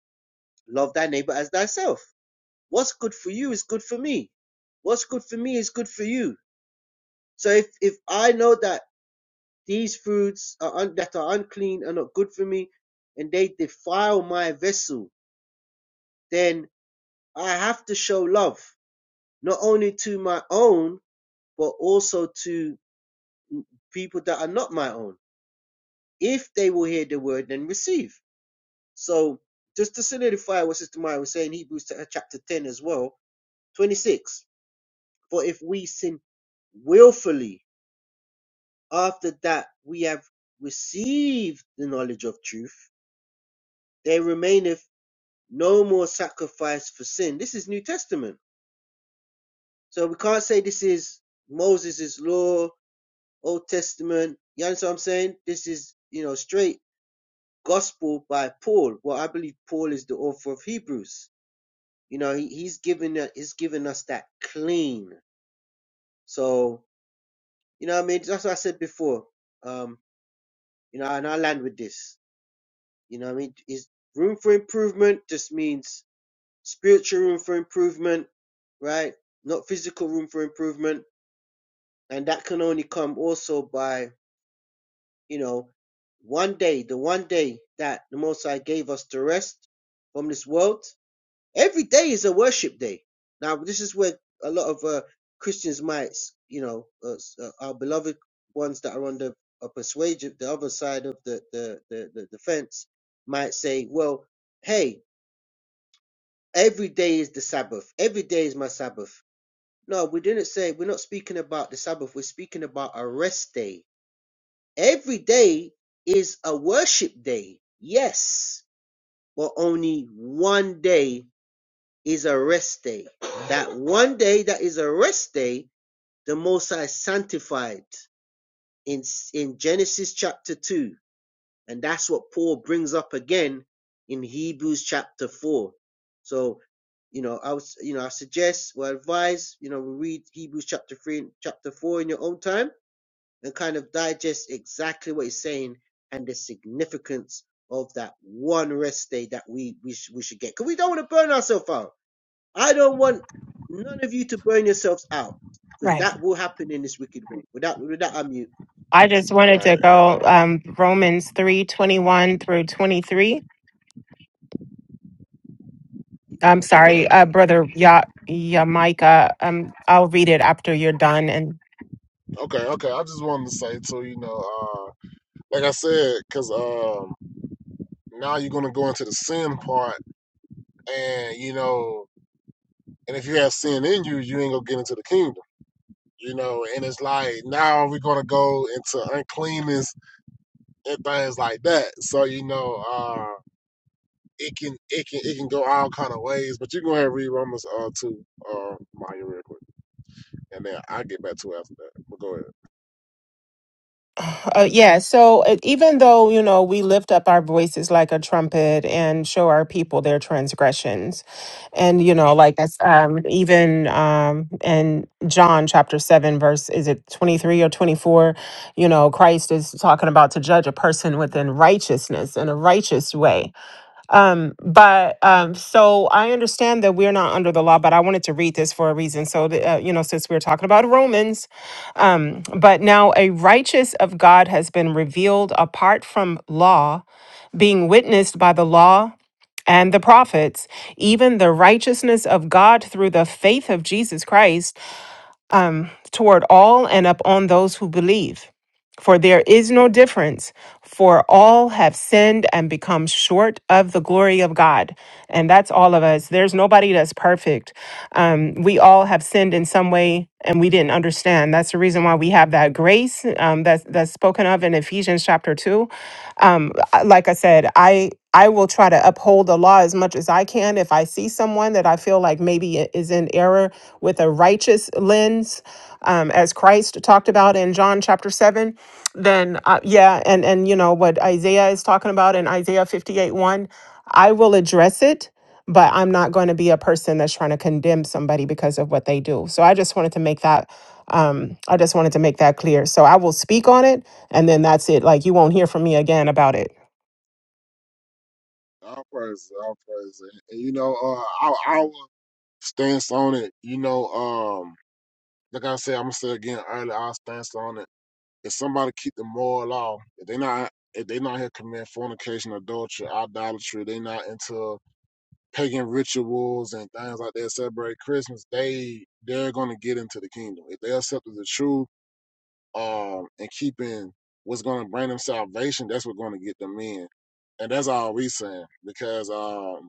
Love thy neighbor as thyself. What's good for you is good for me. What's good for me is good for you. So if if I know that these foods are un, that are unclean are not good for me, and they defile my vessel, then I have to show love not only to my own but also to people that are not my own. If they will hear the word and receive. So just to solidify what Sister Maya was saying, Hebrews chapter ten as well, twenty six. For if we sin willfully after that we have received the knowledge of truth, there remaineth no more sacrifice for sin. This is New Testament. So we can't say this is Moses' law, Old Testament. You understand what I'm saying? This is, you know, straight gospel by Paul. Well, I believe Paul is the author of Hebrews. You know, he, he's given that he's given us that clean. So, you know what I mean? That's what I said before. Um, you know, and I land with this. You know what I mean? Is room for improvement just means spiritual room for improvement, right? Not physical room for improvement. And that can only come also by, you know, one day, the one day that the Most High gave us to rest from this world. Every day is a worship day. Now, this is where a lot of uh, Christians might, you know, uh, uh, our beloved ones that are on the uh, persuasion, the other side of the, the, the, the, the fence might say, well, hey, Every day is the Sabbath. Every day is my Sabbath. No, we didn't say, we're not speaking about the Sabbath. We're speaking about a rest day. Every day is a worship day. Yes, but only one day is a rest day. That one day that is a rest day, the Most High sanctified in, in Genesis chapter 2. And that's what Paul brings up again in Hebrews chapter 4. So, you know, I was, you know, I suggest, well, I advise, you know, we read Hebrews chapter 3 and chapter 4 in your own time and kind of digest exactly what he's saying and the significance of that one rest day that we, we, sh- we should get. Because we don't want to burn ourselves out. I don't want none of you to burn yourselves out because Right. that will happen in this wicked world. Without, without, I mute. I just wanted to Right. And, go um, um, Romans three twenty one through 23. I'm sorry, okay. uh, brother Ya Yamaika. Um, I'll read it after you're done. And Okay, okay. I just wanted to say too, you know, uh like I said, cause um now you're gonna go into the sin part and you know and if you have sin in you, you ain't gonna get into the kingdom. You know, and it's like now we're gonna go into uncleanness and things like that. So you know, uh, it can it can it can go all kind of ways. But you can go ahead and read Romans uh two uh Maya real quick, and then I will get back to it after that. But go ahead. uh, yeah, so uh, even though you know we lift up our voices like a trumpet and show our people their transgressions, and you know, like that's um, even um, in John chapter seven, verse is it twenty three or twenty four? You know, Christ is talking about to judge a person within righteousness in a righteous way Um, but um, so I understand that we're not under the law, but I wanted to read this for a reason. So, the, uh, you know, since we're talking about Romans, um, but now a righteous of God has been revealed apart from law, being witnessed by the law and the prophets, even the righteousness of God through the faith of Jesus Christ um, toward all and upon those who believe. For there is no difference, for all have sinned and become short of the glory of God. And that's all of us. There's nobody that's perfect. Um, we all have sinned in some way and we didn't understand. That's the reason why we have that grace um, that's, that's spoken of in Ephesians chapter 2. Um, I- like I said, I. I will try to uphold the law as much as I can. If I see someone that I feel like maybe i- is in error, with a righteous lens, um, as Christ talked about in John chapter 7, then uh, yeah, and, and you know what Isaiah is talking about in Isaiah 58 1, I will address it, but I'm not going to be a person that's trying to condemn somebody because of what they do. So I just wanted to make that. Um, I just wanted to make that clear. So I will speak on it and then that's it. Like you won't hear from me again about it. All praise, all praise, and, you know, uh, our, our stance on it. You know, um, like I said, I'm gonna say again earlier, our stance on it. If somebody keep the moral law, if they not if they not here commit fornication, adultery, idolatry, they not into pagan rituals and things like that celebrate Christmas, they they're gonna get into the kingdom. If they accept the truth um and keeping what's gonna bring them salvation, that's what's gonna get them in. And that's all we saying. Because um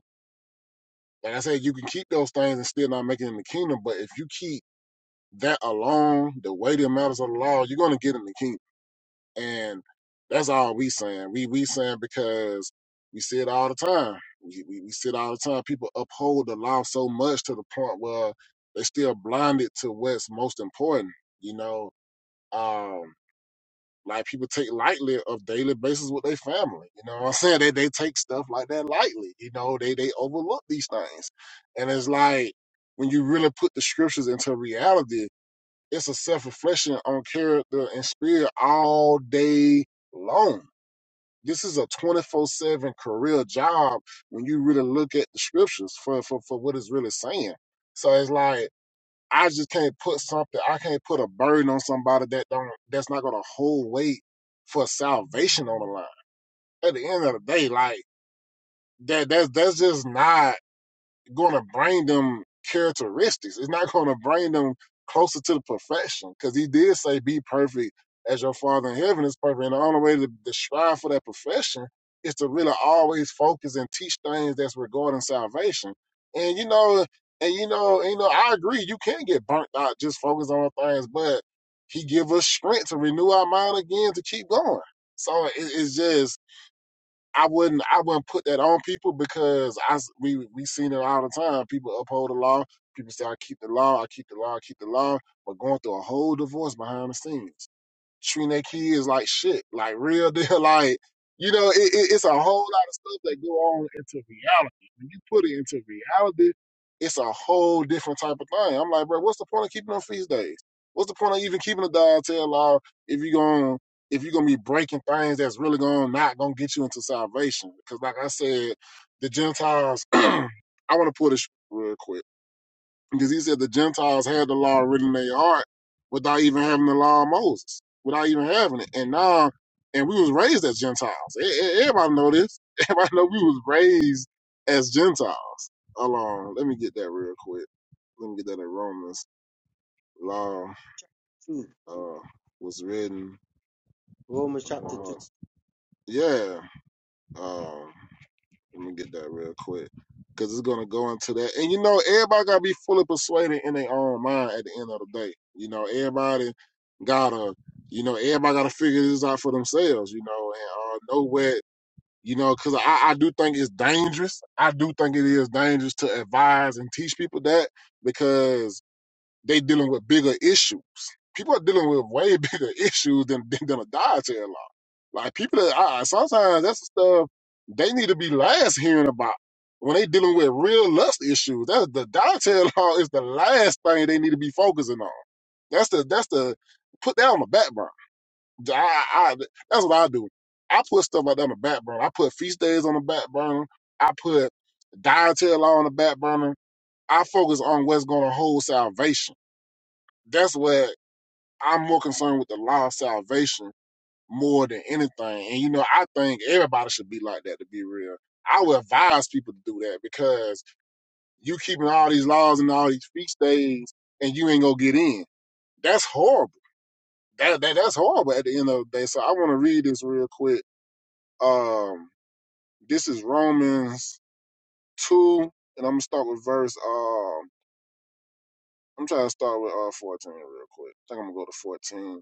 like I said, you can keep those things and still not make it in the kingdom, but if you keep that alone, the weighty matters of the law, you're gonna get in the kingdom. And that's all we saying. We we saying because we see it all the time. We, we we see it all the time. People uphold the law so much to the point where they're still blinded to what's most important. You know, um, like people take lightly of daily basis with their family. You know what I'm saying? They they take stuff like that lightly. You know, they they overlook these things, and it's like when you really put the scriptures into reality it's a self reflection on character and spirit all day long. This is a 24 7 career job when you really look at the scriptures for, for, for what it's really saying. So it's like, I just can't put something, I can't put a burden on somebody that don't, that's not going to hold weight for salvation on the line. At the end of the day, like, that, that's, that's just not going to bring them characteristics. It's not going to bring them closer to the perfection because he did say, "Be perfect as your Father in heaven is perfect." And the only way to, to strive for that perfection is to really always focus and teach things that's regarding salvation. And you know, and you know, and, you know, I agree. You can get burnt out just focus on things, but he give us strength to renew our mind again to keep going. So it, it's just I wouldn't I wouldn't put that on people because I s- we we seen it all the time. People uphold the law. People say I keep the law, I keep the law, I keep the law, but going through a whole divorce behind the scenes treating their kids like shit, like real deal, like you know, it, it, it's a whole lot of stuff that go on into reality. When you put it into reality, it's a whole different type of thing. I'm like, bro, what's the point of keeping them feast days? What's the point of even keeping a dog tail law if you're going if you're gonna be breaking things that's really going not gonna get you into salvation? Because like I said, the Gentiles, I want to pull this real quick because he said the Gentiles had the law written in their heart without even having the law of Moses, without even having it. And now, and we was raised as Gentiles. E- e- Everybody know this. Everybody know we was raised as Gentiles. Hold on, let me get that real quick. Let me get that in Romans. Law uh, was written Romans in their chapter 2. hearts. Yeah. Um, Let me get that real quick. Cause it's gonna go into that. And you know, everybody gotta be fully persuaded in their own mind at the end of the day. You know, everybody gotta, you know, everybody gotta figure this out for themselves, you know, and uh, know what, you know, cause I, I do think it's dangerous. I do think it is dangerous to advise and teach people that because they dealing with bigger issues. People are dealing with way bigger issues than than, than a dietary law. Like people, that, I, sometimes that's the stuff they need to be last hearing about when they dealing with real lust issues. That's the dietary law is the last thing they need to be focusing on. That's the that's the put that on the back burner. I, I- that's what I do. I put stuff like that on the back burner. I put feast days on the back burner. I put dietary law on the back burner. I focus on what's going to hold salvation that's what I'm more concerned with the law of salvation more than anything. And you know, I think everybody should be like that to be real. I would advise people to do that because you keeping all these laws and all these feast days and you ain't gonna get in. That's horrible. That, that that's horrible at the end of the day. So I wanna read this real quick. Um this is Romans two and I'm gonna start with verse um I'm trying to start with uh fourteen real quick. I think I'm gonna go to fourteen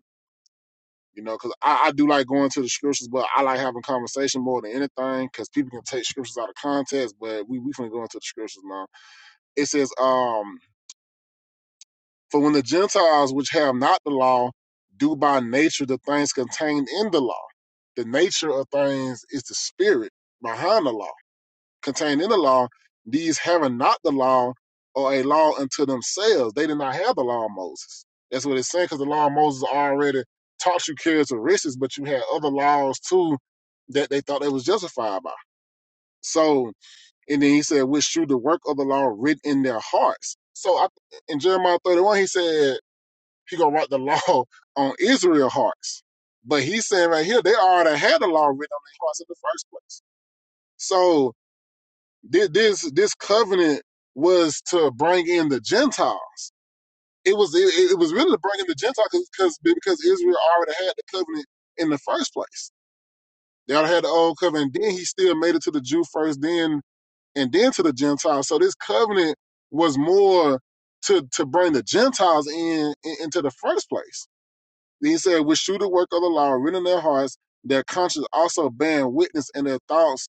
You know, because I, I do like going to the scriptures, but I like having conversation more than anything because people can take scriptures out of context. But we we finna go into the scriptures now. It says, um, for when the Gentiles which have not the law do by nature the things contained in the law, the nature of things is the spirit behind the law contained in the law, these having not the law or a law unto themselves. They did not have the law of Moses. That's what it's saying, because the law of Moses already taught you characteristics, but you had other laws too that they thought they was justified by. So, and then he said, which through the work of the law written in their hearts. So I, in Jeremiah 31, he said he gonna write the law on Israel hearts. But he's saying right here, they already had the law written on their hearts in the first place. So this this covenant was to bring in the Gentiles. It was it, it was really to bring in the Gentiles because because Israel already had the covenant in the first place. They already had the old covenant. Then he still made it to the Jew first, then and then to the Gentiles. So this covenant was more to to bring the Gentiles in, in into the first place. Then he said, which through the work of the law are written in their hearts, their conscience also bearing witness in their thoughts,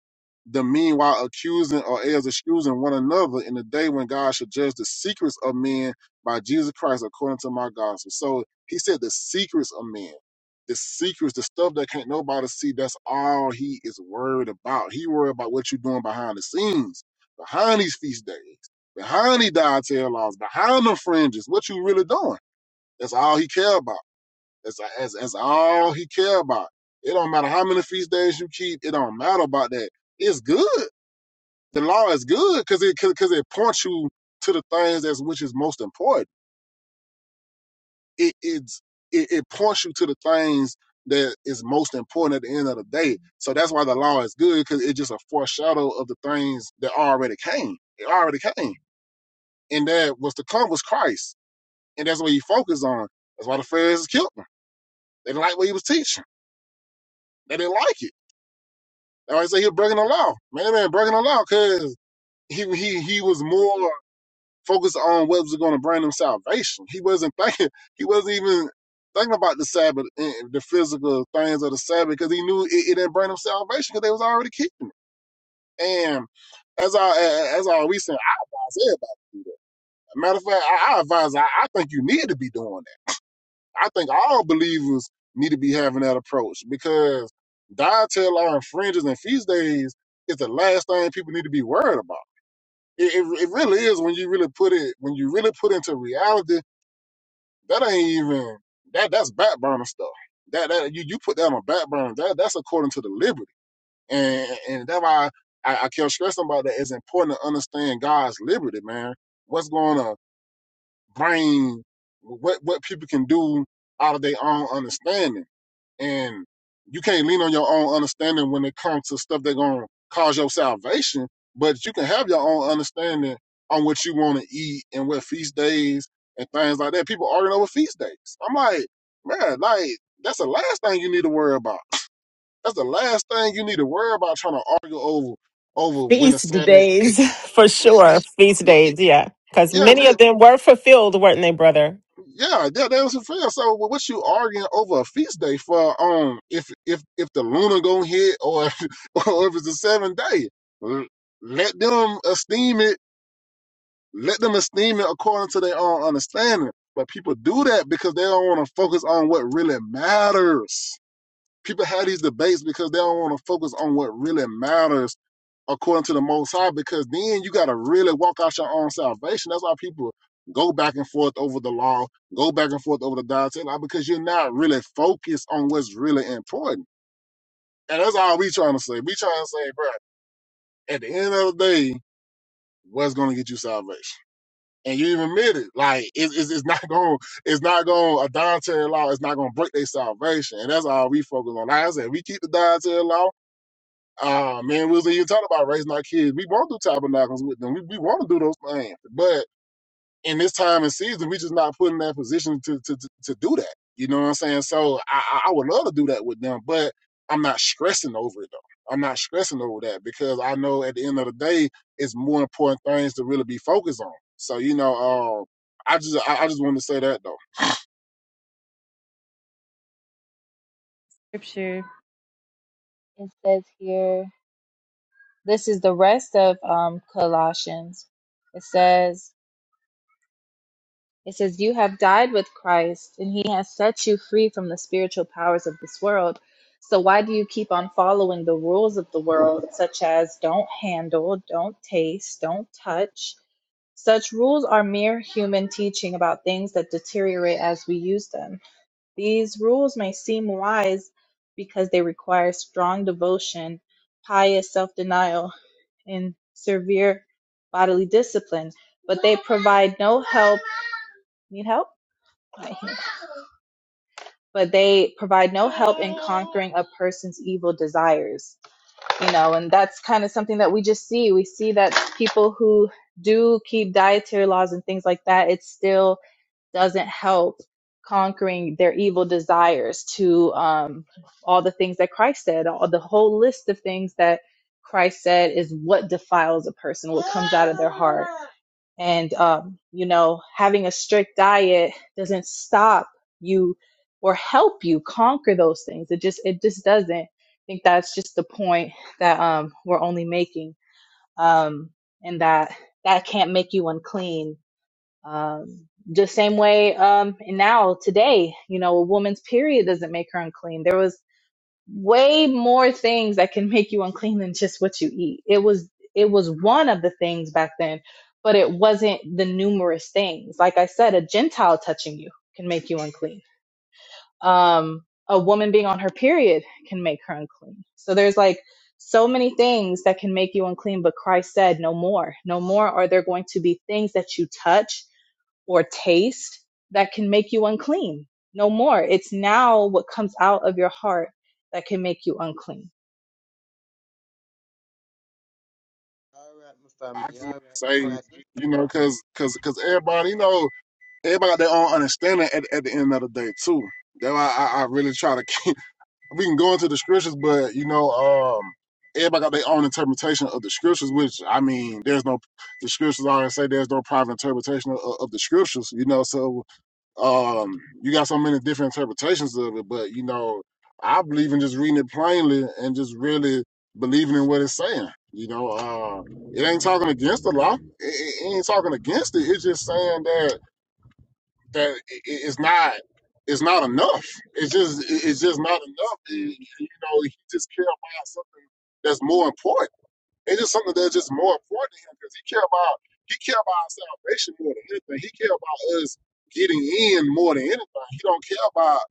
the meanwhile accusing or as excusing one another in the day when God shall judge the secrets of men by Jesus Christ according to my gospel. So he said the secrets of men, the secrets, the stuff that can't nobody see, that's all he is worried about. He worried about what you're doing behind the scenes, behind these feast days, behind these dietary laws, behind the fringes, what you really doing. That's all he care about. That's, that's, that's all he care about. It don't matter how many feast days you keep. It don't matter about that. It's good. The law is good because it because it points you to the things that's which is most important. It it's, it, it points you to the things that is most important at the end of the day. So that's why the law is good because it's just a foreshadow of the things that already came. It already came, and that was to come was Christ, and that's what he focused on. That's why the Pharisees killed him. They didn't like what he was teaching. They didn't like it That's why I say he was breaking the law. Man, that man, breaking the law because he, he he was more focused on what was going to bring him salvation. He wasn't thinking. He wasn't even thinking about the Sabbath, and the physical things of the Sabbath, because he knew it, it didn't bring him salvation because they was already keeping it. And as I as I we saying, I advise everybody to do that. Matter of fact, I, I advise. I, I think you need to be doing that. I think all believers need to be having that approach because dietary law and and feast days is the last thing people need to be worried about. It, it, it really is when you really put it when you really put into reality. That ain't even that that's back burner stuff. That that you you put that on back burner. That that's according to the liberty, and and that's why I, I kept stressing about that. It's important to understand God's liberty, man. What's going on? brain, what what people can do out of their own understanding, and you can't lean on your own understanding when it comes to stuff that's gonna cause your salvation. But you can have your own understanding on what you want to eat and what feast days and things like that. People arguing over feast days. I'm like, man, like that's the last thing you need to worry about. That's the last thing you need to worry about trying to argue over over when the Feast Sabbath. days, for sure. Feast days, yeah. Because Yeah, many just of them were fulfilled, weren't they, brother? Yeah, that, that was a fail. So wh- what you arguing over a feast day for? Um, if if if the lunar gonna hit or or if it's a seven day, L- let them esteem it. Let them esteem it according to their own understanding. But people do that because they don't want to focus on what really matters. People have these debates because they don't want to focus on what really matters according to the Most High, because then you got to really walk out your own salvation. That's why people go back and forth over the law, go back and forth over the dietary law, because you're not really focused on what's really important. And that's all we trying to say. We trying to say, bro, at the end of the day, what's going to get you salvation? And you even admit it, like it, it's, it's not going, it's not going. A dietary law is not going to break their salvation, and that's all we focus on. Like I said, we keep the dietary law Ah man, we was in talking about raising our kids. We want to do tabernacles with them. We, we want to do those things. But in this time and season, we just not put in that position to, to, to, to do that. You know what I'm saying? So I, I would love to do that with them, but I'm not stressing over it though. I'm not stressing over that because I know at the end of the day, it's more important things to really be focused on. So, you know, um, I just, I, I just want to say that though. Scripture it says here. this is the rest of um, Colossians. It says, it says, you have died with Christ, and he has set you free from the spiritual powers of this world. So why do you keep on following the rules of the world, such as don't handle, don't taste, don't touch? Such rules are mere human teaching about things that deteriorate as we use them. These rules may seem wise because they require strong devotion, pious self denial, in severe bodily discipline, but they provide no help. Need help? But they provide no help in conquering a person's evil desires, you know, and that's kind of something that we just see. We see that people who do keep dietary laws and things like that, it's still doesn't help conquering their evil desires to um, all the things that Christ said, all the whole list of things that Christ said is what defiles a person, what comes out of their heart. And, um, you know, having a strict diet doesn't stop you or help you conquer those things. It just, it just doesn't. I think that's just the point that um, we're only making. Um, and that that can't make you unclean um, just same way um, and now today, you know, a woman's period doesn't make her unclean. There was way more things that can make you unclean than just what you eat. It was it was one of the things back then, but it wasn't the numerous things. Like I said, a Gentile touching you can make you unclean. Um, a woman being on her period can make her unclean. So there's like so many things that can make you unclean, but Christ said no more. No more are there going to be things that you touch or taste that can make you unclean. No more. It's now what comes out of your heart that can make you unclean. All right, my I family. just All want right, to say, all right. you know, cause, cause, cause everybody, you know, everybody got their own understanding at, at the end of the day too. That's why I, I really try to keep. We can go into the scriptures, but you know, um, everybody got their own interpretation of the scriptures. Which I mean, there's no the scriptures always say there's no private interpretation of, of the scriptures. You know, so um, you got so many different interpretations of it. But you know, I believe in just reading it plainly and just really believing in what it's saying. You know, uh, it ain't talking against the law. It, it it ain't talking against it. It's just saying that that i- it's not it's not enough. It's just it's just not enough. And, you know, he just care about something that's more important. It's just something that's just more important to him because he care about he care about our salvation more than anything. He care about us getting in more than anything. He don't care about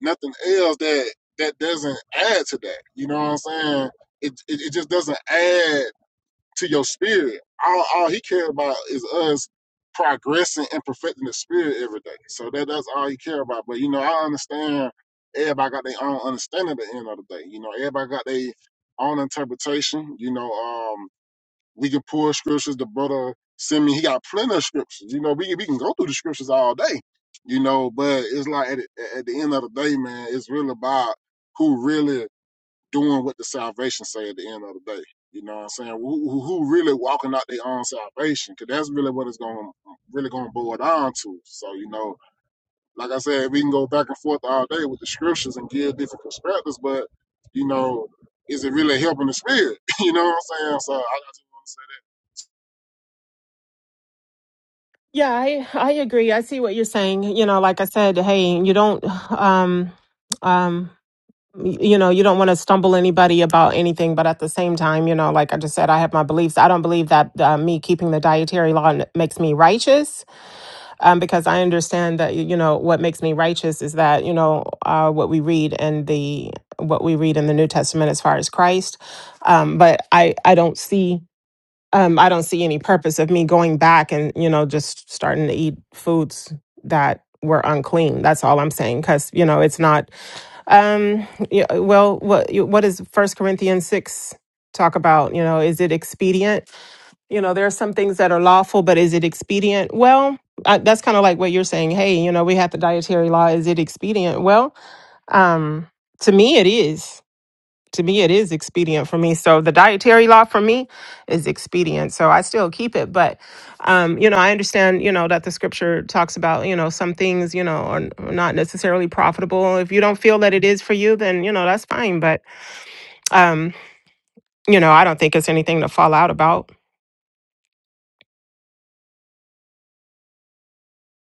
nothing else that that doesn't add to that. You know what I'm saying? It it, it just doesn't add to your spirit. All, all he cared about is us progressing and perfecting the spirit every day. So that that's all he cared about. But you know, I understand everybody got their own understanding at the end of the day. You know, everybody got their own interpretation. You know, um, we can pull scriptures. The brother send me. he got plenty of scriptures. You know, we can- we can go through the scriptures all day. You know, but it's like at, at the end of the day, man, it's really about who really doing what the salvation say at the end of the day. You know what I'm saying? Who, who who really walking out their own salvation? Because that's really what it's going really going to boil down to. So you know, like I said, we can go back and forth all day with the scriptures and give different perspectives, but you know, is it really helping the spirit? you know what I'm saying? So I, I just want to say Yeah, I, I agree. I see what you're saying. You know, like I said, hey, you don't, um, um, y- you know, you don't want to stumble anybody about anything. But at the same time, you know, like I just said, I have my beliefs. I don't believe that uh, me keeping the dietary law n- makes me righteous um, because I understand that you know what makes me righteous is that you know uh, what we read in the what we read in the New Testament as far as Christ, um, but I I don't see um, I don't see any purpose of me going back and you know just starting to eat foods that were unclean. That's all I'm saying because you know it's not um, yeah, well what what does is First Corinthians six talk about you know is it expedient you know there are some things that are lawful but is it expedient well I, that's kind of like what you're saying hey you know we have the dietary law is it expedient well um to me it is to me it is expedient for me so the dietary law for me is expedient so i still keep it but um you know i understand you know that the scripture talks about you know some things you know are, are not necessarily profitable if you don't feel that it is for you then you know that's fine but um, you know, I don't think it's anything to fall out about.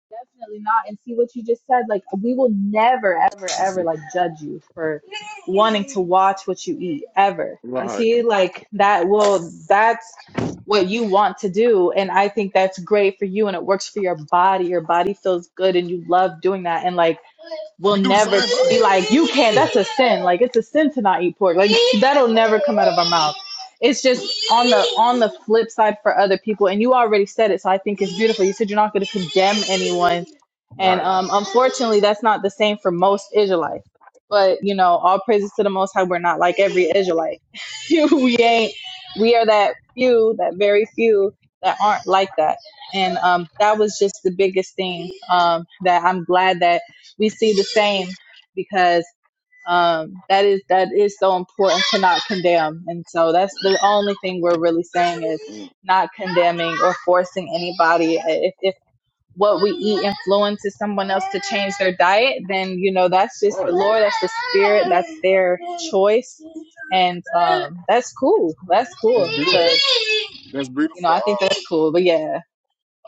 Definitely not. And see what you just said. Like, we will never, ever, that. Let's ever see. like judge you for wanting to watch what you eat ever. You Right. see, like that will, that's what you want to do. And I think that's great for you and it works for your body. Your body feels good and you love doing that. And like, will We do the never same be thing. like, you can't, that's a sin. Like it's a sin to not eat pork. Like that'll never come out of our mouth. It's just on the on the flip side for other people, and you already said it, so I think it's beautiful. You said you're not going to condemn anyone, and Right. um, unfortunately, that's not the same for most Israelites. But you know, all praises to the Most High. We're not like every Israelite. we ain't. We are that few, that very few that aren't like that and um, that was just the biggest thing um, that I'm glad that we see the same because um, that is that is so important to not condemn. And so that's the only thing we're really saying is Mm, not condemning or forcing anybody. If, if what we eat influences someone else to change their diet, then you know that's just the Right. Lord, that's the Spirit, that's their choice, and um, that's cool. That's That's cool beautiful. because That's you know beautiful. I think Uh, that's cool. But yeah,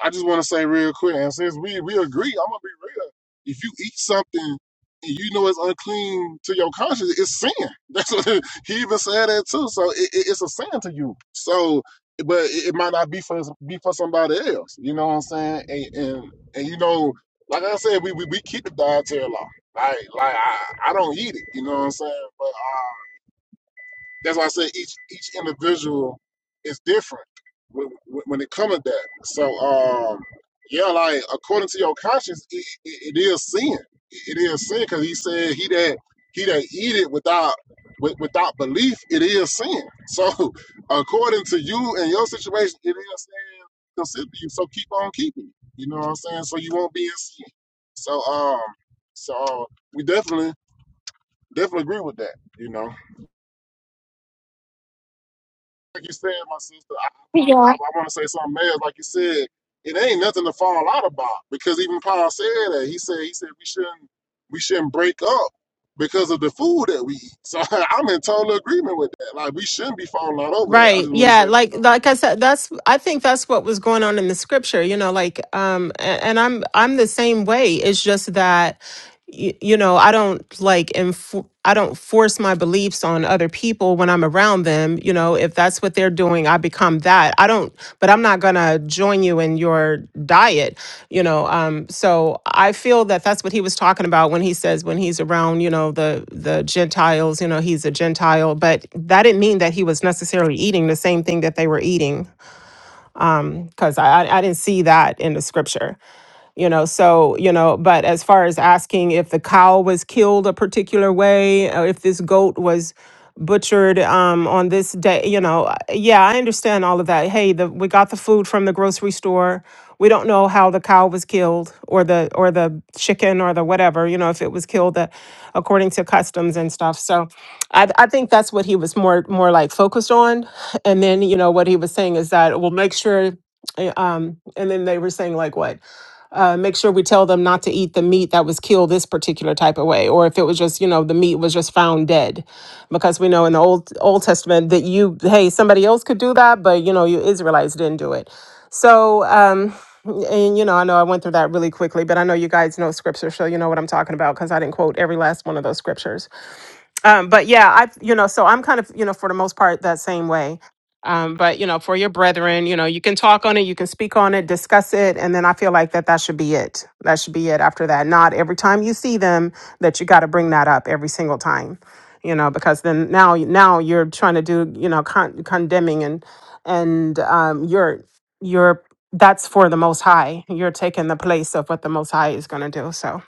I just want to say real quick, and since we we agree, I'm gonna be real. If you eat something and you know it's unclean to your conscience, it's sin. That's what he even said that too. So it, it, it's a sin to you. So, but it, it might not be for be for somebody else. You know what I'm saying? And and, and you know, like I said, we, we we keep the dietary law. Like like I, I don't eat it. You know what I'm saying? But uh, that's why I said each each individual is different when, when it comes to that. So um, yeah, like according to your conscience, it, it, it is sin. It is sin because he said he that he that eat it without with, without belief, it is sin. So according to you and your situation, it is sin considered you. So keep on keeping. it. You know what I'm saying? So you won't be in sin. So um, so we definitely definitely agree with that. You know. like you said, my sister, I want I, Yeah. I want to say something else. Like you said, it ain't nothing to fall out about because even Paul said that. He said he said we shouldn't we shouldn't break up because of the food that we eat. So I'm in total agreement with that. Like we shouldn't be falling out over that. I Right. just want to Yeah. say that. Like like I said, that's I think that's what was going on in the scripture, you know, like um a- and, I'm I'm the same way. It's just that you, you know, I don't like infor- I don't force my beliefs on other people when I'm around them, you know, if that's what they're doing, I become that. I don't but I'm not going to join you in your diet. you know um so i feel that that's what he was talking about when he says when he's around you know the the gentiles you know he's a gentile but that didn't mean that he was necessarily eating the same thing that they were eating because I, I i didn't see that in the scripture you know so you know but as far as asking if the cow was killed a particular way or if this goat was butchered um on this day you know uh, yeah i understand all of that hey the we got the food from the grocery store we don't know how the cow was killed or the or the chicken or the whatever you know if it was killed uh, according to customs and stuff so i i think that's what he was more more like focused on and then you know what he was saying is that we'll make sure uh, um and then they were saying like what uh, make sure we tell them not to eat the meat that was killed this particular type of way, or if it was just, you know, the meat was just found dead, because we know in the old Old Testament that you, hey, somebody else could do that, but you know, you Israelites didn't do it. So, um, and you know, I know I went through that really quickly, but I know you guys know scripture, so you know what I'm talking about because I didn't quote every last one of those scriptures um, but yeah, I you know, so I'm kind of you know for the most part that same way. Um, but you know, for your brethren, you know, you can talk on it, you can speak on it, discuss it, and then I feel like that that should be it. That should be it. After that, not every time you see them that you got to bring that up every single time, you know, because then now now you're trying to do you know con- condemning and and um, you're you're that's for the Most High. You're taking the place of what the Most High is going to do. So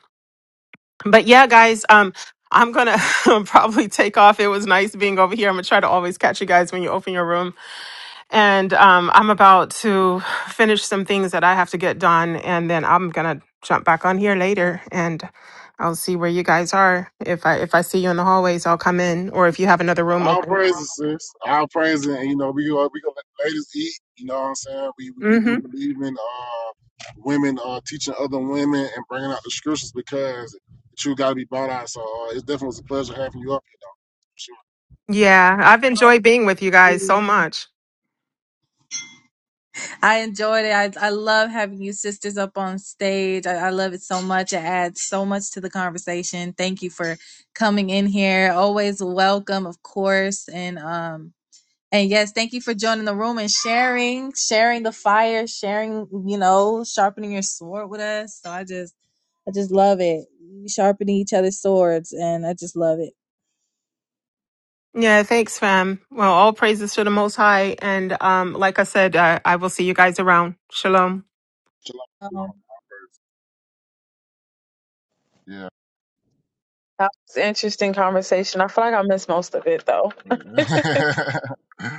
but yeah guys um i'm gonna probably take off it was nice being over here i'm gonna try to always catch you guys when you open your room and um i'm about to finish some things that i have to get done and then i'm gonna jump back on here later and i'll see where you guys are if i if i see you in the hallways i'll come in or if you have another room All open praises, sis. All praises. And, you know, we go we gonna let the ladies eat. You know what I'm saying? We we, we do mm-hmm believe in uh women uh teaching other women and bringing out the scriptures because the truth got to be brought out. So uh, it definitely was a pleasure having you up. Chill, yeah Always, i've enjoyed being with you guys so much I enjoyed it. I, I love having you sisters up on stage. I, I love it so much. It adds so much to the conversation. Thank you for coming in here. Always welcome, of course. And um and yes, thank you for joining the room and sharing, sharing the fire, sharing, you know, sharpening your sword with us. So I just I just love it. We Sharpening each other's swords and I just love it. yeah, thanks, fam. Well, all praises to the Most High. And um, like I said, uh, I will see you guys around. Shalom. chill Um, That was an interesting conversation. I feel like I missed most of it though. Yeah.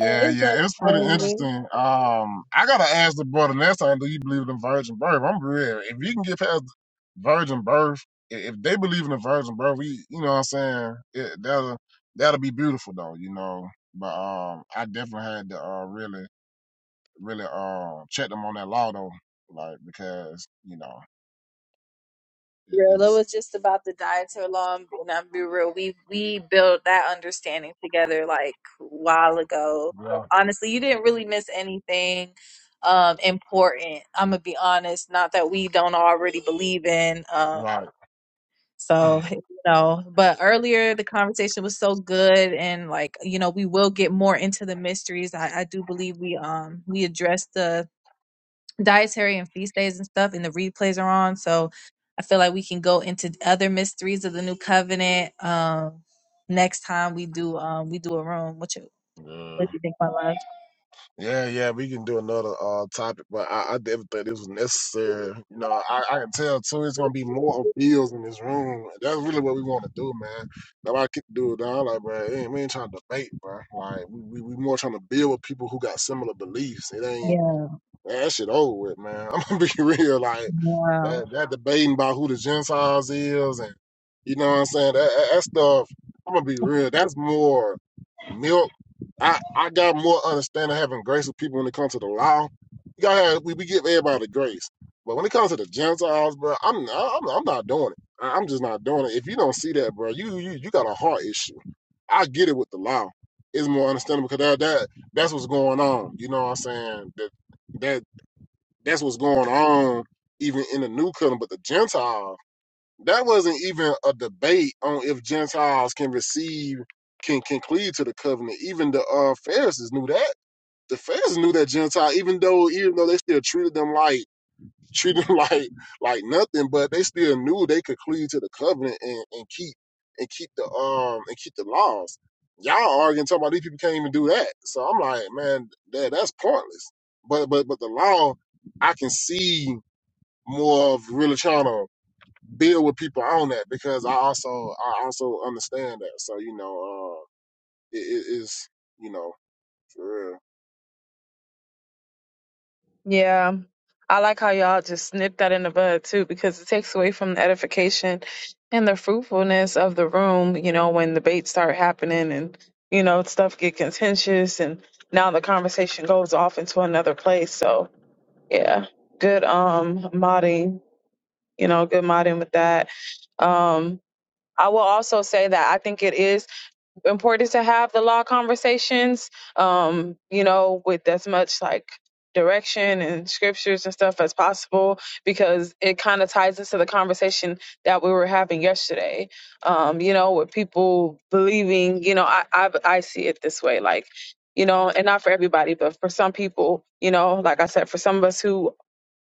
but it's yeah. It's pretty okay. interesting. Um, I gotta ask the brother next time, do you believe in virgin birth? I'm real. If you can get past virgin birth, i- if they believe in the virgin birth, we, you know what I'm saying? It, that'll that'll be beautiful though, you know. But um, I definitely had to uh really, really uh check them on that law though, like because you know it, real. It it's was just about the dietary law, and I'll be real. We we built that understanding together like a while ago. yeah, So honestly, you didn't really miss anything um important. I'm gonna be honest. Not that we don't already believe in. Um, right, so you know, but earlier the conversation was so good, and like you know, we will get more into the mysteries. I I do believe we um we addressed the dietary and feast days and stuff, and the replays are on. So I feel like we can go into other mysteries of the new covenant. Um, next time we do, um, we do a room. What you yeah. what you think, my love? Yeah, yeah, we can do another uh topic, but I, I didn't think this was necessary. You know, I, I can tell too it's gonna be more appeals in this room. That's really what we wanna do, man. Nobody can do it down like bro, ain't, we ain't trying to debate, bro. Like we, we we more trying to build with people who got similar beliefs. It ain't Yeah. man, that shit over with, man. I'm gonna be real, like Wow. that that debating about who the Gentiles is, and you know what I'm saying. That, that that stuff. I'm gonna be real. That's more milk. I I got more understanding having grace with people when it comes to the law. You gotta have, we we give everybody grace, but when it comes to the Gentiles, bro, I'm I'm I'm not doing it. I- I'm just not doing it. If you don't see that, bro, you you you got a heart issue. I get it with the law. It's more understandable because that, that that's what's going on. You know what I'm saying? That that that's what's going on even in the new covenant. But the Gentiles, that wasn't even a debate on if Gentiles can receive, can can cleave to the covenant. Even the uh, Pharisees knew that. The Pharisees knew that Gentile, even though even though they still treated them like treat them like like nothing, but they still knew they could cleave to the covenant and, and keep and keep the um and keep the laws. Y'all arguing talking about these people can't even do that. So I'm like, man, that that's pointless. But but but the law, I can see more of really trying to build with people on that because I also I also understand that. So you know, uh, it is you know for real. Yeah. I like how y'all just snip that in the bud too, because it takes away from the edification and the fruitfulness of the room, you know, when debates start happening and, you know, stuff get contentious and now the conversation goes off into another place. So yeah. Good um modding, you know, good modding with that. Um I will also say that I think it is important to have the law conversations um you know with as much like direction and scriptures and stuff as possible because it kind of ties into the conversation that we were having yesterday um you know with people believing you know i i, I see it this way like you know and not for everybody but for some people you know like i said for some of us who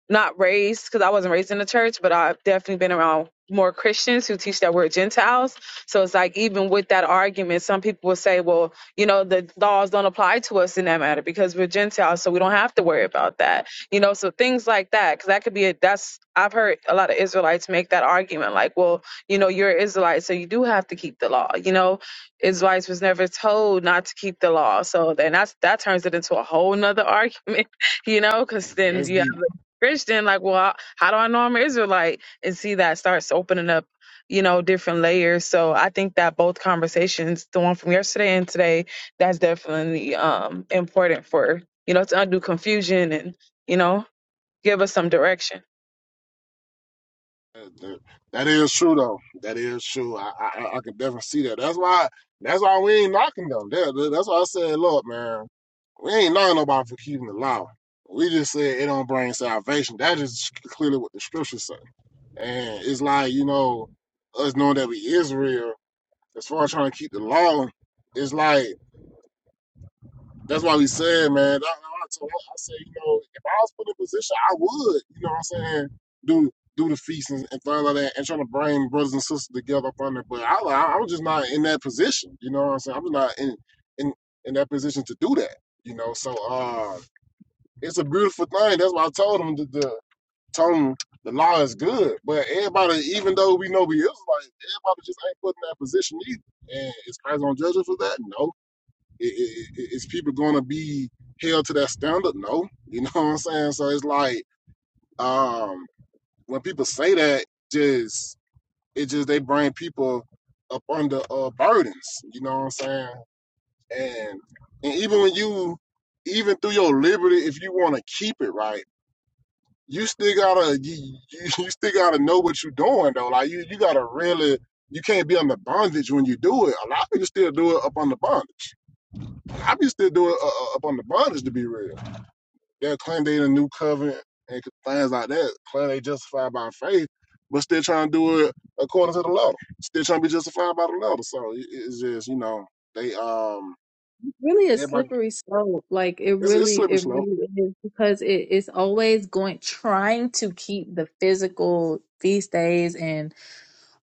not raised because I wasn't raised in the church, but I've definitely been around more Christians who teach that we're Gentiles. So it's like even with that argument, some people will say, well, you know, the laws don't apply to us in that matter because we're Gentiles, so we don't have to worry about that. You know, so things like that, because that could be a that's I've heard a lot of Israelites make that argument, like, well, you know, you're an Israelite, so you do have to keep the law. You know, Israelites was never told not to keep the law. So then that's that turns it into a whole nother argument, you know, because then That's you have deep. Christian, like, well, I- how do I know I'm an Israelite? And see, that starts opening up, you know, different layers. So I think that both conversations, the one from yesterday and today, that's definitely um important for, you know, to undo confusion and, you know, give us some direction. That that that is true though. That is true. I I, I I can definitely see that. That's why that's why we ain't knocking them. That, that- that's why I said, look, man, we ain't knocking nobody for keeping the law. We just said it don't bring salvation. That is clearly what the scriptures say. And it's like you know, us knowing that we Israel, as far as trying to keep the law, it's like. That's why we said, man. That, I told her, I said, you know, if I was put in a position, I would. You know what I'm saying? Do do the feast and, and things like that, and trying to bring brothers and sisters together up under. But I, I, I'm just not in that position. You know what I'm saying? I'm just not in in in that position to do that. You know, so uh, it's a beautiful thing. That's why I told him the, the told him the law is good. But everybody, even though we know we is like everybody, just ain't put in that position either. And is Christ gonna judge us for that? No. I- I- is people going to be held to that standard? No, you know what I'm saying. So it's like um, when people say that, just it just they bring people up under uh, burdens. You know what I'm saying. And and even when you even through your liberty, if you want to keep it right, you still gotta you, you you still gotta know what you're doing though. Like you you gotta really you can't be under bondage when you do it. A lot of people still do it up under bondage. A lot of people still do it uh, uh, up under bondage to be real. They'll claim they in a new covenant and things like that. Claim they justified by faith, but still trying to do it according to the law. Still trying to be justified by the law. So it, it's just you know they um really a everybody slippery slope. Like it it's it's really, slippery it slope. really is because it, it's always going trying to keep the physical these days and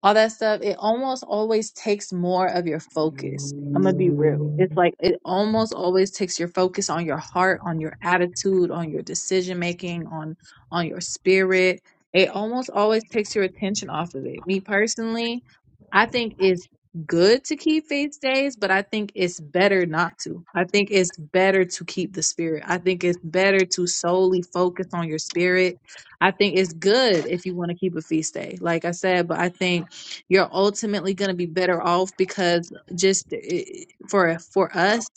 all that stuff, it almost always takes more of your focus. I'm gonna be real. It's like it almost always takes your focus on your heart, on your attitude, on your decision making, on on your spirit. It almost always takes your attention off of it. Me personally, I think it's good to keep feast days, but I think it's better not to. I think it's better to keep the spirit. I think it's better to solely focus on your spirit. I think it's good if you want to keep a feast day, like I said, but I think you're ultimately going to be better off because just eh, for for us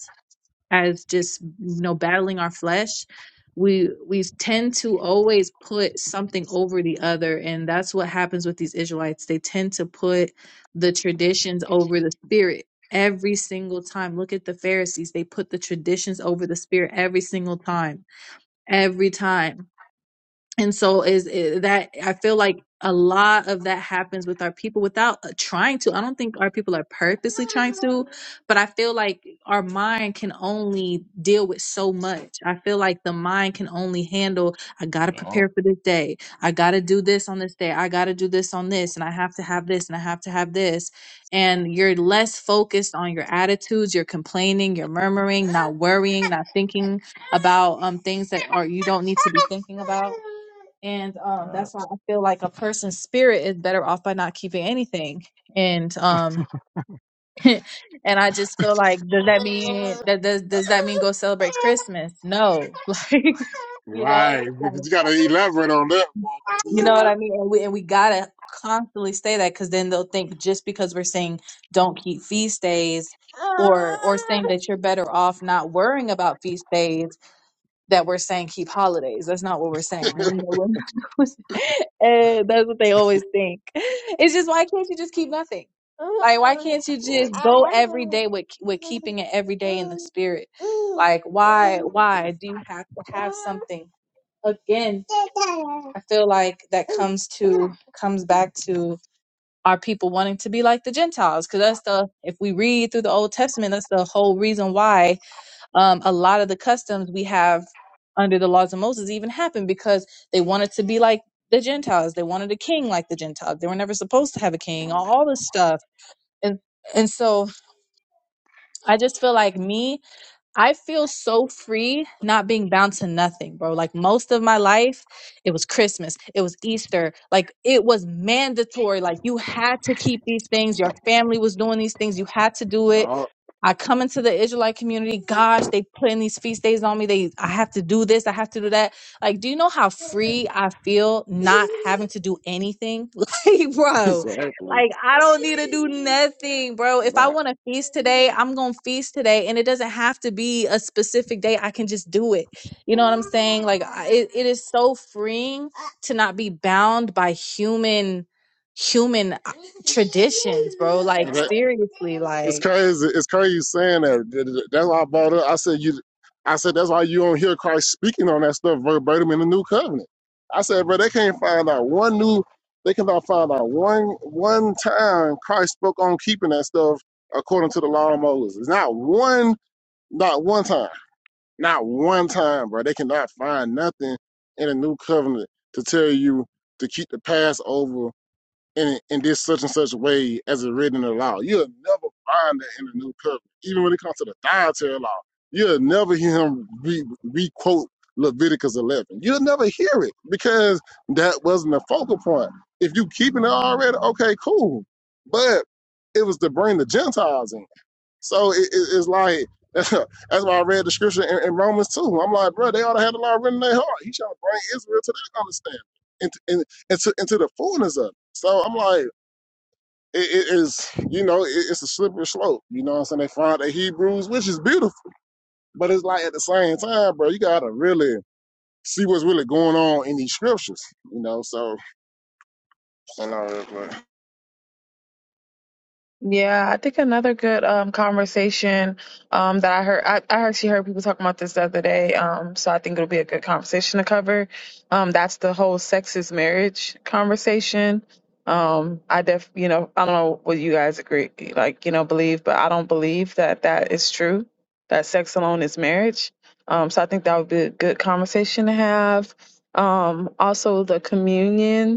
as just you know battling our flesh we we tend to always put something over the other and that's what happens with these israelites they tend to put the traditions over the spirit every single time look at the pharisees they put the traditions over the spirit every single time every time and so is is that i feel like a lot of that happens with our people without uh, trying to i don't think our people are purposely trying to but i feel like our mind can only deal with so much i feel like the mind can only handle i gotta Yeah. prepare for this day i gotta do this on this day i gotta do this on this and i have to have this and i have to have this and you're less focused on your attitudes you're complaining you're murmuring not worrying not thinking about um things that are you don't need to be thinking about. And um Yeah. that's why I feel like a person's spirit is better off by not keeping anything. And um and I just feel like does that mean that does does that mean go celebrate Christmas? No. Like you know Right, because like, you gotta elaborate on that one. Cause you it's know what I mean? And we and we gotta constantly say that because then they'll think just because we're saying don't keep feast days or or saying that you're better off not worrying about feast days that we're saying keep holidays. That's not what we're saying. We're not- we're not- and that's what they always think. It's just why can't you just keep nothing? Like why can't you like, just go every day with with keeping it every day in the spirit? Like why why do you have to have something again? I feel like that comes to comes back to our people wanting to be like the Gentiles because that's the if we read through the Old Testament, that's the whole reason why um, a lot of the customs we have under the laws of Moses even happened because they wanted to be like the Gentiles. They wanted a king like the Gentiles. They were never supposed to have a king. All, all this stuff, and and so I just feel like me. I feel so free not being bound to nothing, bro. Like most of my life, it was Christmas, it was Easter, like it was mandatory. Like you had to keep these things. Your family was doing these things. You had to do it. yeah, I come into the Israelite community. Gosh, they putting these feast days on me. They, I have to do this. I have to do that. Like, do you know how free I feel not having to do anything? Like, yeah, bro. exactly. Like I don't need to do nothing, bro. If I Yeah. want to feast today, I'm going to feast today and it doesn't have to be a specific day. I can just do it. You know what I'm saying? Like I, it, it is so freeing to not be bound by human human uh, traditions, bro. Like And, that, seriously, It's like crazy. It's crazy you saying that. That's why I brought up. I said you. I said that's why you don't hear Christ speaking on that stuff verbatim in the New Covenant. I said, bro, they can't find out one new. They cannot find out one one time Christ spoke on keeping that stuff according to the law of Moses. It's not one. Not one time. Not one time, bro. They cannot find nothing in the New Covenant to tell you to keep the Passover in, in this such and such way as it's written in the law. You'll never find that in the New Covenant. Even when it comes to the dietary law, you'll never hear him re, re-quote Leviticus 11. You'll never hear it because that wasn't the focal point. If you keeping it already, okay, cool. But it was to bring the Gentiles in. So it, it, it's like that's why I read the scripture in, in Romans too. I'm like, bro, they ought to have the law written in their heart. He trying to bring Israel to that understanding into in, into into the fullness of it. So I'm like, it, it is you know, it, it's a slippery slope. You know what I'm saying? They find the Hebrews, which is beautiful, but it's like at the same time, bro, you gotta really see what's really going on in these scriptures. You know, so you know, it's like, Yeah, I think another good um, conversation um, that I heard, I, I actually heard people talking about this the other day. Um, so I think it'll be a good conversation to cover. Um, that's the whole sex is marriage conversation. Um, I def, you know, I don't know what you guys agree, like, you know, believe, but I don't believe that that is true, that sex alone is marriage. Um, so I think that would be a good conversation to have. Um, also the communion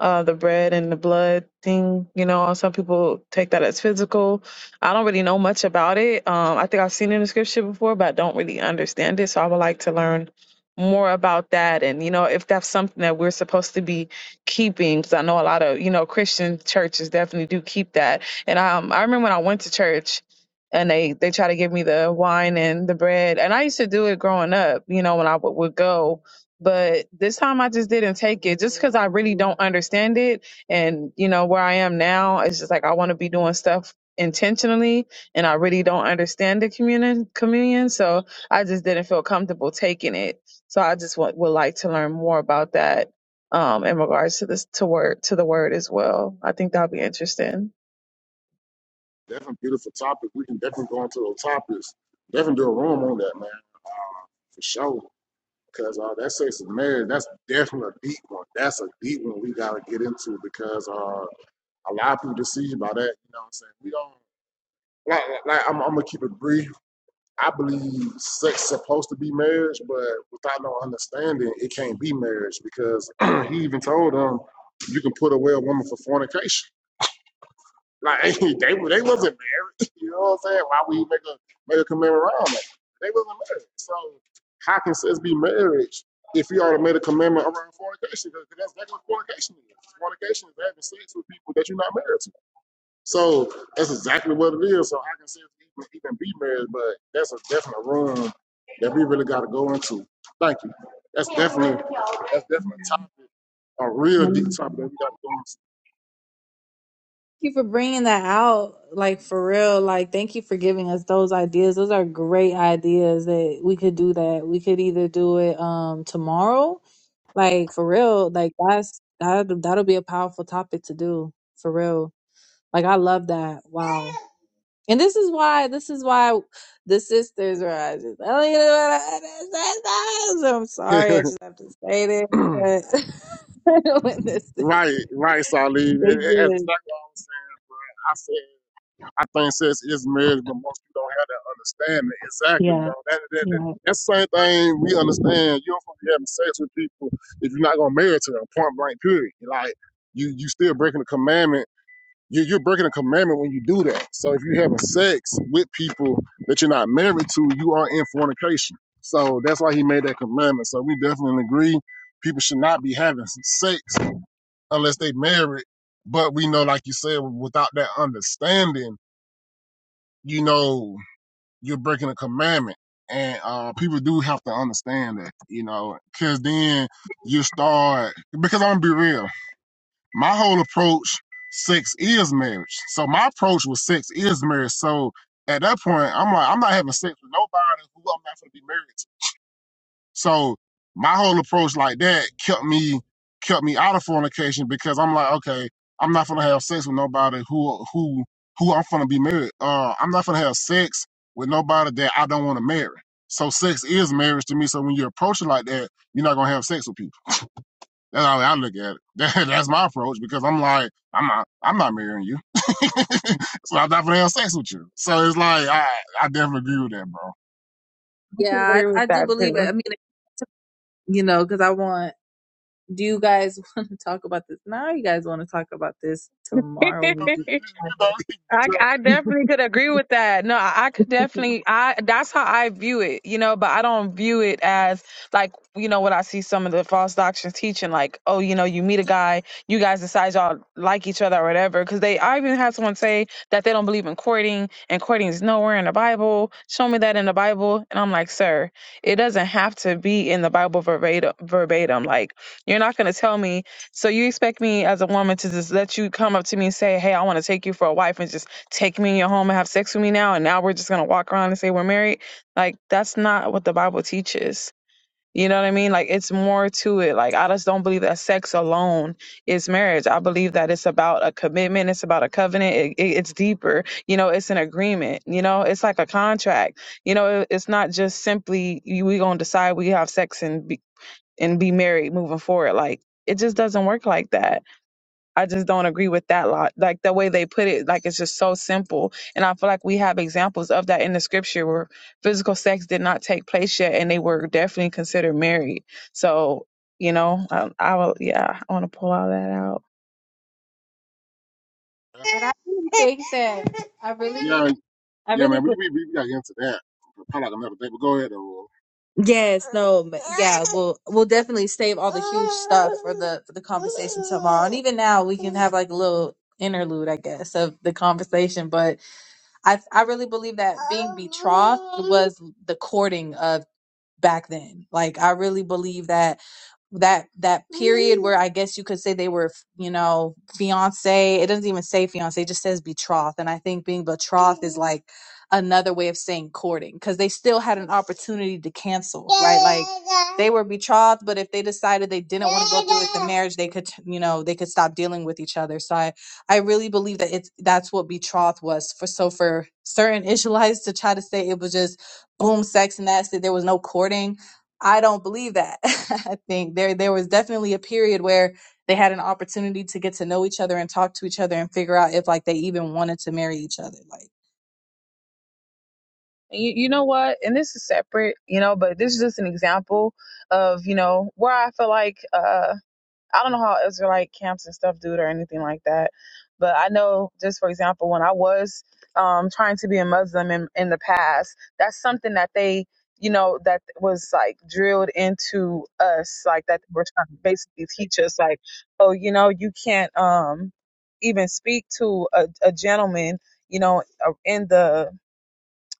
uh, the bread and the blood thing. You know, some people take that as physical. I don't really know much about it. Um, I think I've seen it in the scripture before, but I don't really understand it. So I would like to learn more about that and you know if that's something that we're supposed to be keeping because i know a lot of you know christian churches definitely do keep that and um i remember when i went to church and they they try to give me the wine and the bread and i used to do it growing up you know when i w- would go but this time I just didn't take it just because I really don't understand it. And, you know, where I am now, it's just like I want to be doing stuff intentionally and I really don't understand the communion communion. So I just didn't feel comfortable taking it. So I just wa- would like to learn more about that um, in regards to this to word to the word as well. I think that'll be interesting. definitely beautiful topic. We can definitely go into those topics. Definitely do a room on that, man, for sure. Because uh, that sex and marriage, that's definitely a deep one. That's a deep one we gotta get into because uh, a lot of people deceived by that. You know what I'm saying? We don't like like like, I'm, I'm gonna keep it brief. I believe sex is supposed to be marriage, but without no understanding, it can't be marriage because he even told them you can put away a woman for fornication. Like they they wasn't married. You know what I'm saying? Why we make a make a commitment around that? They wasn't married. So how can sex be marriage if you already made a commitment around fornication? Because that's exactly what fornication is. Fornication is having sex with people that you're not married to. So that's exactly what it is. So how can sex even, even be marriage? But that's a definite room that we really got to go into. Thank you. That's definitely that's definitely a topic, a real Right. deep topic that we got to you for bringing that out like for real like thank you for giving us those ideas those are great ideas that we could do that we could either do it um tomorrow like for real like that's that that'll be a powerful topic to do for real like i love that wow and this is why this is why the sisters are I don't even know what I- the sisters. i'm go sorry i into. just have to say this because when the sisters Right, right, Salih. It- they it- do That's it exactly what I'm saying, bro. I said, I think sex is marriage, but most people don't have that understanding. Exactly, yeah bro. That, that, that, yeah that's the same thing we understand. You don't supposed to be having sex with people if you're not going to marry to them, point blank, period. Like, you, you still breaking the commandment. You, you're breaking a commandment when you do that. So if you're having sex with people that you're not married to, you are in fornication. So that's why he made that commandment. So we definitely agree people should not be having sex unless they married. But we know, like you said, without that understanding, you know, you're breaking a commandment. And uh, people do have to understand that, you know, because then you start, because I'm going to be real. My whole approach, sex is marriage. So my approach with sex is marriage. So at that point, I'm like, I'm not having sex with nobody who I'm not going to be married to. So my whole approach like that kept me kept me out of fornication because I'm like, okay, I'm not gonna have sex with nobody who who who I'm gonna be married. Uh, I'm not gonna have sex with nobody that I don't want to marry. So sex is marriage to me. So when you approach it like that, you're not gonna have sex with people. That's how I look at it. That, that's my approach because I'm like, I'm not, I'm not marrying you, so I'm not gonna have sex with you. So it's like, I, I definitely agree with that, bro. I can Yeah, agree with I, I do that believe it. I mean, too. you know, because I want. Do you guys want to talk about this now? Or you guys want to talk about this tomorrow when we do? I, I definitely could agree with that. No, I, I could definitely I that's how I view it, you know, but I don't view it as like, you know, what I see some of the false doctrines teaching, like, oh, you know, you meet a guy, you guys decide y'all like each other or whatever. Cause they I even had someone say that they don't believe in courting and courting is nowhere in the Bible. Show me that in the Bible. And I'm like, sir, it doesn't have to be in the Bible verbatim verbatim. Like, you're not gonna tell me so you expect me as a woman to just let you come up to me and say, "Hey, I want to take you for a wife," and just take me in your home and have sex with me now, and now we're just gonna walk around and say we're married? Like that's not what the Bible teaches. You know what I mean? Like it's more to it. Like I just don't believe that sex alone is marriage. I believe that it's about a commitment. It's about a covenant. It, it, it's deeper. You know, it's an agreement. You know, it's like a contract. You know, it, it's not just simply you- we gonna decide we have sex and be, and be married moving forward. Like it just doesn't work like that. I just don't agree with that lot. Like the way they put it, like it's just so simple. And I feel like we have examples of that in the scripture where physical sex did not take place yet and they were definitely considered married. So, you know, I, I will, yeah, I want to pull all that out. But I really think that I You know, really, yeah, I Yeah, really man, we believe. we we got into that. Probably like another day, but go ahead though. Yes. No. but Yeah. We'll we'll definitely save all the huge stuff for the for the conversation tomorrow. And even now, we can have like a little interlude, I guess, of the conversation. But I I really believe that being betrothed was the courting of back then. Like I really believe that that that period where I guess you could say they were, you know, fiance. It doesn't even say fiance; it just says betrothed. And I think being betrothed is like another way of saying courting because they still had an opportunity to cancel, right? Like they were betrothed, but if they decided they didn't want to go through with the marriage, they could, you know, they could stop dealing with each other. So I I really believe that it's that's what betrothed was for. So for certain Israelites to try to say it was just boom sex and that's it, there was no courting I don't believe that. I think there there was definitely a period where they had an opportunity to get to know each other and talk to each other and figure out if like they even wanted to marry each other. Like You, you know what? And this is separate, you know, but this is just an example of, you know, where I feel like, uh, I don't know how Israelite camps and stuff do it or anything like that, but I know just for example, when I was um, trying to be a Muslim in, in the past, that's something that they, you know, that was like drilled into us, like that they were trying to basically teach us, like, oh, you know, you can't um, even speak to a, a gentleman, you know, uh, in the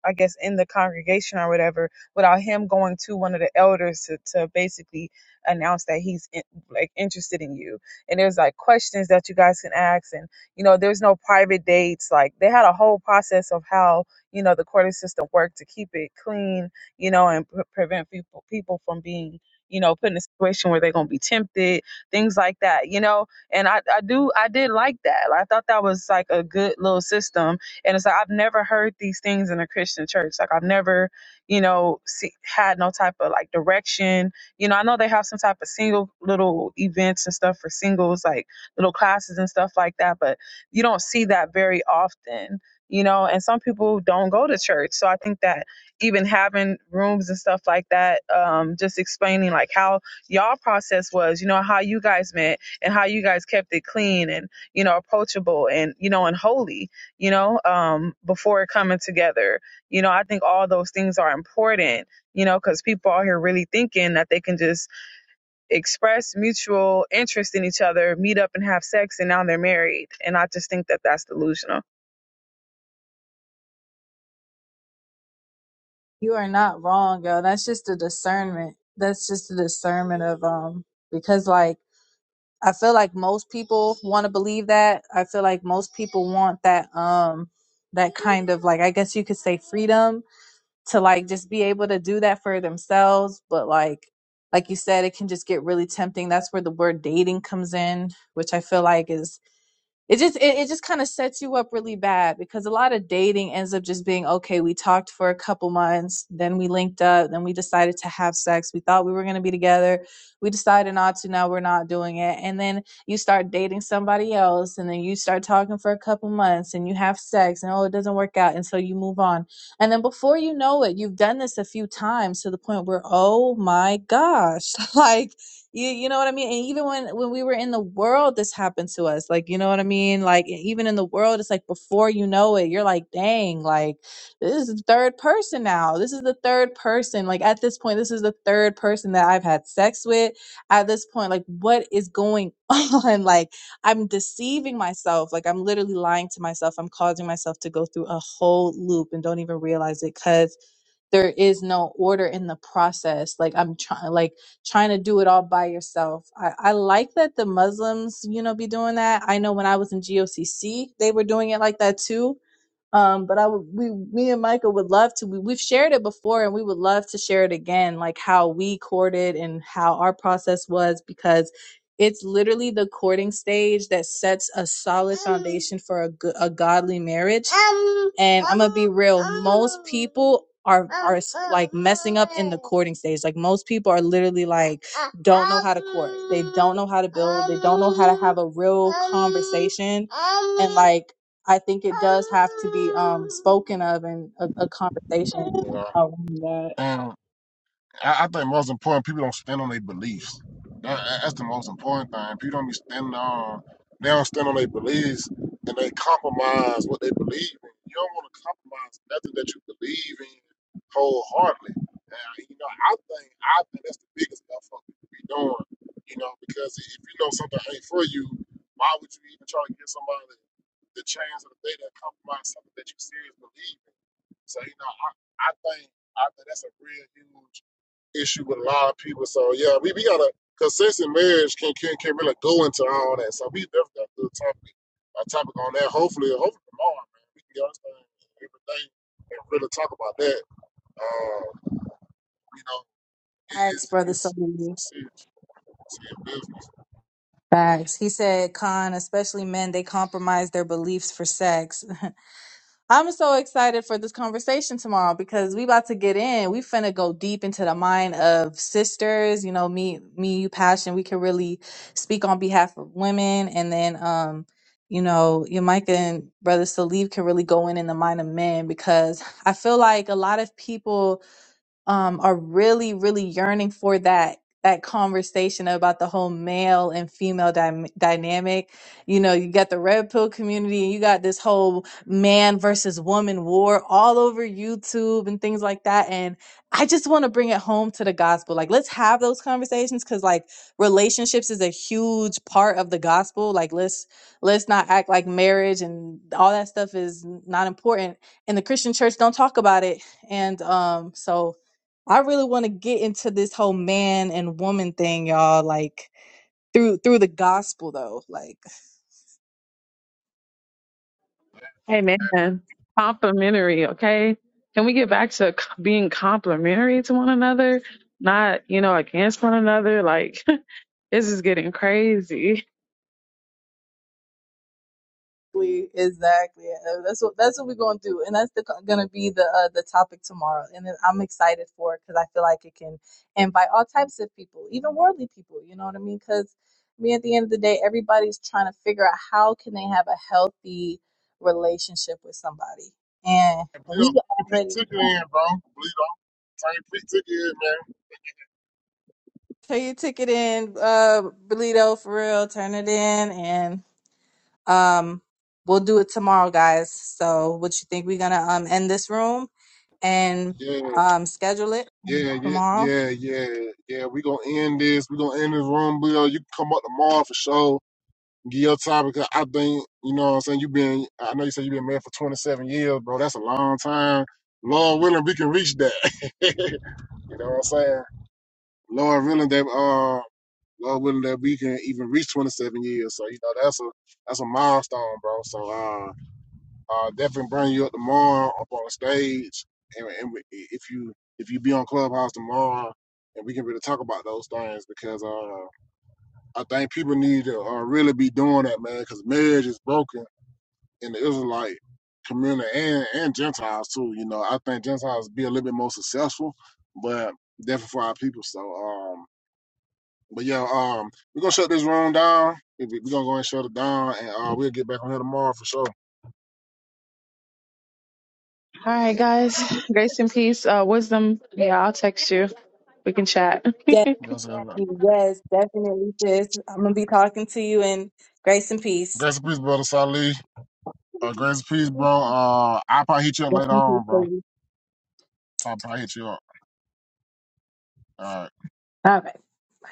I guess, in the congregation or whatever, without him going to one of the elders to, to basically announce that he's in, like interested in you. And there's like questions that you guys can ask, and you know, there's no private dates. Like they had a whole process of how you know the court system worked to keep it clean, you know, and pre- prevent people people from being you know put in a situation where they're gonna be tempted things like that you know and i i do i did like that Like, i thought that was like a good little system and it's like I've never heard these things in a Christian church. Like I've never, you know, see, had no type of like direction. You know, I know they have some type of single little events and stuff for singles, like little classes and stuff like that, but you don't see that very often. You know, and some people don't go to church. So I think that even having rooms and stuff like that, um, just explaining like how y'all process was, you know, how you guys met and how you guys kept it clean and, you know, approachable and, you know, and holy you know, um, before coming together. You know, I think all those things are important, you know, because people out here really thinking that they can just express mutual interest in each other, meet up and have sex, and now they're married. And I just think that that's delusional. you are not wrong, yo. That's just a discernment. That's just a discernment of um because like I feel like most people want to believe that. I feel like most people want that um that kind of like I guess you could say freedom to like just be able to do that for themselves but like like you said it can just get really tempting that's where the word dating comes in which i feel like is it just it, it just kind of sets you up really bad because a lot of dating ends up just being okay we talked for a couple months then we linked up then we decided to have sex we thought we were going to be together we decided not to now we're not doing it and then you start dating somebody else and then you start talking for a couple months and you have sex and oh it doesn't work out and so you move on and then before you know it you've done this a few times to the point where oh my gosh like you you know what I mean? And even when when we were in the world, this happened to us. Like, you know what I mean? Like e- even in the world, it's like before you know it, you're like, dang, like this is the third person now. This is the third person. Like at this point, this is the third person that I've had sex with. At this point, like what is going on? Like I'm deceiving myself. Like I'm literally lying to myself. I'm causing myself to go through a whole loop and don't even realize it because there is no order in the process. Like I'm trying like trying to do it all by yourself. I, I like that the Muslims, you know, be doing that. I know when I was in GOCC, they were doing it like that too um, but I would, we, me and Michael would love to. We, we've shared it before, and we would love to share it again, like how we courted and how our process was, because it's literally the courting stage that sets a solid foundation for a, go- a godly marriage. and I'm gonna be real, most people are are like messing up in the courting stage. Like most people are literally like don't know how to court. They don't know how to build. They don't know how to have a real conversation. And like I think it does have to be um spoken of in a, a conversation Will. around that. Yeah. I, I think most important people don't stand on their beliefs. That, that's the most important thing. People don't be standing on they don't stand on their beliefs and they compromise what they believe in. You don't want to compromise nothing that you believe in wholeheartedly. And you know, I think I think that's the biggest stuff for people be doing. You know, because if you know something ain't for you, why would you even try to give somebody the chance of the day to compromise something that you seriously believe in? So you know, I, I think I think that's a real huge issue with a lot of people. So yeah, we, we gotta because consistent marriage can, can can really go into all that. So we definitely got a good topic a topic on that. Hopefully, hopefully tomorrow, man, we can get us everything and really talk about that. Uh, you know, it, Facts, it's brother it's Salim. it's serious, serious business. Facts. He said, Khan, especially men, they compromise their beliefs for sex. I'm so excited for this conversation tomorrow because we about to get in. We finna go deep into the mind of sisters. You know, me, me, you, passion. We can really speak on behalf of women, and then, um, you know, your Micah and brother Salib can really go in in the mind of men because I feel like a lot of people um, are really, really yearning for that that conversation about the whole male and female dy- dynamic. You know, you got the red pill community, and you got this whole man versus woman war all over YouTube and things like that. And I just want to bring it home to the gospel. Like, let's have those conversations because, like, relationships is a huge part of the gospel. Like, let's let's not act like marriage and all that stuff is not important. And the Christian church don't talk about it. And um, so I really want to get into this whole man and woman thing, y'all. Like through through the gospel, though. Like Hey, man, complimentary, okay? Can we get back to c- being complimentary to one another, not, you know, against one another? Like, this is getting crazy. we exactly uh, that's what that's what we're going through, and that's the, gonna be the uh, the topic tomorrow. And then I'm excited for it because I feel like it can invite all types of people, even worldly people. You know what I mean? Because me, at the end of the day, everybody's trying to figure out how can they have a healthy relationship with somebody, and And Bleed we on same peak already ticket in, bro. Bleed on same peak ticket in, man. So you took it in, uh, Belito, for real. Turn it in, and um, we'll do it tomorrow, guys. So, what you think? We're gonna um end this room and Yeah, um schedule it yeah, yeah, tomorrow. yeah, yeah, yeah. We gonna end this. We gonna end this room, Bill. You can come up tomorrow for sure Get Gil topic. 'Cause I think you know what I'm saying. You've been, I know you said you've been married for 27 years, bro. That's a long time. Lord willing, we can reach that. you know what I'm saying. Lord willing that, uh, Lord willing that we can even reach 27 years. So you know that's a that's a milestone, bro. So uh, uh, definitely bring you up tomorrow up on stage, and, and we- if you if you be on Clubhouse tomorrow, and we can really talk about those things because uh. I think people need to uh, really be doing that, man, because marriage is broken in the Israelite community and, and Gentiles too. You know, I think Gentiles be a little bit more successful, but definitely for our people. So, um, but yeah, um, we're gonna shut this room down. We're gonna go ahead and shut it down, and uh, we'll get back on here tomorrow for sure. All right, guys, grace and peace, uh, wisdom. Yeah, I'll text you. We can chat. Yes, Yes, sir. yes, definitely, sis. I'm gonna be talking to you in grace and peace. Grace and peace, brother Salih. Uh, grace and peace, bro. Uh, I'll probably hit you up Grace later and peace, on, bro. baby. I'll probably hit you up. All right. All right.